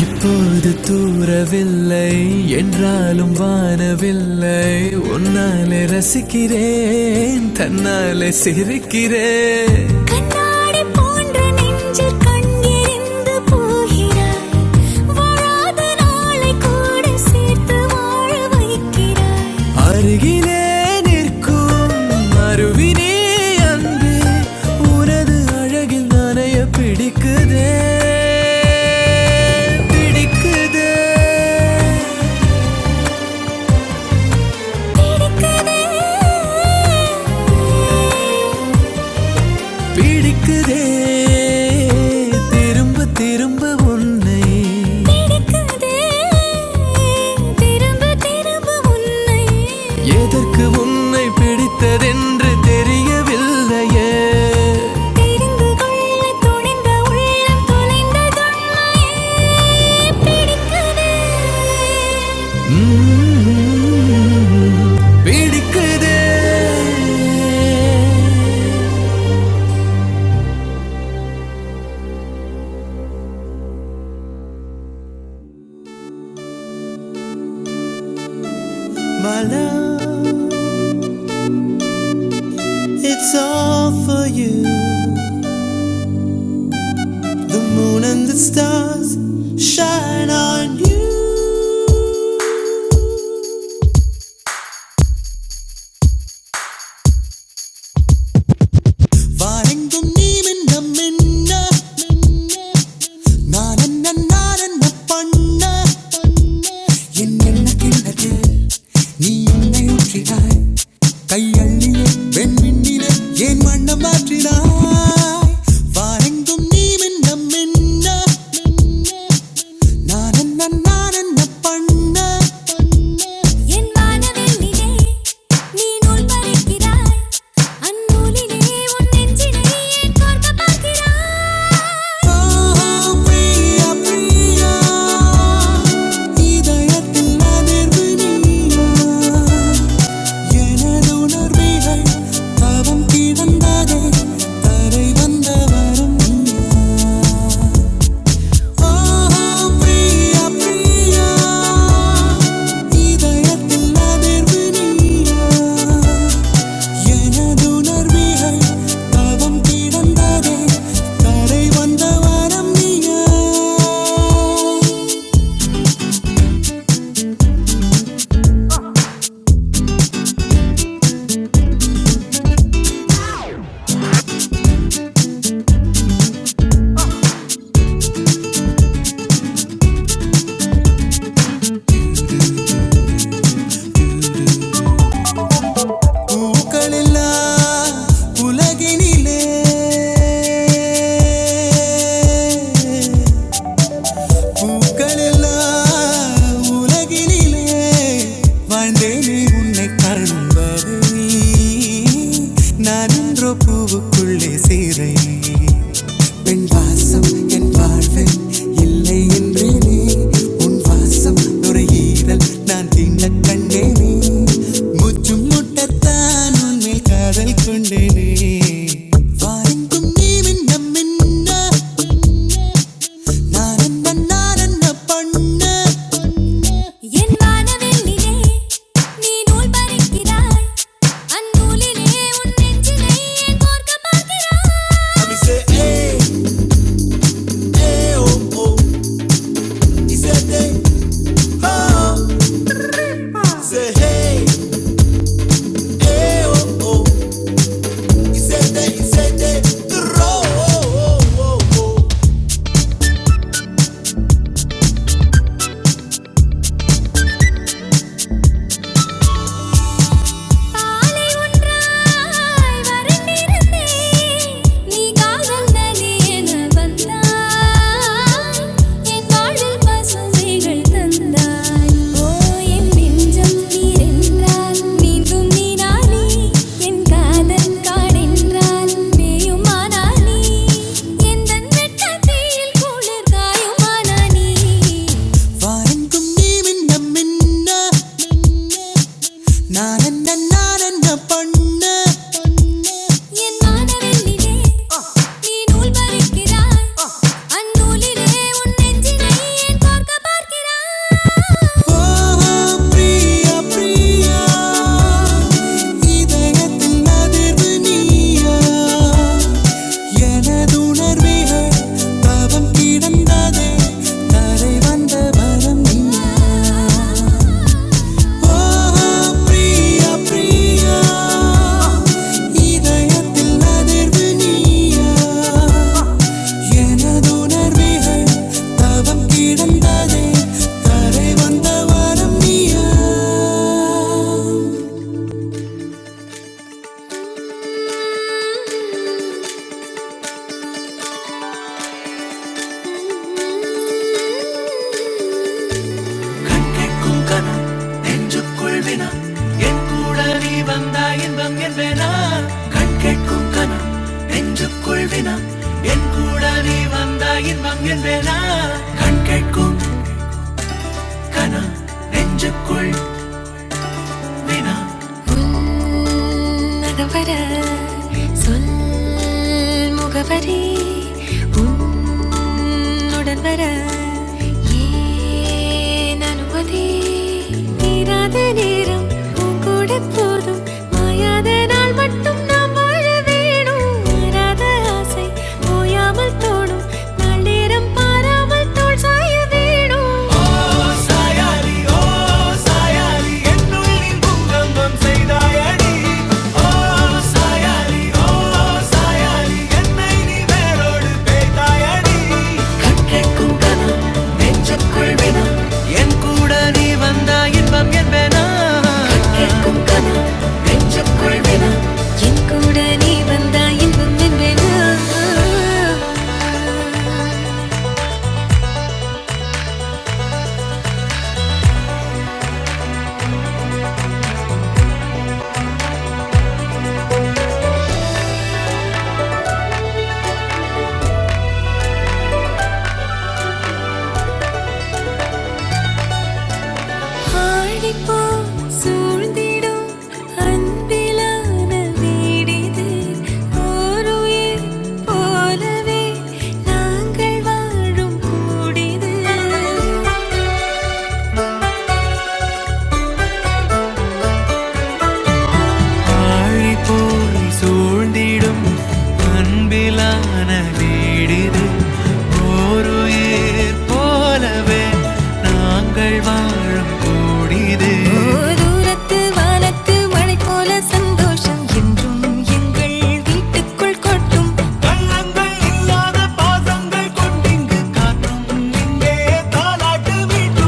இப்போது தூரவில்லை என்றாலும் வானவில்லை உன்னாலே ரசிக்கிறேன் தன்னாலே சிரிக்கிறேன் கண்ணாடி போன்ற நெஞ்சில் கண் எறிந்து போகிறாய் வாழாத நாளை கூட சேர்த்து வாழ வைக்கிறாய் அருகிலே நிற்கும் அருவினே அன்பே உனது அழகில் நனைய பிடிக்குதே பிடிக்குதே பிடிக்குதே திரும்ப திரும்ப உன்னை பிடிக்குதே திரும்ப திரும்ப உன்னை எதற்கு உன்னை பிடித்ததென்று தெரியவில்லையே தெரிந்து கொள்ள துணிந்த உள்ளம் தொலைந்ததொன்னா ஏற்கனே பிடிக்குதே மலம் It's all for you. The moon and the stars shine on you. வானெங்கும் நீ மின்ன மின்ன, நான் என்ன நான் என்ன பண்ண? என் எண்ணம் கிணறு, நீ என்னை ஊற்றினாய். கையள்ளியே வெண்மின் என் வானவெளியிலே நீ நூல் பறிக்கிறாய். அந்நூலிலே உன் நெஞ்சினை ஏன் கோர்க்கப் பார்க்கிறாய்? Oh, oh, oh, பூக்களெல்லாம் உலகினிலே வாழ்ந்தேனே உன்னை காணும் வரை நான் என்றோ பூவுக்குள்ளே சீரை பெண் வாசம் என் வாழ்வில் இல்லை என்றேனே உன் வாசம் நுரையீரல் நான் தின்ன கண்டேனே முற்றும் முட்டத்தான் உன்மேல் காதல் கொண்டேனே வாருங்கும் நீ மின்னம் மின்ன என் வானவெல்லிலே நீ நூல் பறிக்கிறாய் அந்நூலிலே உன் நெஞ்சிலே என் மார்க்கமாகிறாய் ஆலை ஒன்றாய் வறண்டிருந்தே நீ காதல் நதி என வந்தாய் என் வாழ்வில் பசுமைகள் தந்தாய் ஓ என் நெஞ்சம் நீர் என்றால் நீந்தும் நீரானே என் காதல் காடென்றால் மேயுமானானே என் தன் வெட்கத்தில் குளிர்காயுமானானே என் வானவெல்லிலே நீ நூல் பறிக்கிறாய். அந்நூலிலே உன் நெஞ்சினை ஏன் கோர்க்க பார்க்கிறாய்? மங்கின் மங்கின் வேணா கண் கேட்கும் கனா நெஞ்சுக்குள் மகவர சொல் முகவரி உன்னுடன் வர ஏன் அனுமதி தீராத நேரம் உன் கூட போதும் மாயாத நாள் மட்டும் நாம் வாழ வேணும் மாறாத ஆசை அமல் தோணும் நாள் நேரம் சாயாடி ஓ சாயாடி என்னுள்ளில் பூகம்பம் செய்தாயடி ஓ சாயாடி ஓ சாயாடி என்னை நீ வேரோடு பேய்த்தாயடி கற்கைக்கும் கனம் நெஞ்சுக்குள் வினம் என் கூட நீ வந்தாய் இன்பம் என்பேனா கேட்கும் கனம் நெஞ்சுக்குள் வினா என் கூட நீ வந்தா இன்பம் என்பேனா ஆழிப்போல் சூழ்ந்திடும் அன்பிலான வீடிது. ஓருயிர் போலவே நாங்கள் வாழும் கூடிது. ஓதூரத்து வானத்து மழை போல சந்தோஷம் என்றும் எங்கள் வீட்டுக்குள் கொட்டும் கள்ளங்கள் இல்லாத பாசங்கள் கொண்டிங்கு தேவைகள்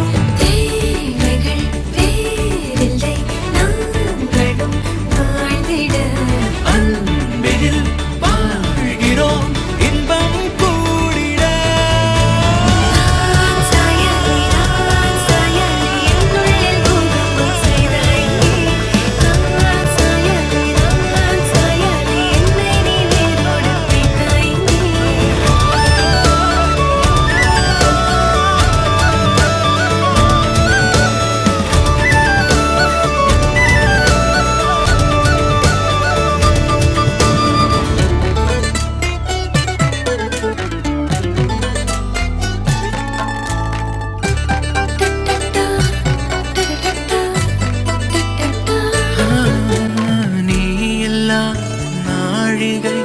வேறில்லை நாங்களும் வாழ்ந்திட நான் சாயலை நான் சாயலை என்னுள்ளில் பூகம்பம் செய்தாய் நீ. நான் சாயலை நான் சாயலை என்னை நீ வேரோடு வைத்தாய் நீ. டட்டா, டட்டா, நீ இல்லா நாழிகை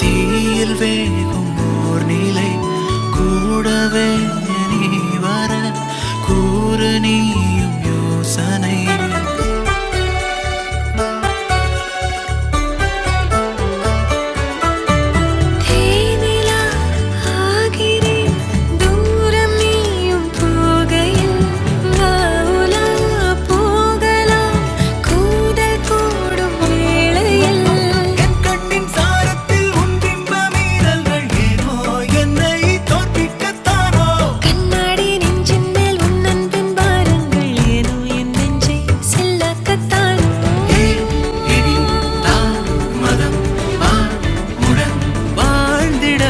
தீயில் வேகும் ஓர் நிலை கூடவே நீ வர கூறு நீயும் யோசனை தேனிலா ஆகிறேன் தூரம் நீயும் போகையில் வாவுலா போகலாம் கூடல் கூடும் வேளையில் என் கண்ணின் சாரத்தில் உன் பிம்ப மீறல்கள் ஏனோ என்னை தோற்பிக்கத்தானோ கண்ணாடி நெஞ்சின் மேல் உன் அன்பின் பாரங்கள் ஏனோ என் நெஞ்சை செல்லாக்கத்தான் ஏலம் உடன் வாழ்ந்திட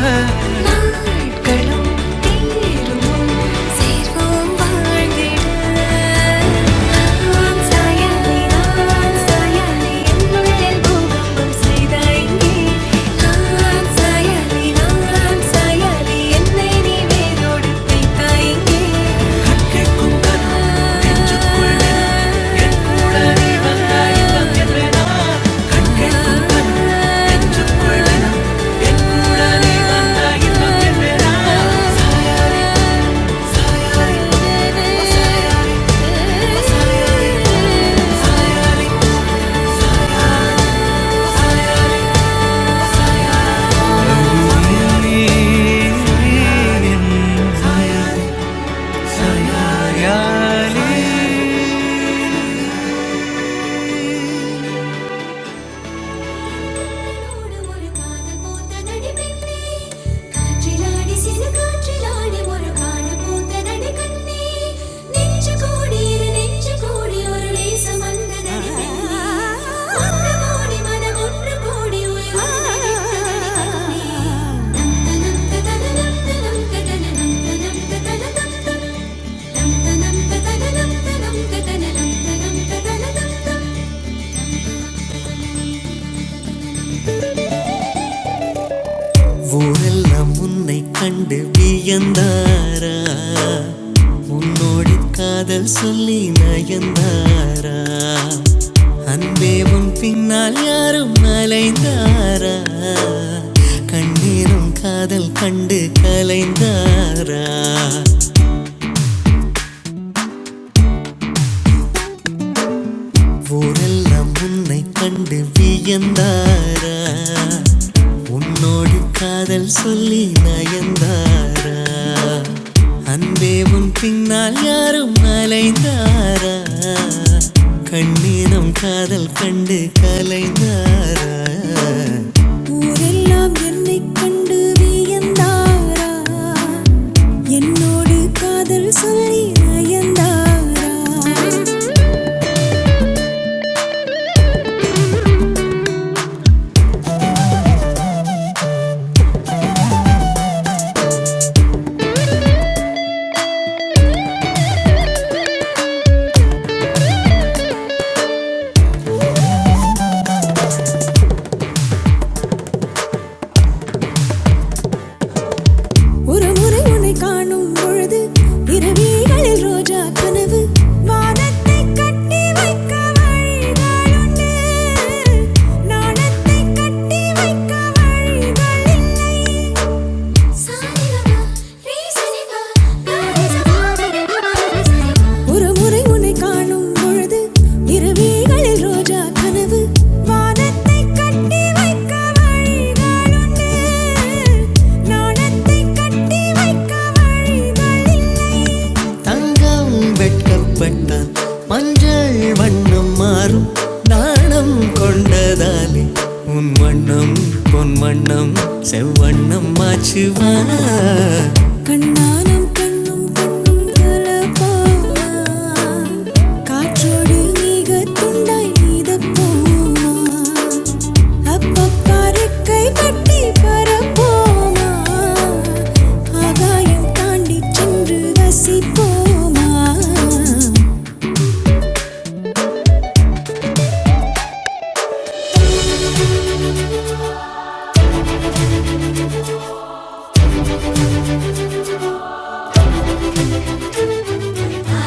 நாட்களும் தீருமும் சேர்வோம் வாழ்ந்திட. ஆம் சாயலே, ஆம் சாயலே, என்னுள்ளே பூகம்பம் செய்தாய் நீ. ஆம் சாயலே, ஆம் சாயலே, என்னை நீ வேரோடு தைத்தாய் நீ. ஆம் சாயலே, ஆம் சாயலே, உன்னோடு ஒரு காதல் பூத்ததடி பெண்ணே. காற்றிலாடி சிறு காற்றிலாடி ஒரு காதல் பூத்ததடி கண்ணே. நெஞ்சு கோடி இரு நெஞ்சு கோடி ஒரு நேசம் வந்ததடி பெண்ணே. ஒன்று கோடி மனம் ஒன்று கோடி உயிர் ஒன்றடி விட்டதடி கண்ணே. நந்த நந்த தன நந்த நந்த தன நந்த நந்த தன நந்த நந்த நந்த தன நந்த நந்த தன நந்த நந்த தன நந்த ஊரெல்லாம் உன்னை கண்டு வியந்தாரா உன்னோடு காதல் சொல்லி நயந்தாரா அன்பே உன் பின்னால் யாரும் அலைந்தாரா கண்ணீரும் காதல் கண்டு கலைந்தாரா ஊரெல்லாம் உன்னை கண்டு வியந்தாரா உன்னோடு காதல் சொல்லி நயந்தாரா அன்பே உன் பின்னால் யாரும் அலைந்தாரா கண்ணீரம் காதல் கண்டு கலைந்து ஊரெல்லாம் என்னைக் கண்டு வியந்தாரா என்னோடு காதல் சொல்லி நயந்தாரா ஒரு முறை உன்னை காணும் பொழுது இரவிகளில் ரோஜா கனவு வானத்தை கட்டி வைக்க வழிகளுண்டு நாணத்தை கட்டி வைக்க வழிகள் இல்லை சாரிகமா ரீசனிகா நாரிசமா ஒரு முறை உன்னை காணும் பொழுது இருவிகளில் ரோஜா கனவு வானத்தை கட்டி வைக்க வழிகாலுண்டு நாணத்தை கட்டி வைக்க வழி தங்கம் வெட்கப்பட்டான் மஞ்சள் வண்ணம் மாறும் நாணம் கொண்டதாலே உன் வண்ணம் பொன் வண்ணம் செவ்வண்ணம் மாச்சுவா கண்ணாலும் கண்ணும் பொண்ணும் கலப்பாமா. காற்றோடு மிக துண்டாய் நீதப் போமா அப்பப்பருக்கை தட்டி பரப்போமா ஆகாயம் தாண்டி சென்று ரசிப்போமா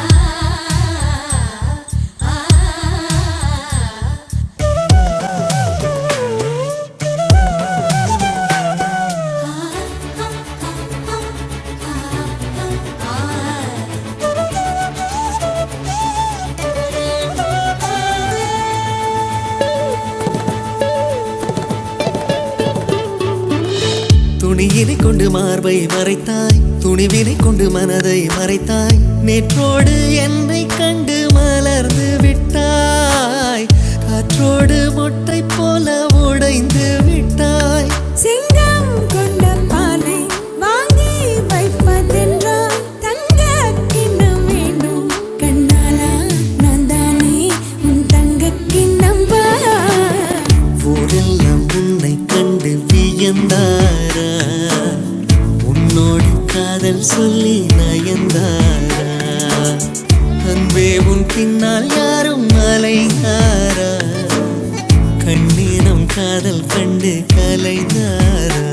ஆ ஆ துணியினை கொண்டு மார்பை மறைத்தாய் துணிவினை கொண்டு மனதை மறைத்தாய் நேற்றோடு என்னை கண்டு மலர்ந்து விட்டாய் காற்றோடு மொட்டை போல உடைந்து விட்டாய் சிங்கம் கொண்ட பானை வாங்கி வைப்பதென்றால் தங்க கிண்ணம் வேண்டும் கண்ணாலா நான் தானே உன் தங்க கிண்ணம் பா எல்லாம் உன்னை கண்டு வியந்தாரா உன்னோடு காதல் சொல்லி நயந்தார் அன்பே உன் பின்னால் யாரும் அலைந்தார் கண்ணீரம் காதல் கண்டு கலைந்தாரா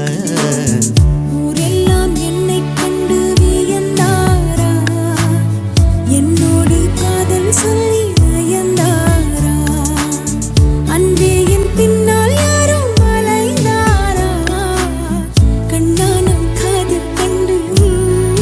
ஊரெல்லாம் என்னைக் கண்டு வியந்தாரா? என்னோடு காதல் சொல்லி நயந்தாரா? அன்பே என் பின்னால் யாரும் அலைந்தாரா? கண்ணானம் காதல் கண்டு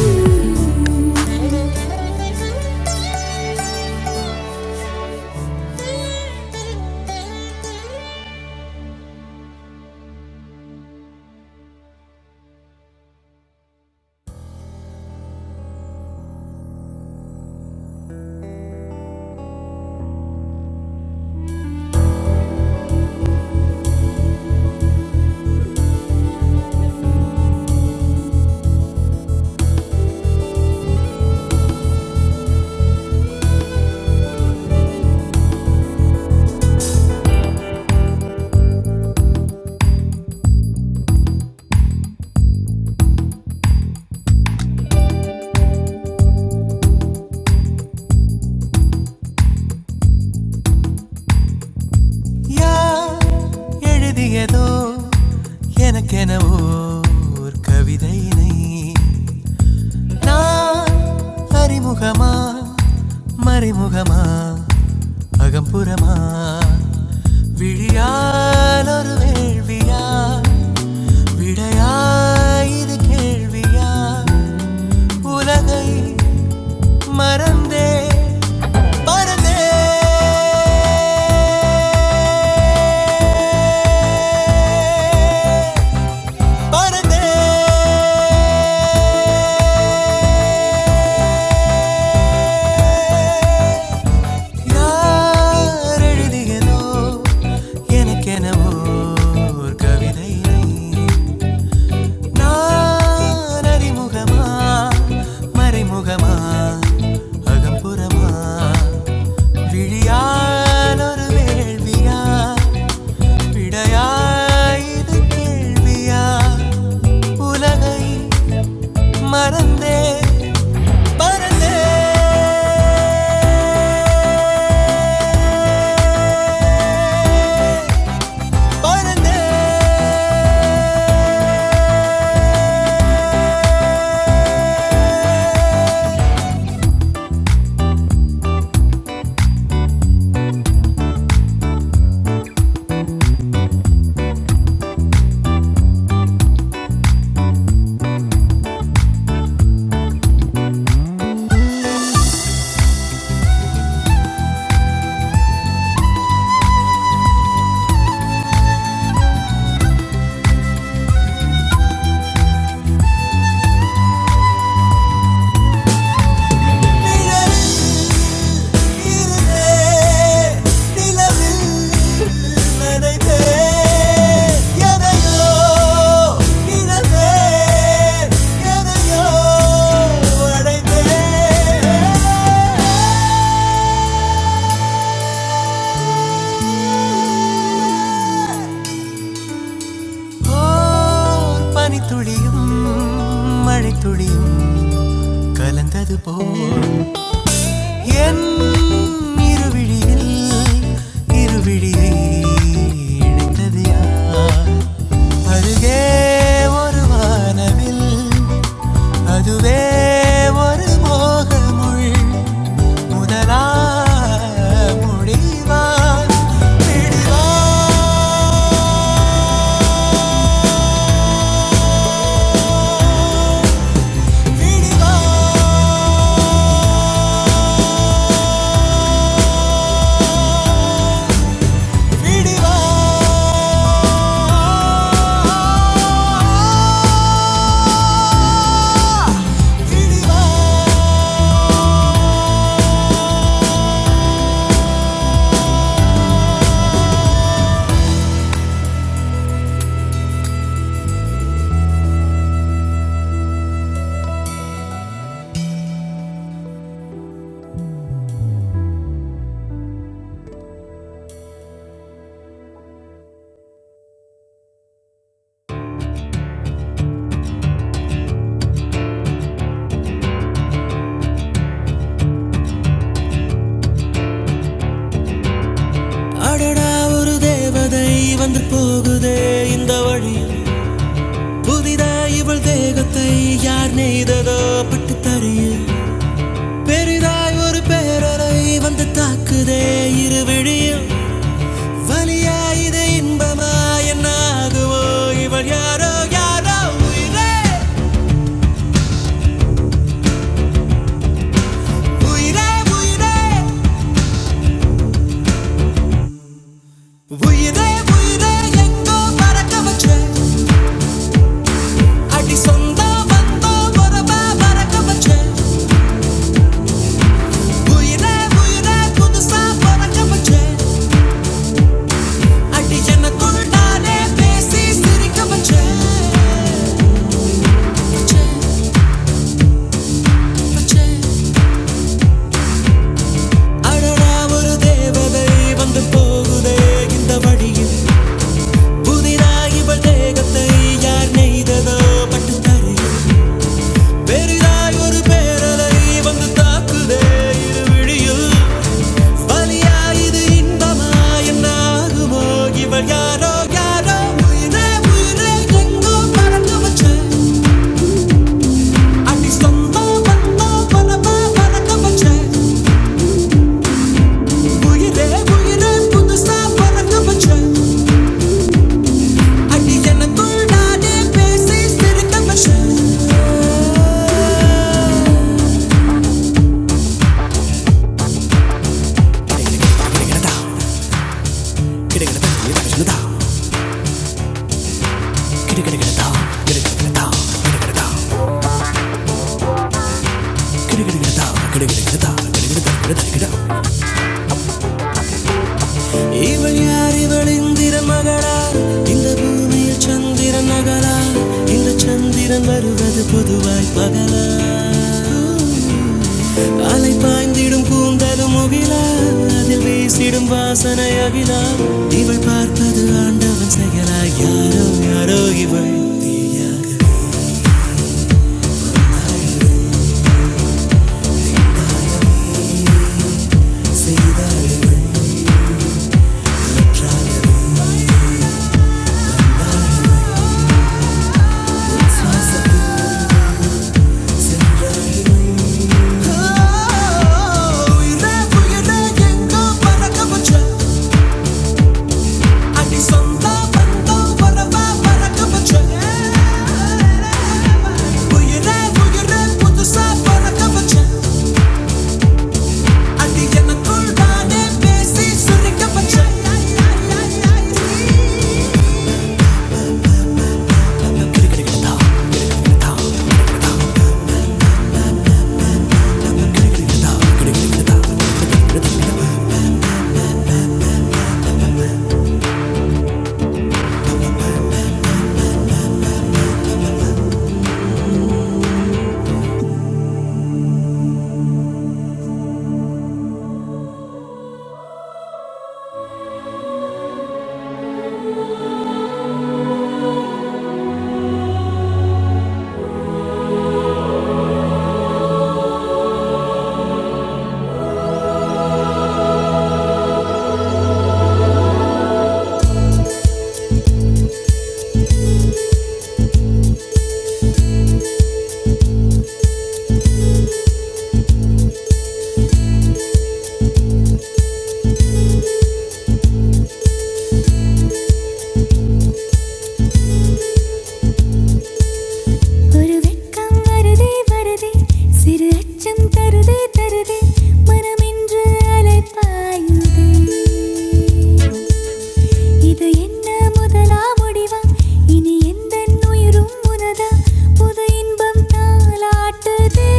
ஓர் கவிதையினை அறிமுகமா மறைமுகமா அகம்புறமா விழியால் ஒரு வேள்வியா யாய் இது கேள்வியா உலகை மறந்தே பறந்தே பறந்தே நானோ எனக்கெனவோ ஓர் கவிதையினை நான் அறிமுகமா மறைமுகமா அகம்புறமா விழியால் ஒரு வேள்வியா விடையாய் இது கேள்வியா உலகை மறந்தே பறந்தே நிழலிலே நிலவில் நினைவே எதையோ இழந்தே எதையோ அடைந்தே ஓர் பனித்துளியும் மழைத்துளியும் கலந்தது போல் என் இருவிழியில் இருவிழியை இணைத்தது யார் அருகே ஒரு வானவில் அதுவே ஒரு மோகமுள் முதலா முடிவான் விடுவா விடுவா விடுவா அடடாது புரியும் இவள் தேகத்தை யார் நெய்ததோ பட்டு தறியும் பெரிதாய் ஒரு பேரலை வந்து தாக்குதே இரு விழியும் ஐயா, இது இன்பமாகுமோ உயிரே உயிரே உயிரே எங்கோ பறக்க வச்சேன் அடி சொந்தா வந்தா வரவா பறக்க வச்சேன். உயிரே உயிரே புதுசா பறக்க வச்சேன். அடி எனக்குள் நானே பேசி சிரிக்க வச்சேன். வச்சேன். அடடா ஒரு தேவதை வந்து போகுதே இந்த வழியில். புதிதாய் இவள் தேகத்தை யார் நெய்ததோ பட் பெரிதாக்குதே இரு விழியில். வலியா இது இன்பமா என்ன ஆகுமோ இவள் யாரோ யார் உயிரே உயிரே எங்கோ பறக்க வச்சேன் இவள் யார் இவள் இந்திர மகளா இந்த பூமியில் சந்திரன் நகலா இந்த சந்திரன் வருவது பொதுவாய் பகலா அலை பாய்ந்திடும் கூந்தலும் முகில அதில் வீசிடும் வாசனை அகில இவள் பார்ப்பது ஆண்டவன் செயலா யாரோ யாரோ இவள் ஒரு வெட்கம் வருதே வருதே சிறு அச்சம் தருதே தருதே மனமென்று அலை பாயுதே இது என்ன முதலா முடிவா இனி எந்த உயிரும் உனதா புது இன்பம் தாளாட்டுதே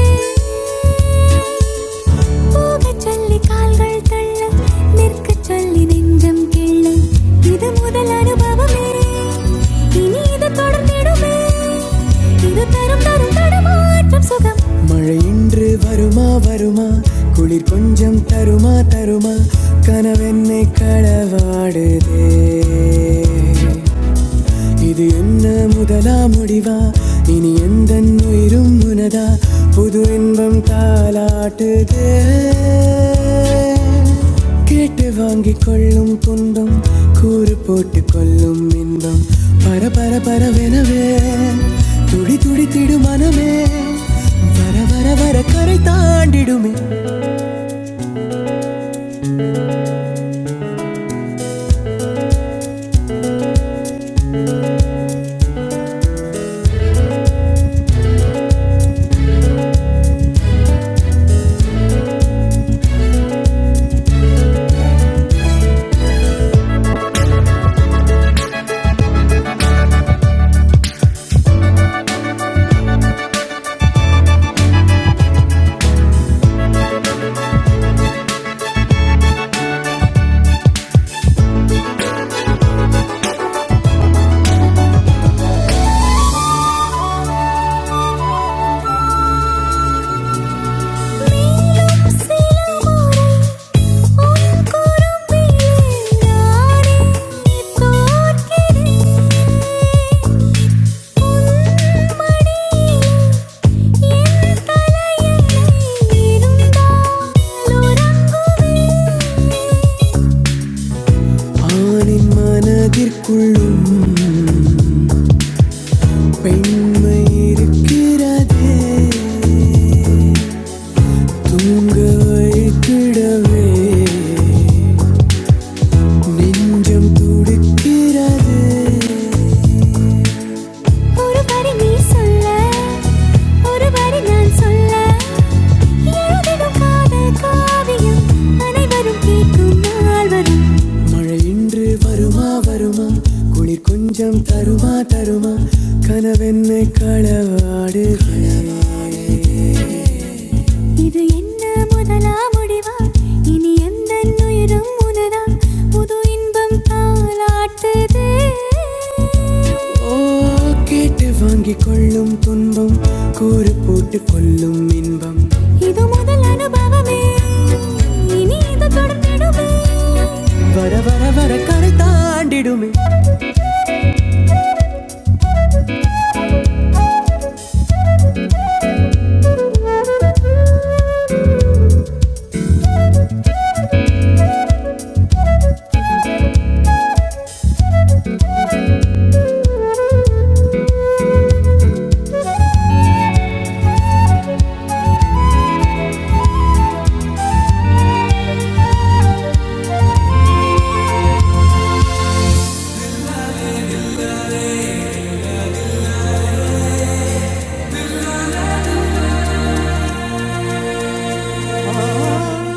போகச் சொல்லி கால்கள் தள்ள நிற்கச் சொல்லி நெஞ்சம் கிள்ள இது முதல் அனுபவமே இனி இது தொடர்ந்திடுமே இது தரும் தரும் தடுமாற்றம் சுகம் மழை இன்று வருமா வருமா குளிர் கொஞ்சம் தருமா தருமா கனவென்னை களவாடுதே இது என்ன முதலா முடிவா இனி எந்த உயிரும் உனதா புது இன்பம் தாலாட்டுது கேட்டு வாங்கிக் கொள்ளும் துன்பம் கூறு போட்டு கொள்ளும் இன்பம் பர பர பரவெனவே துடி துடி திடு மனமே வர வர வர கரை தாண்டிடுமே உன் குறும்பில் நானே நிற்கிறேன் ஆணின் மனதிற்குள்ளும் பெண்மை இருக்கிறதே தூங்க வைக்கிடவே நெஞ்சம் துடிக்கிறது வருமா வரும் தருமா தருமா எனவே கேள்வி இது என்ன முதலா முடிவா இனி எந்த உயிரும் உனதா புது இன்பம் தாளாட்டுதே ஓ கேட்டு வாங்கி கொள்ளும் துன்பம் கூறு போட்டு கொள்ளும் இன்பம் இது முதல் அனுபவமே இனி இது தொடர்ந்திடுமே வர வர வர கரை தாண்டிடுமே காற்றில்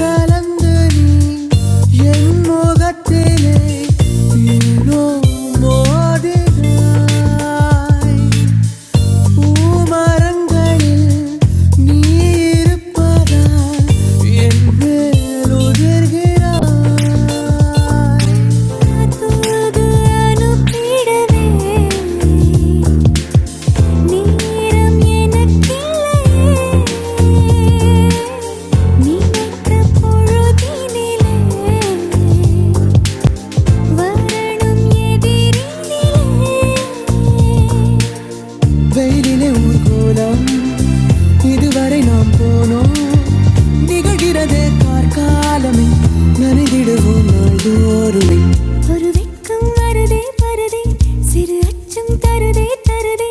கலந்த நீ என் முகத்திலே ஏனோ மோதினாய். பூமரங்களில் நீ இருப்பதால் என் மேல் உதிர்கிறாய் உனது பீடவே நேரம் எனக்கில்லையே நினைத்த பொழுதினிலே வரணும் எதிரினிலே வெயிலிலே ஊர்கோலம் இதுவரை நாம் போனோம் நிகழ்கிறதே பார்க்காலமே நனைந்திடுவோம் நாள்தோறுமே ஒரு வெட்கம் வருதே வருதே சிறு அச்சம் தருதே தருதே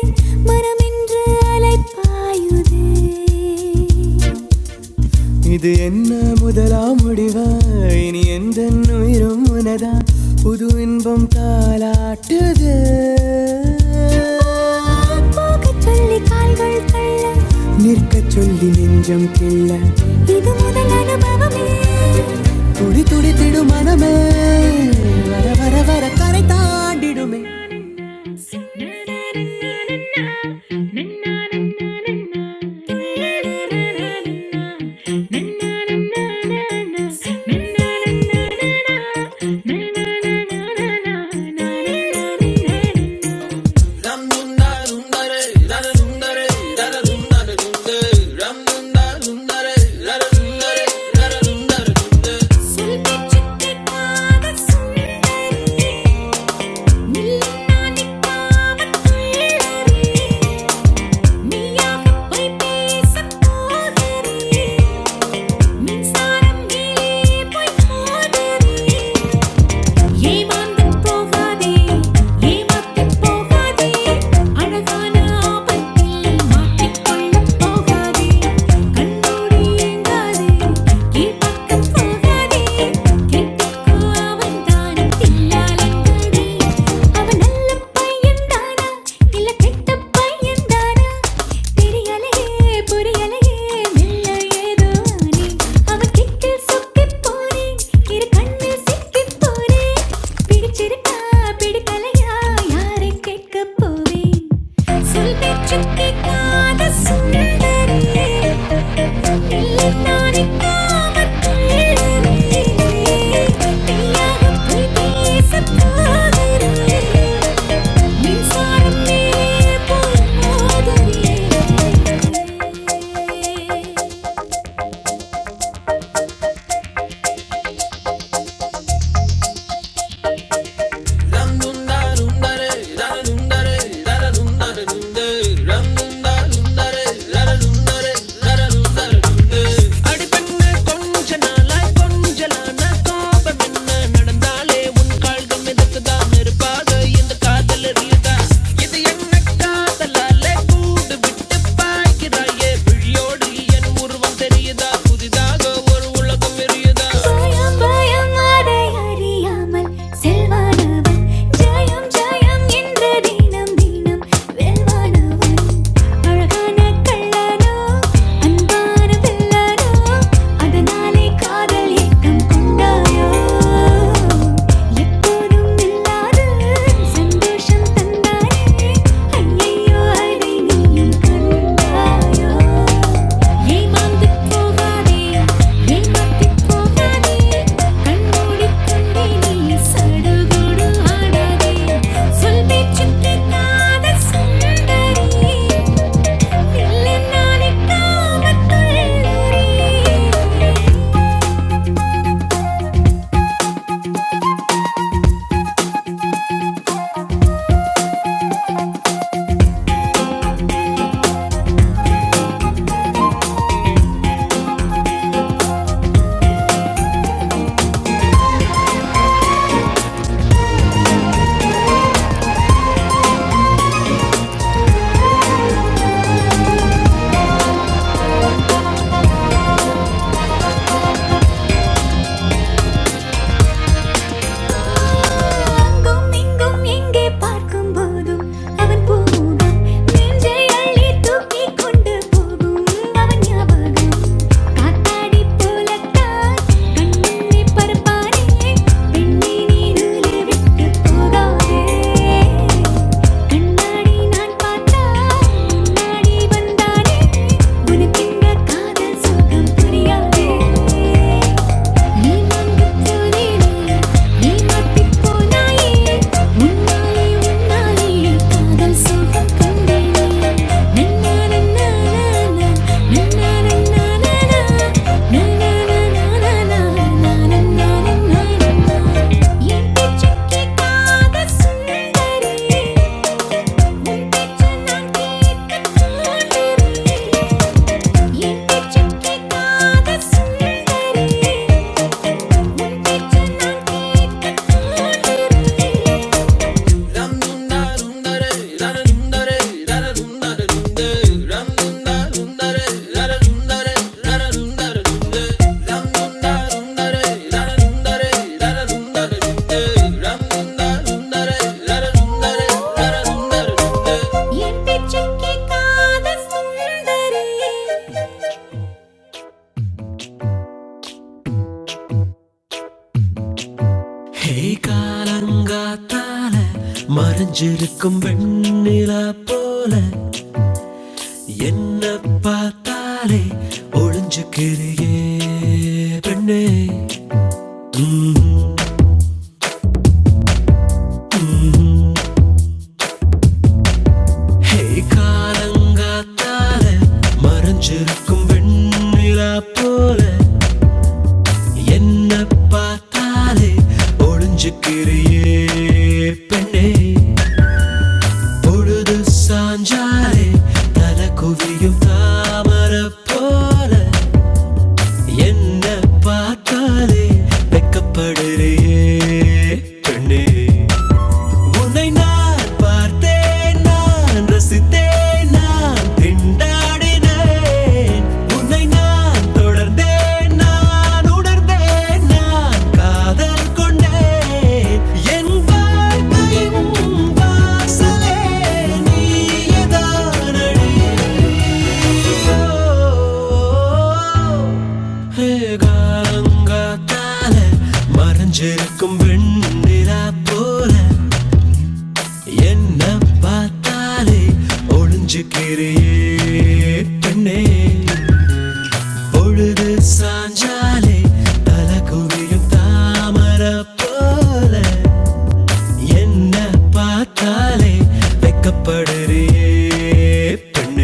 மனமென்று அலைப்பாயுதே இது என்ன முதலாம் முடிவா இனி எந்த உயிரும் உனதா புது இன்பம் தாலாட்டுது போகச் சொல்லி கால்கள் தள்ள நிற்கச் சொல்லி நெஞ்சம் கிள்ள இது முதல் அனுபவமே துடி துடித்திடும் மனமே வர வர வர கரை தாண்டிடுமே நீ புரியலையே மெல்ல ஏதோ ஆனே அவன் கிக்கில் சொக்கிப் போனேன் இரு கண்ணில் சிக்கிப் போனேன் பிடிச்சிருக்கா பிடிக்கலையா யாரை கேட்கப் போவேன் சொல் பேச்சுக் கேட்காத சுந்தரரே இல்லை நானுக்காகத் துள்ளரே தனியாகப் போய் பேசப் போகிறேன் Ramundarundare, Ramundarare, Ramundarundare, Ramundarundare, Ramundarare, Ramundarare, Ramundar. அடி பெண்ணே, கொஞ்ச நாளாய் கொஞ்சலான கோபம் என்ன? நடந்தாலே உன் கால்கள் மிதக்குதா? நெருப்பாக இந்த காதல் எரியுதா? இது என்ன காதலாலே கூடு விட்டு பாய்கிறாயே? விழியோடு என் உருவம் தெரியுதா? புதிதாக ஒரு உலகம் எரியுதா பயம் பயம் அதை அறியாமல் செல் செல்வானவன் ஜெயம் ஜெயம் என்ற தினம் தினம் வெல்வானவன் அழகான கள்ளனோ அன்பான பிள்ளனோ அதனாலே காதல் ஏக்கம் கொண்டாயோ எப்போதும் இல்லாத சந்தோஷம் தந்தானே ஐயையோ அதை நீ நீயும் கண்டாயோ ஏமாந்து போகாதே ஏமாத்தி போகாதே கண்மூடி கொண்டே நீ சடுகுடு ஆடாதே சொல் பேச்சுக் கேட்காத சுந்தரி இல்லை நானே காமத் துள்ளரி அங்கும் இங்கும் எங்கே பார்க்கும் போதும் அவன் போகும் நெஞ்சை அள்ளி தூக்கிக் கொண்டு போகும் அவன் ஞாபகம் காத்தாடி போலத்தான் கண்முன்னே பறப்பானே பெண்ணினி நூலை விட்டு போகாதே கண்ணாடி நான் பார்த்தா முன்னாடி வந்தானே உனக்கு எங்க காதல் சுகம் புரியாதே சுந்தரி என் பேச்சுக்கு காத சுந்தரி ஹே காலங்காத்தால மறைஞ்சிருக்கும் வெண்ணிலா போல என்ன பார்த்தாலே ஒளிஞ்சுக்கிறியே பெண்ணே ம்ஹும், ம்ஹும். ஹே காலங்காத்தால மறைஞ்சிருக்கும் வெண்ணிலா போல என்ன பார்த்தாலே ஒளிஞ்சுக்கிறியே பெண்ணே பொழுது சாஞ்சாலே தல குவியும் தாமர போல என்ன பார்த்தாலே வெக்கப்படுறியே பெண்ணே உன்னை நான் பார்த்தேன் நான் ரசித்தேன் நான் திண்டாடினேன் உன்னை நான் தொடர்ந்தேன் நான் உணர்ந்தேன் நான் காதல் கொண்டேன் என் வாழ்க்கையின் வாசலே நீயேதானடி. ஓ, ஓ, ஓ. காத்தால மறைஞ்சிருக்கும் வெண்ணிலா போல என்ன பார்த்தாலே ஒளிஞ்சுக்கிறியே பெண்ணே பொழுது சாஞ்சாலே தலை குவியும் தாமரை போல என்ன பார்த்தாலே வெக்கப்படுறியே பெண்ணே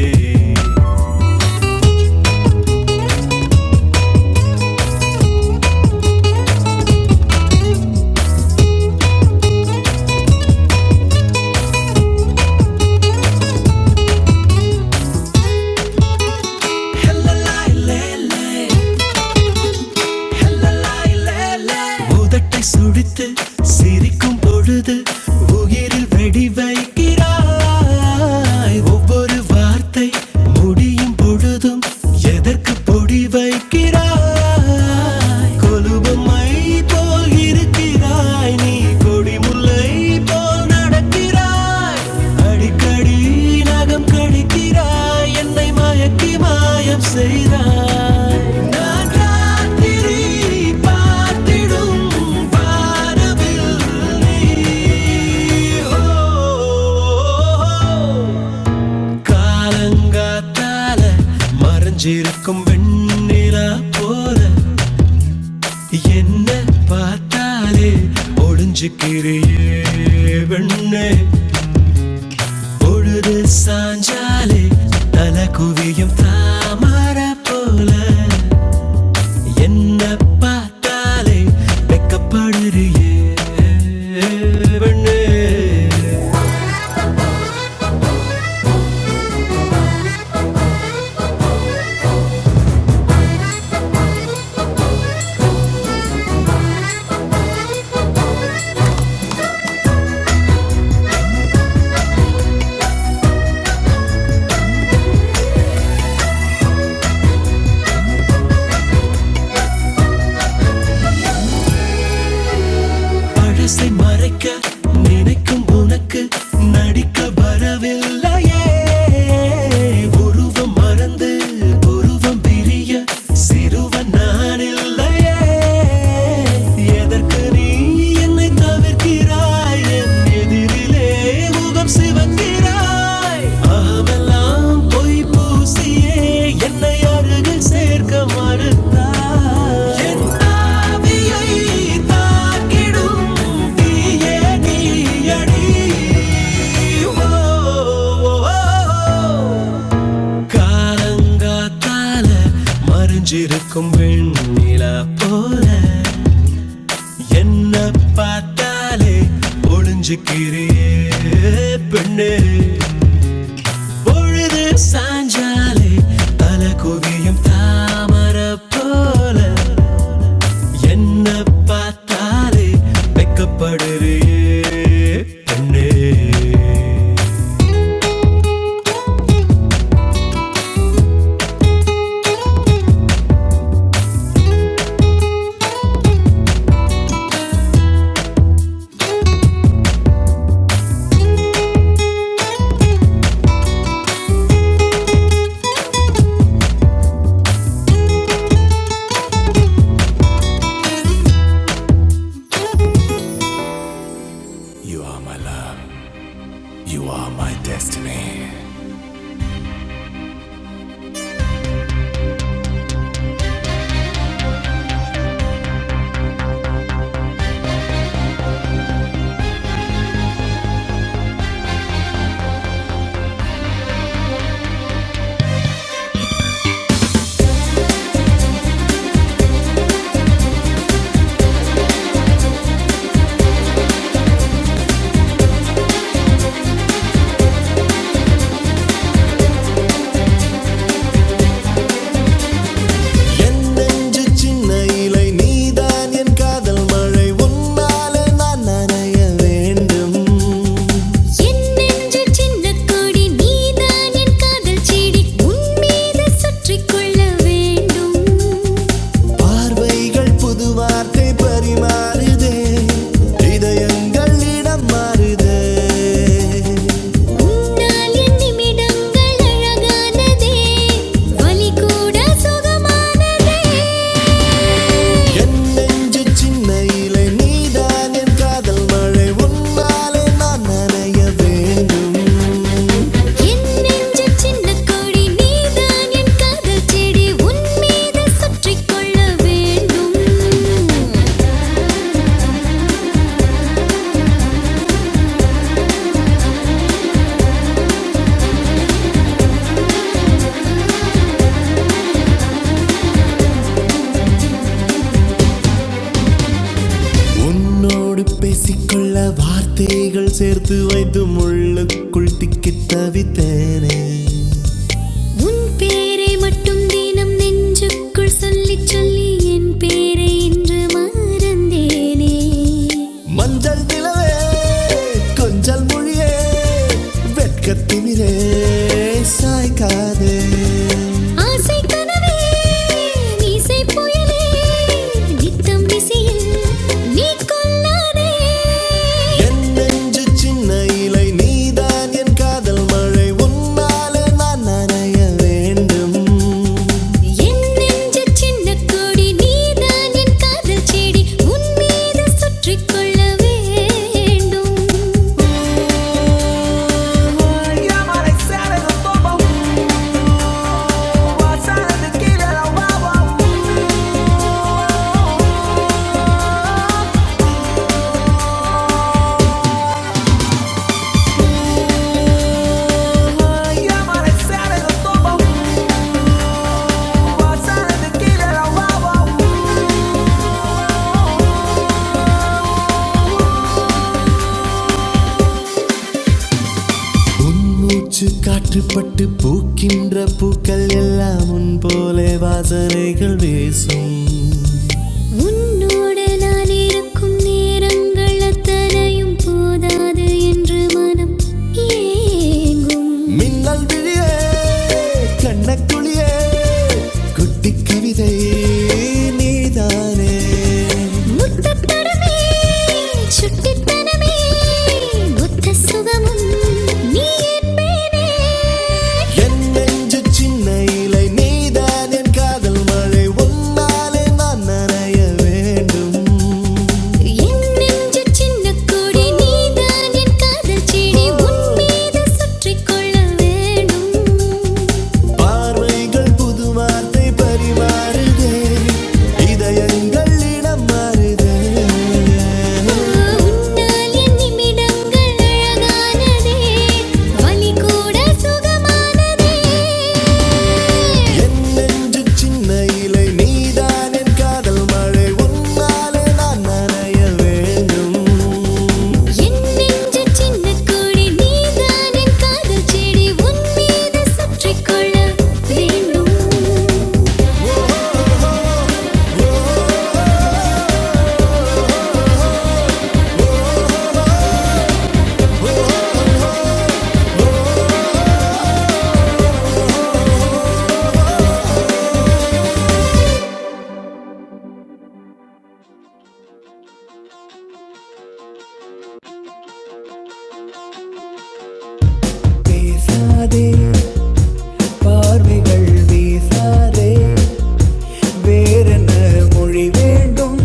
உதட்டை சுழித்து சிரிக்கும் பொழுது உயிரில் வெடி வைக்கிறாய் ஒவ்வொரு வார்த்தை முடியும் பொழுதும் எதற்கு பொடி வைக்கிறாய் கொலுபமை போல் இருக்கிறாய் நீ கொடிமுல்லை போல் நடக்கிறாய் அடிக்கடி நகம் கடிக்கிறாய் என்னை மயக்கி மாயம் செய்தாய் நான் ராத்திரி பார்த்திடும் வானவில் நீ. ஓ, காலங்காத்தால மறைஞ்சிருக்கும் வெண்ணிலா போல என்ன பார்த்தாலே ஒளிஞ்சுக்கிறியே வெண்ணே பொழுது சாஞ்சாலே தல குவியும் தாமர போல என்ன பார்த்தாலே வெக்கப்படுறியே பெண்ணே. பழசை மறைக்க நினைக்கும் உனக்கு நடிக்க வரவில்லையே உருவம் மறந்து உருவம் பிரிய சிறுவன் நான் இல்லையே எதற்கு நீ என்னை தவிர்க்கிறாய் என் எதிரிலே முகம் சிவக்கிறாய் அகமெல்லாம் பொய் பூசியே என்னை அருகில் சேர்க்க மறுத்தாய் என் ஆவியை தாக்கிடும் தீய நீயடி ஓ, ஓ, ஓ. காலங்காத்தால மறைஞ்சிருக்கும் வெண்ணிலா போல என்ன பார்த்தாலே ஒளிஞ்சுக்கிறியே பெண்ணே பொழுது சாஞ்சாலே தலை குவியும் தாமரை போல என்ன பார்த்தாலே வெக்கப்படுறியே பெண்ணே You are my love, you are my destiny என் நெஞ்சு சின்ன இலை நீதான் என் காதல் மழை உன்னாலே நான் நனைய வேண்டும் என் நெஞ்சு சின்னக் கொடி நீதான் என் காதல் செடி உன் மீது சுற்றிக் கொள்ள வேண்டும் உன்னால் என் நிமிடங்கள் அழகானதே வலி கூட சுகமானதே என் நெஞ்சு சின்னக் கொடி நீதான் என் காதல் செடி உன் மீது சுற்றிக் கொள்ள வேண்டும் உன்னோடு பேசிக்கொள்ள வார்த்தைகள் சேர்த்து வைத்து முள்ளுக்குள் திக்கித் தவித்தேனே உன் பேரை மட்டும் தினம் நெஞ்சுக்குள் சொல்லிச் சொல்லி என் பேரை இன்று மறந்தேனே மஞ்சள் நிலவே கொஞ்சல் மொழியே வெட்கத்தினிலே சாய்க்காதே ஆசை கனவே இசை புயலே நித்தம் விசியில் நீ கொல்லாதே என் நெஞ்சு சின்ன இலை நீதான் என் காதல் மழை உன்னால் என்னெஞ்yddசு சின்னக்குடி rub praising காததுெடி உன்னித rained metrosு எட் Bai confrontedேட்டு inad வேம் 판 warriorsை கிரர்த்து தொல்ப ஊவேzenie உன்மூச்சு காற்றுப்பட்டு பூக்கின்ற பூக்கள் எல்லாம் உன் போலே வாசனைகள் வீசும் உன்னோடு நான் இருக்கும் நேரங்கள் அத்தனையும் போதாது என்று மனம் ஏங்கும் மின்னல் விழியே கண்ணக்குளியே குட்டி கவிதை நீதானே முத்தத்தனமே சுட்டித்தனமே முத்த சுகமும் நீ என்பேனே என் நெஞ்சு சின்ன கொடி நீதான் என் காதல் செடி உன் மீது சுற்றிக் கொள்ள வேணும் உன்னால் என் நிமிடங்கள் அழகானதே வலி கூட சுகமானதே என் நெஞ்சு சின்ன கொடி நீதான் என் காதல் செடி உன் மீது சுற்றிக் கொள்ள வேணும் பேசாதே பார்வைகள் வீசாதே வேறென்ன மொழி வேண்டும்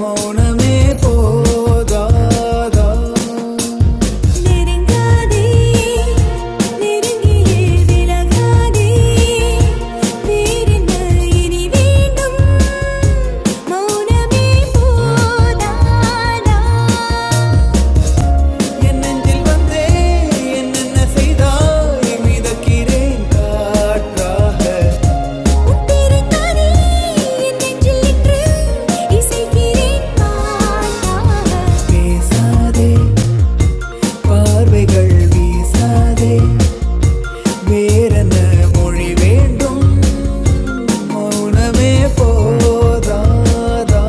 மௌனமே போதாதா நீயே விலகாய் வேறென்ன என் நெஞ்சில் வந்தே என்னென்ன செய்தாய் மிதக்கிறேன் காற்றாக பேசாதே பார்வைகள் வீசாதே வேறென்ன மொழி வேண்டும் மௌனமே போதாதா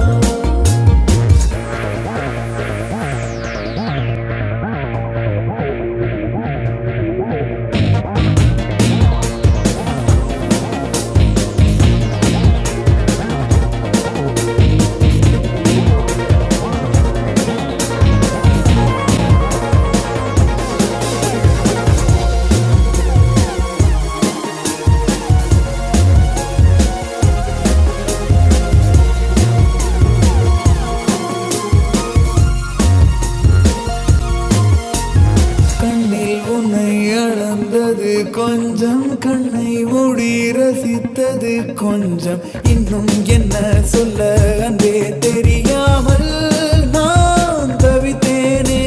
கண்ணில் உன்னை அளந்தது கொஞ்சம் கண்ணை மூடி ரசித்தது கொஞ்சம் இன்னும் என்ன சொல்ல அன்பே தெரியாமல் நான் தவித்தேனே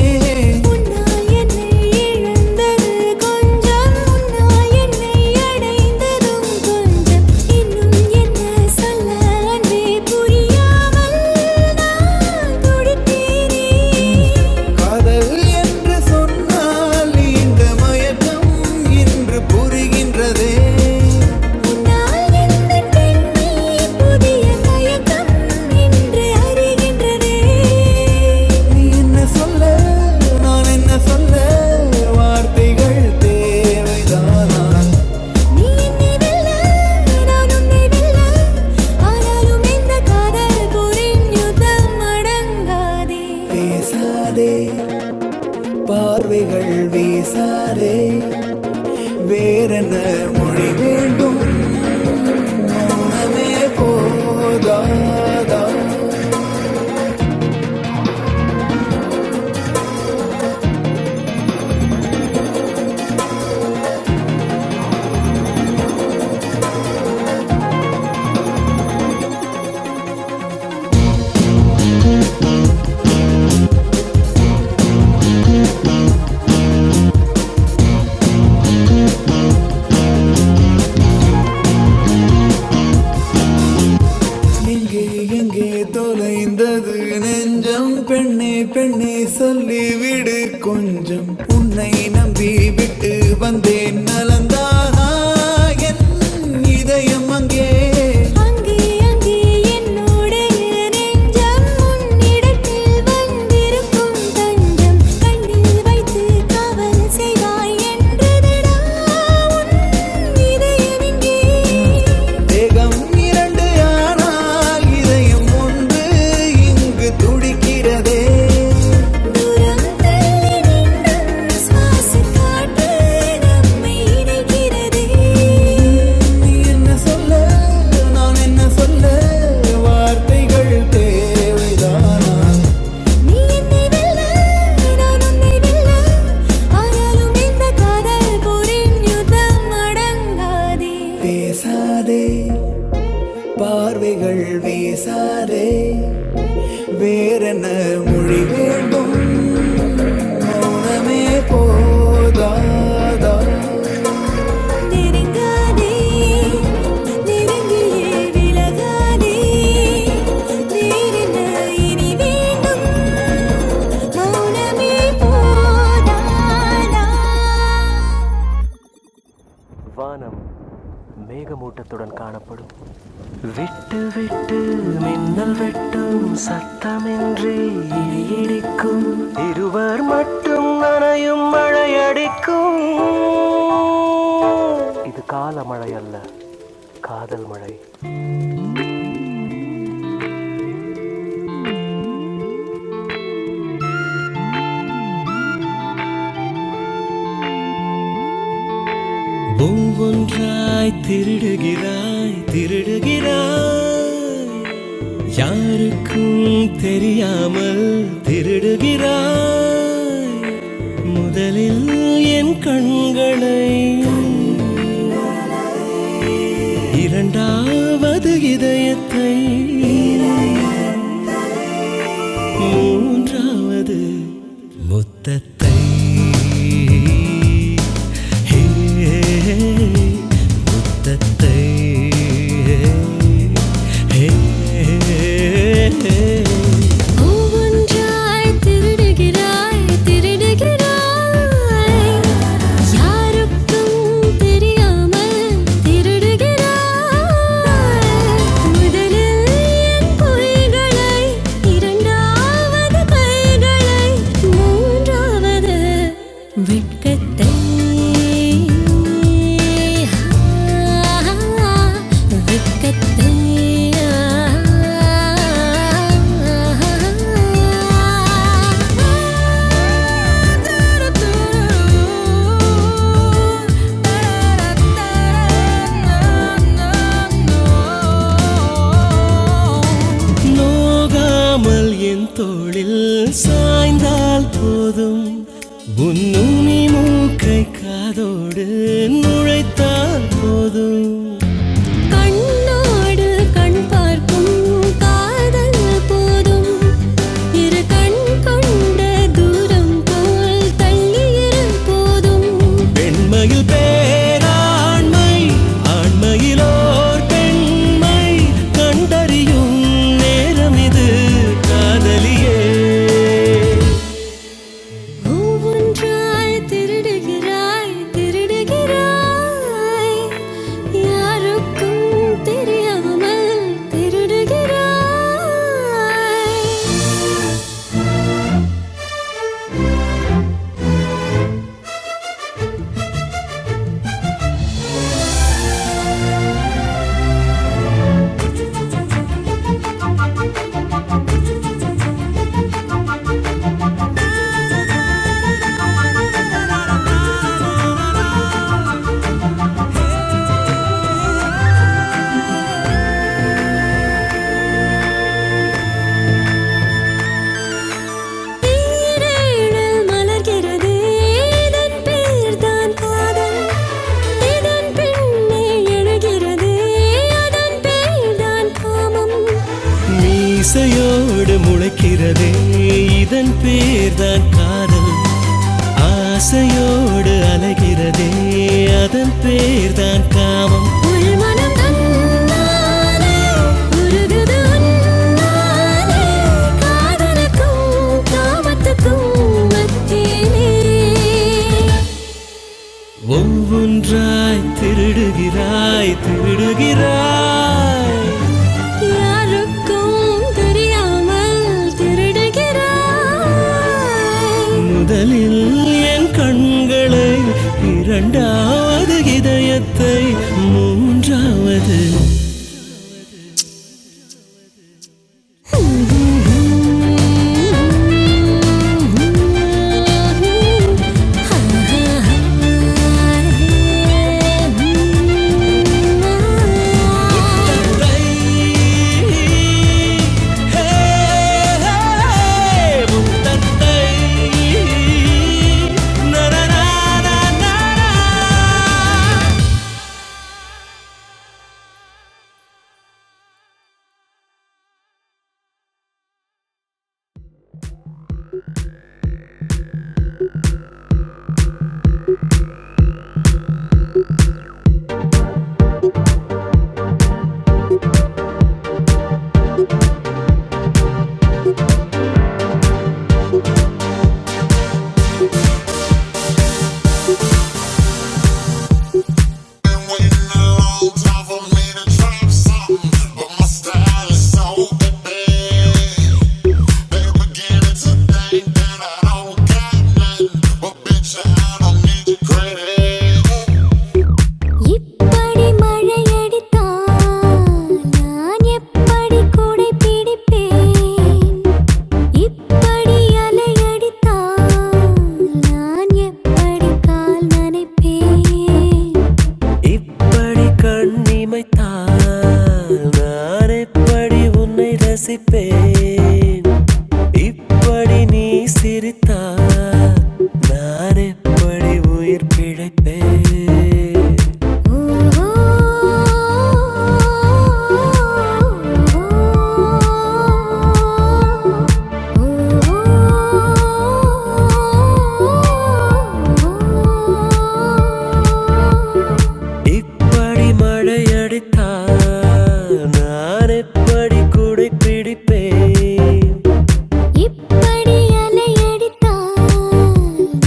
உன்னாய் என்னை இழந்தது கொஞ்சம் சொன்னாய் என்னை அடைந்ததும் கொஞ்சம் இன்னும் என்ன சொல்ல அன்பே புரியாமல் நான் துடித்தேனே காதல் என்று சொன்னால் இந்த மயக்கம் இன்று புரிகின்றதே நான் எந்த பெண்ணே புதிய தயக்கம் என்று அறிகின்றதே நீ என்ன சொல்ல நான் என்ன சொல்ல வார்த்தைகள் தேவைதானா நீ என்னை வெல்ல நான் உன்னை வெல்ல ஆனாலும் இந்த காதல் போரின் யுத்தம் அடங்காதே பேசாதே பார்வைகள் வீசாதே வேறென்ன மொழி வேண்டும் همه پر دادم எங்கே எங்கே தொலைந்தது நெஞ்சம் பெண்ணே பெண்ணே சொல்லிவிடு கொஞ்சம் உன்னை நம்பி விட்டு வந்தேன் நலந்தாகா என் இதயம் அங்கே அங்கே அங்கே என்னுடைய நெஞ்சம் உன்னிடத்தில் வந்திருக்கும் தஞ்சம் கண்ணில் வைத்து காவல் செய்வாய் என்றதடா உன் இதயமிங்கே தேகம் இரண்டு ஆனால் இதயம் ஒன்று இங்கு துடிக்கிறதே தூரம் தள்ளி நின்றும் சுவாச காற்று நம்மை இணைக்கிறதே நீ என்ன சொல்ல நான் என்ன சொல்ல வார்த்தைகள் தேவைதானா நீ என்னை வெல்ல நான் உன்னை வெல்ல ஆனாலும் இந்த காதல் போரின் யுத்தம் அடங்காதே பேசாதே பார்வைகள் பேசாதே வேறென்ன மொழி வேண்டும் நெருங்காதே நெருங்கியே விலகாதே வேறென்ன இனி வேண்டும் மௌனமே போதாதா சத்தமின்றி இடிக்கும் இருவர் மட்டும் நனையும் மழையடிக்கும் இது கால மழை அல்ல காதல் மழை ஒவ்வொன்றாய் திருடுகிறாய் திருடுகிறாய் யாருக்கும் தெரியாமல் திருடுகிறாய் முதலில் என் கண்களை இரண்டாவது இதயத்தை மூன்றாவது முத்தத்தை ஹே, முத்தத்தை ஹே, ஹே, ஹே. ஒவ்வொன்றாய் திருடுகிறாய் திருடுகிறாய் யாருக்கும் தெரியாமல் திருடுகிறாய் முதலில் என் பொய்களை இரண்டாவது கைகளை மூன்றாவது வெட்கத்தை Oh நோகாமல் என் தோளில் சாய்ந்தால் போதும் உன்னுனி மூக்கை காதோடு நுழைத்தால் போதும் கண்ணோடு கண் பார்க்கும் காதல் போதும் இரு கண் கொண்ட தூரம் போல் தள்ளியிரு போதும் பெண்மையில் பேராண்மை ஆண்மையிலோர் பெண்மை கண்டறியும் நேரம் இது காதலியே பூவொன்றாய் திருடுகிறாய் திருடுகிறாய் யாருக்கும் தெரியாமல் திருடுகிறாய் தேனில் மலர்கிறது இதன் பேர் தான் காதல் இதன் பின்னே எழுகிறது அதன் பேர் தான் காமம் மீசையோடு முளைக்கிறதே இதன் பேர்தான் காதல் ஆசையோடு அலைகிறதே அதன் பேர் தான் காமம் உள் மனம் தன்னாலே உருகுது உன்னாலே காதலுக்கும் காமத்துக்கும் மத்தியிலே ஒவ்வொன்றாய் திருடுகிறாய் திருடுகிறாய் யாருக்கும் தெரியாமல் திருடுகிறாய் முதலில் என் கண்களை இரண்டாவது இதயத்தை மூன்றாவது Thank you. but my style is so இப்படி மழையடித்தால் நான் எப்படி கூடை பிடிப்பேன் இப்படி அலையடித்தால் நான் எப்படி கால் நனைப்பேன் கண் இமைத்தால் நான் எப்படி உன்னை ரசிப்பேன் இப்படி நீ சிரித்தால் நான் எப்படி உயிர் பிழைப்பேன் Ooh. இப்படி மழையடித்தால் நான் எப்படி கூடை பிடிப்பேன் இப்படி அலையடித்தால்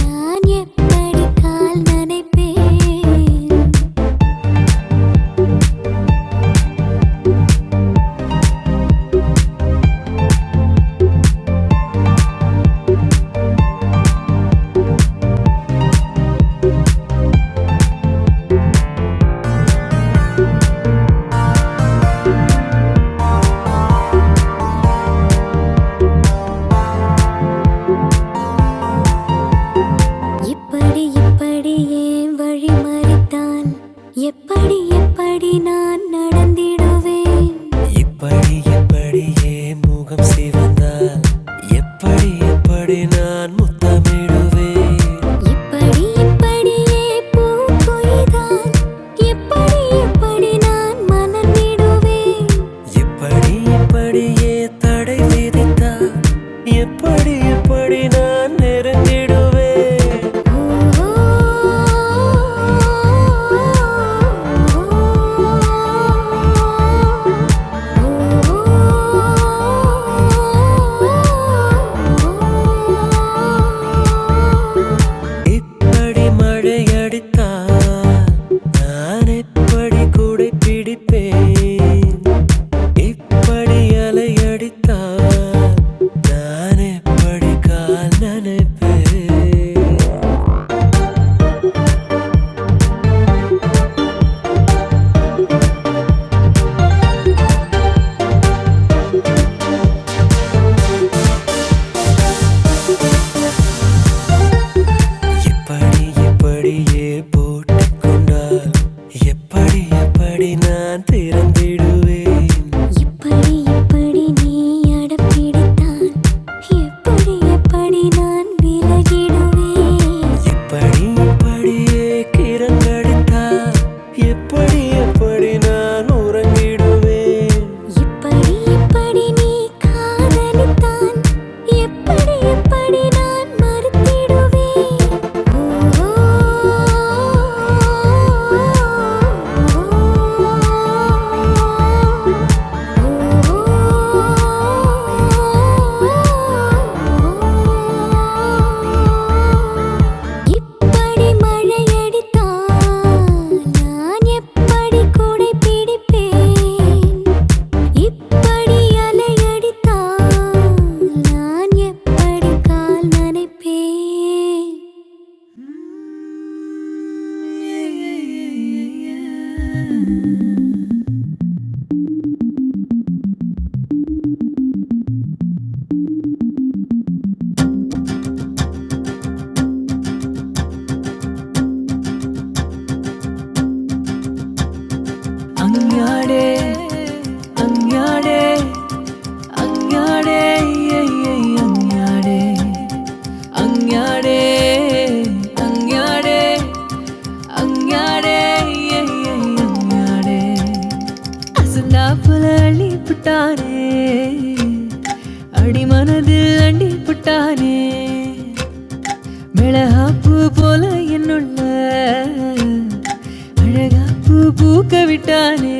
நான் எப்படி கால் நனைப்பேன் இப்படி இப்படி ஏன் வழி மறித்தான் எப்படி எப்படி நான் நடந்திடுவேன் இப்படி இப்படியே முகம் சிவந்தால் எப்படி எப்படி நான் முத்தமிடுவேன் இப்படி இப்படியே பூ கொய்தான் எப்படி எப்படி நான் மலர்ந்திடுவேன் எப்படி இப்படியே தடை விதித்தார் எப்படி எப்படி நான் நெருங்கிடுவேன் இப்படி மழை அடித்தால் நான் எப்படி கூடை பிடிப்பேன் இப்படி அலையடித்தால் நான் எப்படி கால் நனைப்பேன்? இப்படி இப்படியே போட்டுக் கொண்டால் எப்படி எப்படி நான் திறந்திடுவேன் இப்படி இப்படி நீ அடப்பிடித்தால் எப்படி எப்படி நான் விலகிடுவேன் எப்படி எப்படியே கிரங்கடித்தால் எப்படி எப்படி நான் உறங்கிடுவேன் எப்படி எப்படி நீ காதலித்தான் எப்படி எப்படி நான் மறுத்திடுவேன் ஓ, இப்படி மழையடித்தால் நான் எப்படி கூடை பிடிப்பேன் Angyade, angyade, angyade, ye ye angyade. Angyade, angyade, angyade, ye ye angyade. Azla pula ani putane, adi manadil ani putane. சிக்க விட்டானே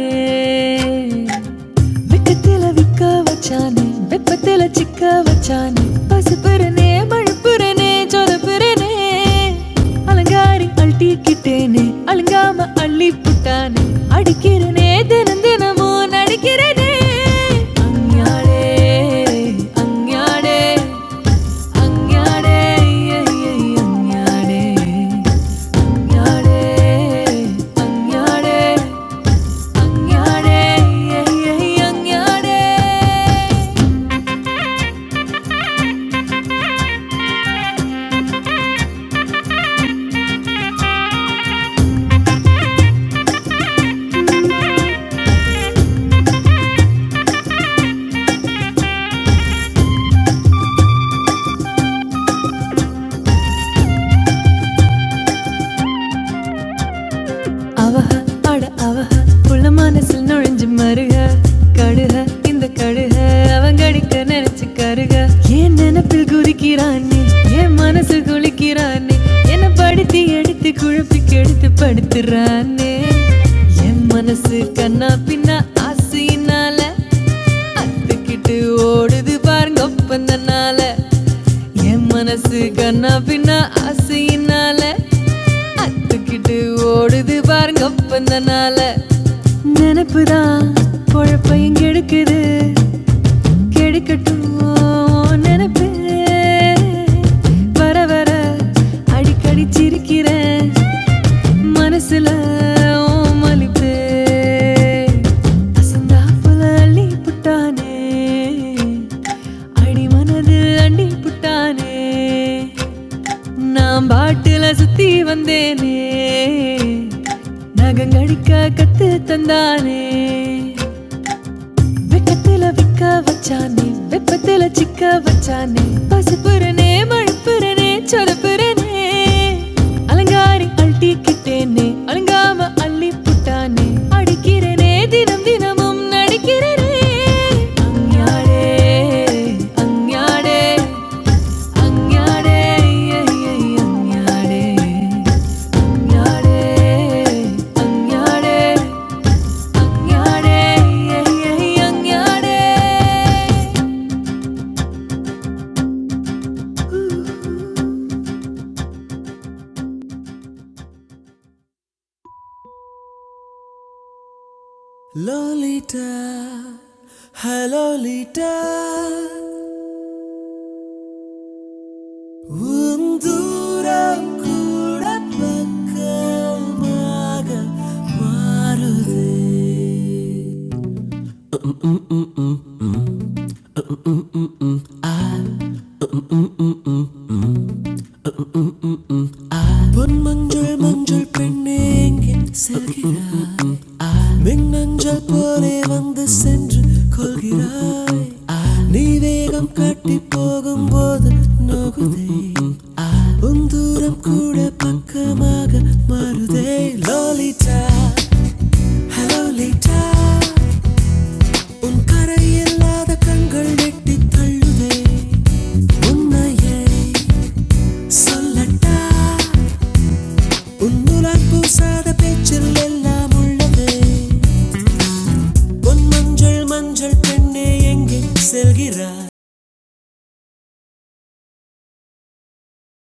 இல்ல சிக்க வச்சா சிப்பாள்னே நடிக்கிறதே அவஹ அட அவஹ புள்ள மனசில் நுழைஞ்சு மருக கடுக இந்த கடுக அவங்கடிக்க நினைச்சு கருக ஏன் நினைப்பில் குதிக்கிறானே ஏன் மனசு குளிக்கிறானே என்ன படுத்தி எடுத்து குழப்பி கெடுத்து படுத்துறானே என் மனசு கண்ணா பின்னா ஆசையினால அத்துக்கிட்டு ஓடுது பாருங்க ஒப்பந்தனால என் மனசு கண்ணா பின்ன ஆசையினால அத்துக்கிட்டு ஓடுது பாருங்க பந்தனால நினப்புதான் பொழப்பையும் கெடுக்குது கெடுக்கட்டும் உன் நினப்பு வர வர அடிக்கடி சிரிக்கிறேன் மனசுல ஓமலிப்பே அசந்தாப்புல அள்ளி புட்டானே அடி மனதில் அண்டி புட்டானே நான் பாட்டுல சுத்தி வந்தேனே நகங்கடிக்க கத்து தந்தானே வெக்கத்துல விக்க வச்சானே வெப்பத்துல சிக்க வச்சானே பசுப்புறனே மழுப்புறனே சொதப்புறனே அலங்காரி அழட்டிக்கிட்டேனே அலங்காம அள்ளி புட்டானே அடிக்கிறனே தினம் தினமும் நடிக்கிறனே அஞ்ஞாடே அஞ்ஞாடே அஞ்ஞாடே அஞ்ஞாடே அஞ்ஞாடே அஞ்ஞாடே லோலிட்டா ஹலோலிட்டா உன் தூரம் கூட பக்கமாக மாறுது பொன் மஞ்சள் மஞ்சள் பெண்ணே எங்கே செல்கிறாய் மின்னஞ்சல் போலே வந்து சென்று கொள்கிறாய் நீ வேகம் காட்டி போகும்போது நோகுதே உந்தூரம் கூட பக்கமாக மாறுதே லோலிட்டா ஹலோ லிட்டா உன் கரை இல்லாத கண்கள் நெட்டி தள்ளுதே உன்னையே சொல்லட்டா உன் உலர் பூசாத பேச்சில் எல்லாம் உள்ளதே உன் மஞ்சள் மஞ்சள் பெண்ணே எங்கே செல்கிறாய்